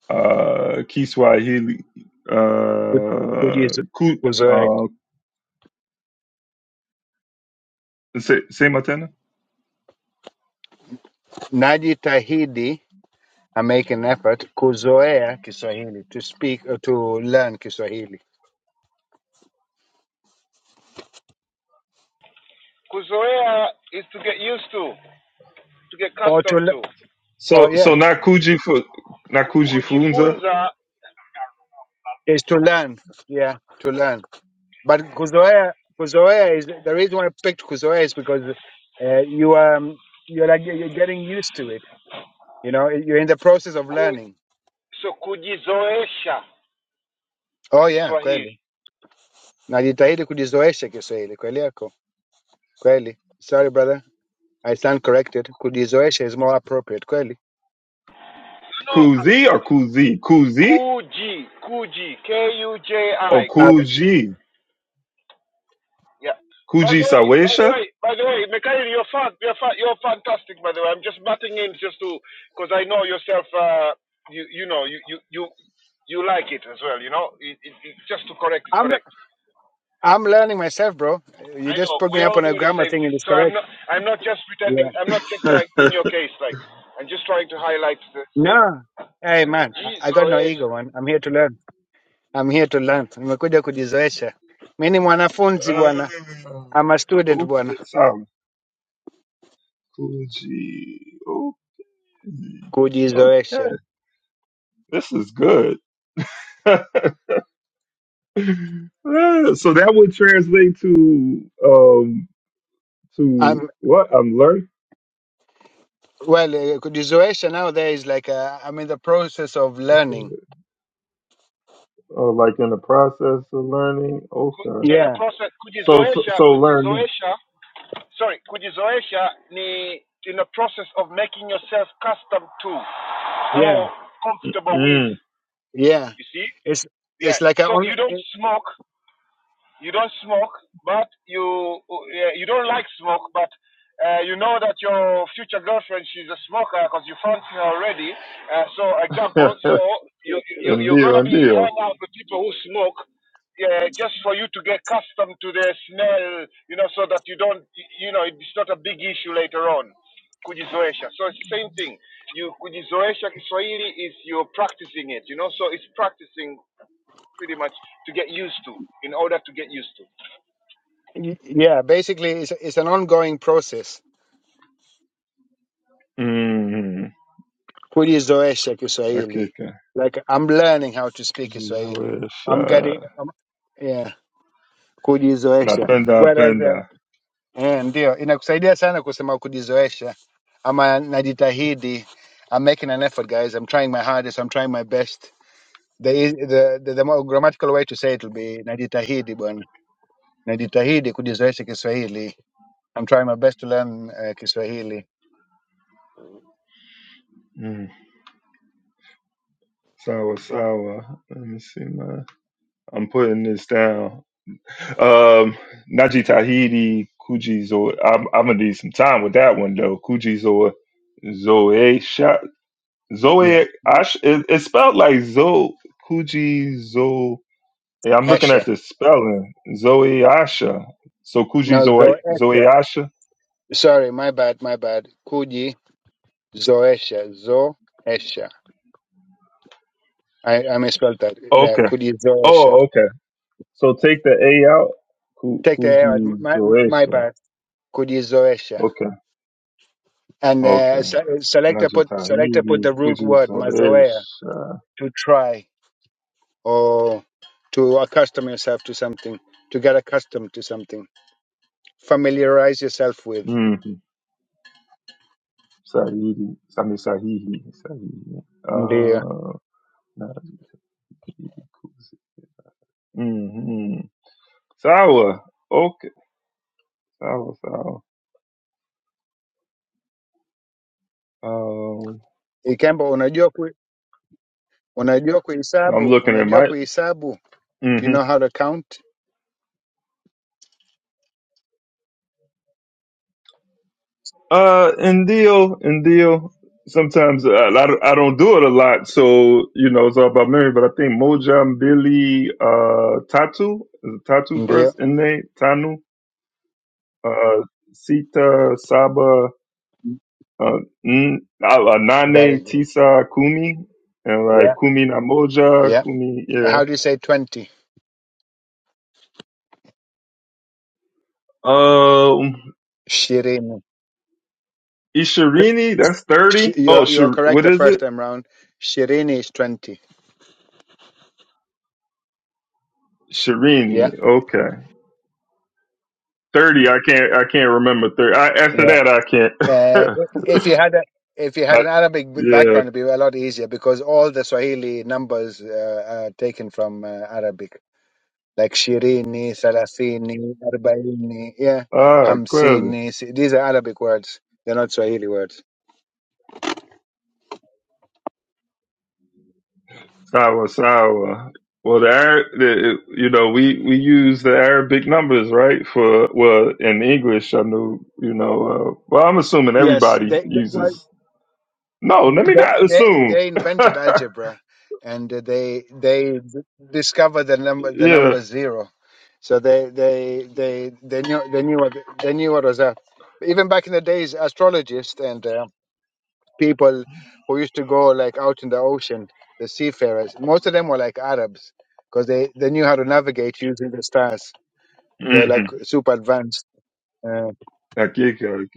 Uh. Kiswahili. Uh.
Kujizo-
Ku.
Kuzoea.
Uh. Say, say
Najitahidi I make an effort kuzoea Kiswahili to speak or to learn Kiswahili
Kuzoea is to get used to, to get
or to
accustomed
le-
to.
or
So so
yeah
not Kuji for not Kuji Funza.
Kujifunza
is to learn yeah to learn but kuzoea kuzoea is the reason why I picked kuzoea is because uh, you um you're like you're getting used to it you know you're in the process of
ku,
learning
so kujizoesha
oh yeah kweli
Kiswahili.
najitahidi kujizoesha Kiswahili kweli yako kweli sorry brother I stand corrected kujizoesha is more appropriate kweli
No, no,
Kuzi or Kuzi? Kuzi
kuji, kuji, K U J
or
I, kuji.
Kuji?
Yeah. By
Kuji
the way, by the
Sawesha?
way, by the way, Mikhail, you're fan, you're fa- you're fantastic. By the way, I'm just butting in just to because I know yourself. Uh, you you know you you you you like it as well. You know, it, it, it, just to correct it,
Uh,
correct.
I'm learning myself, bro. You
I
just
know
put me
we
up
all
on a
do the
grammar
same
thing and
thing.
it's
So I'm
correct.
not I'm not just pretending.
Yeah.
I'm not just like in your case. Like I'm just trying to highlight the
No. Hey, man, I, I got no
kujizoesha
ego, man. I'm here to learn. I'm here to learn. Nimekuja kujizoesha. Mi ni mwanafunzi
Uh,
bwana. I'm a student bwana.
okay, sorry. Kuji. Okay. Okay.
Kujizoesha.
This is good. Uh, so that would translate to um to
I'm,
what I'm learning.
well, eh, kujizoesha now there is like a, I'm in the process of learning.
Uh, like in the process of learning. Okay.
in the
Yeah,
process.
So so, so
Kujizoesha,
learning.
kujizoesha. Sorry, kujizoesha ni in the process of making yourself custom to.
yeah,
how comfortable
Mm.
yeah. It's it's like a on, eh,
Ndiyo, ndiyo.
you kujizoesha kiswahili is you're practicing it you know so it's practicing pretty much to get used to in order to get used to
yeah, basically it's it's an ongoing process.
Mm,
kulizoesha Kiswahili.
hakika
Like I'm learning how to speak Kiswahili.
kuzizoesha.
I'm getting I'm, yeah, kujizoesha.
Napenda,
Whereas um,
penda.
eh, ndio inakusaidia sana kusema kujizoesha ama najitahidi. I'm making an effort guys. I'm trying my hardest. I'm trying my best. The eas- the the, the more grammatical way to say it will be najitahidi bwana. Najitahidi kujizoesha Kiswahili. I'm trying my best to learn uh, Kiswahili.
Mm. Sawa, sawa. Let me see my... I'm putting this down. Um, Najitahidi Kujizo. I'm, I'm gonna need some time with that one though. Kujizo Zoesha.
Yeah.
Zoe. I sh- it, it's spelled like Zo Kujizo. Yeah, I'm looking at
Esha.
the spelling. Zoe Asha. So
No,
Kujizo Zoe
zoesha.
Asha.
Sorry, my bad, my bad. Kuji. Zoesha. Zoesha. I, I misspelled that. There.
Okay.
Could you Zoesha?
Oh, okay. So take the A out. Ku-
Take the air. out.
Kuji
My, my bad. Could you Zoesha?
Okay,
And uh,
okay.
se- selector put selector put
Najitahidi
the root
Kuji
word mazoea
Zoesha.
to try or to accustom yourself to something, to get accustomed to something, familiarize yourself with.
Mm-hmm. Sahihi. Sami sahihi. Sahihi.
Ndio.
Uh, Najitahidi Kuji. Mm-hmm. Sawa. Okay. Sawa, sawa. Um,
Ikemba unajua ku, unajua
I'm
kuhesabu,
looking at
unajua
my.
kuhesabu. Do you
mm-hmm.
know how to count?
Uh, and deal and deal. Sometimes uh, I, don't- I don't do it a lot, so you know it's all about memory. But I think Mojam, Billy, uh, Tatu is it Tatu first,
Ndio.
and they Tanu, uh, Sita, Saba, uh, N- uh, uh,
Very
Nane,
good.
Tisa, Kumi, and like
Yeah.
Kumi Namoja,
Yeah.
Kumi, yeah.
How do you say 20?
Um,
Shirin.
Ishirini, that's thirty.
Sh-
Oh,
you're you're
Shir-
correct
what
the
is it?
first time round. Shirin is twenty.
Shirini.
Yeah,
okay. Thirty, I can't. I can't remember thirty. I, after
yeah.
that, I can't.
Uh, if you had a if you
I,
had an Arabic b-
yeah.
background, it'd be a lot easier because all the Swahili numbers uh, are taken from uh, Arabic, like Shirini, Salasini, Arbaini, yeah,
Ah, clearly.
Hamsini. s- These are Arabic words. They're not Swahili words.
Sawa, sawa. Well, the, Arab, the you know we we use the Arabic numbers, right? For well, in English, I know you know. Uh, well, I'm assuming
Yes,
everybody
they, they- well,
uses. No, let me
they
not
they
assume.
they invented algebra and uh, they they d- discovered the number the
yeah.
number zero so they they they they knew they knew what they knew what was up even back in the days astrologists and uh, people who used to go like out in the ocean the seafarers most of them were like arabs because they they knew how to navigate using the stars they're like
Mm-hmm.
super advanced uh,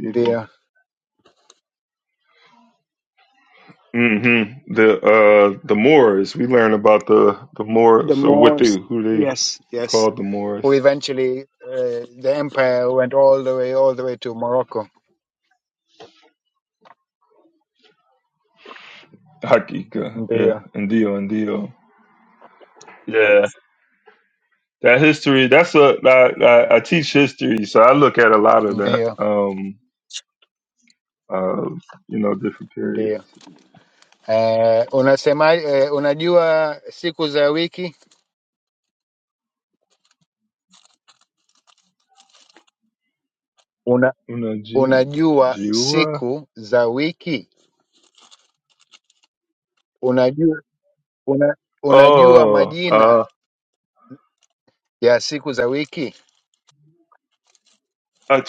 the
hmm The uh the Moors. We learn about the the
the
Moors or what they
Moors
who they
yes yes
called the Moors.
who eventually uh, the empire went all the way all the way to Morocco.
Hakika. Yeah.
Ndio,
Indio, Indio. Yeah. That history. That's a I, I, I teach history, so I look at a lot of that.
ndio,
Um. Uh. You know, different periods.
ndio. Eh, unasema eh, unajua siku za wiki? Una,
Una Ju-
unajua
Jua.
siku za wiki? Unajua una, unajua
Oh.
majina
Uh.
ya siku za wiki?
uh,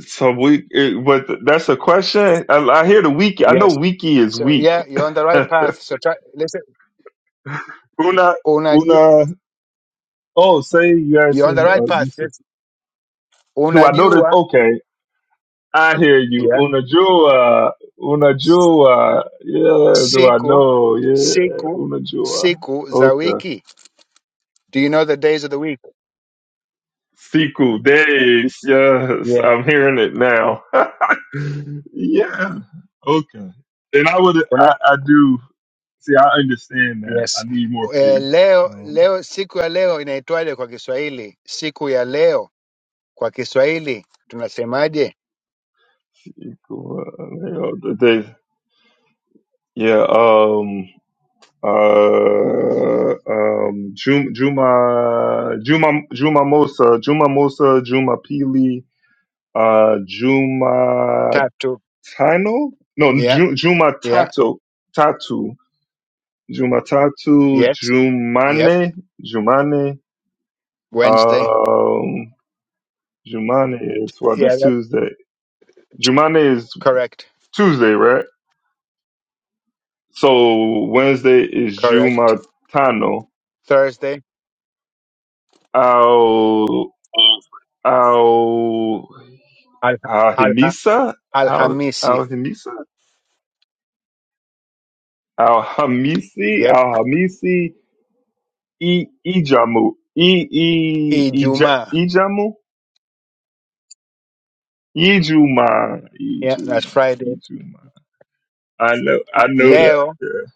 So we. It, but that's a question. I, I hear the wiki. I know
Yes.
wiki is
So yeah,
weak.
you're on the right path. So try, listen,
una.
unajua
Una. Oh, say you
you're on the
asking, uh,
right
you
path.
said,
Yes.
do I know that?
Unajua
Okay, I hear you.
yeah,
Una jua, una jua. Yeah, do I
siku
know? Yeah,
siku
una jua.
siku za
Okay.
wiki Do you know the days of the week?
Siku days. Yes,
Yeah.
I'm hearing it now. yeah. Okay. And I would,
Una,
I, I do, see, I understand that. I
yes.
need more faith.
Eh, leo
Um,
leo siku ya leo inaitwaje kwa Kiswahili? Siku ya leo kwa Kiswahili tunasemaje?
siku, uh, yeah, um, uh, um, Juma, Juma, Juma, Juma Mosa, Juma Mosa, Juma Pili, uh, Juma
Tatu.
Tano, no,
Yeah,
Ju, Juma
yeah,
Tato, Tatu, Juma Tatu,
yes. Yep.
Jumane, Jumane,
Wednesday.
um, Jumane is what?
Yeah,
that's
that,
Tuesday. Jumane is
correct.
Tuesday, right? So Wednesday is
Correct.
Juma Tano.
Thursday.
I'll,
Al,
Al
al,
Hamisa, Al
Alhamisi.
Al Hamisa, Al Hamisi,
Yep.
Al Hamisi, E Ijamu, I I Ija-
Ijumaa.
Ijamu, Ijuma,
Yeah, that's
Ijuma,
Friday.
Ijuma. I know, I know that.
Leo.
yeah.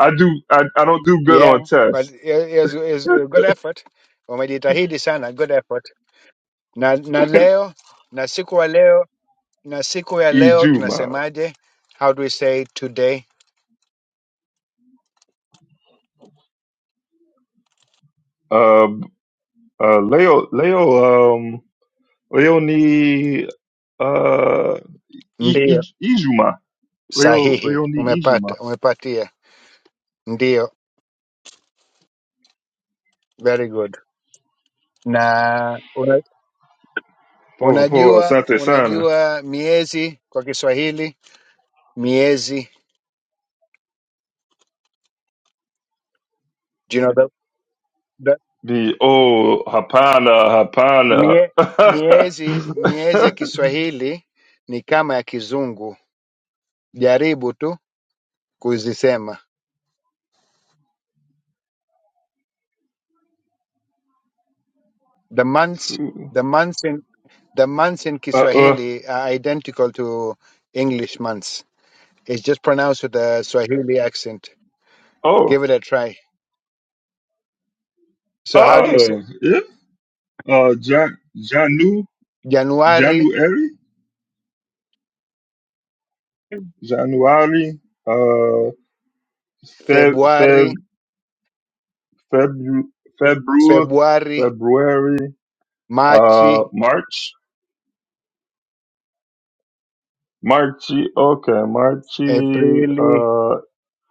I do. I, I don't do good
Yeah,
on
but
tests.
it, it was, it was a good effort. Wamejitahidi sana. Good effort. na, na leo na siku wa leo na siku ya leo
Ijuma.
tunasemaje? How do we say today?
Uh, uh, Leo, Leo, um, Leonie, uh, I, I,
Ndio,
Ijuma, Leo,
sahihi,
Leonie Ijuma.
umepata, umepatia. Ndio, very good. Na una,
Pô, pô,
unajua
Santa Sana.
unajua miezi kwa Kiswahili miezi, do you know the, the,
The oh hapana hapana.
mie, miezi miezi ya Kiswahili ni kama ya Kizungu. Jaribu tu kuzisema the months,
Two.
the months in The months in
uh, uh,
Kiswahili are identical to English months. It's just pronounced with a Swahili accent.
oh
Give it a try. So how do you say
oh yeah. Uh, Jan Janu
January,
January January. Uh, Feb Feb
February,
February February
February,
February. Uh,
Marchi,
March Marchi. Okay, Marchi.
Aprili,
Uh,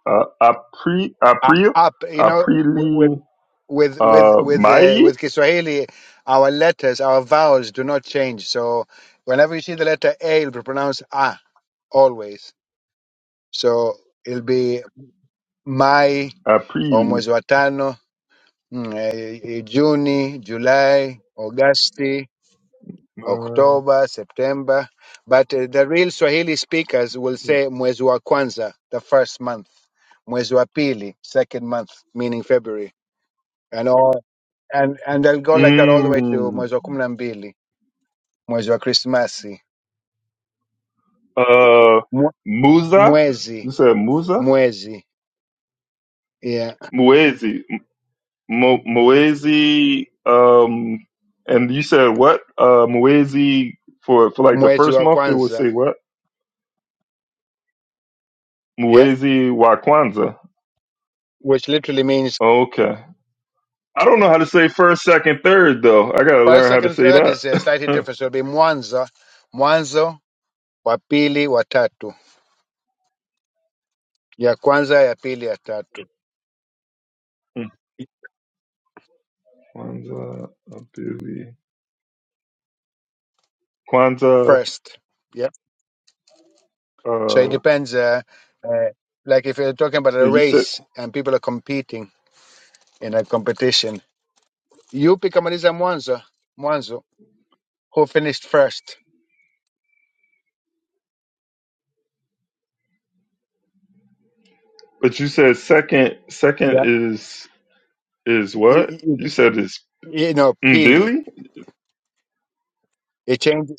uh, April
uh,
April
up? You know, w-
Aprili.
with with with
Uh,
with uh,
May
with Kiswahili, our letters, our vowels do not change. So whenever you see the letter A, it'll be pronounced ah always. So it'll be Mai or
Aprili.
mwezi wa tano Mm, eh, eh, June, July, August, October, September. But uh, the real Swahili speakers will say mwezi wa kwanza, the first month, mwezi wa pili, second month, meaning February, and all, and and they'll go like that all the way to
Mm,
mwezi wa kumi na mbili, mwezi wa Krismasi,
uh,
Mwe-
Musa. You
mwezi,
said Musa?
mwezi, yeah,
Muezi. Mo- Muezi. Um, and you said what? Uh, Muezi for, for like the
mwezi
first
wa
month, they would say
kwanza,
what?
yeah,
Muezi wa Kwanzaa.
which literally means
Okay. I don't know how to say first, second, third, though. I got to
first,
learn how to
second,
say
third
that.
is a slightly different. So it'll be mwanzo, mwanzo. wa pili wa tatu ya kwanza ya pili ya tatu
Kwanzaa, Abili. Kwanzaa,
first yeah so it
uh,
depends uh, uh, like if you're talking about a
and you said,
race and people are competing in a competition yupi kamaliza mwanzo mwanzo who finished first
but you said second, second
yeah
is Is
you,
what
you,
you said is
you know pili
Billy?
it changes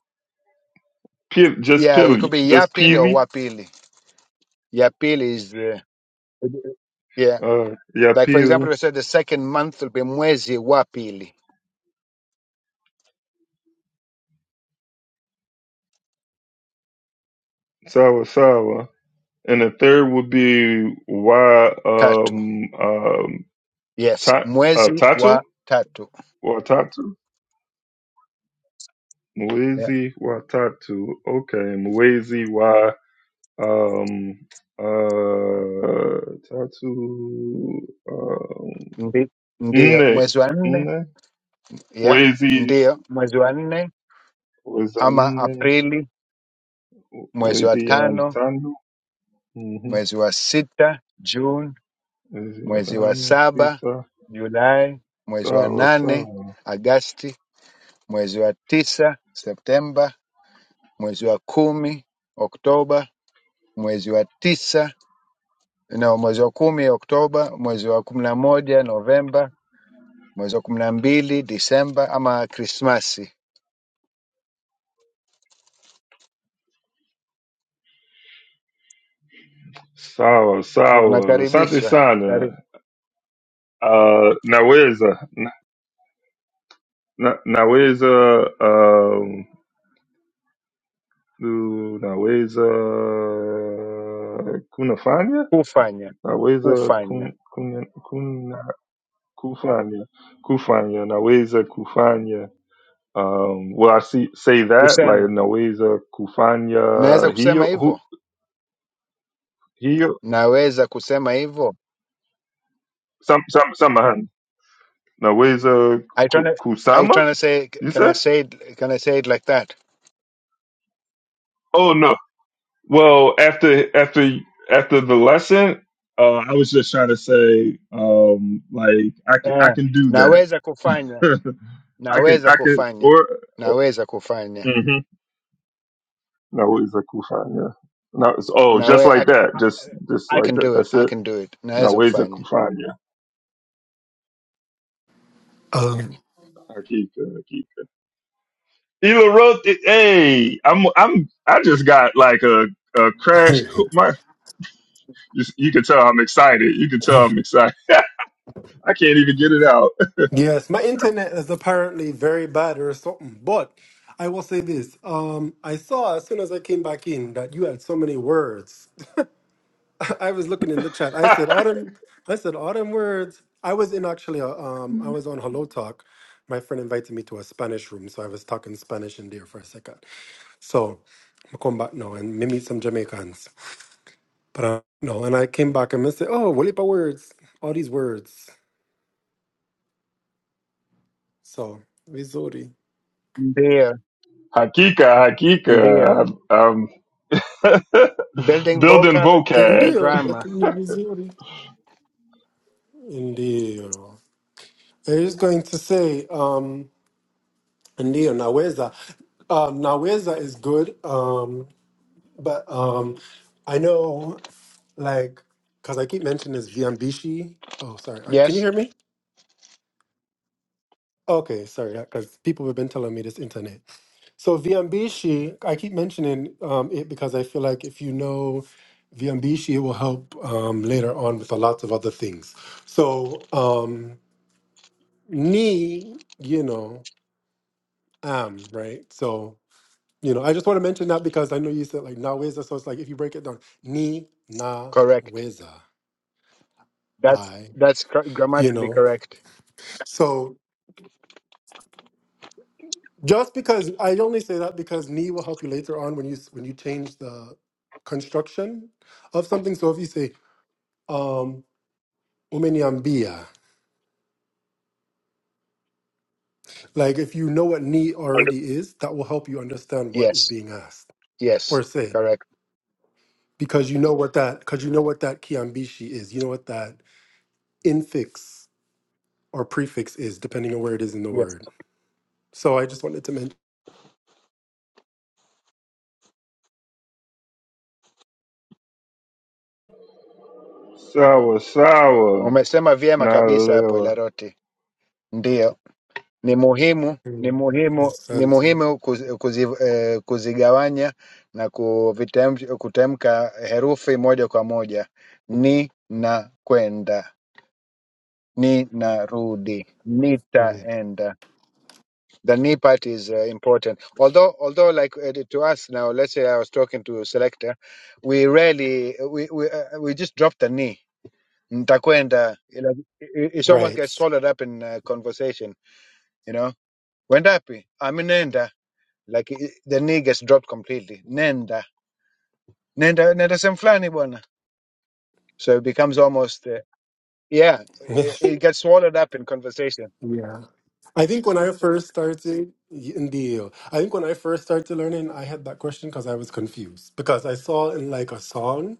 P- just
yeah it could
Pili,
be ya
just
pili or
Peely.
wa pili ya pili is the yeah
Uh, yeah,
like for example
Peely.
we said the second month will be mwezi wa pili
Sawa Sawa. And the third would be why
tatu
um um
yes
ta- uh,
mwezi
Tatu
wa tatu
or Tatu
yeah.
Mwezi wa Tatu. Okay, Mwezi wa um uh Tatu um
Ndi, ndiyo
Nne
mwezi wa nne
Nne
yeah.
Wezi
Ndiyo mwezi wa nne
was
ama
Nne
Aprili, mwezi wa
Wezi
tano,
Antano Mhm.
mwezi wa sita, June, mwezi wa
Zinatano
saba,
sita
Julai, mwezi wa
sawa
nane,
sawa
Agasti, mwezi wa tisa, Septemba, mwezi wa kumi, Oktoba, mwezi wa tisa na mwezi wa kumi Oktoba, mwezi wa kumi na moja Novemba, mwezi wa kumi na mbili Disemba ama Krismasi.
sawa sawa. Asante
Unakaribishwa.
sana. Uh, naweza na, na- naweza um, ku- naweza kunafanya
Kufanya,
naweza
kufanya,
kun, kun, kuna kufanya kufanya naweza kufanya um, well I see, say that like
kusema.
naweza kufanya
Naweza kusema
hiyo hu,
hivyo,
hiyo
naweza kusema hivyo.
sam, sam, samahani Now where's uh
Are you trying
Ku-
to, are you
Kusama?
trying to say,
You
can I
said?
say it, can I say it like that?
Oh no. Well, after after after the lesson, uh, I was just trying to say, um, like I can I
Eh,
can do that.
naweza kufanya,
I can
naweza
I can
kufanya,
or, or
naweza kufanya.
hmm no, where's a kufan? Yeah. No, it's oh, just
Nawe, I,
like
ca-
that,
I
just just
I
like
can
that.
do it,
That's
I
it.
can do it.
No,
Naweza
where's a
kufanya.
kufanya?
Um,
Akika, akika. Ela wrote it. Hey, I'm I'm I just got like a a crash. co- My You, you can tell I'm excited. You can tell I'm excited. I can't even get it out.
yes, my internet is apparently very bad or something. But I will say this: um, I saw as soon as I came back in that you had so many words. I was looking in the chat. I said autumn. I said autumn words. I was in actually. A, um, I was on Hello Talk. My friend invited me to a Spanish room, so I was talking Spanish in there for a second. So I come back now and me meet some Jamaicans. But uh, no, and I came back and I said, "Oh, Walipa words, all these words." So Missouri,
Ndio,
Hakika,
ndio.
Hakika. I'm, I'm
Building
building
vocab
vocab.
and
indio,
grammar.
Latin Missouri, indio. I was going to say, um, indio, naweza. Um, naweza is good. Um, But um, I know, like, because I keep mentioning this Viambishi. Oh, sorry. Are- Can you
Yes,
hear me? Okay, sorry, because people have been telling me this internet. So Viambishi, I keep mentioning um, it because I feel like if you know Viambishi, it will help um, later on with a lot of other things. So um, ni, you know, am, right? So, you know, I just want to mention that because I know you said like na naweza. So it's like if you break it down, ni, na,
correct.
weza.
That's that's cor-
you
grammatically
know
correct.
so just because i only say that because ni will help you later on when you when you change the construction of something so if you say um umenyambia like if you know what ni
Und-
already is that will help you understand what is
Yes,
being asked or
yes,
said
correct.
because you know what that because you know what that kiambishi is you know what that infix or prefix is depending on where it is in the
Yes.
word so i just wanted to mention
Sawa, sawa.
Umesema vyema kabisa hapo
Nalewa.
Ilaroti, ndiyo ni muhimu ni
Mm,
muhimu
that's-
ni muhimu kuzi, kuzi, eh, kuzigawanya na kuvitamk- kutamka herufi moja kwa moja, ni na kwenda ni na rudi
mm,
nitaenda the ni part is uh, important although although like uh, to us now let's say i was talking to a selector we rarely we we, uh, we just drop the ni nitakwenda ila- i- i- it's almost
right
gets swallowed up in uh, conversation you know wendapi aminenda like i i- the knee gets dropped completely nenda nenda nenda sehemu bwana so it becomes almost uh, yeah it, it gets swallowed up in conversation
I think when I first started, y- in the I think when I first started learning, I had that question because I was confused because I saw in like a song,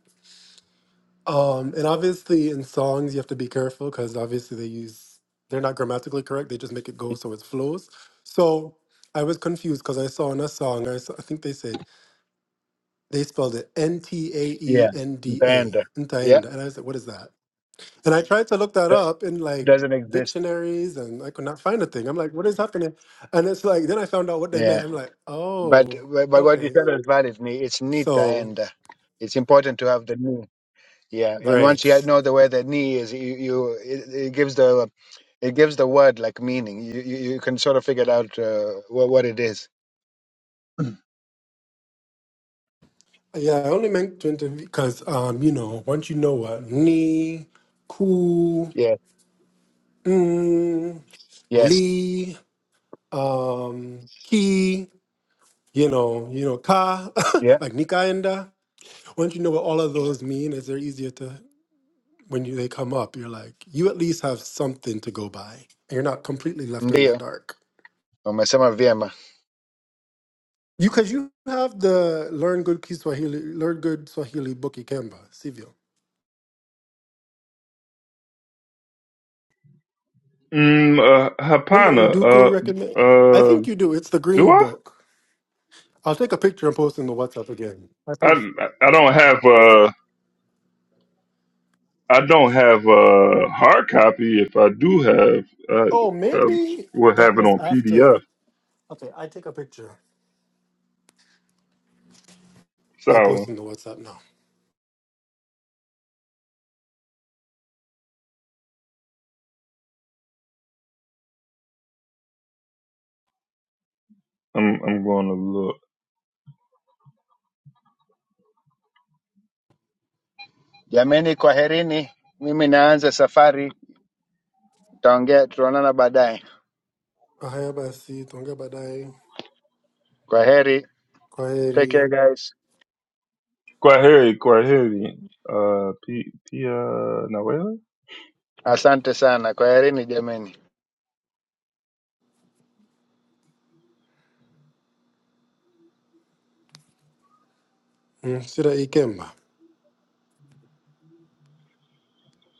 um, and obviously in songs you have to be careful because obviously they use they're not grammatically correct. They just make it go so it flows. So I was confused because I saw in a song, I, saw, I think they said they spelled it N T A E
yeah
N D A,
nitaenda yeah
Ntaenda, and I was like, what is that? And I tried to look that
that
up in like
doesn't exist
dictionaries and I could not find a thing. I'm like, what is happening? And it's like, then I found out what they meant.
yeah
I'm like,
but
oh,
but what you
okay.
said is valid ni it's
So,
nitaenda it's important to have the knee yeah and
right.
once you know the way the knee is you, you it, it gives the It gives the word like meaning. You you, you can sort of figure it out uh, what what it is.
Yeah, I only meant to interview because, um, you know, once you know what ni, ku,
Yeah.
mm,
Yes.
li, um, ki, you know, you know, ka,
Yeah.
like nikaenda. Once you know what all of those mean, it's very easier to when you, they come up, you're like, you at least have something to go by. And you're not completely left in the
Ndio.
dark.
Umesema vyema.
You because you have the Learn Good Kiswahili, Learn Good Swahili book Ikemba, Sivyo.
Mm, uh,
Remember
Hapana.
Nduku recommend?
Uh,
I
uh,
think you do. It's the
do
green
I?
book. I'll take a picture and post in the WhatsApp again. I
I,
post.
I don't have. uh I don't have a hard copy. If I do have, uh,
Oh,
uh,
maybe
will
that
have it
was
on
after.
PDF.
Okay, I take a picture. I
So
post in the WhatsApp now.
I'm I'm going to look.
Jameni, kwaherini. Mimi naanza safari. Tutaongea, tutaonana baadaye.
Ahaya basi, tonga badai,
Kwaheri. Take
kwaheri,
care guys.
Kwaheri, Kwaheri. Uh, P, P, uh, Nawela?
Asante sana. Kwaherini jameni.
mm, shira ikemba.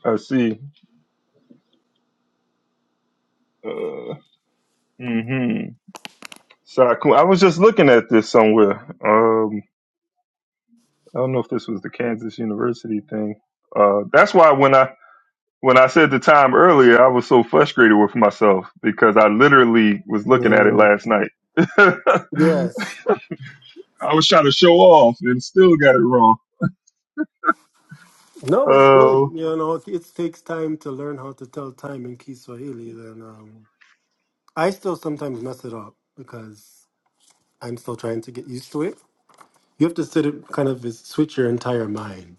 I see. Uh, mm-hmm. Saku. I was just looking at this somewhere. Um, I don't know if this was the Kansas University thing. Uh, that's why when I when I said the time earlier, I was so frustrated with myself because I literally was looking at it
Mm,
last night.
Yes.
I was trying to show off and still got it wrong.
No, it's good. You
Uh,
know, it, it takes time to learn how to tell time in Kiswahili. Then um, I still sometimes mess it up because I'm still trying to get used to it. You have to sit it kind of switch your entire mind.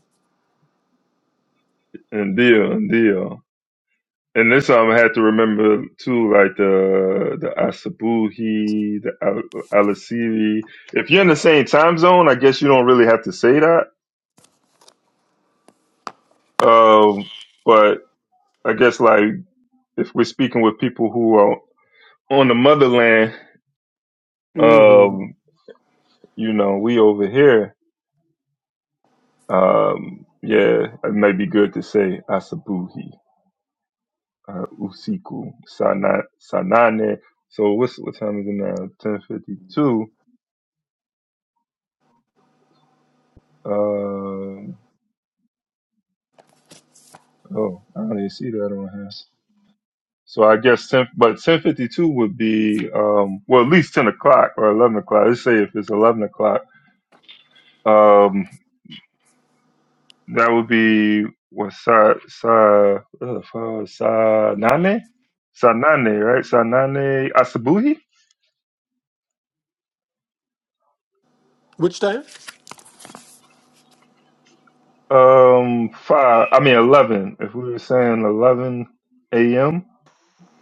and deal, and deal. And this time I had to remember too, like the the Asabuhi, the Al- Alasiri. If you're in the same time zone, I guess you don't really have to say that. Um, but I guess like if we're speaking with people who are on the motherland,
hmm
um, you know, we over here. Um, yeah, it might be good to say Asabuhi. uh, usiku saa na- saa nane. So what's what time is it now? Ten fifty two. Um oh, I don't even see that on here. So I guess ten, but ten fifty two would be um, well at least ten o'clock or eleven o'clock. Let's say if it's eleven o'clock, um, that would be what sa sa uh, fa- sa nane sa nane right sa nane asabuhi.
Which time?
Um, five. I mean eleven. If we were saying eleven a.m.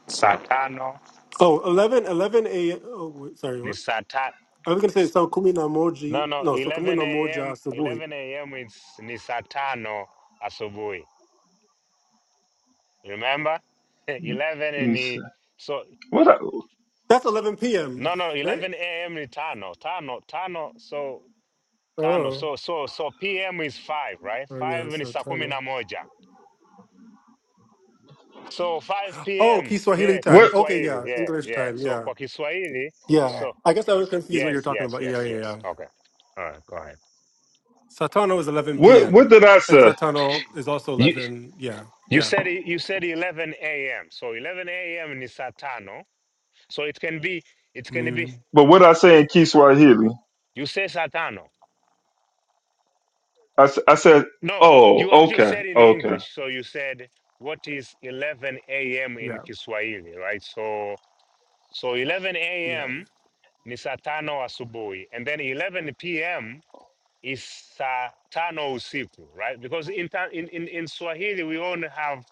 saa tano
Oh, eleven, eleven 11, a.m. Oh, wait, sorry,
ni
what?
saa ta
I was gonna say so kumi na
no
moji.
no
No, so kumi
11
na moja
a.m
asubuhi.
11 a.m it's ni saa tano asubuhi remember 11
He
ni
said,
so
"What? I,
That's 11 p.m.
no no
Right?
11 a.m ni tano tano tano so tano
Oh,
so so so p.m is 5 right
oh yeah,
5 ni
so
saa kumi
time.
na moja so 5
Oh,
p.m
Kiswahili
yeah kwa
time.
what?
Okay, yeah,
Kiswahili yeah
English
yeah
time.
so
Yeah.
kwa Kiswahili
Yeah,
so
I guess I was confused what you're
yes
talking
yes
about. Yeah,
yes
yeah, yeah.
yes okay all right go ahead
Satano is 11
What? What
p.m.
did I
and
say?
Satano is also 11. Yeah,
You
yeah,
said it- you said 11 a.m. So 11 a.m. is Satano. So it can be it can be
mm,
But what I say in Kiswahili?
you say Satano.
I, s- I said,
No,
oh,
you actually
okay,
said in
okay.
English. So you said what is 11 a.m. in
yeah,
Kiswahili, right? So so 11
yeah,
a.m. ni Satano asubuhi, and then 11 p.m. is Satano usiku, right? Because in ta- in in, in Swahili we only have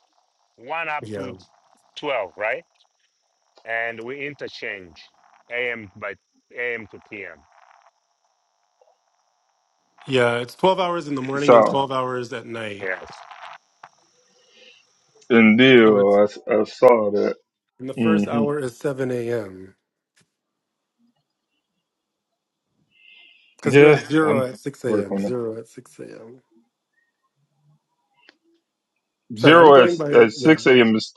one up to
yeah,
12, right? and we interchange AM by AM to PM.
yeah. It's 12 hours in the morning and
So,
12 hours at night.
Yes.
and
So
deal,
it's
I, s- I saw that.
and the first
hmm
hour is 7 a.m. because you're
Yeah,
at zero
I'm
at 6 a.m.
working on
Zero at 6 a.m.
it.
Sorry, I'm
Zero at
going by
at
yeah.
six a.m. is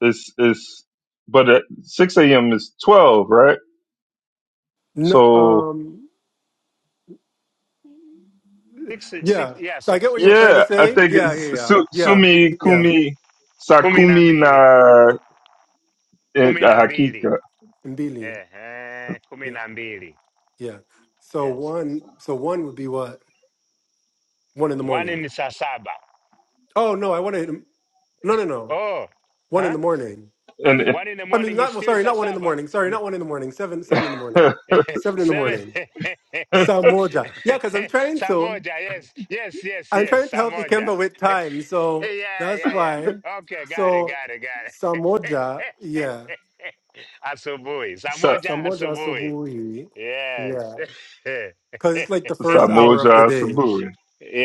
is is, but at six a.m. is twelve, right?
No,
So
um,
Six, six,
yeah.
yeah,
So
so,
I get what you're
so, so
trying to
yeah, I
mm-hmm.
say.
think
Yeah, yeah,
it's
yeah,
su,
yeah,
sumi
yeah.
kumi
kumi na
sakumi
mbili,
na eh,
kumi na mbili.
hakika
Mbili.
Ehe, kumi
yeah.
na mbili.
Yeah. So
Yes.
one, so one would be what? One in the
One
morning.
in saa saba.
Oh no, I wanted no, no, no.
Oh,
One in
huh?
the morning.
and.
One in the
I mean,
morning is
not well,
still
sorry,
saa
not one in the
saba.
morning. Sorry,
Ni-
not one in the morning. Seven, seven
Yeah.
in the morning. Seven in the
Seven.
morning. Samoja. Yeah, because I'm trying
saa
to,
moja, yes, yes, yes,
I'm
yes,
trying to
saa
help
moja.
Ikemba with time,
yeah,
so that's
yeah,
why.
yeah. Okay, got it,
So
got it, got
Samoja, yeah,
it. Asubuhi. Saa
so
moja
Samoja
asubuhi.
Subuhi,
Yes.
yeah, because it's like the first hour of the
Samoja
day,
Saburi.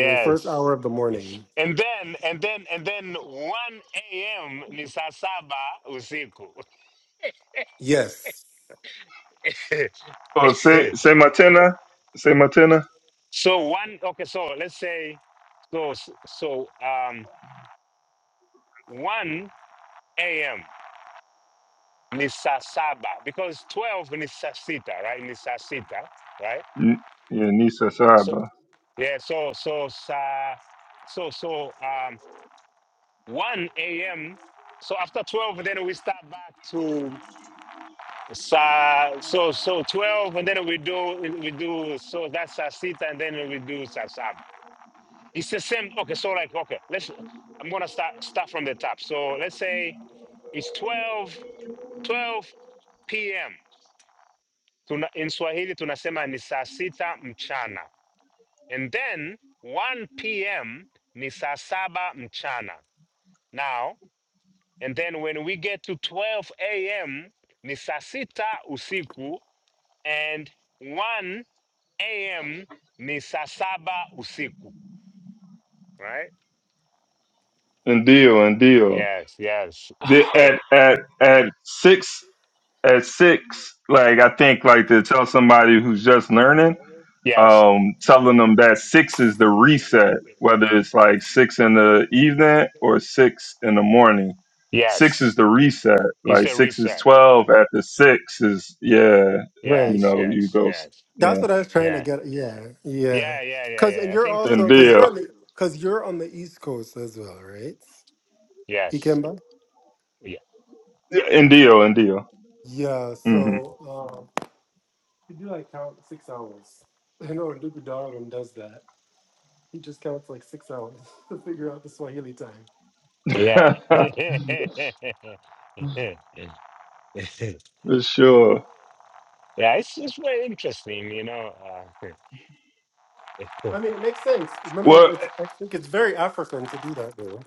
mm, first hour of the morning.
And then and then and then 1 a.m. ni saa saba usiku.
Yes,
Oh, Se Sematena, Sematena,
so one okay, so let's say so so um 1 a.m. ni saa saba because 12 ni saa sita, right? Ni saa sita, right?
N- yeah, Nisa
So
Saba,
yeah, so so uh, so so um 1 a.m. So after 12 then we start back to sa so so 12 and then we do we do so that's a sit and then we do sasab. It's the same okay, so like okay, let's I'm gonna start start from the top. So let's say it's 12 12 p.m. Tuna, in Swahili tunasema ni saa sita mchana. And then 1 p.m. ni saa saba mchana. Now, and then when we get to 12 a.m. ni saa sita usiku and 1 a.m. ni saa saba usiku. Right?
and Dio, and Dio.
Yes, yes.
The, at at at six, at six, like I think, like to tell somebody who's just learning,
yes,
um, telling them that six is the reset, whether it's like six in the evening or six in the morning. Six is
yes.
the reset.
it's
Like
the
six is
research.
twelve. After six is yeah, you
right.
Yes,
know, you
yes,
go s-
yes.
That's
yeah.
what I was trying to
Yeah.
get. Yeah, yeah.
Yeah, yeah, yeah,
Cause
yeah.
and
I
you're
think
And
also
mhm.
cause
Dio.
you're on the cause you're on the East Coast as well, right?
yes.
Ikemba.
In deal, in deal.
Yeah.
hmm
So um, you do like count six hours. I know Ndugu Darwin does that. He just counts like six hours to figure out the Swahili time.
Yeah. Yeah.
For sure.
Yeah, it's it's very interesting, you know. Uh,
I mean, it makes sense.
Well,
Remember, it's I think it's very African to do that though,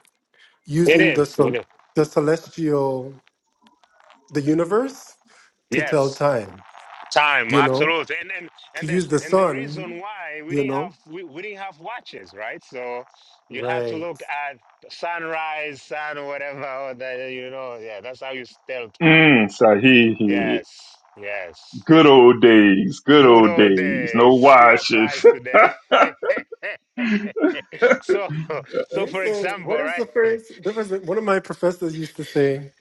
it
using the
is. It
cel-
is.
the celestial the universe to tell
Yes,
time.
time,
You know,
absolutely. And and
to
and the
use the
and the
sun.
reason why we
You
didn't
know.
have we, we didn't have watches, right? So you had to
Right.
look at sunrise, sun, whatever. Or the, you know, yeah, that's how you tell time.
mm, Sahihi.
Yes, yes.
Good old days. Good
Good
old
old
days. No
days still
washes.
applies today. so so
They
for
say,
example,
what is
right?
the first difference? One of my professors used to say,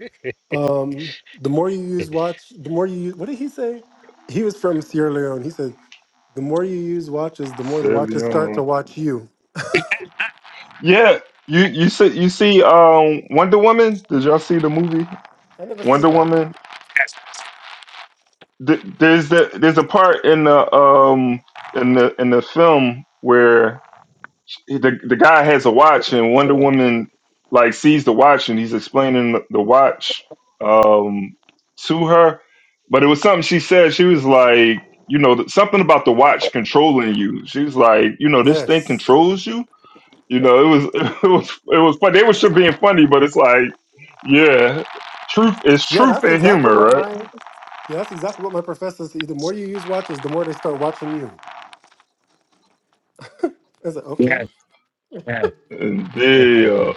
um, the more you use watch, the more you use, what did he say? He was from Sierra Leone. He said, the more you use watches, the more the watches start
Leon.
to watch you.
Yeah. You you see you see um Wonder Woman? Did y'all see the movie
I never
Wonder
seen that.
Woman?
yes,
Th- There's the there's a part in the um in the in the film where the the guy has a watch and Wonder Woman like sees the watch and he's explaining the, the watch um to her but it was something she said she was like you know th- something about the watch controlling you she was like you know this thing
Yes.
controls you you know it was it was it was funny they were sure being funny but it's like yeah truth is
Yeah,
truth
that's
and
exactly
humor
what
right
my yeah, that's exactly what my professor said. The more you use watches, the more they start watching you. I was like,
yes,
okay.
yes.
and deal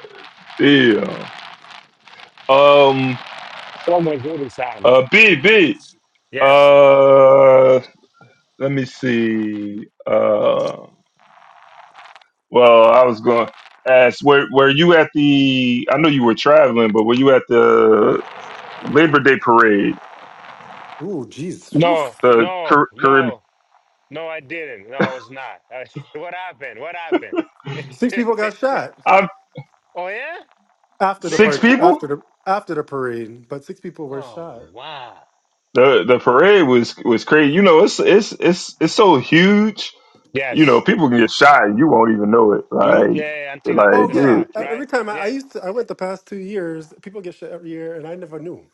deal um
Oh my goodness, Sam.
uh b b
Yes.
Uh, let me see. Uh, well, I was going to ask where were you at the? I know you were traveling, but were you at the Labor Day parade?
Ooh, jeez. Whew.
No,
The
no,
Car- Caribbean.
no, no, I didn't. No, I was not. Uh, what happened? What happened?
Six people got shot
I
oh, yeah?
after the
six
part
Man,
people.
I,
after the after the parade, but six people were
oh,
shot.
wow.
The the parade was was crazy. You know, it's it's it's it's so huge. You know,
Yes.
people can get shot and you won't even know it.
You, yeah,
Like
yeah, yeah, until after
Oh
like
the
dude,
yeah,
fact,
Uh,
right?
every time I, I
Yeah,
used to, I went the past two years. People get shit every year, and I never knew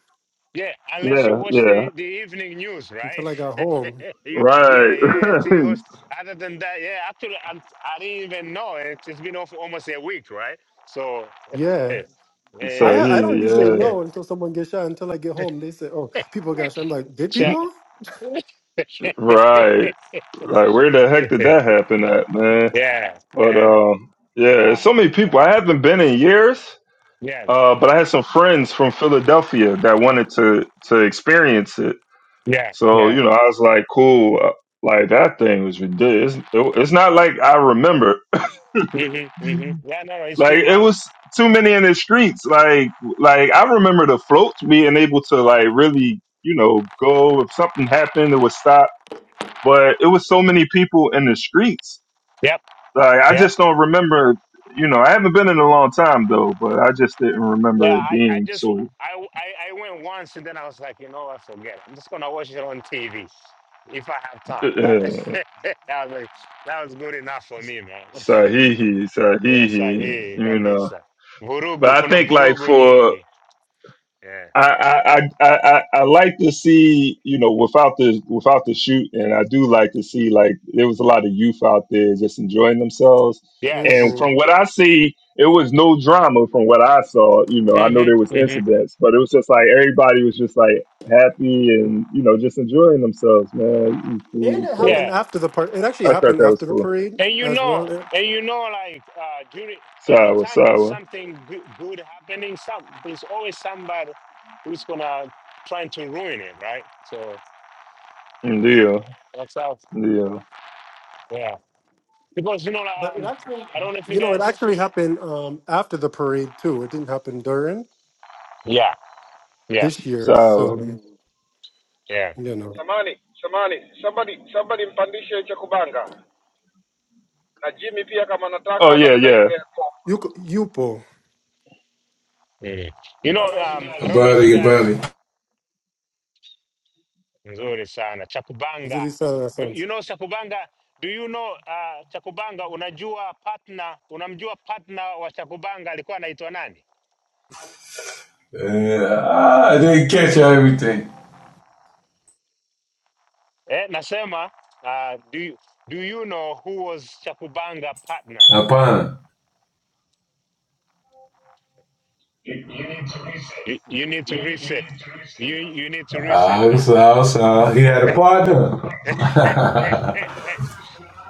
yeah, unless you
yeah,
watch
yeah,
the, the evening news, right?
until I got home.
you, yeah,
right.
yeah, yeah, until you watch, other than that, yeah, actually, I'm, I didn't even know. It, it's been off almost a week, right? So, yeah,
Yeah, I
so
ha- I don't
he,
usually
yeah,
yeah.
know until someone gets shot. Until I get home, they say, "Oh, people got shot." I'm like, "Did
Ch-
people?"
yeah,
right. Like where the heck did that happen at, man?
yeah,
But um, yeah,
right,
so many people.
right.
I haven't been in years,
Yes,
uh, but I had some friends from Philadelphia that wanted to to experience it.
yeah,
So
yeah.
you know, I was like, cool. uh, Like that thing was ridiculous. It- It's not like I remember.
hmm hmm Yeah, no, no, it's
Like
too
it
much.
was too many in the streets. Like like I remember the floats being able to like really you know go if something happened it would stop. But it was so many people in the streets
Yep,
Like, I
yep.
just don't remember. You know, I haven't been in a long time though, but I just didn't
Yeah,
remember it
I, I
being
just,
so
I, I, I went once and then I was like, you know what, forget. it. I'm just gonna watch it on TV if I have time.
uh,
But that was, like, that was good enough for me, man.
Sahihi,
yes, I
Sahihi.
hear
You know,
kabisa.
but
Vurugu,
I
kuna
think like
vurugu
for
nyingi. Yeah.
I, I I I I like to see you know without the without the shoot, and I do like to see like there was a lot of youth out there just enjoying themselves. And
Yes.
hmm
from what I see, it was no drama. From what I saw, you know, I know
hmm
there was
hmm
incidents, but it was just like everybody was just like happy and you know just enjoying themselves, man. Eating
And
food,
it
so
happened
Yeah.
after the part. It actually
I thought
happened
that was
after the
cool.
parade
And you
as
know,
well. It-
and you know, like uh, during every
Sawa,
time there's
sour,
something good, good happening, some there's always somebody who's gonna trying to ruin it, right? So
deal,
that's how,
deal,
yeah. Because you know, like,
but it
um,
actually,
I don't know if you
you know, it
guys,
actually happened um, after the parade too. It didn't happen during
yeah, yeah,
this year.
Sawa.
So
yeah.
you know,
samani samani somebody somebody mpandishe cha kubanga na jimmy pia kama
Oh
nataka na
yeah,
dada
yeah.
Eclair kwa-
Yuko, Yupo,
mhm. You know, um,
A
I don't know if you
buddy, a
guys,
buddy.
nzuri sana chakubanga.
Zuri-san, that
You
sounds-
you know chakubanga? Do you know uh, chakubanga? Unajua partner, unamjua partner wa chakubanga alikuwa anaitwa nani?
Uh, I didn't catch everything.
Eh, nasema uh, do, you, do you know who was Chakubanga partner?
A pun. You, you
You, you need to reset. You you need to reset
I saw, I saw. He had a partner.
that.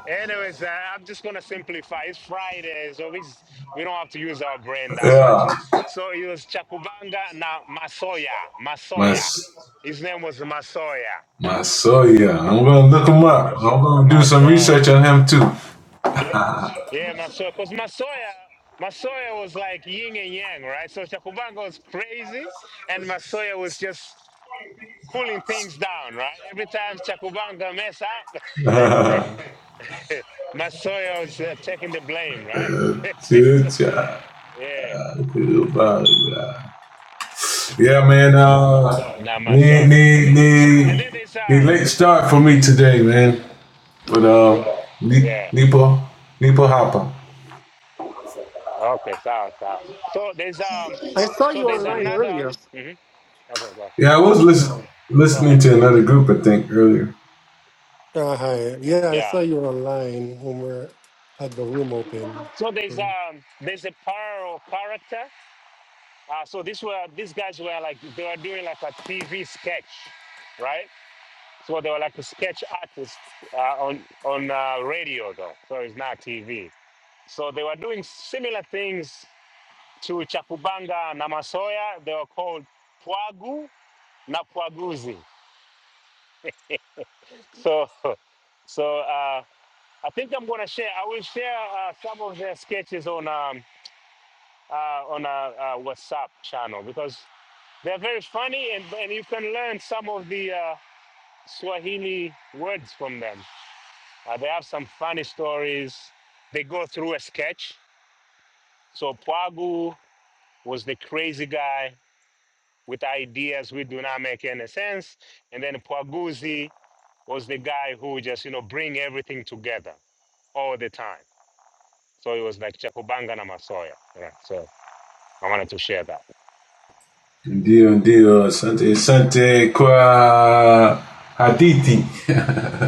Anyways, uh, I'm just gonna simplify. It's Friday, so we s- we don't have to use our brain that much.
yeah.
So it was Chakubanga now Masoya.
My,
Masoya. His name was Masoya.
my soul, yeah. I'm going to look him up. I'm going to do some
Masoya.
research on him, too.
Yeah, Masoya, because Masoya, Masoya was like yin and yang, right? So Chakubanga was crazy, and Masoya was just cooling things down, right? Every time Chakubanga mess up, Masoya was uh, taking the blame, right?
Good job.
yeah,
Good buddy, yeah. Yeah, man. Uh,
now
need,
Masoya.
need,
And
need,
then there's
need
um,
late start for me
hmm
today, man. But, uh, Ni-
yeah,
Nipo, Nipo Hopper.
okay, so so so there's um,
I saw
so
you
there's
online
another,
earlier.
hmm okay, go,
Yeah, I was listen,
go
listening
ahead,
to another group, I think, earlier.
Uh, hi. Yeah, I
yeah.
saw you online when we had the room open.
So there's
What
um, there's a parallel character Uh, so these were these guys were like they were doing like a TV sketch, right? So they were like a sketch artists uh, on on uh, radio though, so it's not TV. So they were doing similar things to Chakubanga na Masoya. They were called Pwagu na Pwaguzi. So so uh, I think I'm gonna share. I will share uh, some of their sketches on um, uh, on a, uh WhatsApp channel because they're very funny and and you can learn some of the. uh, Swahili words from them. Uh, they have some funny stories. They go through a sketch. So Pwagu was the crazy guy with ideas which do not make any sense. And then Pwaguzi was the guy who just, you know, bring everything together all the time. So it was like Chakubanga na Masoya. Yeah, so I wanted to share that.
Dio, Dio, Sante, Sante, Qua, Haditi,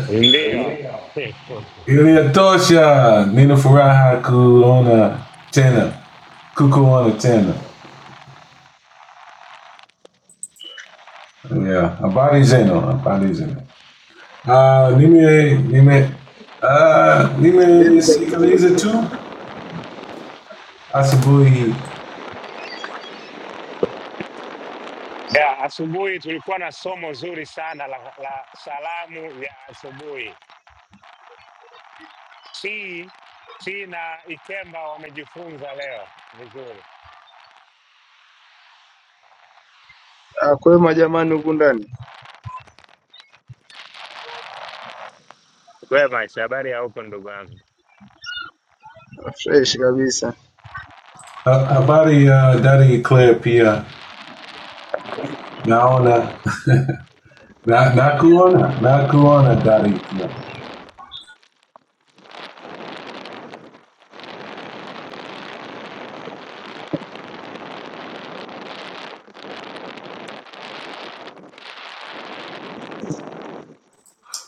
Ndio.
Ilya Tosha, Nina Faraha, Kuona, Tena, Kukuona, Tena. Yeah, Abadi Zeno, Abadi Zeno. Uh, Nime, Nime, uh, Nime
Vipi cha kubanga?
Sikaliza too? Asabuhi,
Yeah, asubuhi tulikuwa na somo zuri sana la, la salamu ya asubuhi. Chi Chi na Ikemba wamejifunza leo vizuri.
Ah, kwema jamani, huku ndani
Kwema, Aisha, habari ya huko ndugu yangu?
fresh kabisa.
uh, Abadi, uh, Dari Eclair Pia, Naona, Na- Nakuona, Nakuona, Dari Eclair.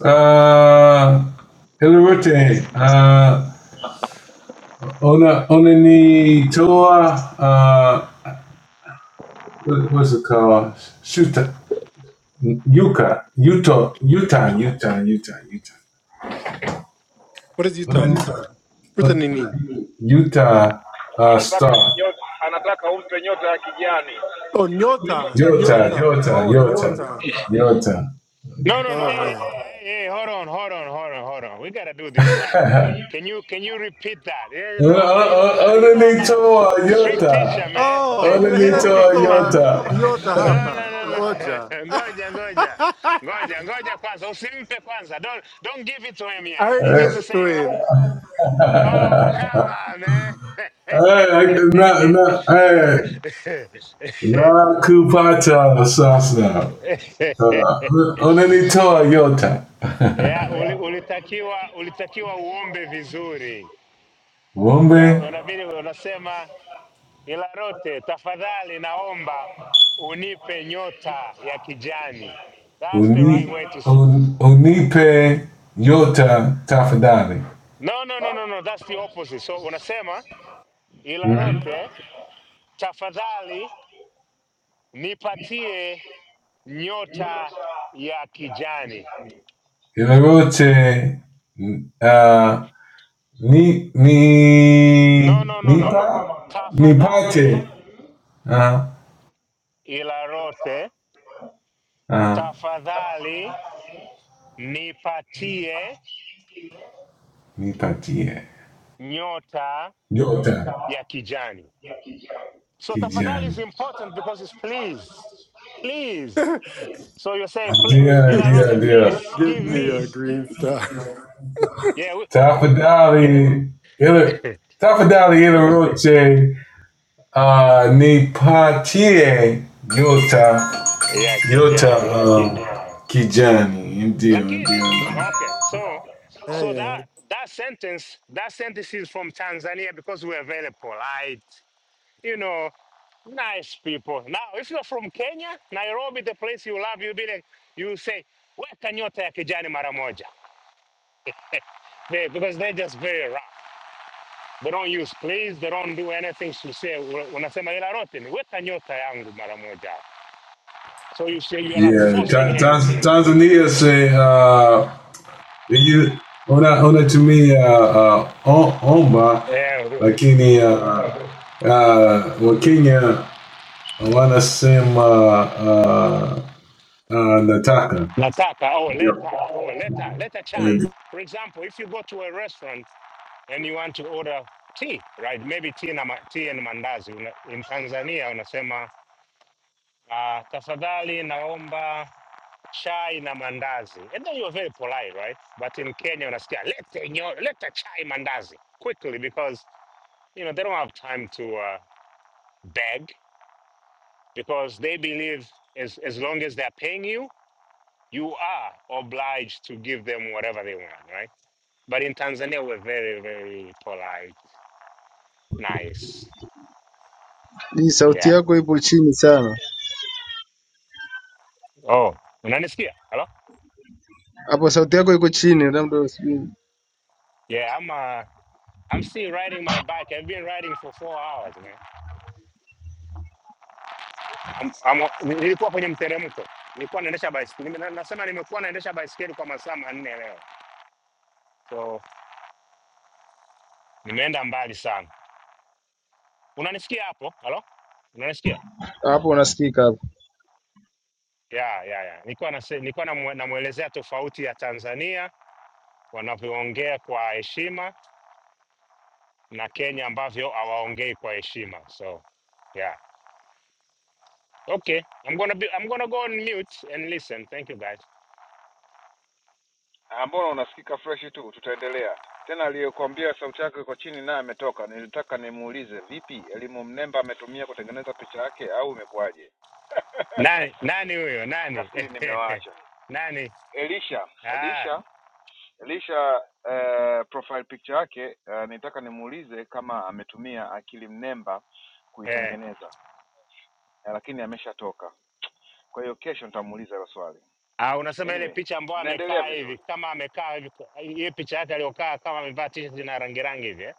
Uh, Ilirute, uh, Ona, Onani Toa, uh, what's it called? Shuta, Yuka, Utah, Utah, Utah, Utah, Utah.
is your
Onani
turn?
Toa,
What's
uh,
the name?
Utah, uh, Star,
anataka nyota, anataka umpe nyota ya kijani
Oh, Nyota.
nyota ya kijani
Yota,
Nyota.
Yota,
Oh,
Yota,
Nyota.
Yota.
No, no, no.
Oh,
Hey, hey,
hi.
hey, hey, hold on, hold on, hold on, hold on. We gotta do this right. Can you can you repeat that? Yeah,
Uh, uh,
no, man. You know,
uh,
I, you know, I'm
Onani
a
Toa,
I'm a strict teacher,
Yota,
man.
Oh,
Onani
ninahitaji
Toa,
kutoa
Yota.
Nyota
no, no,
hapa.
no, no.
Ngoja.
Ngoja, ngoja, ngoja, ngoja. Kwanza, usimpe kwanza. Don't don't give it to him
I
yet.
already
You
Hey.
need
gave
to
it to
say it right.
him.
Oh, come on, man.
Hey. uh, no, no, Na kupata sasa uh, unanitoa yota
yeah, uli, ulitakiwa ulitakiwa uombe vizuri. Una-
wombe
Unabidi unasema Ilarote, tafadhali naomba unipe nyota ya kijani. That's the right
uni,
way to say.
un, unipe yota tafadhali
No, no, no, no, no, that's the opposite. So unasema
mm.
Ilarote, tafadhali nipatie nyota ya kijani.
yoyote uh, ni,
No,
ni,
no, no,
ni,
no, no. Tafadhali
nipate uh,
Ilarote,
uh,
tafadhali nipatie
nipatie
nyota
yota
ya kijani. So tafadhali is
kijani
important because it's please, please. So you say "Pl-
dia
He's
dia
Ilarote,
g-
dia
please
give
give
me a
me
green star.
yeah we,
tafadhali ile tafadhali ile Uh, nipatie nyota
ya
nyota
kijani.
uh, kijani ndio
Lakini
ndio
okay, so
Ah,
so
yeah.
that that sentence that sentence is from Tanzania because we're very polite you know, nice people. Now, if you're from Kenya, Nairobi, the place you love, you'll be like, you say, weka nyota ya kijani mara moja. They, because they're just very rough. They don't use please, they don't do anything to say, "Una- unasema ila rote ni weka nyota yangu mara moja. So you say you're like
yeah
forcing
ta,
him
ta,
to,
tanzania say uh, you, una, unatumia uh, o- omba
uh,
lakini uh, uh, uh, wakenya wanasema uh, uh, nataka
nataka, oh,
yeah.
leta, oh, leta, leta chai. For example, if you go to a restaurant and you want to order tea, right? Maybe tea, na, ma- tea and mandazi. Una, in Tanzania, unasema Uh, tafadhali naomba chai na mandazi. And then you're very polite, right? But in Kenya unasikia lete nyo, leta chai mandazi quickly because you know they don't have time to uh, beg because they believe as as long as they're paying you, you are obliged to give them whatever they want, right? But in Tanzania we're very very polite, nice.
Hii sauti
Yeah.
yako ipo chini sana
Oh, unanisikia? Hello?
hapo, sauti yako iko chini, labda sijui
Yeah, I'm uh I'm still riding my bike. I've been riding for 4 hours, man. Am- am- nilikuwa kwenye mteremko, nilikuwa naendesha baiskeli. Nime- na- Nasema nimekuwa naendesha baiskeli kwa masaa manne leo, so nimeenda mbali sana. Unanisikia hapo? Halo, unanisikia?
hapo unasikika hapo.
ya ya ya, nilikuwa nase- nilikuwa namwe- namwelezea tofauti ya Tanzania wanavyoongea kwa heshima na Kenya ambavyo hawaongei kwa heshima. So yeah, okay, I'm gonna be, I'm gonna go on mute and listen. Thank you guys.
Ah, mbona unasikika fresh tu tutaendelea tena aliyekwambia sauti yako iko chini
Nani nani huyo nani nani? Ah, eh. Ah, unasema ile picha ambayo amekaa hivi kama amekaa hivi hiyo picha yake aliyokaa kama amevaa t-shirt na rangi rangi hivi eh?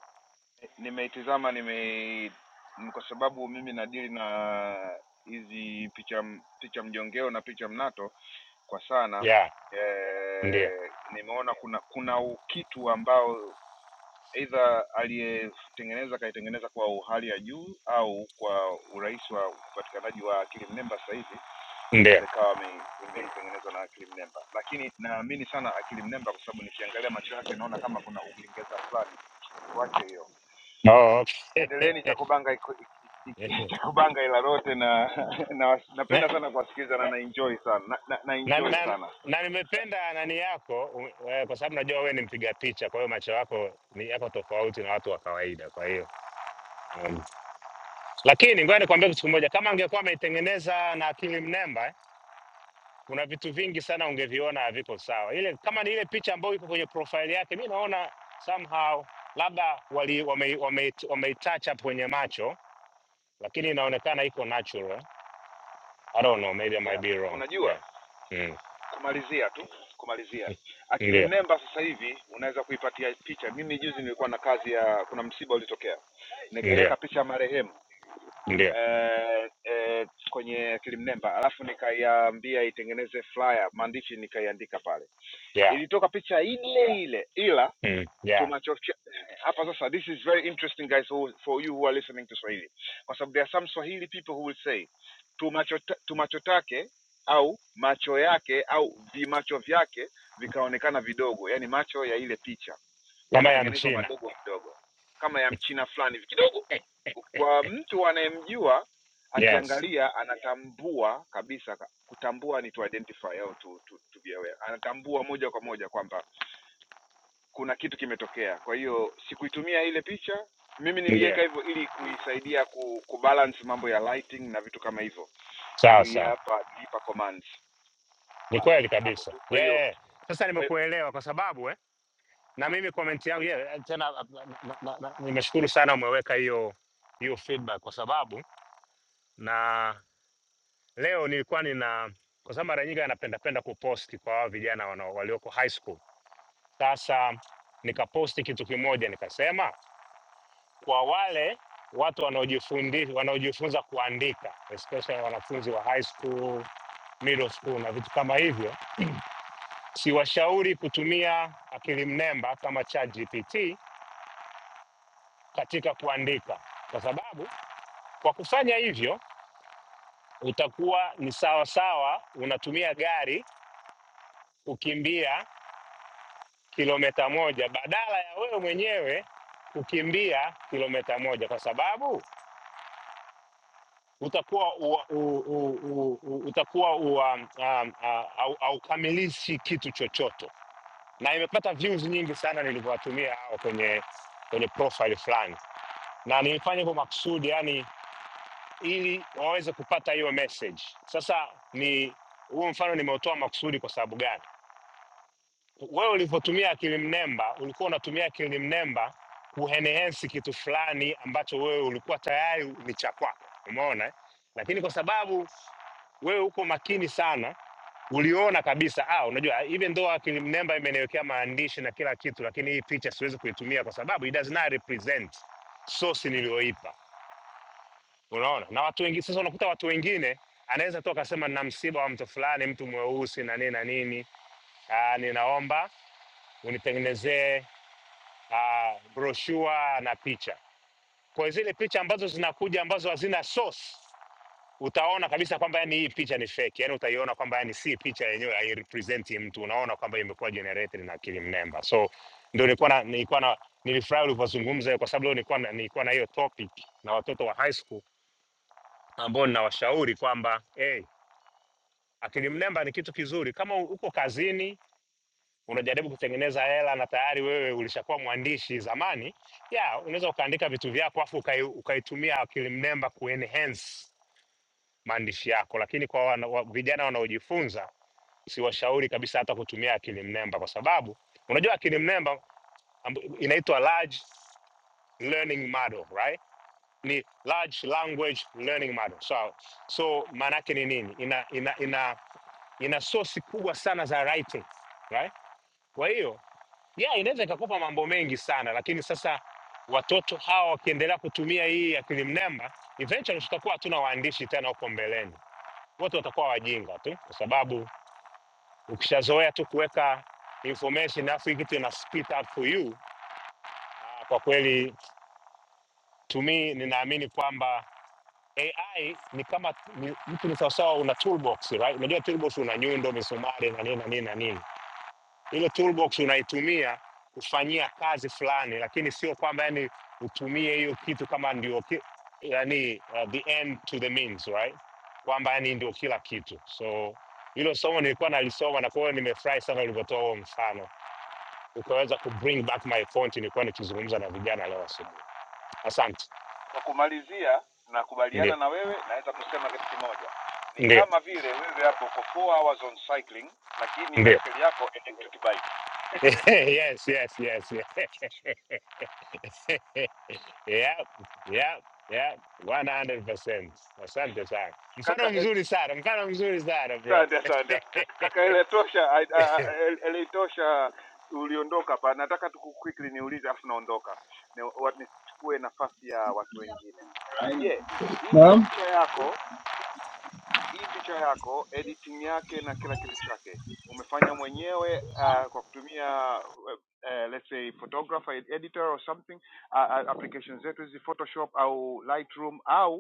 Yeah, ndio. Ndio. Oh, okay. na, na, na, na nimependa nani yako u- eh, kwa sababu najua wewe ni mpiga picha, kwa hiyo macho yako ni yako tofauti na watu wa kawaida. Kwa hiyo um, lakini ngoja nikwambie kitu kimoja, kama angekuwa ameitengeneza na akili mnemba kuna vitu vingi sana ungeviona haviko sawa. Ile kama ni ile picha ambayo iko kwenye profile yake, mi naona somehow labda wali wame, wame, wame touch up kwenye macho, lakini inaonekana iko natural. I don't know, maybe I might
yeah.
be wrong.
unajua
Yeah. Mm.
kumalizia tu kumalizia akili
Ndio,
mnemba sasa hivi unaweza kuipatia picha mimi juzi nilikuwa na kazi ya kuna msiba ulitokea
ndio,
nikaiweka picha marehemu
ndio.
eh, eh, kwenye akili mnemba alafu nikaiambia itengeneze flyer maandishi nikaiandika pale
Yeah.
ilitoka picha ile ile ila
Mm.
too
Yeah.
much of Kia- hapa this is very interesting guys for you who are listening to swahili because there are some swahili people who will say tumacho, ta- tumacho take au macho yake au vimacho vyake vikaonekana vidogo yani macho ya ile picha
Kama ya
yakatengenezwa
Mchina.
madogo kidogo kama ya mchina fulani kidogo kwa mtu anayemjua
Yes.
akiangalia anatambua kabisa kutambua ni to identify au to, to, to be aware anatambua moja kwa moja kwamba kuna kitu kimetokea. Kwa hiyo sikuitumia ile picha, mimi
Ndio.
niliweka hivyo ili kuisaidia ku, kubalance mambo ya lighting na vitu kama hivyo.
Sawa sawa.
Niliipa niliipa commands
Ni
Bas,
kweli
hapo
kabisa.
tu. Kwa
Yeah, yeah.
hiyo
yeah. Sasa
kwa hiyo
nimekuelewa kwa sababu eh, na mimi comment yangu yeah, tena uh, na- nimeshukuru sana umeweka hiyo hiyo feedback kwa sababu na leo nilikuwa nina kwa sababu mara nyingi anapenda penda kuposti kwa hawa vijana wanao- walioko high school. Sasa nikaposti kitu kimoja nikasema, kwa wale watu wanaojifundi wanaojifunza kuandika especially wanafunzi wa high school, middle school na vitu kama hivyo, siwashauri kutumia akili mnemba kama ChatGPT katika kuandika, kwa sababu Kwa kufanya hivyo utakuwa ni sawa sawa unatumia gari kukimbia kilomita moja badala ya wewe mwenyewe kukimbia kilomita moja kwa sababu utakuwa ua- u, u, u, u, utakuwa ua- um, um, haukamilishi kitu chochote, na imepata views nyingi sana nilivyowatumia hao kwenye kwenye profile fulani, na nilifanya kwa makusudi yani ili waweze kupata hiyo message. Sasa ni huo mfano nimeutoa makusudi kwa sababu gani? Wewe ulivyotumia akili mnemba, ulikuwa unatumia akili mnemba kuenhance kitu fulani ambacho wewe ulikuwa tayari ni cha kwako, umeona? eh? Lakini kwa sababu wewe uko makini sana, uliona kabisa ah, unajua even though akili mnemba imeniwekea maandishi na kila kitu, lakini hii picha siwezi kuitumia kwa sababu it does not represent source niliyoipa unaona na watu wengine sasa unakuta watu wengine anaweza tu akasema nina msiba wa mtu fulani mtu mweusi na nini na nini ah, ninaomba unitengenezee uh, broshua na picha. Kwa zile picha ambazo zinakuja ambazo hazina source, utaona kabisa kwamba yani hii picha ni fake, yani utaiona kwamba yani si picha yenyewe, hairepresenti mtu, unaona kwamba imekuwa generated na akili mnemba. So ndio nilikuwa na nilikuwa na nilifurahi ulivyozungumza hiyo, kwa sababu leo nilikuwa na, nilikuwa na hiyo topic na watoto wa high school ambao ninawashauri kwamba hey, akili mnemba ni kitu kizuri. Kama u- uko kazini unajaribu kutengeneza hela na tayari wewe ulishakuwa mwandishi zamani, ya unaweza ukaandika vitu vyako afu ukai, ukaitumia akili mnemba kuenhance maandishi yako. Lakini kwa wana, wa, vijana wanaojifunza siwashauri kabisa hata kutumia akili mnemba, kwa sababu unajua akili mnemba amb- inaitwa large learning model right ni large language learning model so, so maana yake ni nini ina, ina, ina ina sosi kubwa sana za writing, right? Kwa hiyo yeah, inaweza ikakopa mambo mengi sana, lakini sasa watoto hawa wakiendelea kutumia hii akili mnemba, eventually tutakuwa hatuna waandishi tena huko mbeleni, wote watakuwa wajinga tu, kwa sababu ukishazoea tu kuweka information alafu hii kitu ina spit out for you. ah, Kwa kweli to me ninaamini kwamba AI ni kama ni, mtu ni sawasawa una toolbox, right? Unajua toolbox una nyundo, misumari na nini na nini na nini Hilo toolbox unaitumia kufanyia kazi fulani, lakini sio kwamba yani utumie hiyo kitu kama ndio ki, yani, uh, the end to the means right, kwamba yani ndio kila kitu. So hilo somo nilikuwa nalisoma, na kwa hiyo nimefurahi sana ulivyotoa huo mfano, ukaweza ku bring back my point nilikuwa nikizungumza na vijana leo asubuhi. Asante. Ndio, ndio, ndio. yes, yes, yes, yes. Yeah, yeah, yeah, 100%. Asante sana. Mfano mzuri sana, mfano mzuri sana bro.
hii
Naam.
picha yako hii picha yako editing yake na kila kitu chake umefanya mwenyewe uh, kwa kutumia uh, uh, let's say photographer editor or something uh, uh, applications zetu hizi Photoshop au Lightroom au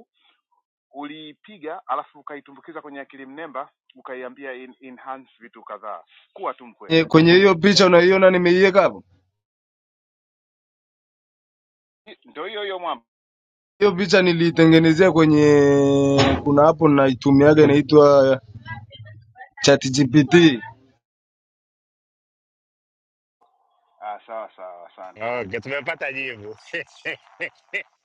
uliipiga alafu ukaitumbukiza kwenye akili mnemba ukaiambia in, enhance vitu kadhaa kuwa tu mkweli
Eh, Kwenye hiyo picha unaiona nimeiweka hapo.
ndio hiyo hiyo mwamba
Hiyo picha niliitengenezea kwenye kuna app naitumiaga inaitwa ChatGPT.
sawa sawa asante
Okay, tumepata jibu.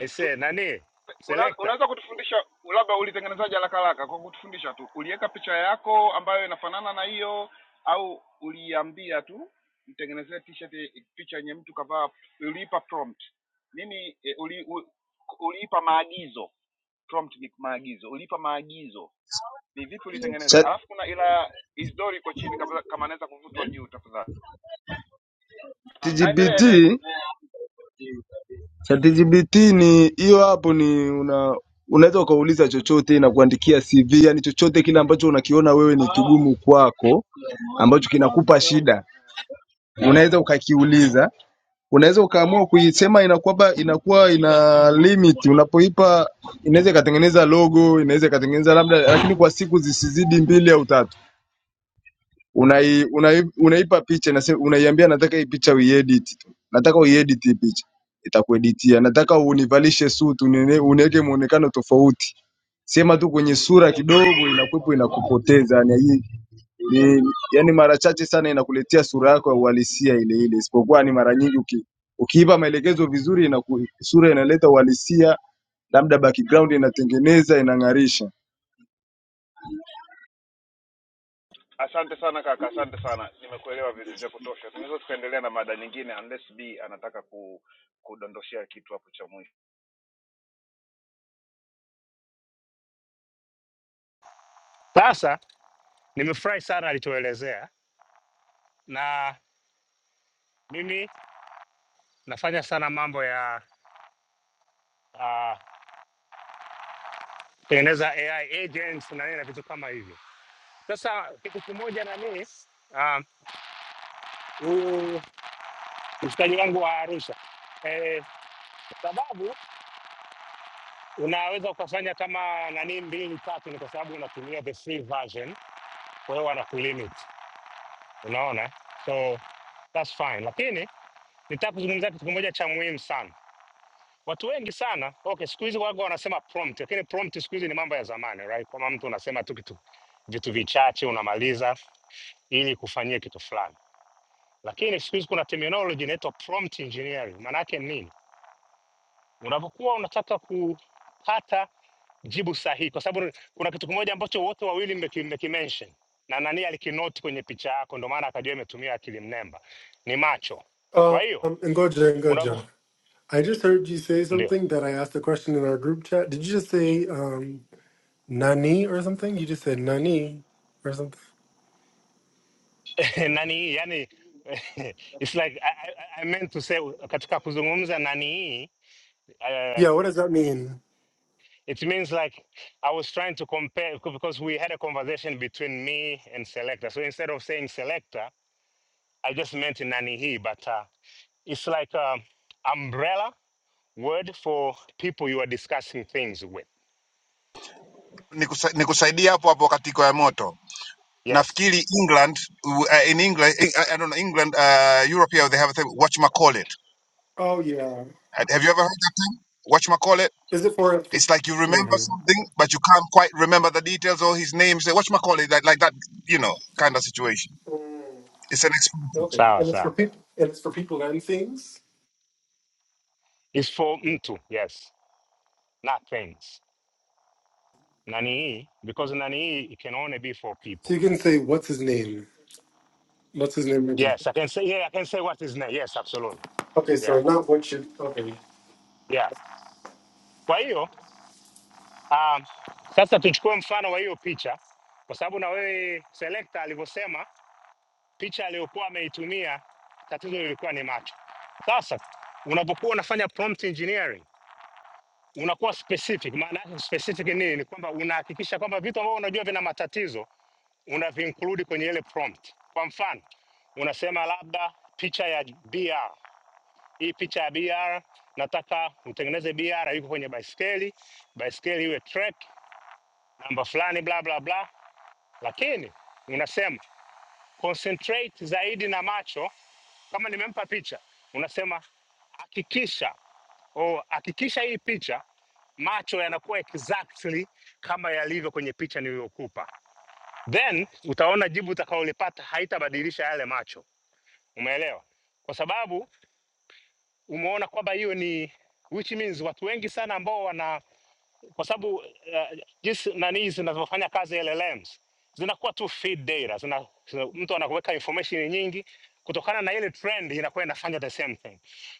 I say, nani
Una,
selekta.
unaweza kutufundisha labda ulitengenezaje haraka haraka kwa kutufundisha tu uliweka picha yako ambayo inafanana na hiyo au uliambia tu mtengenezee t-shirt eh, picha yenye mtu kavaa uliipa prompt nini eh, uli, u- uliipa maagizo prompt ni maagizo uliipa maagizo ni vipi ulitengeneza alafu kuna ila isdori iko chini kabla- kama anaweza kuvutwa juu tafadhali aendelee
ChatGPT,
endelee
ChatGPT ni hiyo app ni una unaweza ukauliza chochote na kuandikia CV, yani chochote kile ambacho unakiona wewe ni kigumu kwako ambacho kinakupa shida. Unaweza ukakiuliza. Unaweza ukaamua kuisema inakuwa inakuwa ina limit unapoipa inaweza ikatengeneza logo, inaweza ikatengeneza labda lakini kwa siku zisizidi mbili au tatu. unai, unai, unaipa picha nase, unaiambia nataka hii picha uiedit tu, nataka uiedit hii picha, itakueditia. Nataka univalishe suit, unine- uniweke muonekano tofauti, sema tu kwenye sura kidogo, inakuwepo inakupoteza. Yani hii ni yani, mara chache sana inakuletea sura yako ya uhalisia ile ile, isipokuwa ni mara nyingi uki, ukiipa maelekezo vizuri inaku, sura inaleta uhalisia, labda background inatengeneza, inang'arisha.
kutosha
Sasa nimefurahi sana alichoelezea, na mimi nafanya sana mambo ya ah, kutengeneza AI agents na nini na vitu kama hivyo. Sasa kitu kimoja nani, ah, huyu mshikaji wangu wa Arusha eh, sababu unaweza ukafanya kama nani mbili tatu, ni kwa sababu unatumia the free version, kwa hiyo wanakulimit, unaona, so that's fine. Lakini nitaka kuzungumzia kitu kimoja cha muhimu sana. Watu wengi sana okay, siku hizi waga wanasema prompt, lakini prompt siku hizi ni mambo ya zamani right? Kama mtu unasema tu kitu vitu vichache unamaliza ili kufanyia kitu fulani, lakini siku hizi kuna terminology inaitwa prompt engineering. Maana yake ni nini? unapokuwa unataka kupata jibu sahihi, kwa sababu kuna kitu kimoja ambacho wote wawili mmekimention na nani alikinoti kwenye picha yako, ndio maana akajua imetumia akili mnemba, ni macho. Kwa
Um,
hiyo
Ngoja,
unapo
Ngoja. I just heard you say
ndio
something that I asked a question in our group chat. Did you just say um? Nani or something? You just said Nani or something.
nani yani it's like I, I, I meant to say katika kuzungumza nani uh,
Yeah, what does that mean?
it means like I was trying to compare because we had a conversation between me and selector. So instead of saying selector I just mentioned Nanihi, but uh, it's like an umbrella word for people you are discussing things with.
nikusaidia hapo hapo katiko ya moto
Yes,
nafikiri england uh, uh, in england I, don't know england uh, europe here they have a thing whatchamacallit
Oh yeah.
have you ever heard that term whatchamacallit
Is it for
it's like you remember
hmm
something but you can't quite remember the details or his name say whatchamacallit like, like that you know kind of situation it's an expression.
Okay.
sawa
And it's for
sawa.
people and it's for people and things?
It's for mtu, yes, not things. Nanihi, because Nanihi it can only be for
So
people.
you can say what's his name? What's his name? Reggie?
Yes, I can say, yeah, I can say what is na. Yes, absolutely.
Okay,
Yeah,
so not what should okay.
yeah. Kwa hiyo, um, sasa tuchukue mfano wa hiyo picha, kwa sababu na wewe selector alivyosema picha aliyokuwa ameitumia, tatizo lilikuwa ni macho. Sasa unapokuwa unafanya prompt engineering unakuwa specific. Maana yake specific ni nini? Ni kwamba unahakikisha kwamba vitu ambavyo unajua vina matatizo unaviinclude kwenye ile prompt. Kwa mfano, unasema labda picha ya BR, hii picha ya BR nataka utengeneze BR yuko kwenye baiskeli, baiskeli iwe track namba fulani, bla bla bla, lakini unasema concentrate zaidi na macho. Kama nimempa picha, unasema hakikisha oh, hakikisha hii picha macho yanakuwa exactly kama yalivyo kwenye picha niliyokupa, then utaona jibu utakaolipata haitabadilisha yale macho. Umeelewa? Kwa sababu umeona kwamba hiyo ni which means watu wengi sana ambao wana kwa sababu uh, jinsi nani zinavyofanya kazi LLMs zinakuwa tu feed data zina, zina, mtu anakuweka information nyingi kutokana na ile trend inakuwa inafanya the same thing.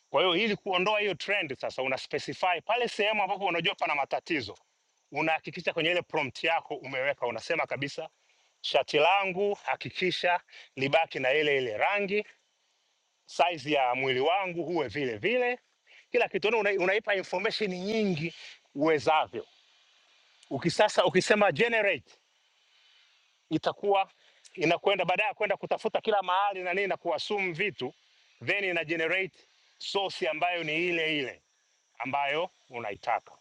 Kwa hiyo ili kuondoa hiyo trend sasa, una specify pale sehemu ambapo unajua pana matatizo, unahakikisha kwenye ile prompt yako umeweka, unasema kabisa shati langu hakikisha libaki na ile ile rangi, size ya mwili wangu huwe vile vile, kila kitu una, unaipa information nyingi uwezavyo Ukisasa ukisema generate itakuwa inakwenda baadaye ya kwenda kutafuta kila mahali na nini na kuassume vitu, then ina generate source ambayo ni ile ile ambayo unaitaka.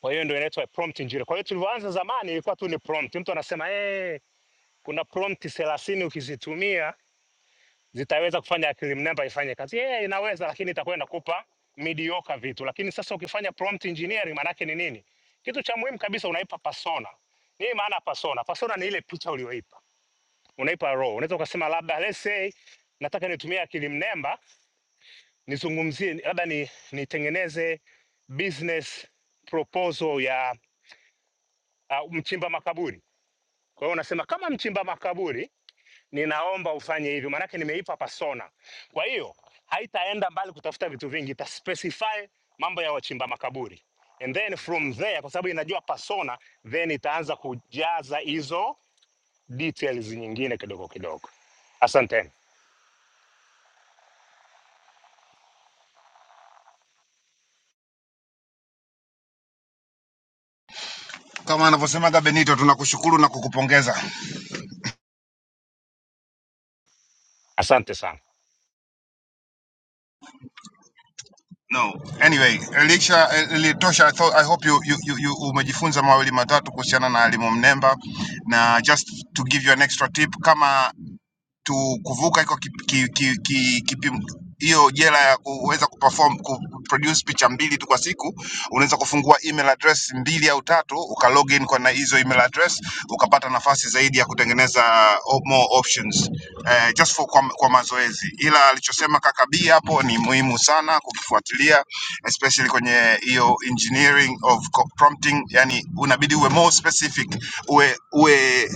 Kwa hiyo ndio inaitwa prompt engineering. Kwa hiyo tulivyoanza zamani ilikuwa tu ni prompt, mtu anasema eh, hey, kuna prompt 30 ukizitumia zitaweza kufanya akili mnemba ifanye kazi yeah, inaweza lakini itakuwa inakupa mediocre vitu lakini sasa ukifanya prompt engineering maanake ni nini kitu cha muhimu kabisa unaipa persona nini maana persona persona ni ile picha ulioipa unaipa role unaweza ukasema labda let's say nataka nitumie akili mnemba nizungumzie labda ni, nitengeneze business proposal ya uh, mchimba makaburi kwa hiyo unasema kama mchimba makaburi ninaomba ufanye hivyo, maanake nimeipa persona. Kwa hiyo haitaenda mbali kutafuta vitu vingi, ita specify mambo ya wachimba makaburi and then from there, kwa sababu inajua persona, then itaanza kujaza hizo details nyingine kidogo kidogo. Asante,
kama anavyosemaga benito tunakushukuru na kukupongeza
asante sana.
No. Anyway, Elisha ilitosha. I thought I hope you you you, you umejifunza mawili matatu kuhusiana na elimu mnemba na just to give you an extra tip kama tu kuvuka iko kip- ki- ki- ki- kipimo hiyo jela ya kuweza kuperform kuproduce picha mbili tu kwa siku unaweza kufungua email address mbili au tatu uka log in kwa na hizo email address ukapata nafasi zaidi ya kutengeneza o- more options eh, just for kwa, kwa mazoezi ila alichosema kaka B hapo ni muhimu sana kukifuatilia especially kwenye hiyo engineering of co- prompting yani unabidi uwe more specific uwe uwe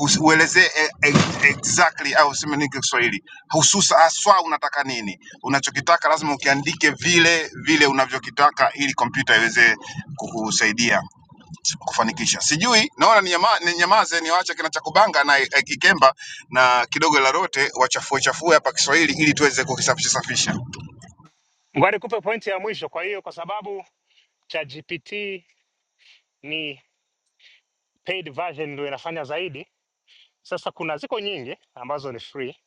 Usi- uelezee e- e- exactly au useme nini kwa Kiswahili hususa haswa unataka nini. Unachokitaka lazima ukiandike vile vile unavyokitaka, ili kompyuta iweze kukusaidia kufanikisha. Sijui, naona ni nyama, ni nyamaze, niwaache kina Chakubanga na eh, Kikemba na kidogo Larote wachafue chafue hapa Kiswahili ili tuweze kukisafisha safisha.
Ngoja nikupe pointi ya mwisho. Kwa hiyo kwa sababu ChatGPT ni paid version ndio inafanya zaidi, sasa kuna ziko nyingi ambazo ni free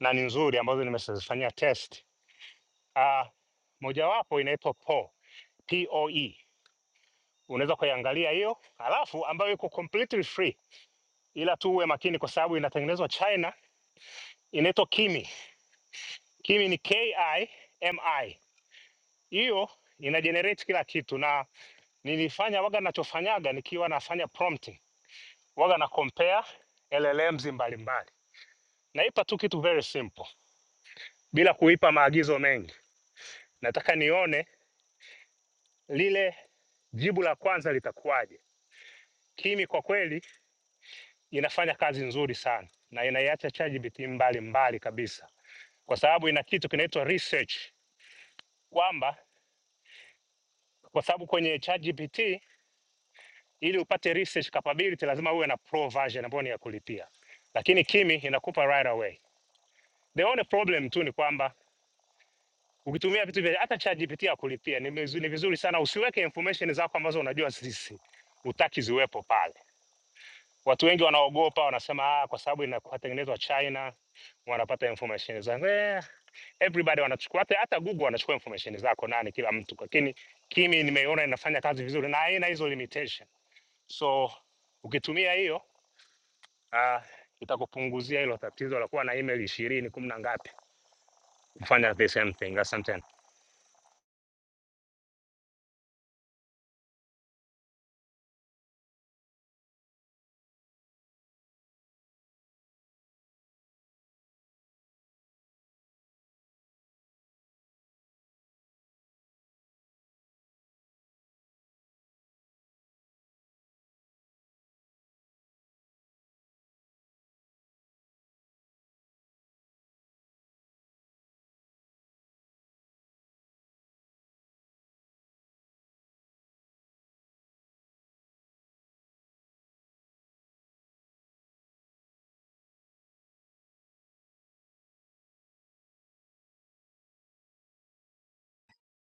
na ni nzuri ambazo nimezifanyia test uh, mojawapo inaitwa POE, POE. Unaweza kuiangalia hiyo, alafu ambayo iko completely free, ila tu uwe makini kwa sababu inatengenezwa China, inaitwa Kimi. Kimi ni KIMI. Hiyo ina generate kila kitu, na nilifanya waga, nachofanyaga nikiwa nafanya prompting waga na compare LLMs mbalimbali, naipa tu kitu very simple bila kuipa maagizo mengi. Nataka nione lile jibu la kwanza litakuwaje. Kimi kwa kweli inafanya kazi nzuri sana na inaiacha ChatGPT mbali mbali kabisa, kwa sababu ina kitu kinaitwa research, kwamba kwa sababu kwenye ChatGPT ili upate research capability lazima uwe na pro version ambayo ni ya kulipia, lakini Kimi inakupa right away. The only problem tu ni kwamba ukitumia vitu vya hata ChatGPT ya kulipia ni, mizu- ni vizuri sana usiweke information zako ambazo unajua sisi utaki ziwepo pale Watu wengi wanaogopa, wanasema ah, kwa sababu inatengenezwa China wanapata information zangu eh, everybody wanachukua hata, hata Google wanachukua information zako nani, kila mtu, lakini Kimi nimeiona inafanya kazi vizuri na haina hizo limitation, so ukitumia hiyo ah, itakupunguzia hilo tatizo la kuwa na email ishirini kumi na ngapi kufanya the same thing. Asante.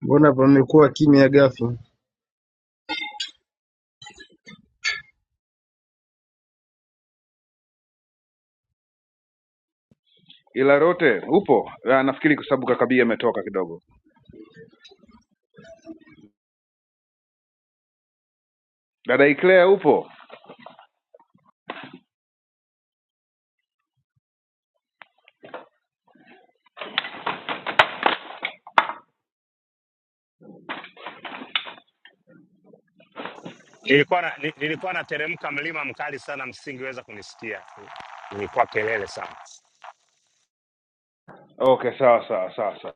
Mbona pamekuwa kimya ghafla?
ila rote upo Ah, nafikiri kwa sababu kakabia ametoka kidogo Dada Iclea upo?
Nilikuwa na, ni- nilikuwa nateremka mlima mkali sana, msingeweza kunisikia, ilikuwa kelele sana.
Okay, sawa sawa sawa sawa.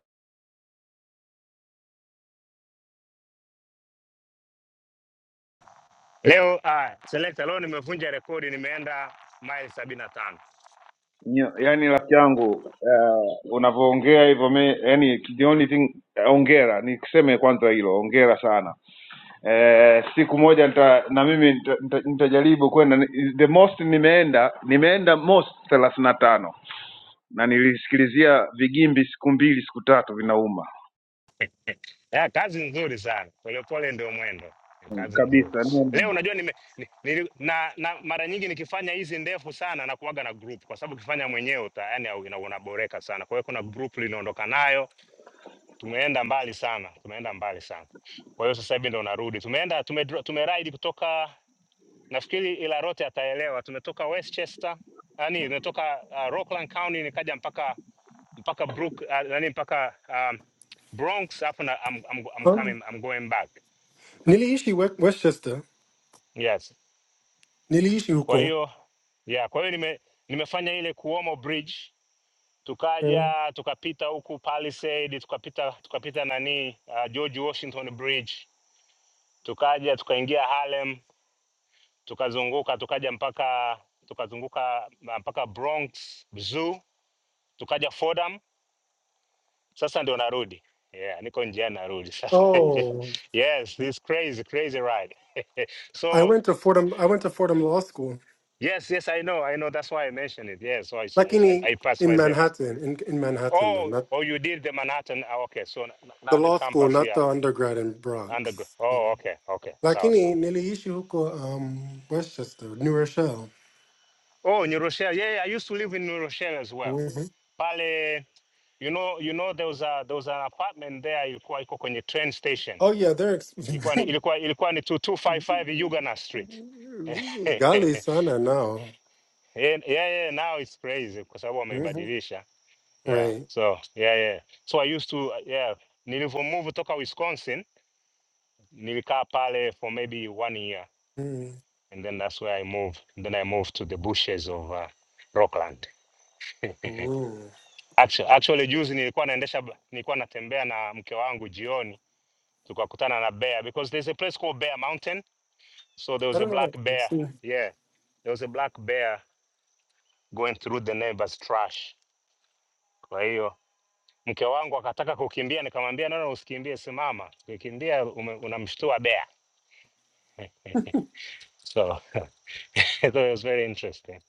Leo ah, selekta, leo nimevunja rekodi, nimeenda maili sabini na tano.
Nyo- Yaani rafiki yangu uh, unavyoongea hivyo mi yani the only thing ongera nikuseme kwanza hilo ongera sana. Eh, siku moja nita, na mimi nita- nita- nitajaribu kwenda ni- the most nimeenda nimeenda most thelathini na tano na nilisikilizia vigimbi siku mbili siku tatu vinauma
Ya, kazi nzuri sana, polepole ndio mwendo. Ni Kazi nzuri.
kabisa. Ni-
Leo unajua nime, ni, nili- na, na mara nyingi nikifanya hizi ndefu sana na kuaga na group, kwa sababu ukifanya mwenyewe uta yani au- ina- unaboreka sana. Kwa hiyo kuna group linaondoka nayo, tumeenda mbali sana, tumeenda mbali sana. Kwa hiyo sasa hivi ndo narudi, tumeenda tume, tumeride kutoka nafikiri ila rote ataelewa, tumetoka Westchester yani, tumetoka uh, Rockland County nikaja mpaka mpaka brook uh, nani mpaka um, bronx alafu I'm, I'm, I'm
Oh.
coming I'm going back
Niliishi West- Westchester.
yes
Niliishi
kwa
huko.
hiyo yeah kwa hiyo nime, nimefanya ile kuomo bridge
Mm.
tukaja tukapita huku palisade tukapita tukapita nani uh, george washington bridge tukaja tukaingia harlem tukazunguka tukaja mpaka tukazunguka uh, mpaka bronx zoo tukaja fordham sasa ndo narudi yeah, niko njiani narudi sasa
Oh.
yes this crazy crazy ride
I
so
went to Fordham I went to Fordham Law School.
yes yes i know i know that's why i mentioned it yes so I, I, I
Like
I
in
passed by
in
there
Manhattan, in in Manhattan though,
oh
not
oh you did the manhattan ah, okay so n- n-
the
now the
law school,
campus
not
here
the undergrad in
and undergo
Bronx.
oh okay okay sawa sawa
Lakini niliishi huko um, Westchester, New Rochelle.
oh new rochelle yeah, yeah i used to live in new rochelle as well
Mhm.
pale you know you know there was a there was an apartment there ilikuwa iko kwenye train station
Oh yeah, they're ex-
ilikuwa ni, ilikuwa ilikuwa ni 2255 Yugana Street.
gali sana now.
yeah, yeah, yeah, now it's crazy kwa sababu
Mhm.
wameibadilisha. Yeah.
Right.
So, yeah, yeah. So I used to yeah, nilivyo move toka Wisconsin, nilikaa pale for maybe one year
Mhm.
and then that's where I moved. And then I moved to the bushes of uh, Rockland.
Mhm.
actually, actually juzi nilikuwa naendesha ba- nilikuwa natembea na mke wangu jioni tukakutana na bear because there's a place called Bear Mountain So there was
I
a
don't know what
black
I
bear.
see.
Yeah, there was a black bear going through the neighbor's trash. Kwa hiyo mke wangu akataka kukimbia, nikamwambia no, no, usikimbie, simama. Ukikimbia ume- unamshtua bear. so, so it was very interesting.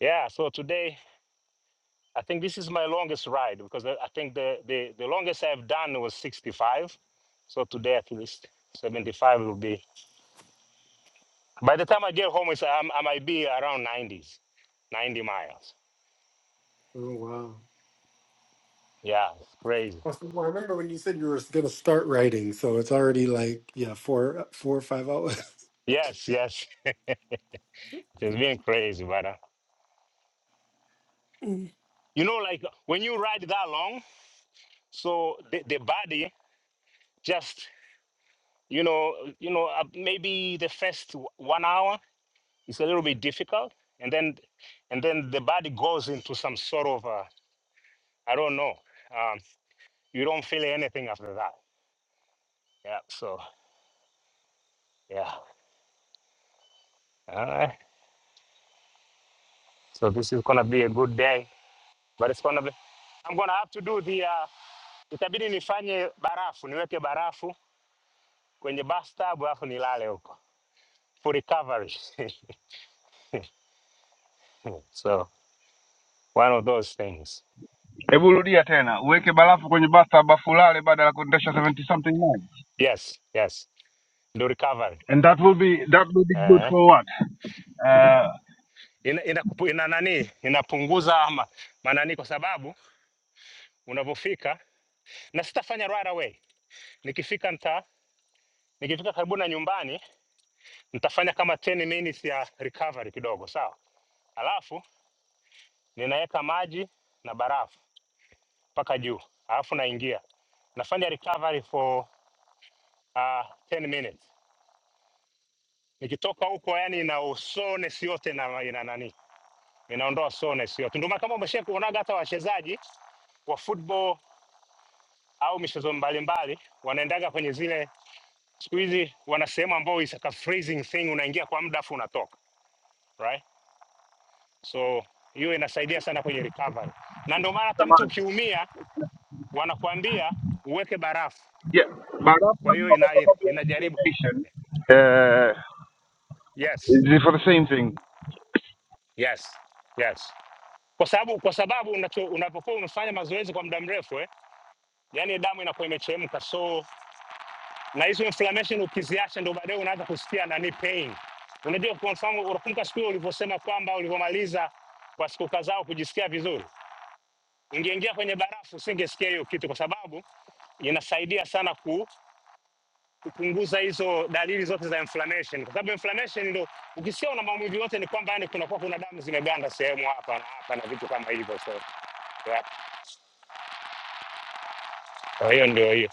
Yeah, so today I think this is my longest ride because I I think the, the, the longest I've done was 65. So today at least 75 will be. By the time I get home, it's, I'm, I might be around 90s, 90 miles.
Oh wow.
Yeah, it's crazy.
Well, I remember when you said you were going to start writing, so it's already like yeah, four, four or five hours.
Yes, yes. it's been crazy, but uh,
Mm.
you know, like uh, when you ride that long, so the, the body just, you know, uh, you know, uh, maybe the first w- one hour is a little bit difficult, and then, and then the body goes into some sort of, uh, I don't know, um, you don't feel anything after that. Yeah. So yeah. All right. So this is gonna be a good day, but it's gonna be. I'm gonna have to do the. Uh, itabidi nifanye barafu, niweke barafu kwenye bathtub alafu nilale huko for recovery so one of those things yes yes ndo recovery eh. ina, ina, kupu- ina nani inapunguza ma- manani kwa sababu unavyofika na sitafanya right away nikifika nta nikifika karibu na nyumbani nitafanya kama 10 minutes ya recovery kidogo sawa alafu ninaweka maji na barafu mpaka juu alafu naingia nafanya recovery for uh, 10 minutes Nikitoka huko yani ina usonesi yote na ina nani, inaondoa sonesi yote. Ndio maana kama umesha kuonaga hata wachezaji wa football au michezo mbalimbali wanaendaga kwenye zile siku hizi wana sehemu ambao is like a freezing thing, unaingia kwa muda afu unatoka right. So hiyo inasaidia sana kwenye recovery, na ndio maana hata mtu
Jamani,
ukiumia wanakuambia uweke barafu.
yeah, bara-
Kwa hiyo ina, inajaribu yes, yes, yes, kwa sababu kwa sababu unapokuwa unafanya mazoezi kwa muda mrefu eh yani damu inakuwa imechemka, so na hizo inflammation ukiziacha, ndo baadaye unaanza kusikia nani pain. Unajua, kwa mfano, unakumbuka siku hiyo ulivyosema kwamba ulivyomaliza kwa siku kadhaa kujisikia vizuri, ingeingia kwenye barafu usingesikia hiyo kitu, kwa sababu inasaidia sana ku, kupunguza hizo dalili zote za inflammation, kwa sababu inflammation ndo ukisikia una maumivu yote ni kwamba yani kunakuwa kuna damu zimeganda sehemu hapa na hapa na vitu kama hivyo, so yeah. Kwa hiyo ndio hiyo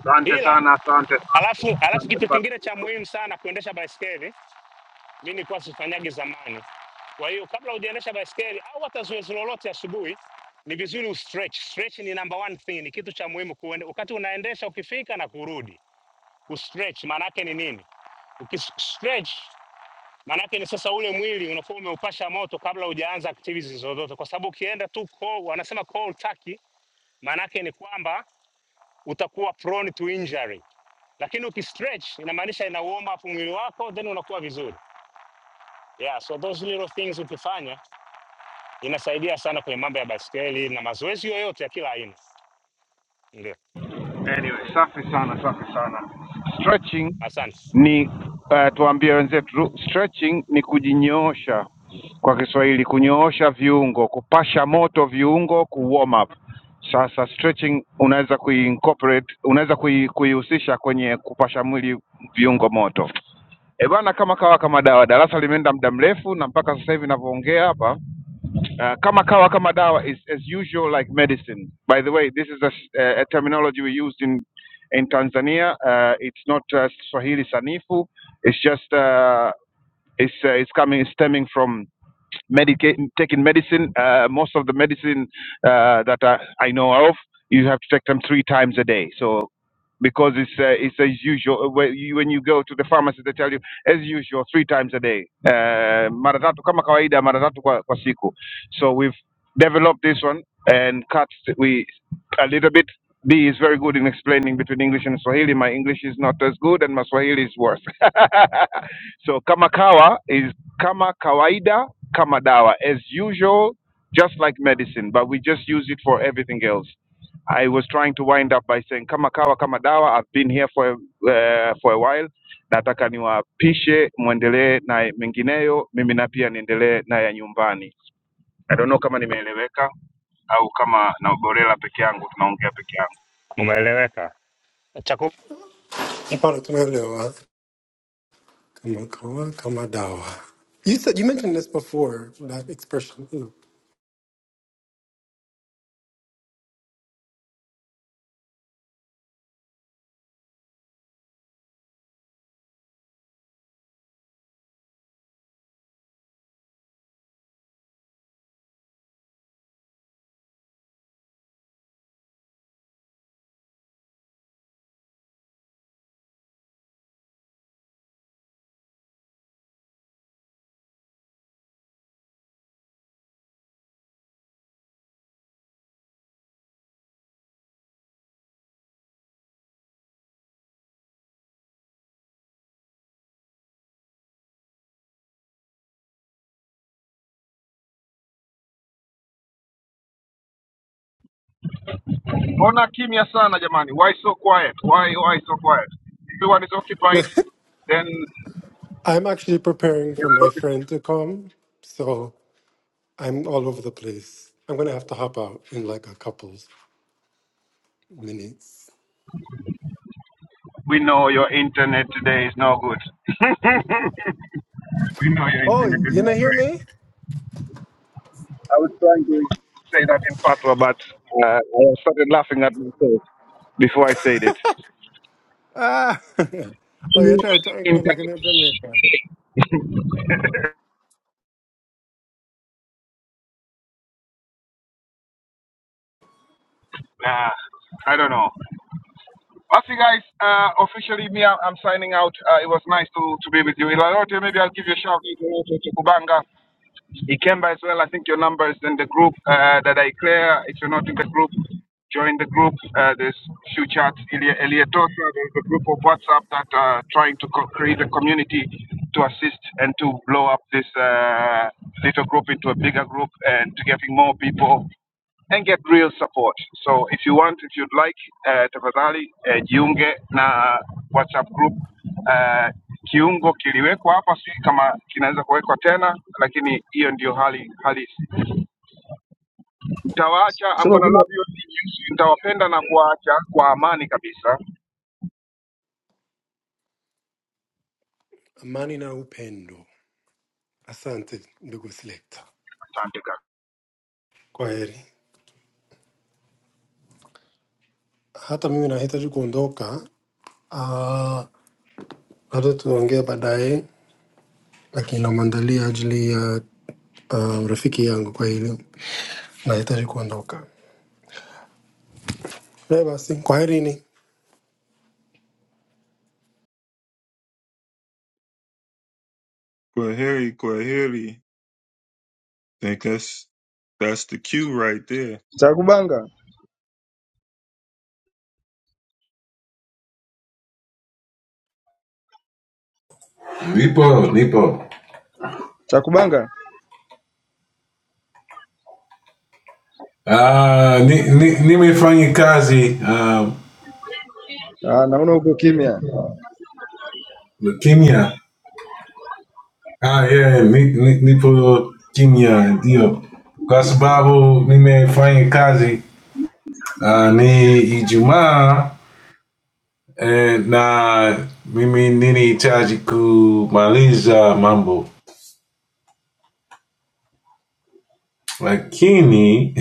Asante
ila
sana, asante.
Alafu, alafu
asante
kitu
sana.
kingine cha muhimu sana kuendesha baiskeli, mi nilikuwa sifanyagi zamani. Kwa hiyo kabla hujaendesha baiskeli au hata zoezi lolote asubuhi, ni vizuri ustretch. Stretch ni number one thing, ni kitu cha muhimu kuende, wakati unaendesha ukifika na kurudi ustretch Maana yake ni nini? Ukistretch maana yake ni sasa ule mwili unakuwa umeupasha moto kabla hujaanza activities zozote, kwa sababu ukienda tu cold, wanasema cold turkey, maana yake ni kwamba utakuwa prone to injury, lakini ukistretch inamaanisha ina warm up mwili wako, then unakuwa vizuri. Yeah, so those little things ukifanya inasaidia sana kwenye mambo ya baskeli na mazoezi yoyote ya kila aina. Ndio,
Stretching
asante.
ni uh, tuambie wenzetu, stretching ni kujinyoosha kwa Kiswahili, kunyoosha viungo, kupasha moto viungo, ku warm up. Sasa stretching unaweza kuincorporate, unaweza kui- kuihusisha kwenye kupasha mwili viungo moto. E bwana, kama kawa kama dawa, darasa limeenda muda mrefu, na mpaka sasa hivi ninavyoongea hapa uh, kama kawa kama dawa is as usual like medicine. By the way, this is a, s- uh, a terminology we used in in Tanzania. Uh, it's not uh, Swahili sanifu. It's just uh, it's uh, it's coming it's stemming from medica- taking medicine. Uh, most of the medicine uh, that I, I know of, you have to take them three times a day. So because it's uh, it's as usual uh, when you when you go to the pharmacy they tell you as usual three times a day uh, mara tatu kama kawaida mara tatu kwa, kwa siku so we've developed this one and cut we a little bit B is very good in explaining between English and Swahili. My English is not as good, and my Swahili is worse. so kamakawa is kama kawaida, kama dawa, as usual, just like medicine, but we just use it for everything else.
Umeeleweka. Chako
Para tunalewa, kama kawa, kama dawa. You said you mentioned this before that expression.
Mbona kimya sana jamani? Why so quiet? Why why so quiet? Everyone is occupied. Then
I'm actually preparing for my friend to come, so I'm all over the place. I'm gonna have to hop out in like a couple minutes.
we
Oh, you not hear me?
trying to say that in fatwa, but uh, I started laughing at myself before I said it.
Ah, oh, you're trying to again like an Jamaican.
I don't know. Basi guys, uh, officially me, I'm I'm signing out. Uh, it was nice to, to be with you. Ilarote, maybe I'll give you a shout out to Kubanga. Uh, there's few chats. Elietosa, there's a group of WhatsApp. uh, trying to co- create a community to assist and to blow up this uh, book and to get more
Sema kule
Amani na upendo. Asante ndugu selector. Kwa heri. Hata mimi nahitaji kuondoka. Ah, labda tuongee baadaye, lakini na namwandalia ajili ya ah, rafiki yangu, kwa hilo nahitaji kuondoka. Eh, basi kwaherini.
Kwaheri, Kwaheri. Think that's that's the cue right there.
cha kubanga,
nipo nipo
cha kubanga.
Ah uh, ni, ni, nimefanya kazi uh,
Ah, naona uko kimya.
kenya Ah, yeah, ni, ni, nipo kimya ndio, kwa sababu nimefanya kazi uh, ni Ijumaa eh, na mimi ninahitaji kumaliza mambo, lakini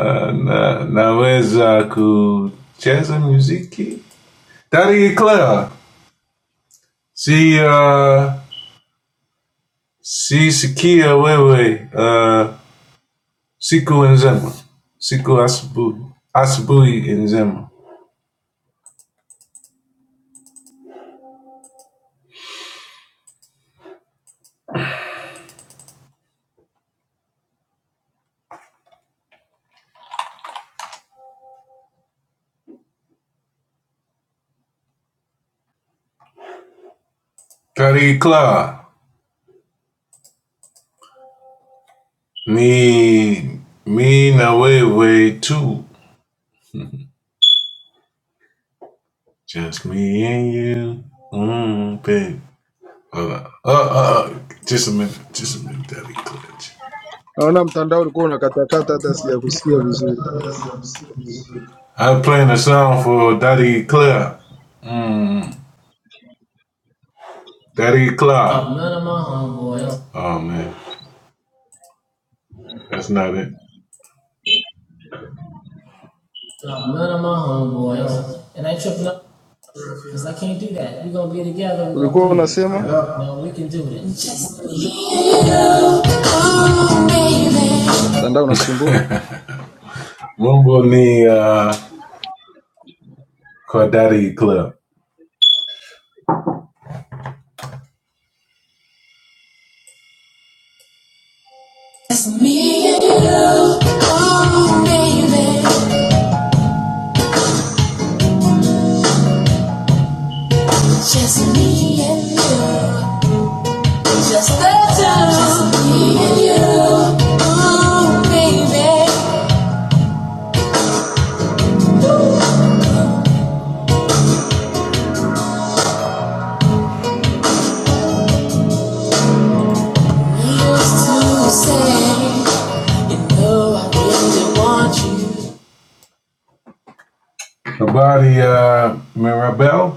uh, na, naweza kucheza muziki. Daddy Clara, si uh, si sikia wewe uh, siku nzema, siku asubuhi asubuhi nzema. Tariqla, me, me in a way, way too. Just me and you, mm, babe. Hold on. Uh, uh, uh, just a minute, just a minute, Daddy Clutch.
Naona mtandao ulikuwa unakatakata hata sijakusikia vizuri.
I'm playing a song for Daddy Claire. Mm, Daddy Claire. Oh man, that's not it.
Ulikuwa unasema mtandao unasumbua.
Rumble ni uh, called Daddy Claire. Just me and you, oh baby. Just me and you. Just the two, just me and you. Ooh, baby. You used to say, you know I really want you. About the uh, Mirabelle,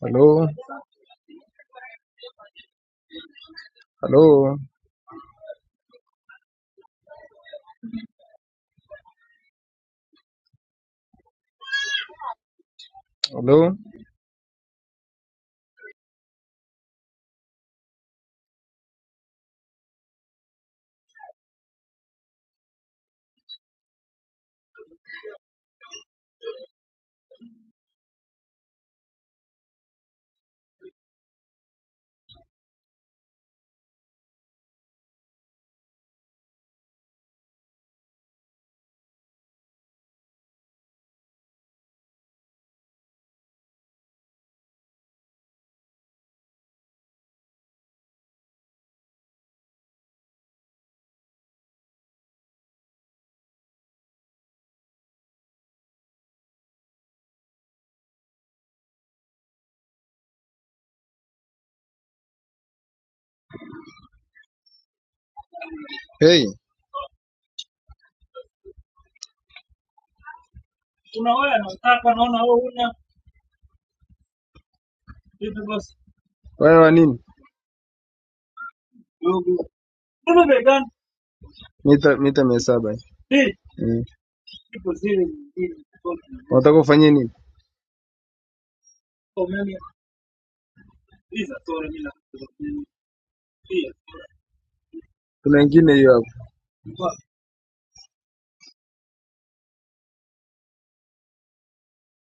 Halo, halo, halo. Hey, wewe wa nini? Mita mita 700. Mm. Unataka ufanye nini? Kuna wengine hiyo hapo.